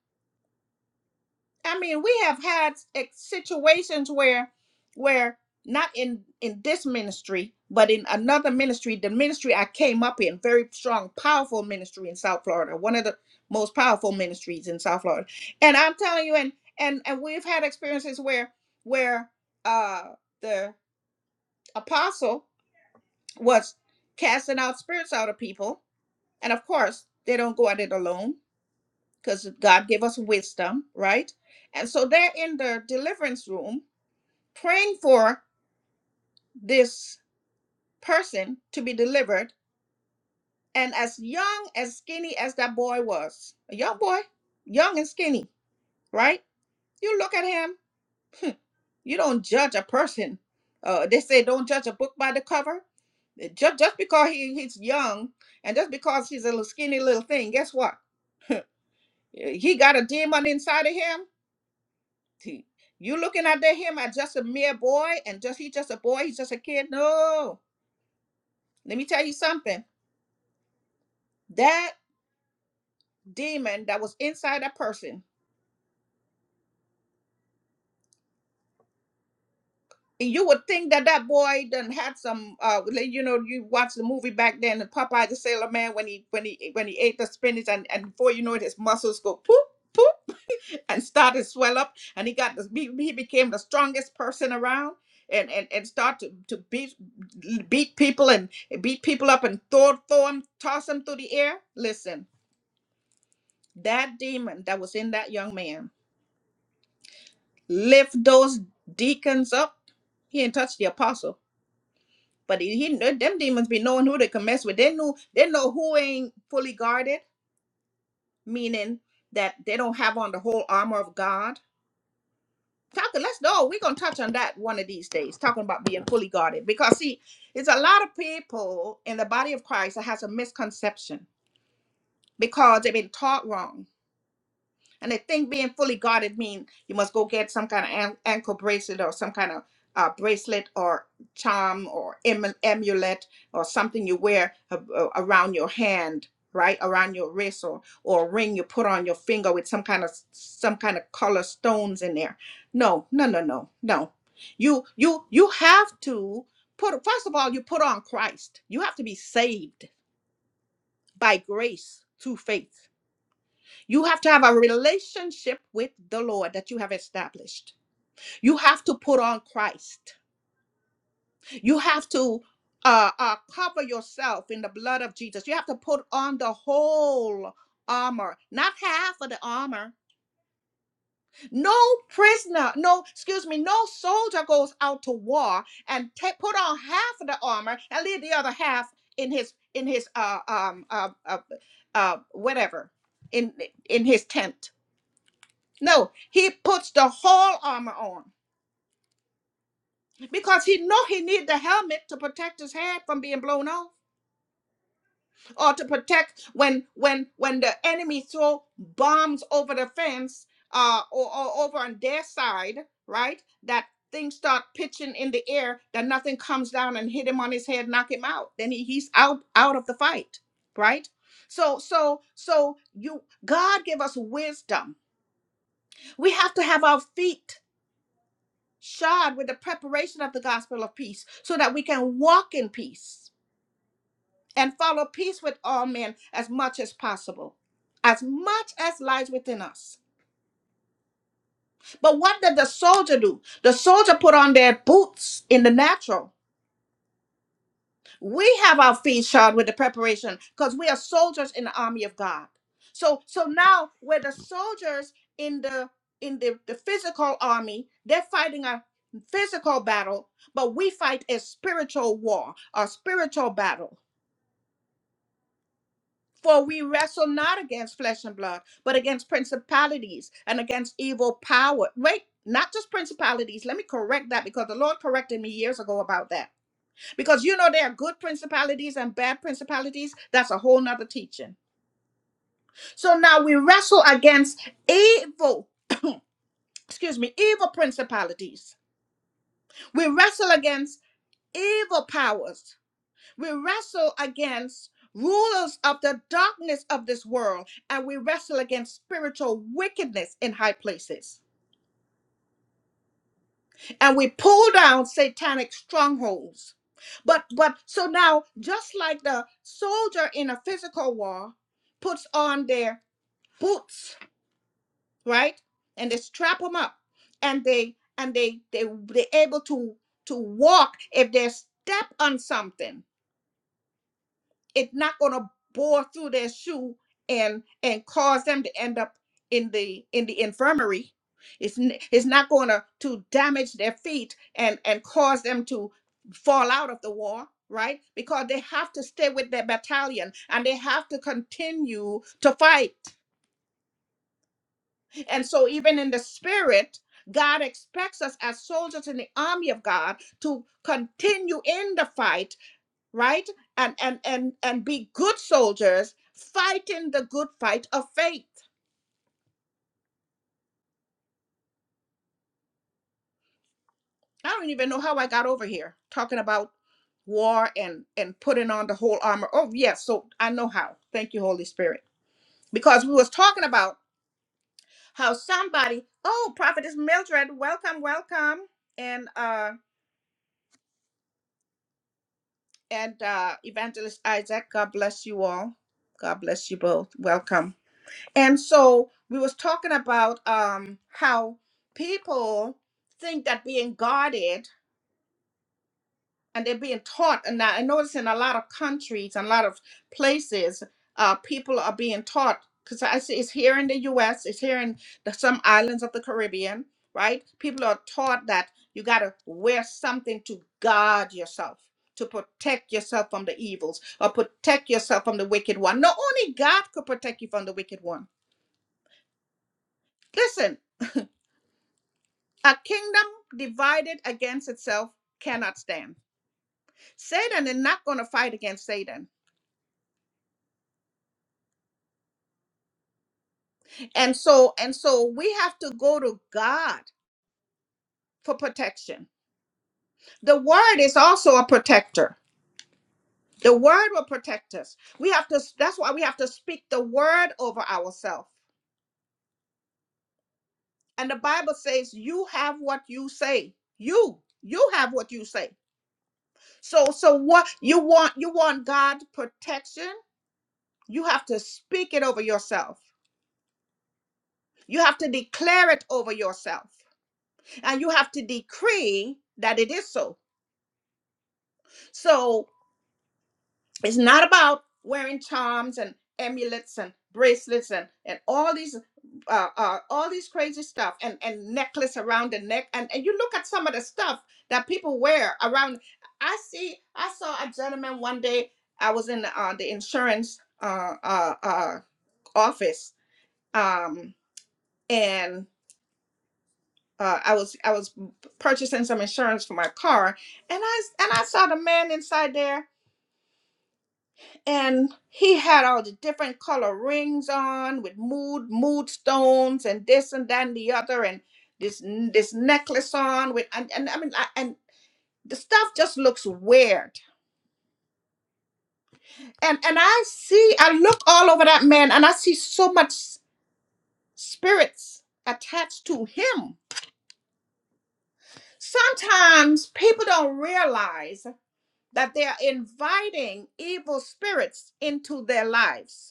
Speaker 1: i mean we have had ex- situations where where not in in this ministry but in another ministry the ministry i came up in very strong powerful ministry in south florida one of the most powerful ministries in south florida and i'm telling you and and and we've had experiences where where uh the apostle was casting out spirits out of people. And of course, they don't go at it alone because God gave us wisdom, right? And so they're in the deliverance room praying for this person to be delivered. And as young, as skinny as that boy was, a young boy, young and skinny, right? You look at him, you don't judge a person. Uh, they say don't judge a book by the cover. Just, just because he, he's young and just because he's a little skinny little thing, guess what? Eh, He got a demon inside of him. He- You looking at that him as just a mere boy and just he just a boy, he's just a kid. No. Let me tell you something. That demon that was inside that person, and you would think that that boy done had some uh like, you know, you watch the movie back then, the Popeye the Sailor Man when he when he when he ate the spinach and, and before you know it, his muscles go poof. and started to swell up and he got this, he, he became the strongest person around and and, and started to, to beat beat people and beat people up and throw throw them toss them through the air listen that demon that was in that young man lift those deacons up he didn't touch the apostle but he, he kn- them demons be knowing who they can mess with they knew they know who ain't fully guarded meaning that they don't have on the whole armor of god talking let's know we're going to touch on that one of these days talking about being fully guarded because see it's a lot of people in the body of christ that has a misconception because they've been taught wrong and the thing being fully guarded means you must go get some kind of an- ankle bracelet or some kind of uh, bracelet or charm or em- amulet or something you wear a- a- around your hand, right around your wrist or or a ring you put on your finger with some kind of some kind of color stones in there. No, no, no, no, no. You you you have to put first of all you put on Christ. You have to be saved by grace through faith you have to have a relationship with the Lord that you have established. You have to put on Christ. You have to uh, uh, cover yourself in the blood of Jesus. You have to put on the whole armor, not half of the armor. No prisoner, no, excuse me, no soldier goes out to war and ta- put on half of the armor and leave the other half in his in his uh um uh, uh, uh whatever in in his tent No, he puts the whole armor on because he know he need the helmet to protect his head from being blown off or to protect when when when the enemy throw bombs over the fence uh or, or over on their side, right? That things start pitching in the air that nothing comes down and hit him on his head, knock him out. Then he, he's out out of the fight, right? So so so you God give us wisdom. We have to have our feet shod with the preparation of the gospel of peace so that we can walk in peace and follow peace with all men as much as possible as much as lies within us but what did the soldier do the soldier put on their boots in the natural we have our feet shod with the preparation because we are soldiers in the army of god so so now we're the soldiers in the in the, the physical army they're fighting a physical battle but we fight a spiritual war a spiritual battle for we wrestle not against flesh and blood but against principalities and against evil power wait not just principalities let me correct that because the lord corrected me years ago about that because you know there are good principalities and bad principalities that's a whole nother teaching so now we wrestle against evil excuse me evil principalities we wrestle against evil powers we wrestle against rulers of the darkness of this world and we wrestle against spiritual wickedness in high places and we pull down satanic strongholds but but so now just like the soldier in a physical war puts on their boots, right? And they strap them up, and they and they they they able to to walk. If they step on something, it's not gonna bore through their shoe and and cause them to end up in the in the infirmary. It's n- it's not gonna to damage their feet and and cause them to fall out of the war, right? Because they have to stay with their battalion and they have to continue to fight. And so, even in the spirit, God expects us as soldiers in the army of God to continue in the fight, right? And and and and be good soldiers fighting the good fight of faith. I don't even know how I got over here talking about war and and putting on the whole armor. Oh, yes, so I know how. Thank you, Holy Spirit. Because we was talking about how somebody, oh, prophetess Mildred, welcome, welcome. And uh and uh, Evangelist Isaac. God bless you all. God bless you both. Welcome. And so we was talking about um, how people think that being guarded and they're being taught. And I notice in a lot of countries and a lot of places, uh, people are being taught because I see it's here in the U.S., it's here in the, some islands of the Caribbean, right? People are taught that you got to wear something to guard yourself. To protect yourself from the evils or protect yourself from the wicked one. Not only God could protect you from the wicked one. Listen, a kingdom divided against itself cannot stand. Satan is not going to fight against Satan. And so and so we have to go to God for protection. The word is also a protector. The word will protect us. We have to that's why we have to speak the word over ourselves. And the Bible says you have what you say. You you have what you say. So so what you want you want God's protection, you have to speak it over yourself. You have to declare it over yourself. And you have to decree that it is so. So It's not about wearing charms and amulets and bracelets and, and all these uh, uh, all these crazy stuff and, and necklace around the neck and, and you look at some of the stuff that people wear around i see i saw a gentleman one day i was in uh, the insurance uh, uh, uh, office um, and uh, i was i was purchasing some insurance for my car and i and i saw the man inside there and he had all the different color rings on with mood mood stones and this and that and the other and this this necklace on with and, and I mean I, and the stuff just looks weird and and I see I look all over that man and I see so much s- spirits attached to him. Sometimes people don't realize that they are inviting evil spirits into their lives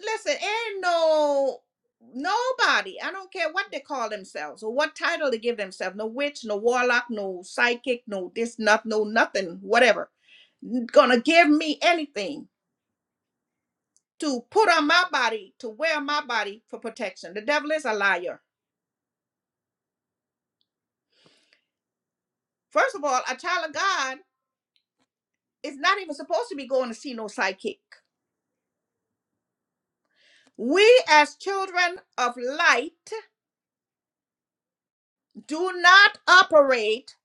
Speaker 1: listen, ain't no nobody. I don't care what they call themselves or what title they give themselves. No witch, no warlock, no psychic, no this, not no nothing, whatever. Gonna give me anything to put on my body to wear my body for protection. The devil is a liar. First of all, a child of God is not even supposed to be going to see no psychic. We as children of light do not operate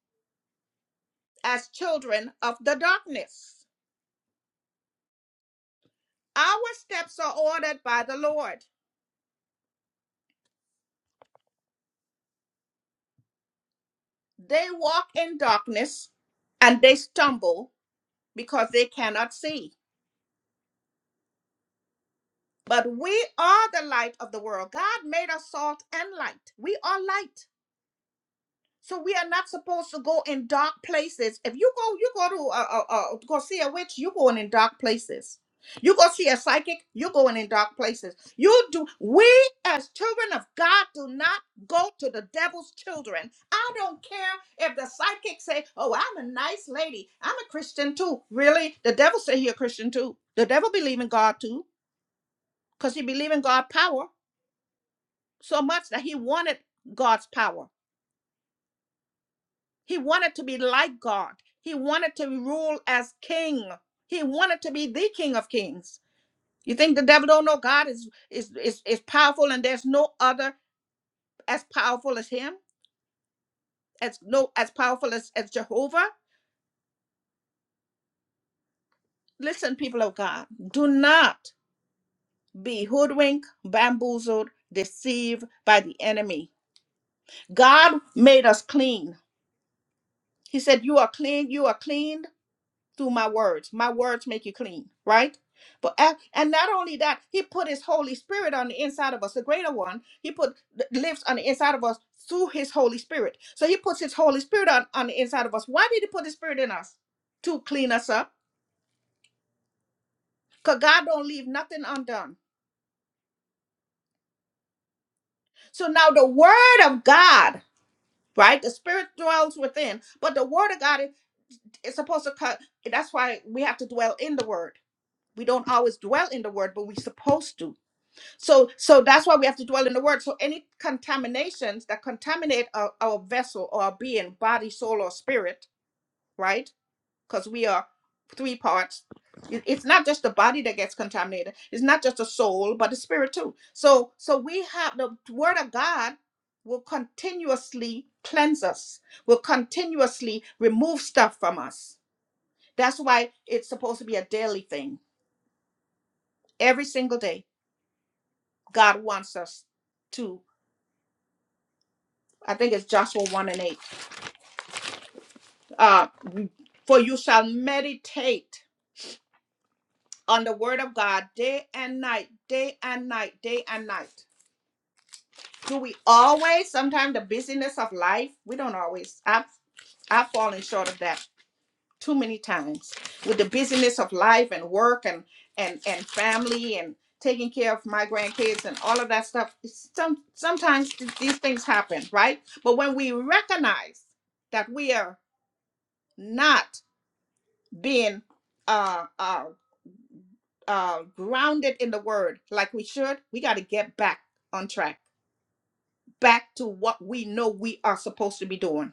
Speaker 1: as children of the darkness. Our steps are ordered by the Lord. They walk in darkness and they stumble because they cannot see. But we are the light of the world. God made us salt and light. We are light. So we are not supposed to go in dark places. If you go, you go to uh, uh, uh, go see a witch. You going in dark places. You go see a psychic. You're going in dark places. You do. We as children of God do not go to the devil's children. I don't care if the psychic say, "Oh, I'm a nice lady. I'm a Christian too." Really, the devil say he a Christian too. The devil believe in God too, cause he believe in God power so much that he wanted God's power. He wanted to be like God. He wanted to rule as king. He wanted to be the king of kings. You think the devil don't know God is is is, is powerful and there's no other as powerful as him, as no as powerful as, as Jehovah? Listen, people of God, do not be hoodwinked, bamboozled, deceived by the enemy. God made us clean. He said, You are clean, you are clean through my words. My words make you clean, right? But a- and not only that, he put his Holy Spirit on the inside of us, the greater one. He put th- lives on the inside of us through his Holy Spirit. So he puts his Holy Spirit on, on the inside of us. Why did he put his spirit in us? To clean us up. Because God don't leave nothing undone. So now the word of God, right? The spirit dwells within, but the word of God is, is supposed to cut. That's why we have to dwell in the word. We don't always dwell in the word, but we're supposed to. So so that's why we have to dwell in the word. So any contaminations that contaminate our, our vessel or our being, body, soul, or spirit, right? Because we are three parts. It- It's not just the body that gets contaminated. It's not just the soul, but the spirit too. So so we have the word of God will continuously cleanse us, will continuously remove stuff from us. That's why it's supposed to be a daily thing. Every single day, God wants us to. I think it's Joshua 1 and 8. Uh, For you shall meditate on the word of God day and night, day and night, day and night. Do we always, sometimes the busyness of life, we don't always. I've, I've fallen short of that too many times with the busyness of life and work and and and family and taking care of my grandkids and all of that stuff some sometimes th- these things happen right but when we recognize that we are not being uh, uh, uh, grounded in the word like we should, we got to get back on track, back to what we know we are supposed to be doing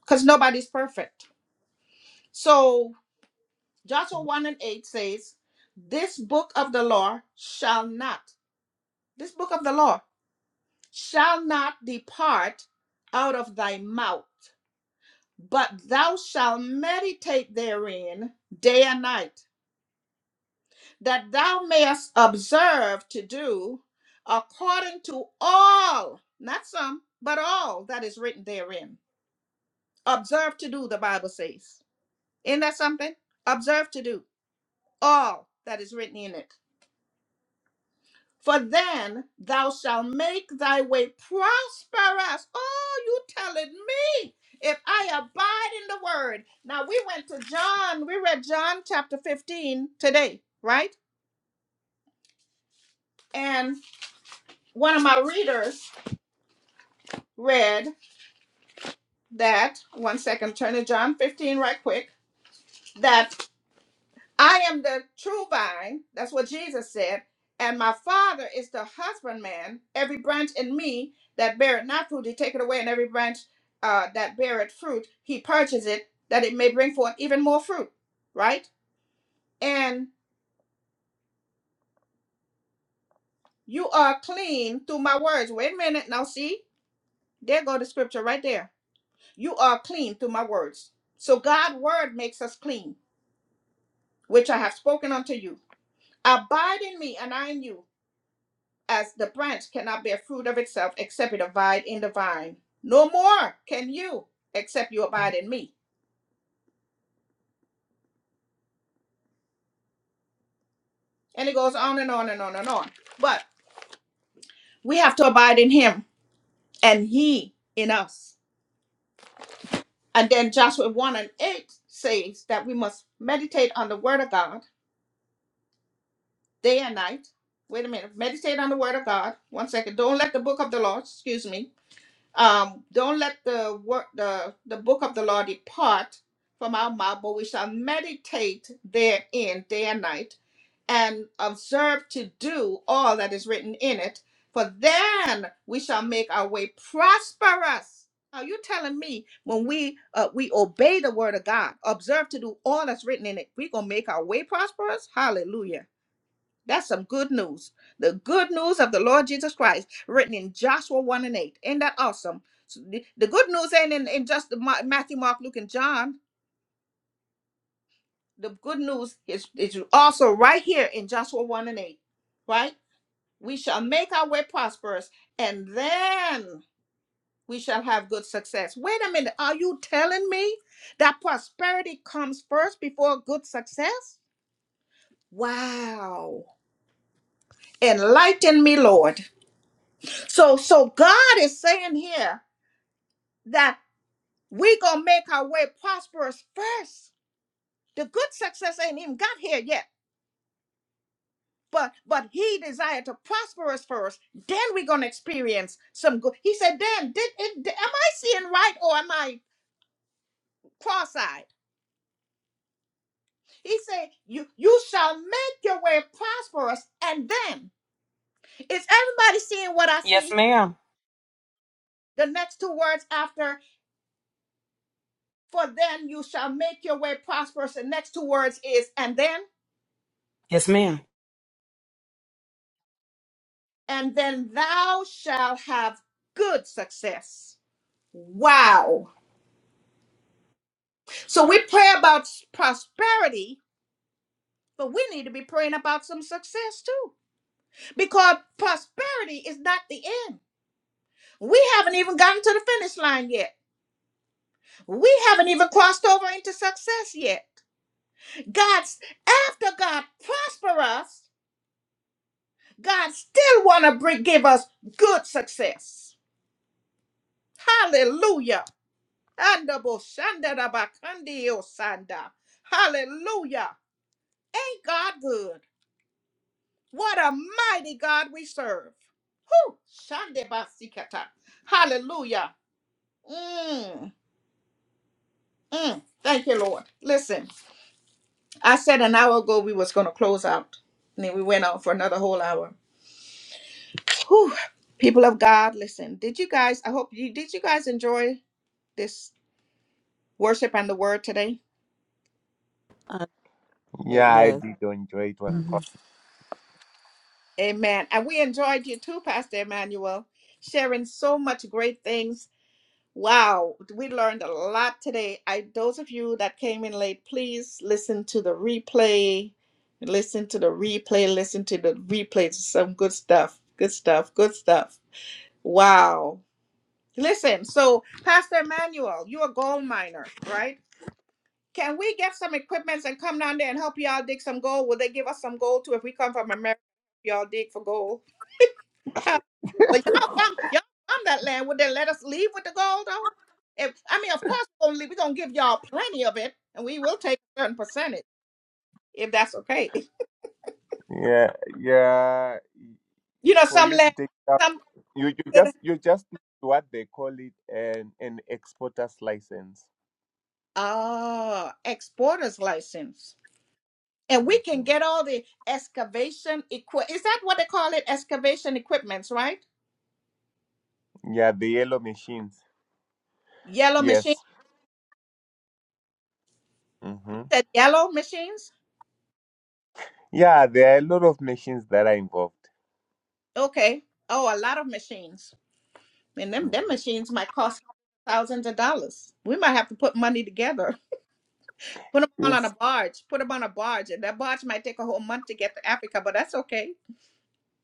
Speaker 1: because nobody's perfect. So, Joshua 1 and 8 says, This book of the law shall not, this book of the law shall not depart out of thy mouth, but thou shalt meditate therein day and night that thou mayest observe to do according to all, not some, but all that is written therein. Observe to do, the Bible says. Isn't that something? Observe to do all that is written in it. For then thou shalt make thy way prosperous. Oh, you telling me if I abide in the word. Now we went to John, we read John chapter 15 today, right? And one of my readers read that one second turn to john 15 right quick that i am the true vine that's what jesus said and my father is the husbandman every branch in me that beareth not fruit he taketh away and every branch uh, that beareth fruit he purges it that it may bring forth even more fruit right and you are clean through my words wait a minute now see there go the scripture right there you are clean through my words so god's word makes us clean which i have spoken unto you Abide in me, and I in you, as the branch cannot bear fruit of itself except it abide in the vine. No more can you except you abide in me. And it goes on and on and on and on. But we have to abide in him and he in us. And then Joshua 1 and 8 says that we must meditate on the word of God day and night. Wait a minute. Meditate on the word of God. One second. Don't let the book of the law, excuse me, Um, don't let the word, the, the book of the law depart from our mouth, but we shall meditate therein day and night, and observe to do all that is written in it. For then we shall make our way prosperous. Are you telling me when we uh, we obey the word of God, observe to do all that's written in it, we gonna make our way prosperous? Hallelujah. That's some good news. The good news of the Lord Jesus Christ, written in Joshua 1 and 8. Ain't that awesome? So the, the good news ain't in, in just the Ma- Matthew, Mark, Luke, and John. The good news is, is also right here in Joshua 1 and 8, right? We shall make our way prosperous and then we shall have good success. Wait a minute. Are you telling me that prosperity comes first before good success? Wow. Enlighten me, Lord So so God is saying here that we gonna make our way prosperous first. The good success ain't even got here yet. But but he desired to prosper us first. Then we're gonna experience some good. He said, Dan, did, it, am I seeing right or am I cross-eyed? He said, You you shall make your way prosperous, and then is everybody seeing what I
Speaker 9: Yes,
Speaker 1: see?
Speaker 9: ma'am.
Speaker 1: The next two words after, for then you shall make your way prosperous. The next two words is and then.
Speaker 9: Yes, ma'am.
Speaker 1: and then thou shalt have good success. Wow. So we pray about s- prosperity, but we need to be praying about some success too. Because prosperity is not the end. We haven't even gotten to the finish line yet. We haven't even crossed over into success yet. God's after God prosper us, God still want to bring give us good success. Hallelujah. Adaboshandarabakandiosanda. Hallelujah. Ain't God good? What a mighty God we serve. Whew. Shandebasikata. Hallelujah. Mm, mm. Thank you, Lord. Listen, I said an hour ago we was going to close out, and then we went on for another whole hour. Whew. People of God, listen. Did you guys? I hope you did. You guys enjoy this worship and the word today?
Speaker 2: Yes.
Speaker 1: Amen. And we enjoyed you too, Pastor Emmanuel, sharing so much great things. Wow, we learned a lot today. I those of you that came in late, please listen to the replay. Listen to the replay. Listen to the replay. It's Some good stuff. Good stuff. Good stuff. Wow. Listen, so Pastor Emmanuel, you're a gold miner, right? Can we get some equipments and come down there and help y'all dig some gold? Will they give us some gold too if we come from America? Y'all dig for gold? Huh. Well, y'all found y'all found that land. Would they let us leave with the gold though? If I mean, of course, we're gonna, leave- we're gonna give y'all plenty of it, and we will take a certain percentage if that's okay.
Speaker 7: Yeah, yeah.
Speaker 1: You know,
Speaker 7: For
Speaker 1: some
Speaker 7: you to
Speaker 1: land, some
Speaker 7: You you just you just need what they call it an an exporter's license.
Speaker 1: ah exporters license, and we can
Speaker 7: hmm
Speaker 1: get all the excavation equipment. Is that what they call it? Excavation equipments, right?
Speaker 7: Yeah, the yellow machines.
Speaker 1: Yellow
Speaker 7: Yes.
Speaker 1: machines. You
Speaker 7: hmm
Speaker 1: said yellow machines.
Speaker 7: Yeah, there are a lot of machines that are involved.
Speaker 1: Okay. Oh, a lot of machines. And them
Speaker 7: Mhm.
Speaker 1: them machines might cost thousands of dollars. We might have to put money together. Put them all on a
Speaker 7: It's
Speaker 1: barge. Put them on a barge, and that barge might take a whole month to get to Africa, but that's okay.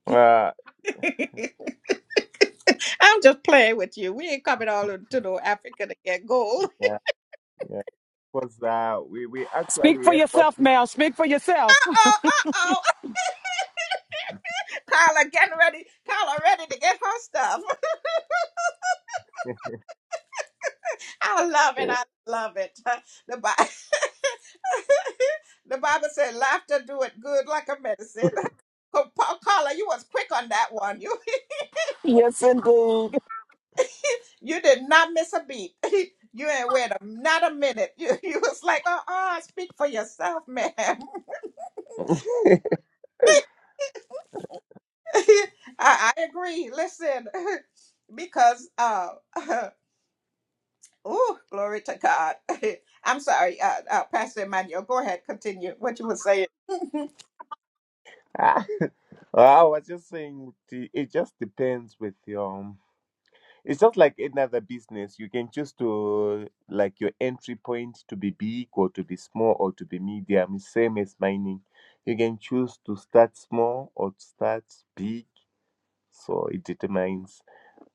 Speaker 7: uh
Speaker 1: I'm just playing with you. We ain't coming all to no Africa to get gold.
Speaker 7: yeah yeah because uh, we we
Speaker 9: Speak
Speaker 7: actually
Speaker 9: for
Speaker 7: have what
Speaker 9: yourself,
Speaker 7: we.
Speaker 9: ma'am. Speak for yourself.
Speaker 1: Uh-oh, uh-oh. Carla getting ready. Carla ready to get her stuff. I love it. I love it. The Bible, the Bible said, "Laughter do it good like a medicine." Oh, Pa- Carla, you was quick on that one. You.
Speaker 9: Yes, indeed.
Speaker 1: You did not miss a beat. You ain't wait a, not a minute. You, you was like, uh uh speak for yourself, ma'am. I, I agree. Listen, because, uh, oh, glory to God. I'm sorry, uh, uh, Pastor Emmanuel. Go ahead, continue what you were saying.
Speaker 7: Ah, I was just saying it it just depends with your. It's just like any other business. You can choose to like your entry point to be big or to be small or to be medium. It's Same as mining. You can choose to start small or to start big. So it determines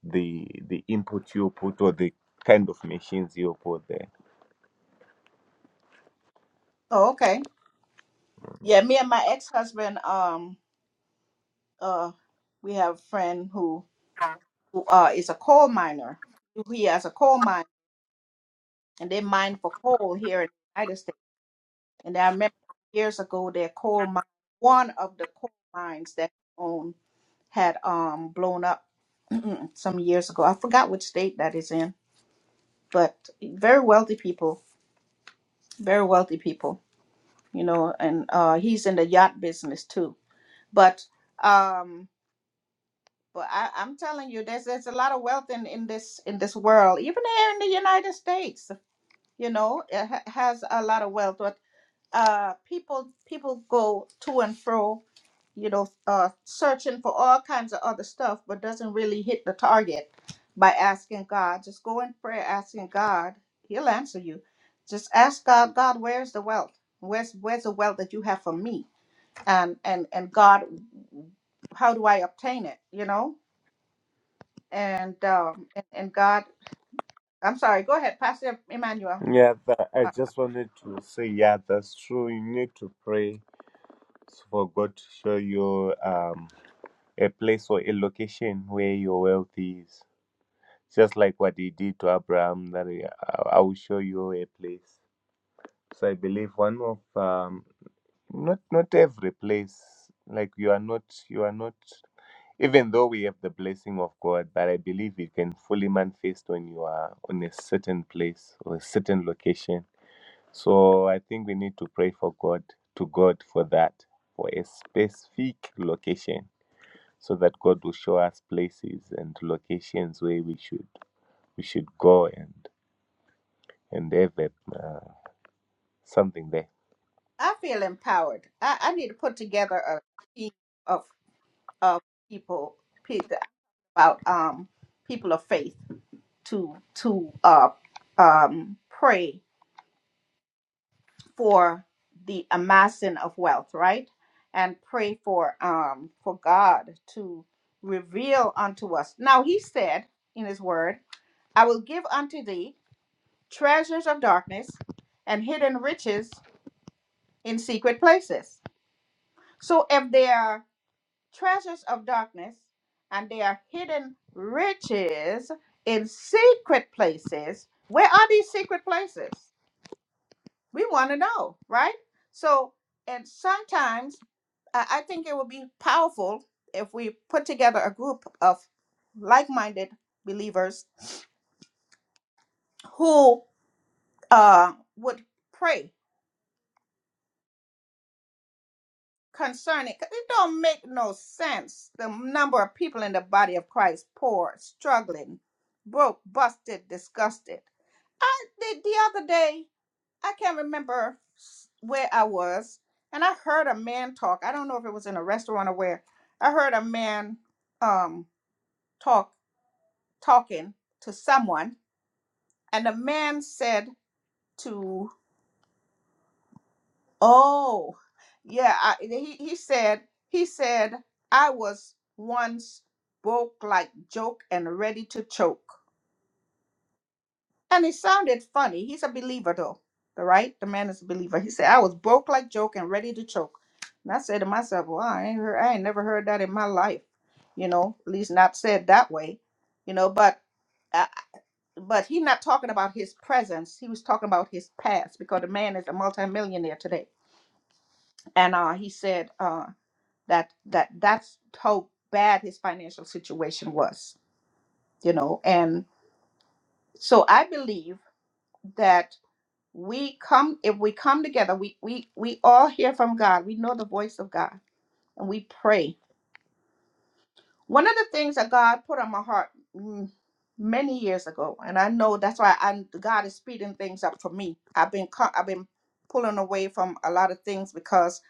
Speaker 7: the the input you put or the kind of machines you put there.
Speaker 1: Oh, okay. Yeah, me and my ex-husband, um, uh, we have a friend who who uh is a coal miner. He has a coal mine, and they mine for coal here in the United States And I remember years ago, their coal mine, one of the coal mines that he owned had um blown up some years ago. I forgot which state that is in, but very wealthy people, very wealthy people, you know. And uh, he's in the yacht business too. But um, but I, I'm telling you, there's there's a lot of wealth in in this in this world, even here in the United States. You know, it ha- has a lot of wealth, but uh, people people go to and fro you know, uh, searching for all kinds of other stuff, but doesn't really hit the target by asking God. Just go in prayer asking God. He'll answer you. Just ask God, God, where's the wealth? Where's where's the wealth that you have for me? And and and God, how do I obtain it? You know, and um and, and God, I'm sorry. Go ahead, Pastor Emmanuel.
Speaker 7: Yeah, that, I
Speaker 1: Uh,
Speaker 7: just wanted to say, yeah, that's true. You need to pray for God to show you um, a place or a location where your wealth is. Just like what he did to Abraham, that he- I I will show you a place. So I believe one of um, not not every place. Like you are not you are not. Even though we have the blessing of God, but I believe it can fully manifest when you are on a certain place or a certain location. So I think we need to pray for God to God for that for a specific location, so that God will show us places and locations where we should we should go and. and David uh, something there.
Speaker 1: I feel empowered. I, I need to put together a team of of people pe- about um people of faith to to uh um pray for the amassing of wealth right and pray for um for god to reveal unto us now he said in his word i will give unto thee treasures of darkness and hidden riches in secret places so if there treasures of darkness, and they are hidden riches in secret places. Where are these secret places? We want to know, right? So, and sometimes I I think it would be powerful if we put together a group of like minded believers who uh, would pray concerning because it don't make no sense the number of people in the body of christ poor struggling broke busted disgusted i the, the other day i can't remember s- where i was and i heard a man talk i don't know if it was in a restaurant or where i heard a man um talk talking to someone and the man said to. Oh, yeah. I, he he said he said I was once broke like joke and ready to choke, and it sounded funny. He's a believer though, all right? The man is a believer. He said I was broke like joke and ready to choke, and I said to myself, well, I ain't heard, I ain't never heard that in my life, you know. At least not said that way, you know. But uh, but he not talking about his presence. He was talking about his past because the man is a multimillionaire today. And uh, he said. uh, that that that's how bad his financial situation was you know and so i believe that we come if we come together we we we all hear from god we know the voice of god and we pray one of the things that god put on my heart mm, many years ago and i know that's why i god is speeding things up for me i've been co- i've been pulling away from a lot of things because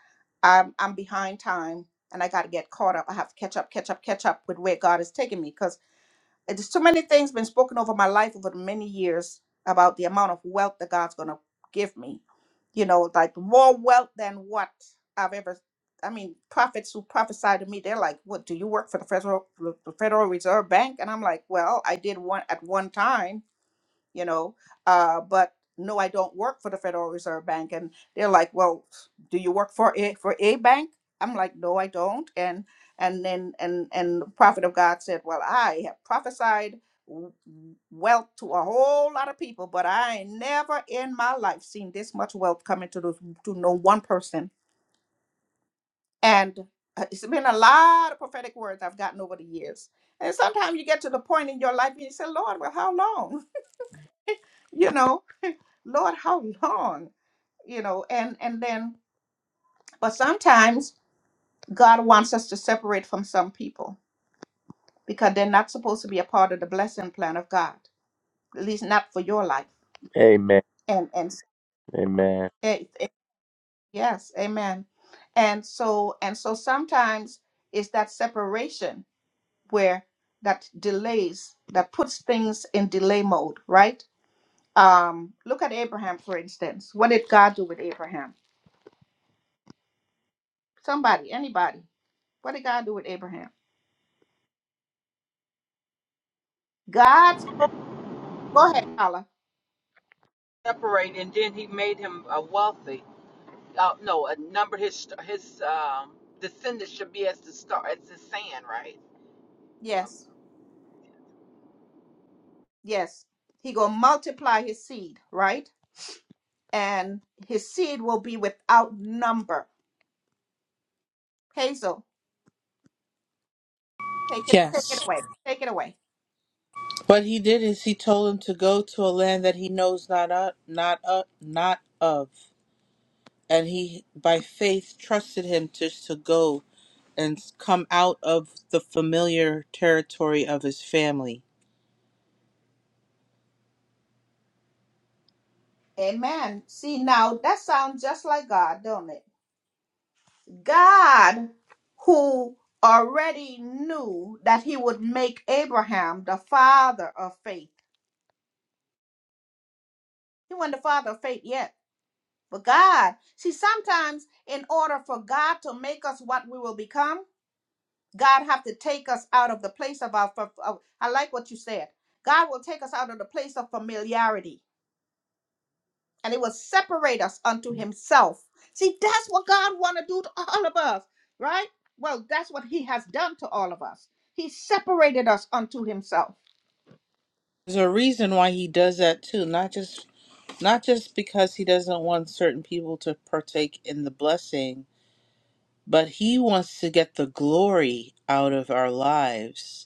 Speaker 1: i'm i'm behind time and i got to get caught up i have to catch up catch up catch up with where god is taking me And There's so many things been spoken over my life over the many years about the amount of wealth that God's gonna give me. You know, like more wealth than what I've ever. I mean, prophets who prophesy to me, they're like, "What do you work for the federal the Federal Reserve Bank?" And I'm like, "Well, I did one at one time." you know uh, but no i don't work for the federal reserve bank and they're like well do you work for a for a bank i'm like no i don't and and then and and the prophet of god said well i have prophesied w- wealth to a whole lot of people but i ain't never in my life seen this much wealth coming to the, to no one person and uh, it's been a lot of prophetic words i've gotten over the years and sometimes you get to the point in your life and you say lord well how long you know Lord, how long? You know, and and then but sometimes God wants us to separate from some people because they're not supposed to be a part of the blessing plan of God, at least not for your life.
Speaker 7: Amen.
Speaker 1: And and
Speaker 7: Amen.
Speaker 1: eh, eh, yes, amen. And so and so sometimes it's that separation where that delays that puts things in delay mode, right? Um, look at Abraham, for instance. What did God do with Abraham? Somebody, anybody. What did God do with Abraham? God, go ahead, Paula.
Speaker 9: separate, and then he made him uh, wealthy. Uh, no, a number his his um, descendants should be as the star, as the sand, right?
Speaker 1: Yes, yes. He gonna multiply his seed, right? And his seed will be without number. Hazel, take it, take it
Speaker 10: Yes.
Speaker 1: away, take it away.
Speaker 10: What he did is he told him to go to a land that he knows not of, not of, not of, and he by faith trusted him to to go and come out of the familiar territory of his family.
Speaker 1: Amen. See now, that sounds just like God, don't it? God, who already knew that He would make Abraham the father of faith. He wasn't the father of faith yet, but God. See, sometimes in order for God to make us what we will become. God have to take us out of the place of our. of- I like what you said. God will take us out of the place of familiarity, and it will separate us unto Himself. See, that's what God want to do to all of us, right? Well, that's what He has done to all of us. He separated us unto Himself.
Speaker 10: There's a reason why he does that too, not just not just because he doesn't want certain people to partake in the blessing, but he wants to get the glory out of our lives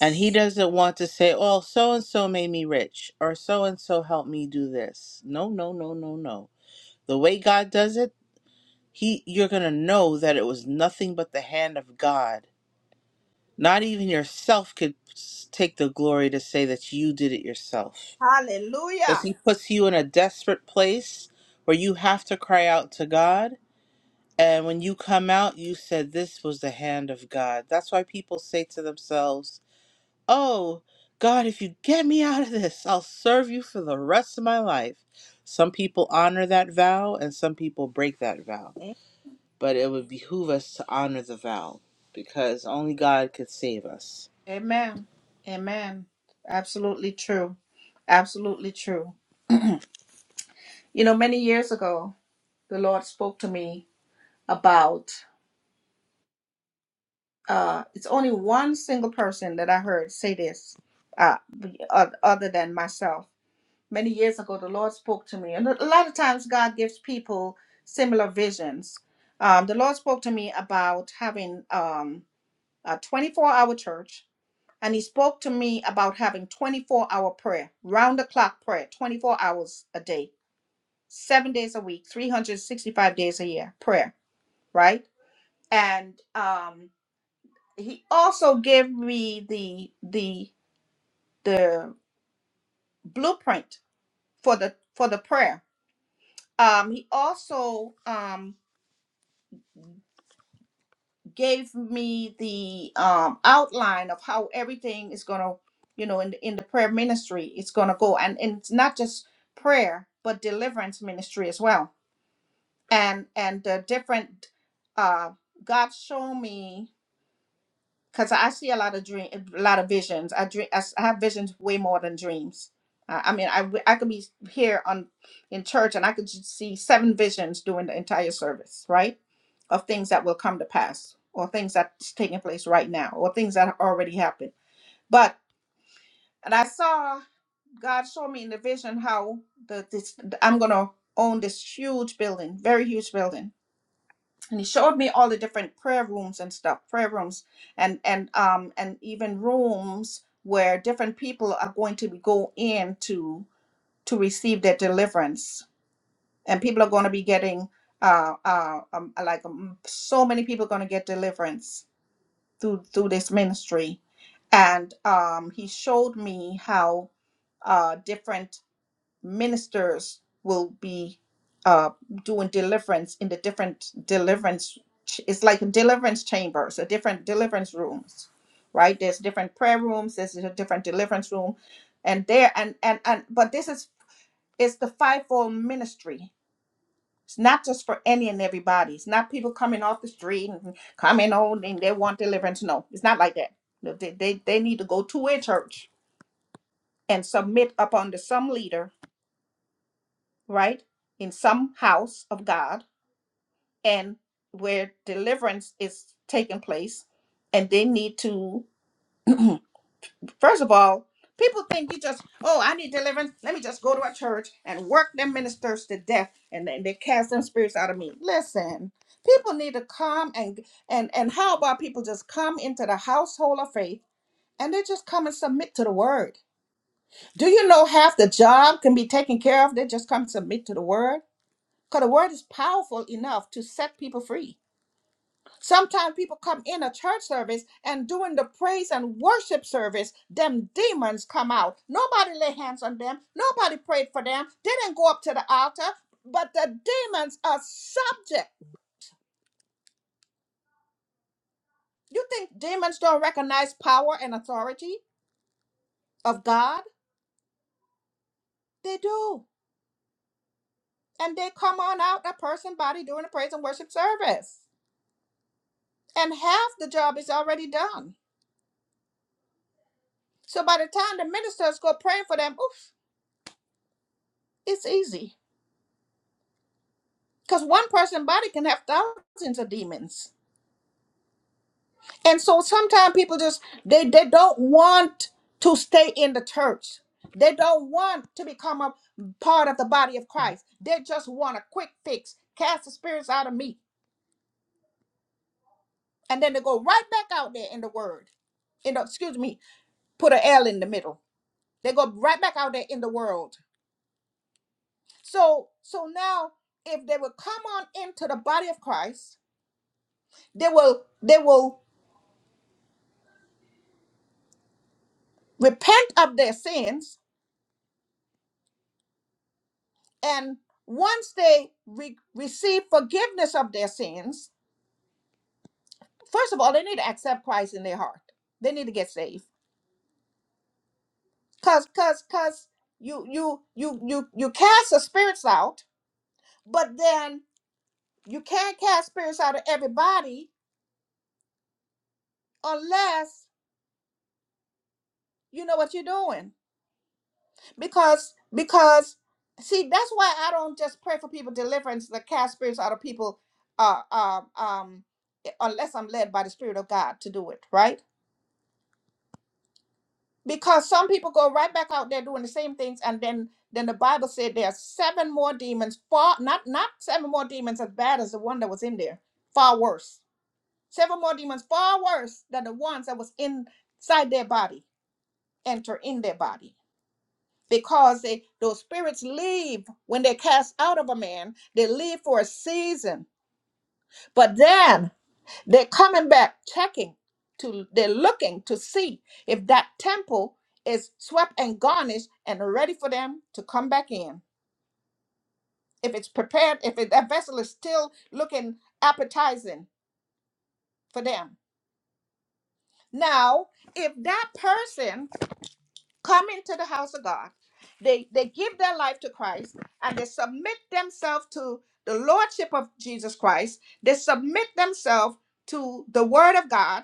Speaker 10: And he doesn't want to say, oh, so and so made me rich or so and so helped me do this. No, no, no, no, no. The way God does it, he you're going to know that it was nothing but the hand of God. Not even yourself could s- take the glory to say that you did it yourself. Cuz
Speaker 1: Hallelujah.
Speaker 10: he puts you in a desperate place where you have to cry out to God. And when you come out, you said this was the hand of God. That's why people say to themselves, Oh, God, if you get me out of this, I'll serve you for the rest of my life. Some people honor that vow and some people break that vow.
Speaker 1: A-
Speaker 10: But it would behoove us to honor the vow because only God could save us.
Speaker 1: Amen. Amen. Absolutely true. Absolutely true. You know, many years ago, the Lord spoke to me about. uh, it's only one single person that I heard say this, uh, b- oth- other than myself. Many years ago, the Lord spoke to me, and a lot of times God gives people similar visions. Um, the Lord spoke to me about having um, a 24-hour church, and He spoke to me about having 24-hour prayer, round-the-clock prayer, 24 hours a day, seven days a week, 365 days a year, prayer. Right? And um, he also gave me the the the blueprint for the for the prayer um he also um gave me the um outline of how everything is going to you know in the, in the prayer ministry it's going to go and, and it's not just prayer but deliverance ministry as well and and the different uh god showed me because I see a lot of dream, a lot of visions. I dream, I, s- I have visions way more than dreams. Uh, I mean, I w- I could be here on in church and I could just see seven visions during the entire service, right, of things that will come to pass, or things that's taking place right now, or things that have already happened. But and I saw God showed me in the vision how the this I'm gonna own this huge building, very huge building, and he showed me all the different prayer rooms and stuff prayer rooms and and um and even rooms where different people are going to be go in to to receive their deliverance and people are going to be getting uh uh um, like um, so many people going to get deliverance through through this ministry and um he showed me how uh different ministers will be uh, doing deliverance in the different deliverance. ch- It's like deliverance chambers, or different deliverance rooms, right? There's different prayer rooms. There's a different deliverance room, and there and and and. But this is it's the fivefold ministry. It's not just for any and everybody. It's not people coming off the street and coming on and they want deliverance. No, it's not like that. No, They, they, they need to go to a church and submit up under some leader right, in some house of God and where deliverance is taking place. And they need to, first of all, people think you just, oh, I need deliverance. Let me just go to a church and work them ministers to death and then they cast them spirits out of me. Listen, people need to come and and and how about people just come into the household of faith and they just come and submit to the word. Do you know half the job can be taken care of? They just come submit to the word Because the word is powerful enough to set people free. Sometimes people come in a church service and during the praise and worship service, them demons come out. Nobody lay hands on them. Nobody prayed for them. They didn't go up to the altar. But the demons are subject. You think demons don't recognize power and authority of God? Want to stay in the church. They don't want to become a part of the body of Christ. They just want a quick fix. Cast the spirits out of me and then they go right back out there in the word. In the, excuse me, put an L in the middle. They go right back out there in the world. So so now if they will come on into the body of Christ, they will they will repent of their sins and once they re- receive forgiveness of their sins, first of all they need to accept Christ in their heart. They need to get saved. Cuz cuz cuz you you you you you cast the spirits out, but then You can't cast spirits out of everybody unless you know what you're doing. Because because see, that's why I don't just pray for people deliverance, the cast spirits out of people uh, uh um eh, unless I'm led by the Spirit of God to do it, right? Because some people go right back out there doing the same things and then then the Bible said there are seven more demons, far not not seven more demons as bad as the one that was in there, far worse. Seven more demons far worse than the ones that was inside their body enter in their body because they, those spirits leave when they cast out of a man they leave for a season but then they're coming back checking to they're looking to see if that temple is swept and garnished and ready for them to come back in if it's prepared if it, that vessel is still looking appetizing for them now if that person come into the house of God. They they give their life to Christ and they submit themselves to the lordship of Jesus Christ. They submit themselves to the word of God.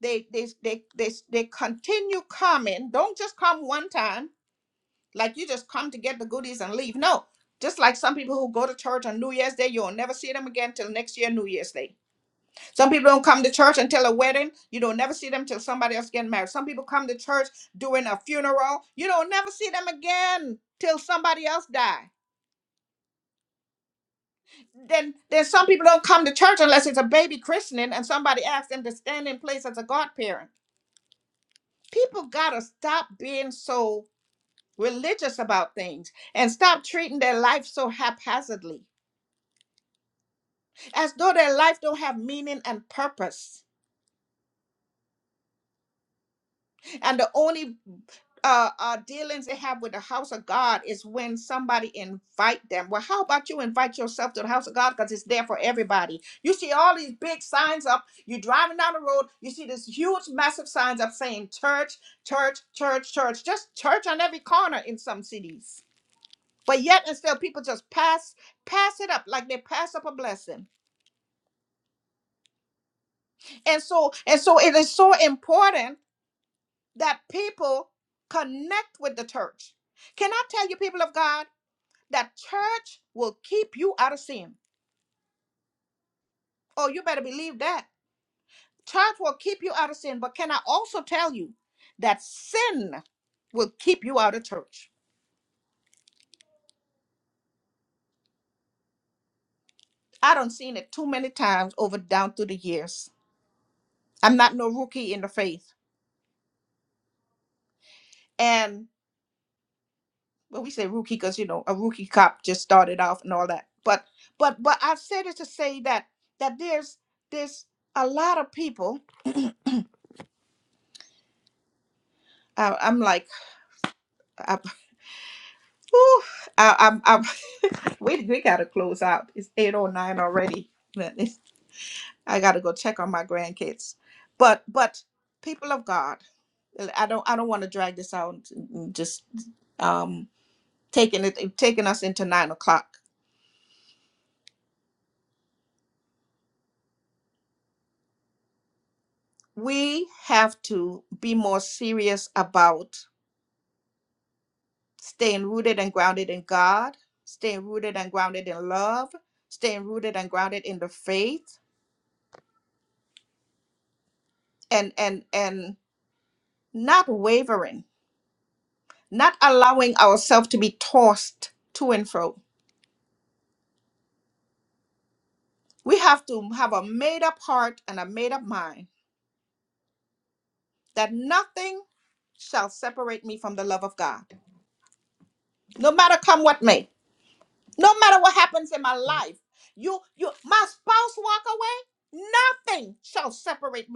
Speaker 1: They they they they, they continue coming. Don't just come one time like you just come to get the goodies and leave. No. Just like some people who go to church on New Year's Day, you'll never see them again till next year New Year's Day some people don't come to church until a wedding. You don't never see them till somebody else getting married. Some people come to church during a funeral. You don't never see them again till somebody else die. Then, then some people don't come to church unless it's a baby christening and somebody asks them to stand in place as a godparent. People gotta stop being so religious about things and stop treating their life so haphazardly, as though their life don't have meaning and purpose. And the only uh, uh dealings they have with the house of God is when somebody invite them. Well, how about you invite yourself to the house of God because it's there for everybody. You see all these big signs up. You're driving down the road. You see this huge, massive signs up saying church, church, church, church. Just church on every corner in some cities. But yet, and still, people just pass pass it up like they pass up a blessing. And so, and so, it is so important that people connect with the church. Can I tell you, people of God? that church will keep you out of sin. Oh, you better believe that. Church will keep you out of sin. But can I also tell you that sin will keep you out of church? I done seen it too many times over down through the years. I'm not no rookie in the faith. And well, we say rookie because you know a rookie cop just started off and all that. But but but I've said it to say that that there's there's a lot of people. I, I'm like I, whew, I, am We we gotta close out. It's eight oh nine already. But it's- I gotta go check on my grandkids. But but people of God, I don't I don't want to drag this out. Just um taking it taking us into nine o'clock. We have to be more serious about staying rooted and grounded in God, staying rooted and grounded in love, staying rooted and grounded in the faith, and and and not wavering not allowing ourselves to be tossed to and fro. We have to have a made up heart and a made up mind that nothing shall separate me from the love of God. No matter come what may, no matter what happens in my life, you, you, my spouse walk away, nothing shall separate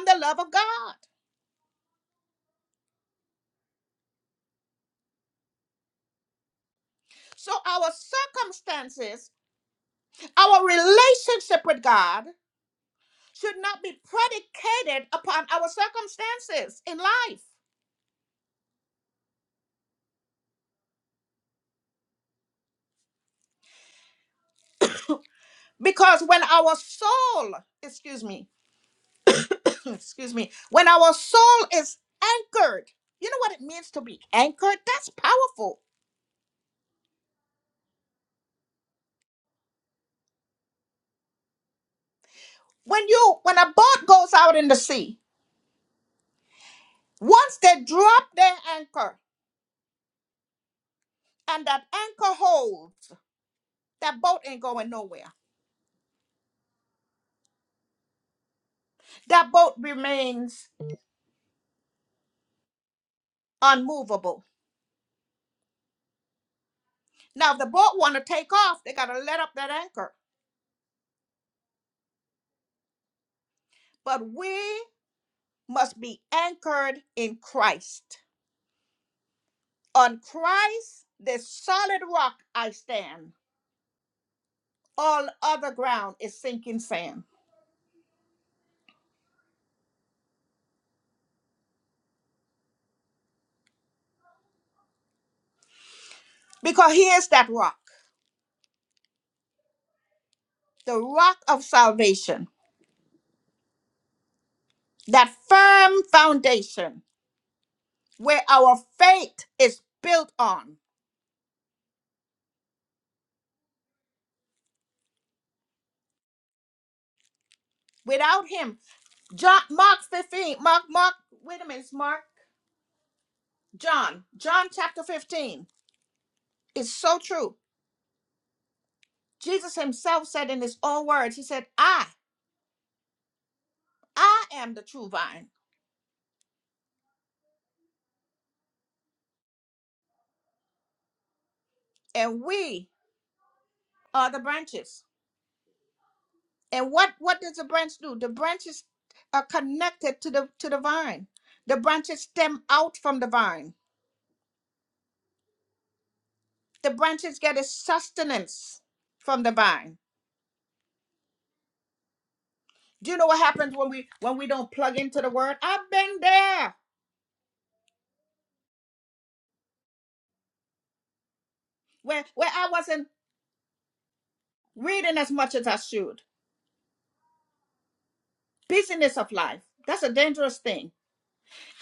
Speaker 1: the love of God. So our circumstances, our relationship with God should not be predicated upon our circumstances in life. Because when our soul, excuse me, excuse me, when our soul is anchored, you know what it means to be anchored? That's powerful. When you when a boat goes out in the sea, once they drop their anchor and that anchor holds, that boat ain't going nowhere. That boat remains unmovable. Now if the boat want to take off, they got to let up that anchor. But we must be anchored in Christ on Christ, the solid faith is built on. Without him, John Mark 15, Mark, Mark, wait a minute, it's Mark, John, John chapter 15 is so true. Jesus himself said in his own words, he said, I, I am the true vine, and we are the branches. And what what does the branch do? The branches are connected to the to the vine. The branches stem out from the vine. The branches get its sustenance from the vine Do you know what happens when we when we don't plug into the word? I've been there where where I wasn't reading as much as I should. Busyness of life. That's a dangerous thing.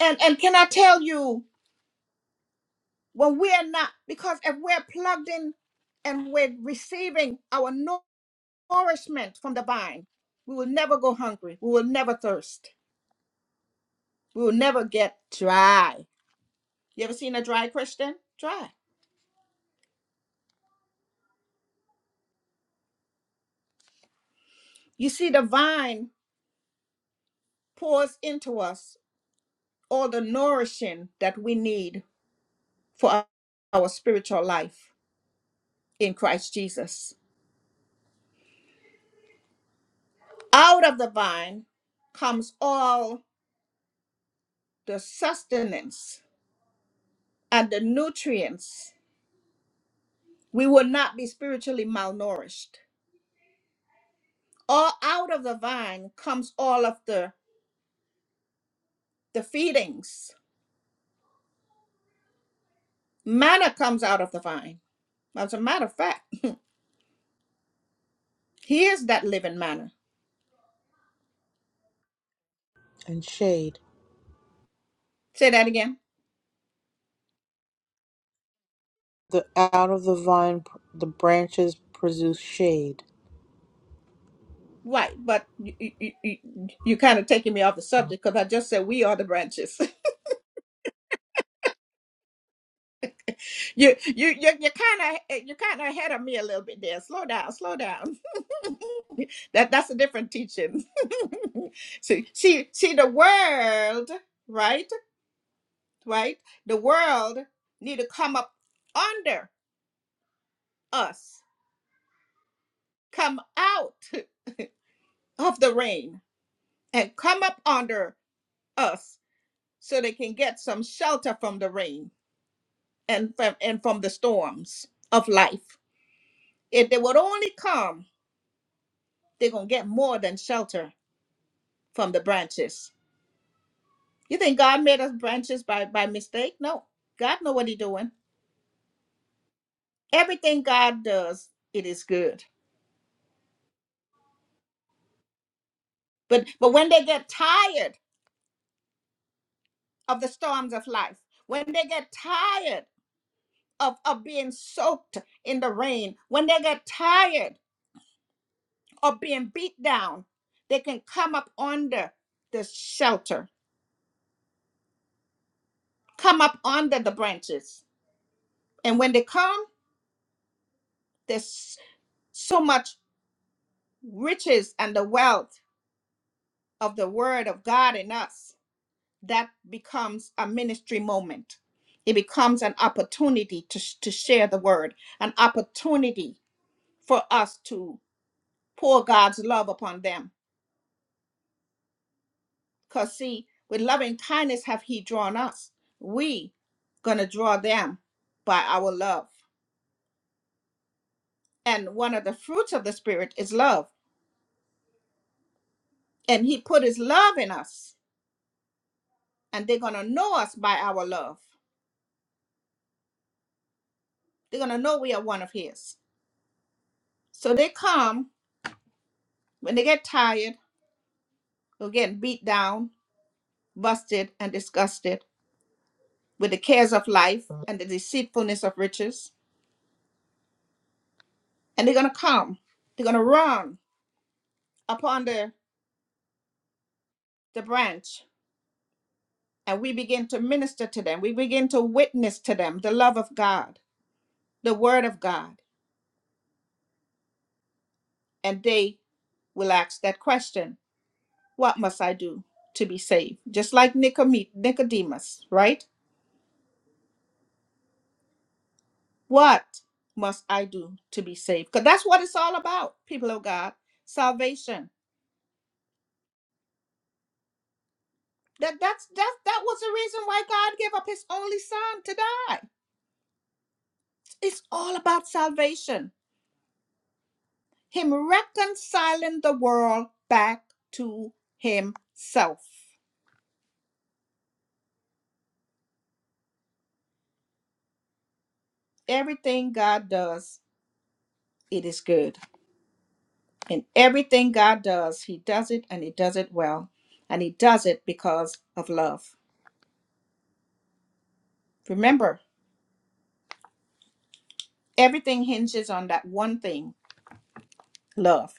Speaker 1: And and can I tell you when we are not because if we're plugged in and we're receiving our nourishment from the vine, we will never go hungry. We will never thirst. We will never get dry. You ever seen a dry Christian? Dry. You see, the vine pours into us all the nourishing that we need for our our spiritual life in Christ Jesus. Out of the vine comes all the sustenance and the nutrients. We will not be spiritually malnourished. All out of the vine comes all of the, the feedings. Manna comes out of the vine. As a matter of fact, he is that living manna.
Speaker 10: And shade.
Speaker 1: Say that again.
Speaker 10: The out of the vine, pr- the branches produce shade.
Speaker 1: Right, but you, you, you, you kind of taking me off the subject because I just said we are the branches. You you you you kind of you kind of ahead of me a little bit there. Slow down, slow down. that that's a different teaching. see see see the world, right? Right? The world need to come up under us. Come out of the rain and come up under us so they can get some shelter from the rain and from and from the storms of life. If they would only come, they're going to get more than shelter from the branches. You think God made us branches by by mistake? No. God know what he doing. Everything God does, it is good. But but when they get tired of the storms of life, when they get tired of, of being soaked in the rain, when they get tired of being beat down, they can come up under the shelter, come up under the branches. And when they come, there's so much riches and the wealth of the word of God in us, that becomes a ministry moment. It becomes an opportunity to, sh- to share the word, an opportunity for us to pour God's love upon them. Because, see, with loving kindness have He drawn us. We going to draw them by our love. And one of the fruits of the Spirit is love. And He put His love in us, and they're going to know us by our love. They're going to know we are one of His. So they come When they get tired or getting beat down, busted, and disgusted with the cares of life and the deceitfulness of riches, and they're going to come, they're going to run upon the, the branch, and we begin to minister to them. We begin to witness to them the love of God, the word of God, and they will ask that question What must I do to be saved? Just like Nicodemus, right? What must I do to be saved? Because that's what it's all about, people of God. Salvation. That that's that that was the reason why God gave up his only son to die. It's all about salvation. Him reconciling the world back to himself. Everything God does, it is good. And everything God does, he does it and he does it well. And he does it because of love. Remember, everything hinges on that one thing, love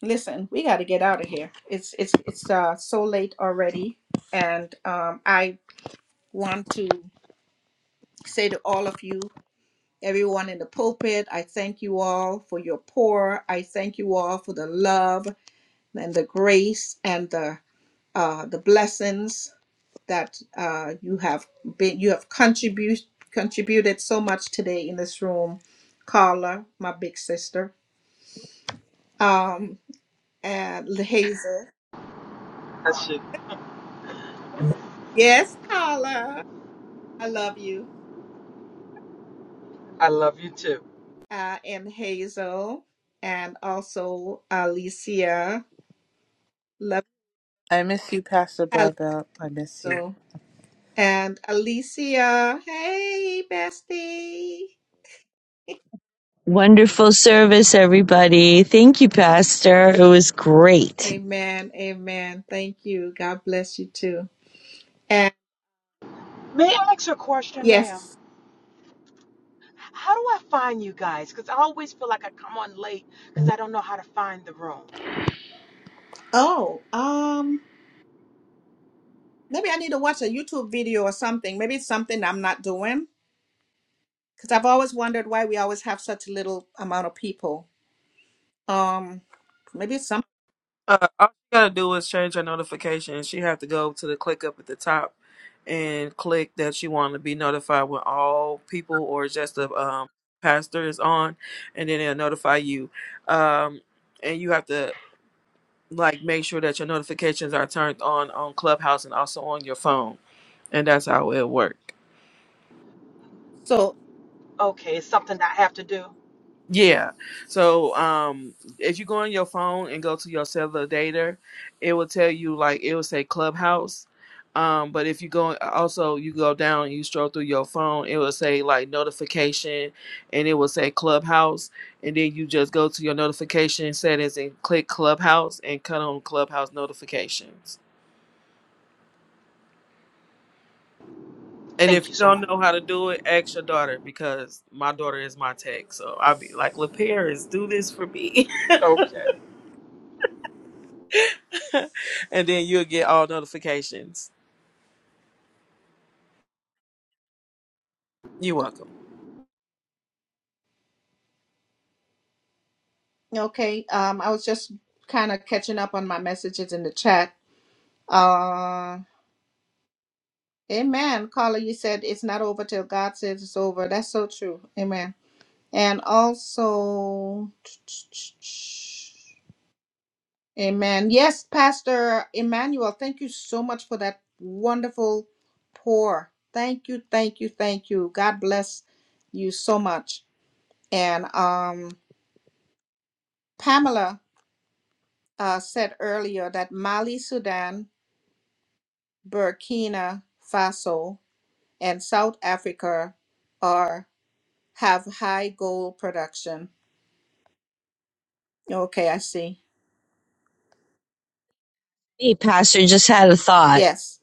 Speaker 1: Listen, we got to get out of here. It's it's it's uh, so late already, and um, I want to say to all of you, everyone in the pulpit, I thank you all for your pour. I thank you all for the love and the grace and the uh, the blessings that uh, you have been you have contributed contributed so much today in this room, Carla, my big sister, um, and Hazel.
Speaker 9: That's you.
Speaker 1: Yes, Carla. I love you.
Speaker 9: I love you too.
Speaker 1: uh, and Hazel, and also Alicia. Love
Speaker 10: I miss you, Pastor Broadbelt. I miss you.
Speaker 1: Alicia. And Alicia, hey, bestie.
Speaker 6: Wonderful service, everybody. Thank you, Pastor. It was great.
Speaker 1: Amen. Amen. Thank you. God bless you too. And
Speaker 9: May I ask you a question, ma'am?
Speaker 1: yes.
Speaker 9: How do I find you guys? Because I always feel like I come on late because I don't know how to find the room.
Speaker 1: Oh, um, maybe I need to watch a YouTube video or something. Maybe it's something I'm not doing because I've always wondered why we always have such little amount of people. Um, maybe it's some.
Speaker 2: Uh, all she gotta do is change her notification. She have to go to the click up at the top and click that she want to be notified when all people or just the um, pastor is on, and then it'll notify you. Um, and you have to like make sure that your notifications are turned on on Clubhouse and also on your phone. And that's how it works.
Speaker 1: So
Speaker 9: Okay, it's something that I have to do.
Speaker 2: Yeah. So um if you go on your phone and go to your cellular data, it will tell you like it will say Clubhouse. Um, but if you go also you go down and you stroll through your phone, it will say like notification and it will say Clubhouse and then you just go to your notification settings and click Clubhouse and cut on Clubhouse notifications. And if
Speaker 9: Thank you
Speaker 2: you
Speaker 9: so
Speaker 2: don't
Speaker 9: much.
Speaker 2: know how to do it, ask your daughter because my daughter is my tech. So I'll be like, LaPierre is do this for me.
Speaker 9: Okay.
Speaker 2: and then you'll get all notifications. You're welcome.
Speaker 1: Okay. Um, I was just kind of catching up on my messages in the chat. Uh, amen. Carla, you said it's not over till God says it's over. That's so true. Amen. And also, amen. Yes, Pastor Emmanuel, thank you so much for that wonderful pour. Thank you, thank you, thank you. God bless you so much. And um, Pamela uh, said earlier that Mali, Sudan Burkina Faso, and South Africa are have high gold production. Okay, I see.
Speaker 6: Hey, Pastor, just had a thought
Speaker 1: Yes,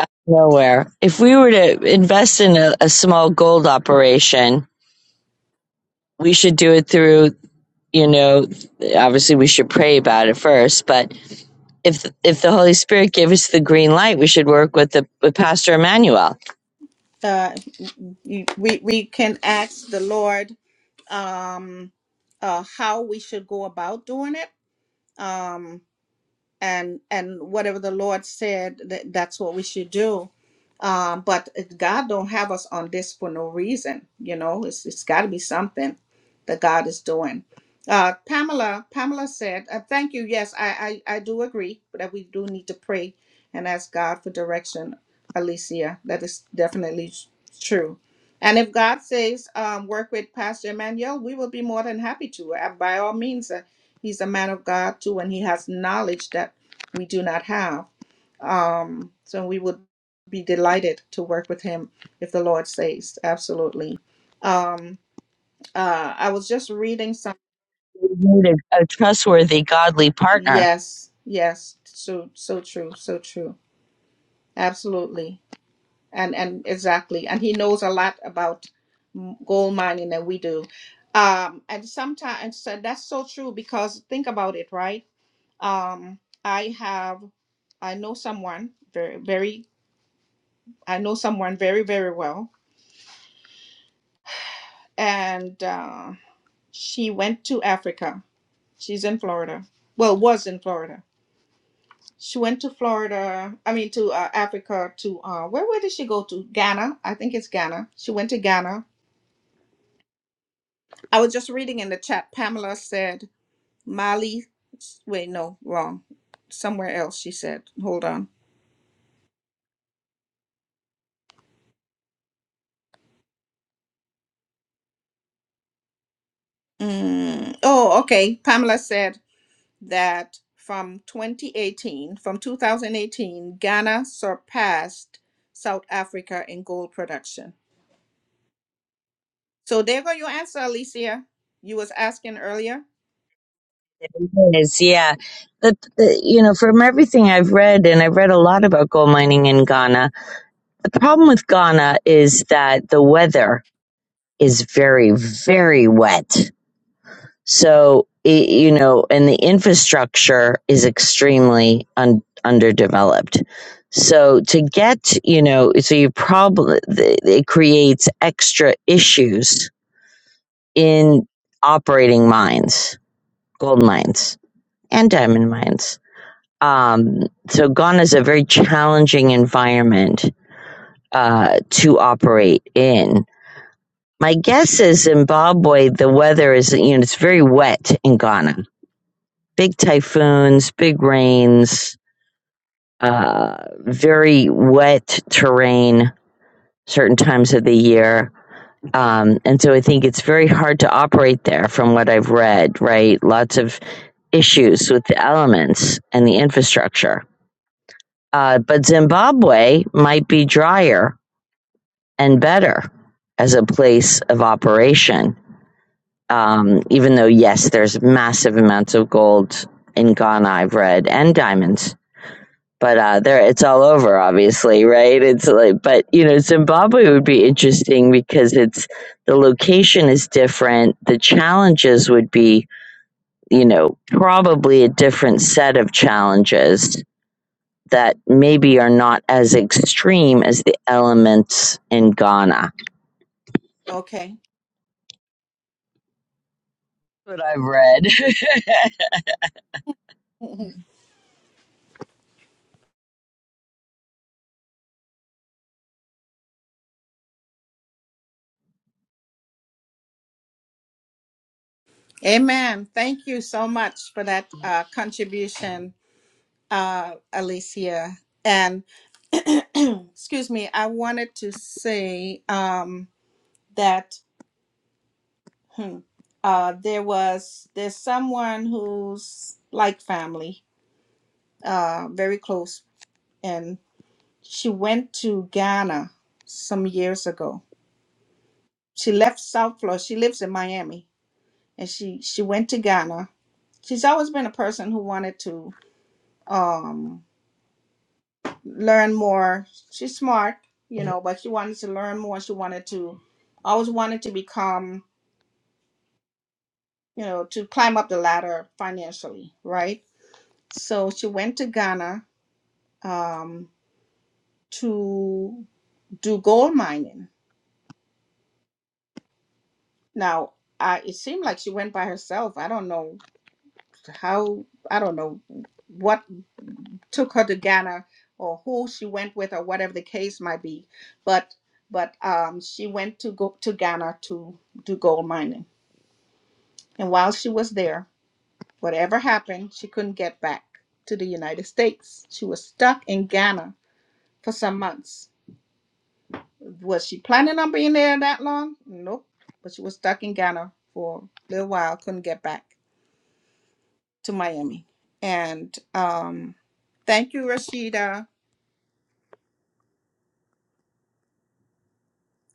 Speaker 6: out of nowhere. If we were to invest in a, a small gold operation, we should do it through you know obviously we should pray about it first but if if the holy spirit gave us the green light we should work with the with pastor emmanuel
Speaker 1: uh, we we can ask the Lord um, uh, how we should go about doing it. Um, and and whatever the Lord said, that, that's what we should do. Um, but it- God don't have us on this for no reason. You know, it's it's got to be something that God is doing. Uh, Pamela, Pamela said, uh, "Thank you. Yes, I, I I do agree that we do need to pray and ask God for direction." Alicia, that is definitely true. And if God says um, work with Pastor Emmanuel, we will be more than happy to. Uh, by all means, uh, He's a man of God too, and he has knowledge that we do not have. Um, so we would be delighted to work with him if the Lord says, absolutely. Um, uh, I was just reading some.
Speaker 6: we need a, a trustworthy godly partner
Speaker 1: Yes, yes, so so true, so true, absolutely. and and exactly and he knows a lot about m- gold mining than we do um and sometimes so that's so true because think about it right um i have i know someone very very i know someone very very well and uh, she went to africa she's in florida well was in florida she went to florida i mean to uh, africa to uh, where, where did she go to ghana i think it's ghana she went to ghana I was just reading in the chat. Pamela said Mali. Wait, no, wrong. Somewhere else she said. Hold on. Mm, oh, okay. Pamela said that from 2018, from 2018, Ghana surpassed South Africa in gold production. So there go your answer, Alicia. You was asking earlier.
Speaker 6: It is yeah But the you know from everything i've read and i've read a lot about gold mining in ghana the problem with ghana is that the weather is very, very wet. So, it, you know, and the infrastructure is extremely un- underdeveloped. So to get, you know, so you probably, it creates extra issues in operating
Speaker 1: Mm,
Speaker 6: mines, gold mines and diamond mines. Um, so Ghana is a very challenging environment, uh, to operate in My guess is Zimbabwe, the weather is, you know, it's very wet in Ghana. Big typhoons, big rains, uh, very wet terrain certain times of the year. Um, and so I think it's very hard to operate there from what I've read, right? Lots of issues with the elements and the infrastructure. Uh, but Zimbabwe might be drier and better as a place of operation Um, even though, yes, there's massive amounts of gold in Ghana, I've read, and diamonds. But uh, there, it's all over, obviously, right? It's like, but you know, Zimbabwe would be interesting because it's the location is different. The challenges would be, you know, probably a different set of challenges that maybe are not as extreme as the elements in Ghana.
Speaker 1: Okay.
Speaker 6: What I've read.
Speaker 1: Amen. Thank you so much for that uh, contribution, uh, Alicia. And excuse me, I wanted to say um, that hmm, uh, there was there's someone who's like family, uh, very close, She went to Ghana some years ago. She left South Florida. She lives in Miami, and she she went to Ghana. She's always been a person who wanted to um, learn more. She's smart, you know, but she wanted to learn more. She wanted to always wanted to become, you know, to climb up the ladder financially, right? So she went to Ghana um, to do gold mining. Now, I, it seemed like she went by herself. I don't know how I don't know what took her to Ghana or who she went with or whatever the case might be. But but um, she went to go to Ghana to do gold mining, and while she was there, whatever happened, she couldn't get back to the United States. She was stuck in Ghana for some months. Was she planning on being there that long? Nope. But she was stuck in Ghana for a little while, couldn't get back to Miami. And um, thank you, Rashida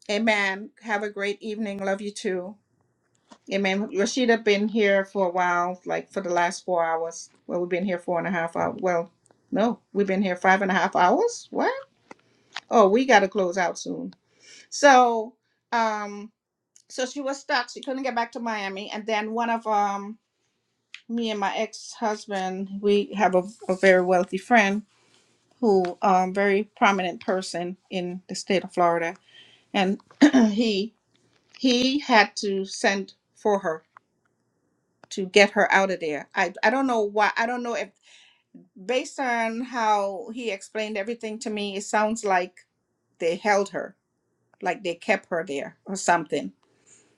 Speaker 1: Amen. Have a great evening. Love you too. Amen. Rashida been here for a while, like for the last four hours. Well, we've been here four and a half hours. Well, no, we've been here five and a half hours. What? Oh, we got to close out soon. So, um, so she was stuck. She couldn't get back to Miami. And then one of um, me and my ex-husband, we have a, a very wealthy friend who, um, very prominent person in the state of Florida, and he he had to send for her to get her out of there. I I don't know why. I don't know if based on how he explained everything to me, it sounds like they held her, like they kept her there or something.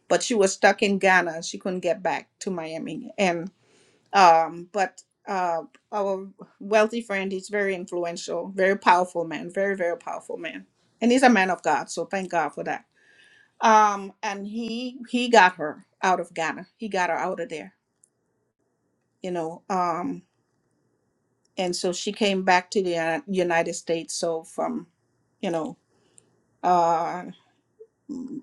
Speaker 1: But she was stuck in Ghana. She couldn't get back to Miami. And um, but uh, our wealthy friend, he's very influential, very powerful man, very very powerful man, and he's a man of God. So thank God for that um and he he got her out of ghana he got her out of there you know um and so she came back to the uh, united states so from you know uh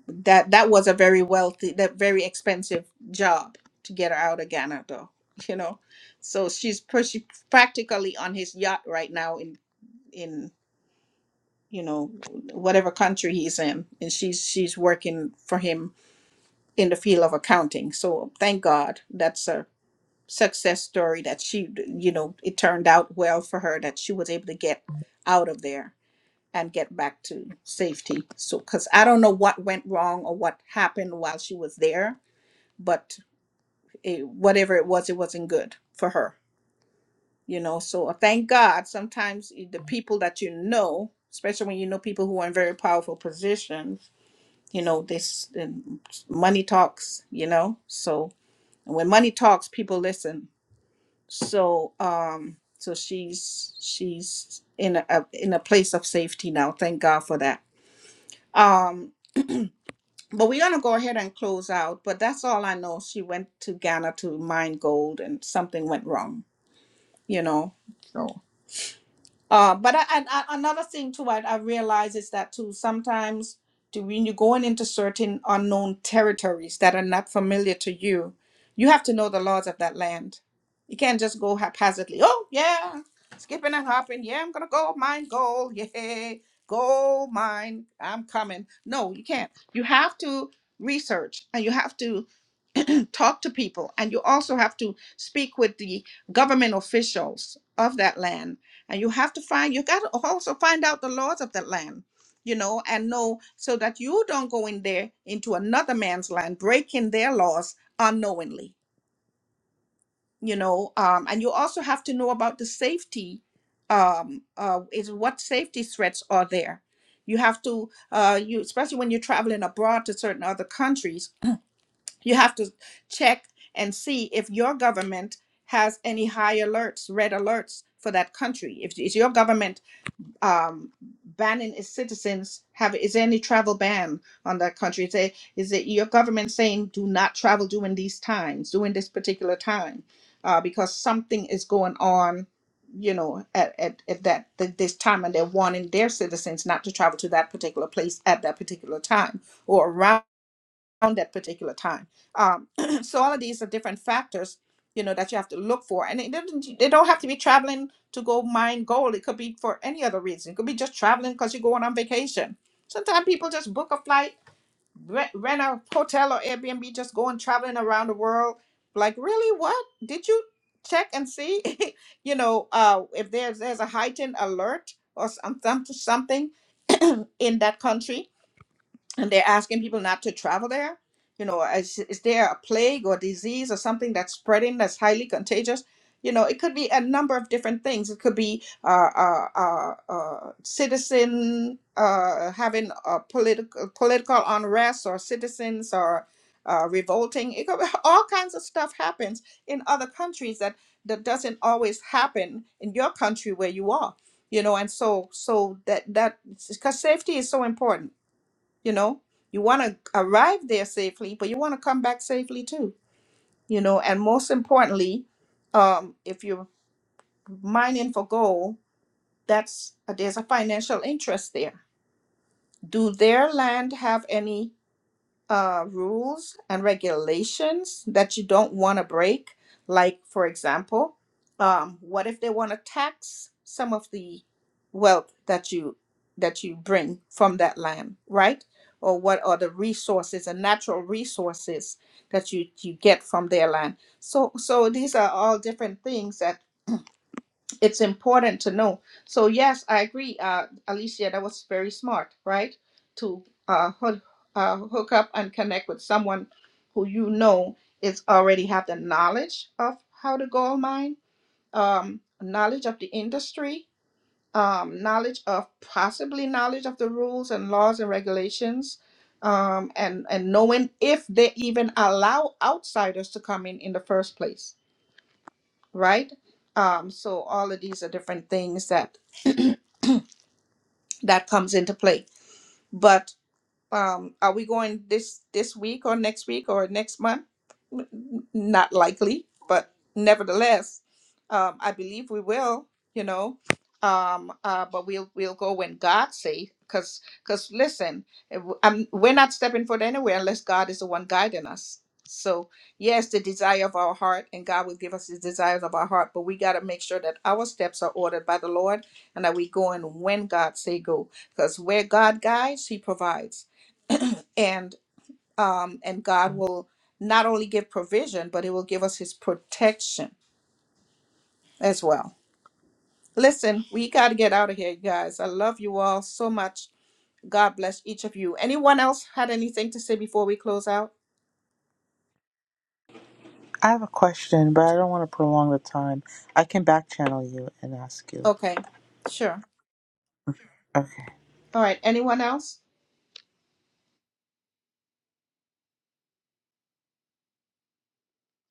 Speaker 1: that that was a very wealthy that very expensive job to get her out of ghana though you know so she's pr- she practically on his yacht right now in in you know whatever country he's in and she's she's working for him in the field of accounting so thank god that's a success story that she you know it turned out well for her that she was able to get out of there and get back to safety so because i don't know what went wrong or what happened while she was there but it, whatever it was it wasn't good for her you know so uh, thank god sometimes eh, the people that you know especially when you know people who are in very powerful positions you know this and money talks you know so and when money talks people listen so um so she's she's in a in a place of safety now thank god for that um but we're gonna go ahead and close out but that's all i know she went to ghana to mine gold and something went wrong you know So Uh, but I, and, and another thing too, I, I realize is that too sometimes to, when you're going into certain unknown territories that are not familiar to you, you have to know the laws of that land. You can't just go haphazardly. Oh yeah, skipping and hopping. Yeah, I'm gonna go mine gold. Yeah, gold mine. I'm coming. No, you can't. You have to research and you have to talk to people and you also have to speak with the government officials of that land and you have to find you got to also find out the laws of that land you know and know so that you don't go in there into another man's land breaking their laws unknowingly you know um, and you also have to know about the safety um, uh, is what safety threats are there you have to uh, you especially when you're traveling abroad to certain other countries you have to check and see if your government has any high alerts red alerts for that country if is your government um, banning its citizens have is there any travel ban on that country is, there, is it your government saying do not travel during these times during this particular time uh, because something is going on you know at, at, at that th- this time and they're warning their citizens not to travel to that particular place at that particular time or around around that particular time. Um, so all of these are different factors, you know, that you have to look for, and it doesn't. They don't have to be traveling to go mine gold. It could be for any other reason. It could be just traveling because you're going on vacation. Sometimes people just book a flight, rent, rent a hotel or Airbnb, just going traveling around the world. Like, really, what did you check and see? you know, uh, if there's there's a heightened alert or some, some something in that country and they're asking people not to travel there. You know, is, is there a plague or disease or something that's spreading that's highly contagious? You know, it could be a number of different things. It could be uh, uh, uh, uh, citizen uh, having a political political unrest, or citizens or uh, revolting. It could be, all kinds of stuff happens in other countries that that doesn't always happen in your country where you are. You know, and so so that that because safety is so important you know you want to arrive there safely but you want to come back safely too you know and most importantly um, if you're mining for gold that's there's a financial interest there do their land have any uh, rules and regulations that you don't want to break. Like, for example, um, what if they want to tax some of the wealth that you that you bring from that land, right? Or what are the resources and natural resources that you you get from their land? So, so these are all different things that it's important to know. So yes, I agree, uh, Alicia. That was very smart, right? To uh, hook, uh, hook up and connect with someone who you know is already have the knowledge of how to gold mine, um, knowledge of the industry, um, knowledge of possibly knowledge of the rules and laws and regulations, um, and and knowing if they even allow outsiders to come in in the first place, right? Um, so all of these are different things that that comes into play. But um, are we going this this week or next week or next month? N- n- Not likely, but nevertheless, um, I believe we will. You know, um, uh, but we'll we'll go when God say, because because listen, if um, we're not stepping foot anywhere unless God is the one guiding us. So yes, the desire of our heart, and God will give us the desires of our heart, but we got to make sure that our steps are ordered by the Lord and that we going when God say go because where God guides, He provides and um and God will not only give provision but it will give us his protection as well. Listen, we got to get out of here, you guys. I love you all so much. God bless each of you. Anyone else had anything to say before we close out?
Speaker 10: I have a question, but I don't want to prolong the time. I can back channel you and ask you.
Speaker 1: Okay. Sure.
Speaker 10: Okay.
Speaker 1: All right, anyone else?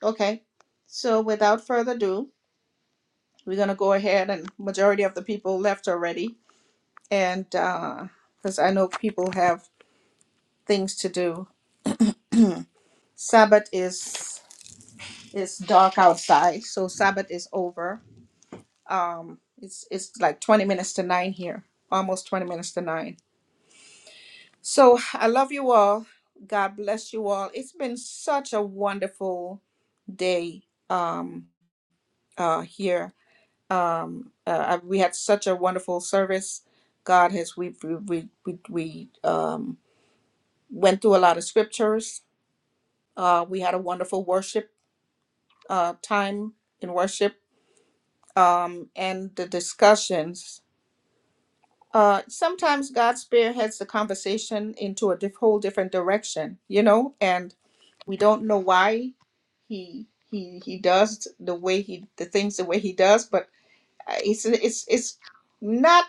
Speaker 1: Okay. So without further ado, we're going to go ahead and majority of the people left already and uh cuz I know people have things to do. Sabbath is It's dark outside, so Sabbath is over. Um, it's it's like 20 minutes to nine here, almost 20 minutes to nine. So I love you all. God bless you all. It's been such a wonderful day um, uh, here. Um, uh, I- we had such a wonderful service. God has we we we we, we um, went through a lot of scriptures. Uh, we had a wonderful worship uh, time in worship um, and the discussions uh, sometimes God spearheads the conversation into a diff- whole different direction, you know, and we don't know why he he he does the way he the things the way he does, but uh, It's it's it's not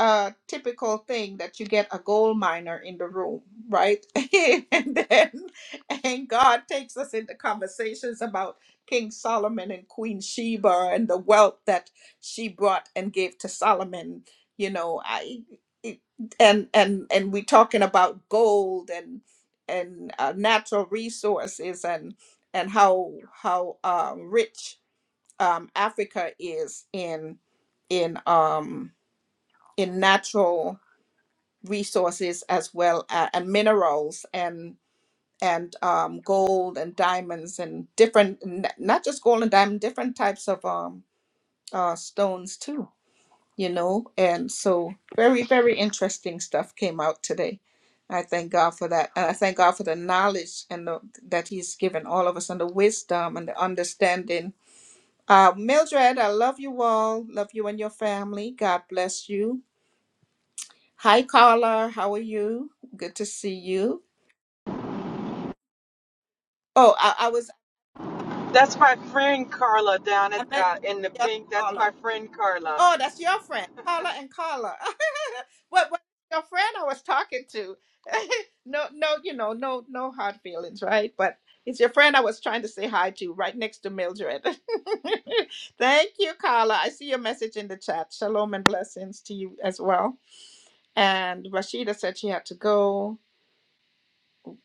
Speaker 1: a typical thing that you get a gold miner in the room, right? and then and God takes us into conversations about King Solomon and Queen Sheba and the wealth that she brought and gave to Solomon. You know, I it, and and and we're talking about gold and and uh, natural resources and and how how um, rich um, Africa is in in um, in natural resources as well as, and minerals and and um, gold and diamonds and different n- not just gold and diamond different types of um, uh, stones too you know and so very very interesting stuff came out today i thank god for that and i thank god for the knowledge and the, that he's given all of us and the wisdom and the understanding uh, Mildred, I love you all. Love you and your family. God bless you. Hi, Carla. How are you? Good to see you. Oh, I, I was,
Speaker 9: That's my friend Carla down at
Speaker 1: I met
Speaker 9: uh, in the
Speaker 1: the other
Speaker 9: pink. That's my
Speaker 1: caller.
Speaker 9: friend Carla.
Speaker 1: Oh, that's your friend, Carla and Carla. what, what, your friend I was talking to. no, no, you know, no, no hard feelings, right? But it's your friend I was trying to say hi to right next to Mildred. Thank you, Carla. I see your message in the chat. Shalom and blessings to you as well. And Rashida said she had to go.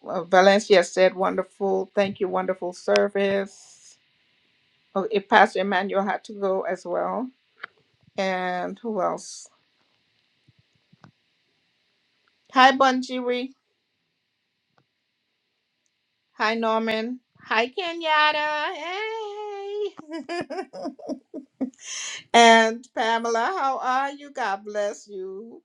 Speaker 1: Uh, Valencia said, wonderful. Thank you, wonderful service. Oh, it, Pastor Emmanuel had to go as well. And who else? Hi, Bunjiri. Hi, Norman. Hi, Kenyatta. Hey. And Pamela, how are you? God bless you.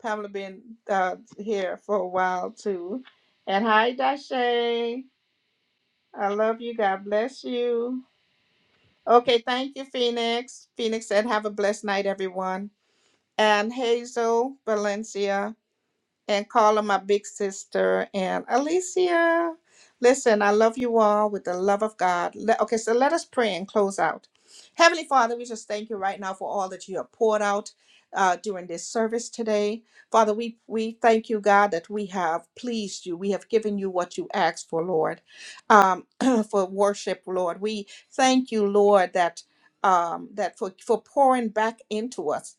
Speaker 1: Pamela been uh, here for a while too. And hi, Dashay. I love you. God bless you. Okay, thank you, Phoenix. Phoenix said, Have a blessed night, everyone. And Hazel Valencia and Carla, my big sister, and Alicia. Listen, I love you all with the love of God. Le- okay, so let us pray and close out. Heavenly Father, we just thank you right now for all that you have poured out uh, during this service today. Father, we, we thank you, God, that we have pleased you. We have given you what you asked for, Lord, um, for worship, Lord. We thank you, Lord, that. Um, that for, for pouring back into us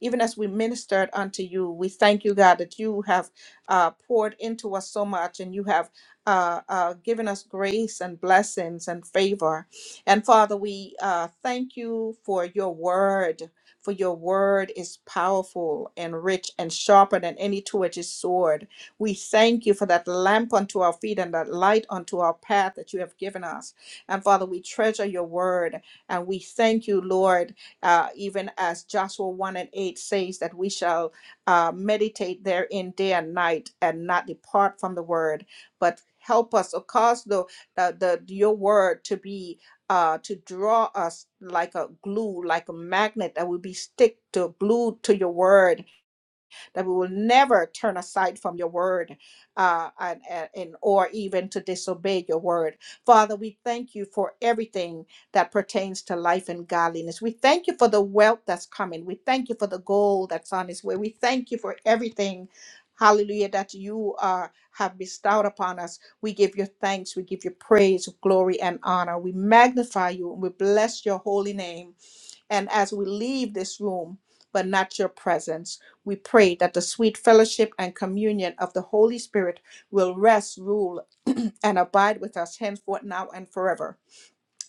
Speaker 1: even as we ministered unto you. We thank you, God, that you have uh, poured into us so much and you have uh, uh, given us grace and blessings and favor. And Father, we uh, thank you for your word. For your word is powerful and rich and sharper than any two edged sword. We thank you for that lamp unto our feet and that light unto our path that you have given us. And Father, we treasure your word and we thank you, Lord, uh, even as Joshua 1 and 8 says that we shall uh, meditate therein day and night and not depart from the word, but help us or cause the, the, the your word to be uh, to draw us like a glue, like a magnet that will be stick to glued to your word that we will never turn aside from your word uh, and, and, and- or even to disobey your word. Father, we thank you for everything that pertains to life and godliness. We thank you for the wealth that's coming. We thank you for the gold that's on its way. We thank you for everything. Hallelujah, that you uh, have bestowed upon us. We give you thanks. We give you praise, glory, and honor. We magnify you and we bless your holy name and as we leave this room, but not your presence. We pray that the sweet fellowship and communion of the Holy Spirit will rest, rule, and abide with us henceforth, now, and forever.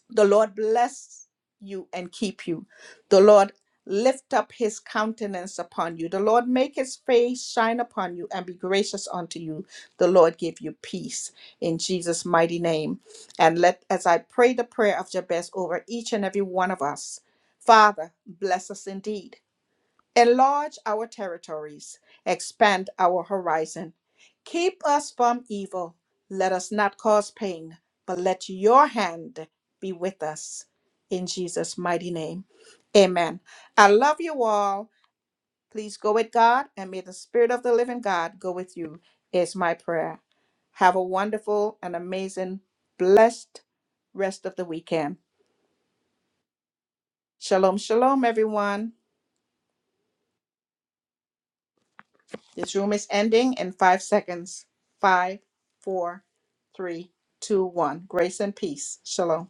Speaker 1: The Lord bless you and keep you. The Lord lift up his countenance upon you. The Lord make his face shine upon you and be gracious unto you. The Lord give you peace in Jesus' mighty name. And let, as I pray the prayer of Jabez over each and every one of us, Father, bless us indeed. Enlarge our territories, expand our horizon. Keep us from evil. Let us not cause pain, but let your hand be with us. In Jesus' mighty name. Amen. I love you all. Please go with God, and may the Spirit of the living God go with you, is my prayer. Have a wonderful and amazing, blessed rest of the weekend. Shalom, shalom, everyone. This room is ending in five seconds. Five, four, three, two, one. Grace and peace. Shalom.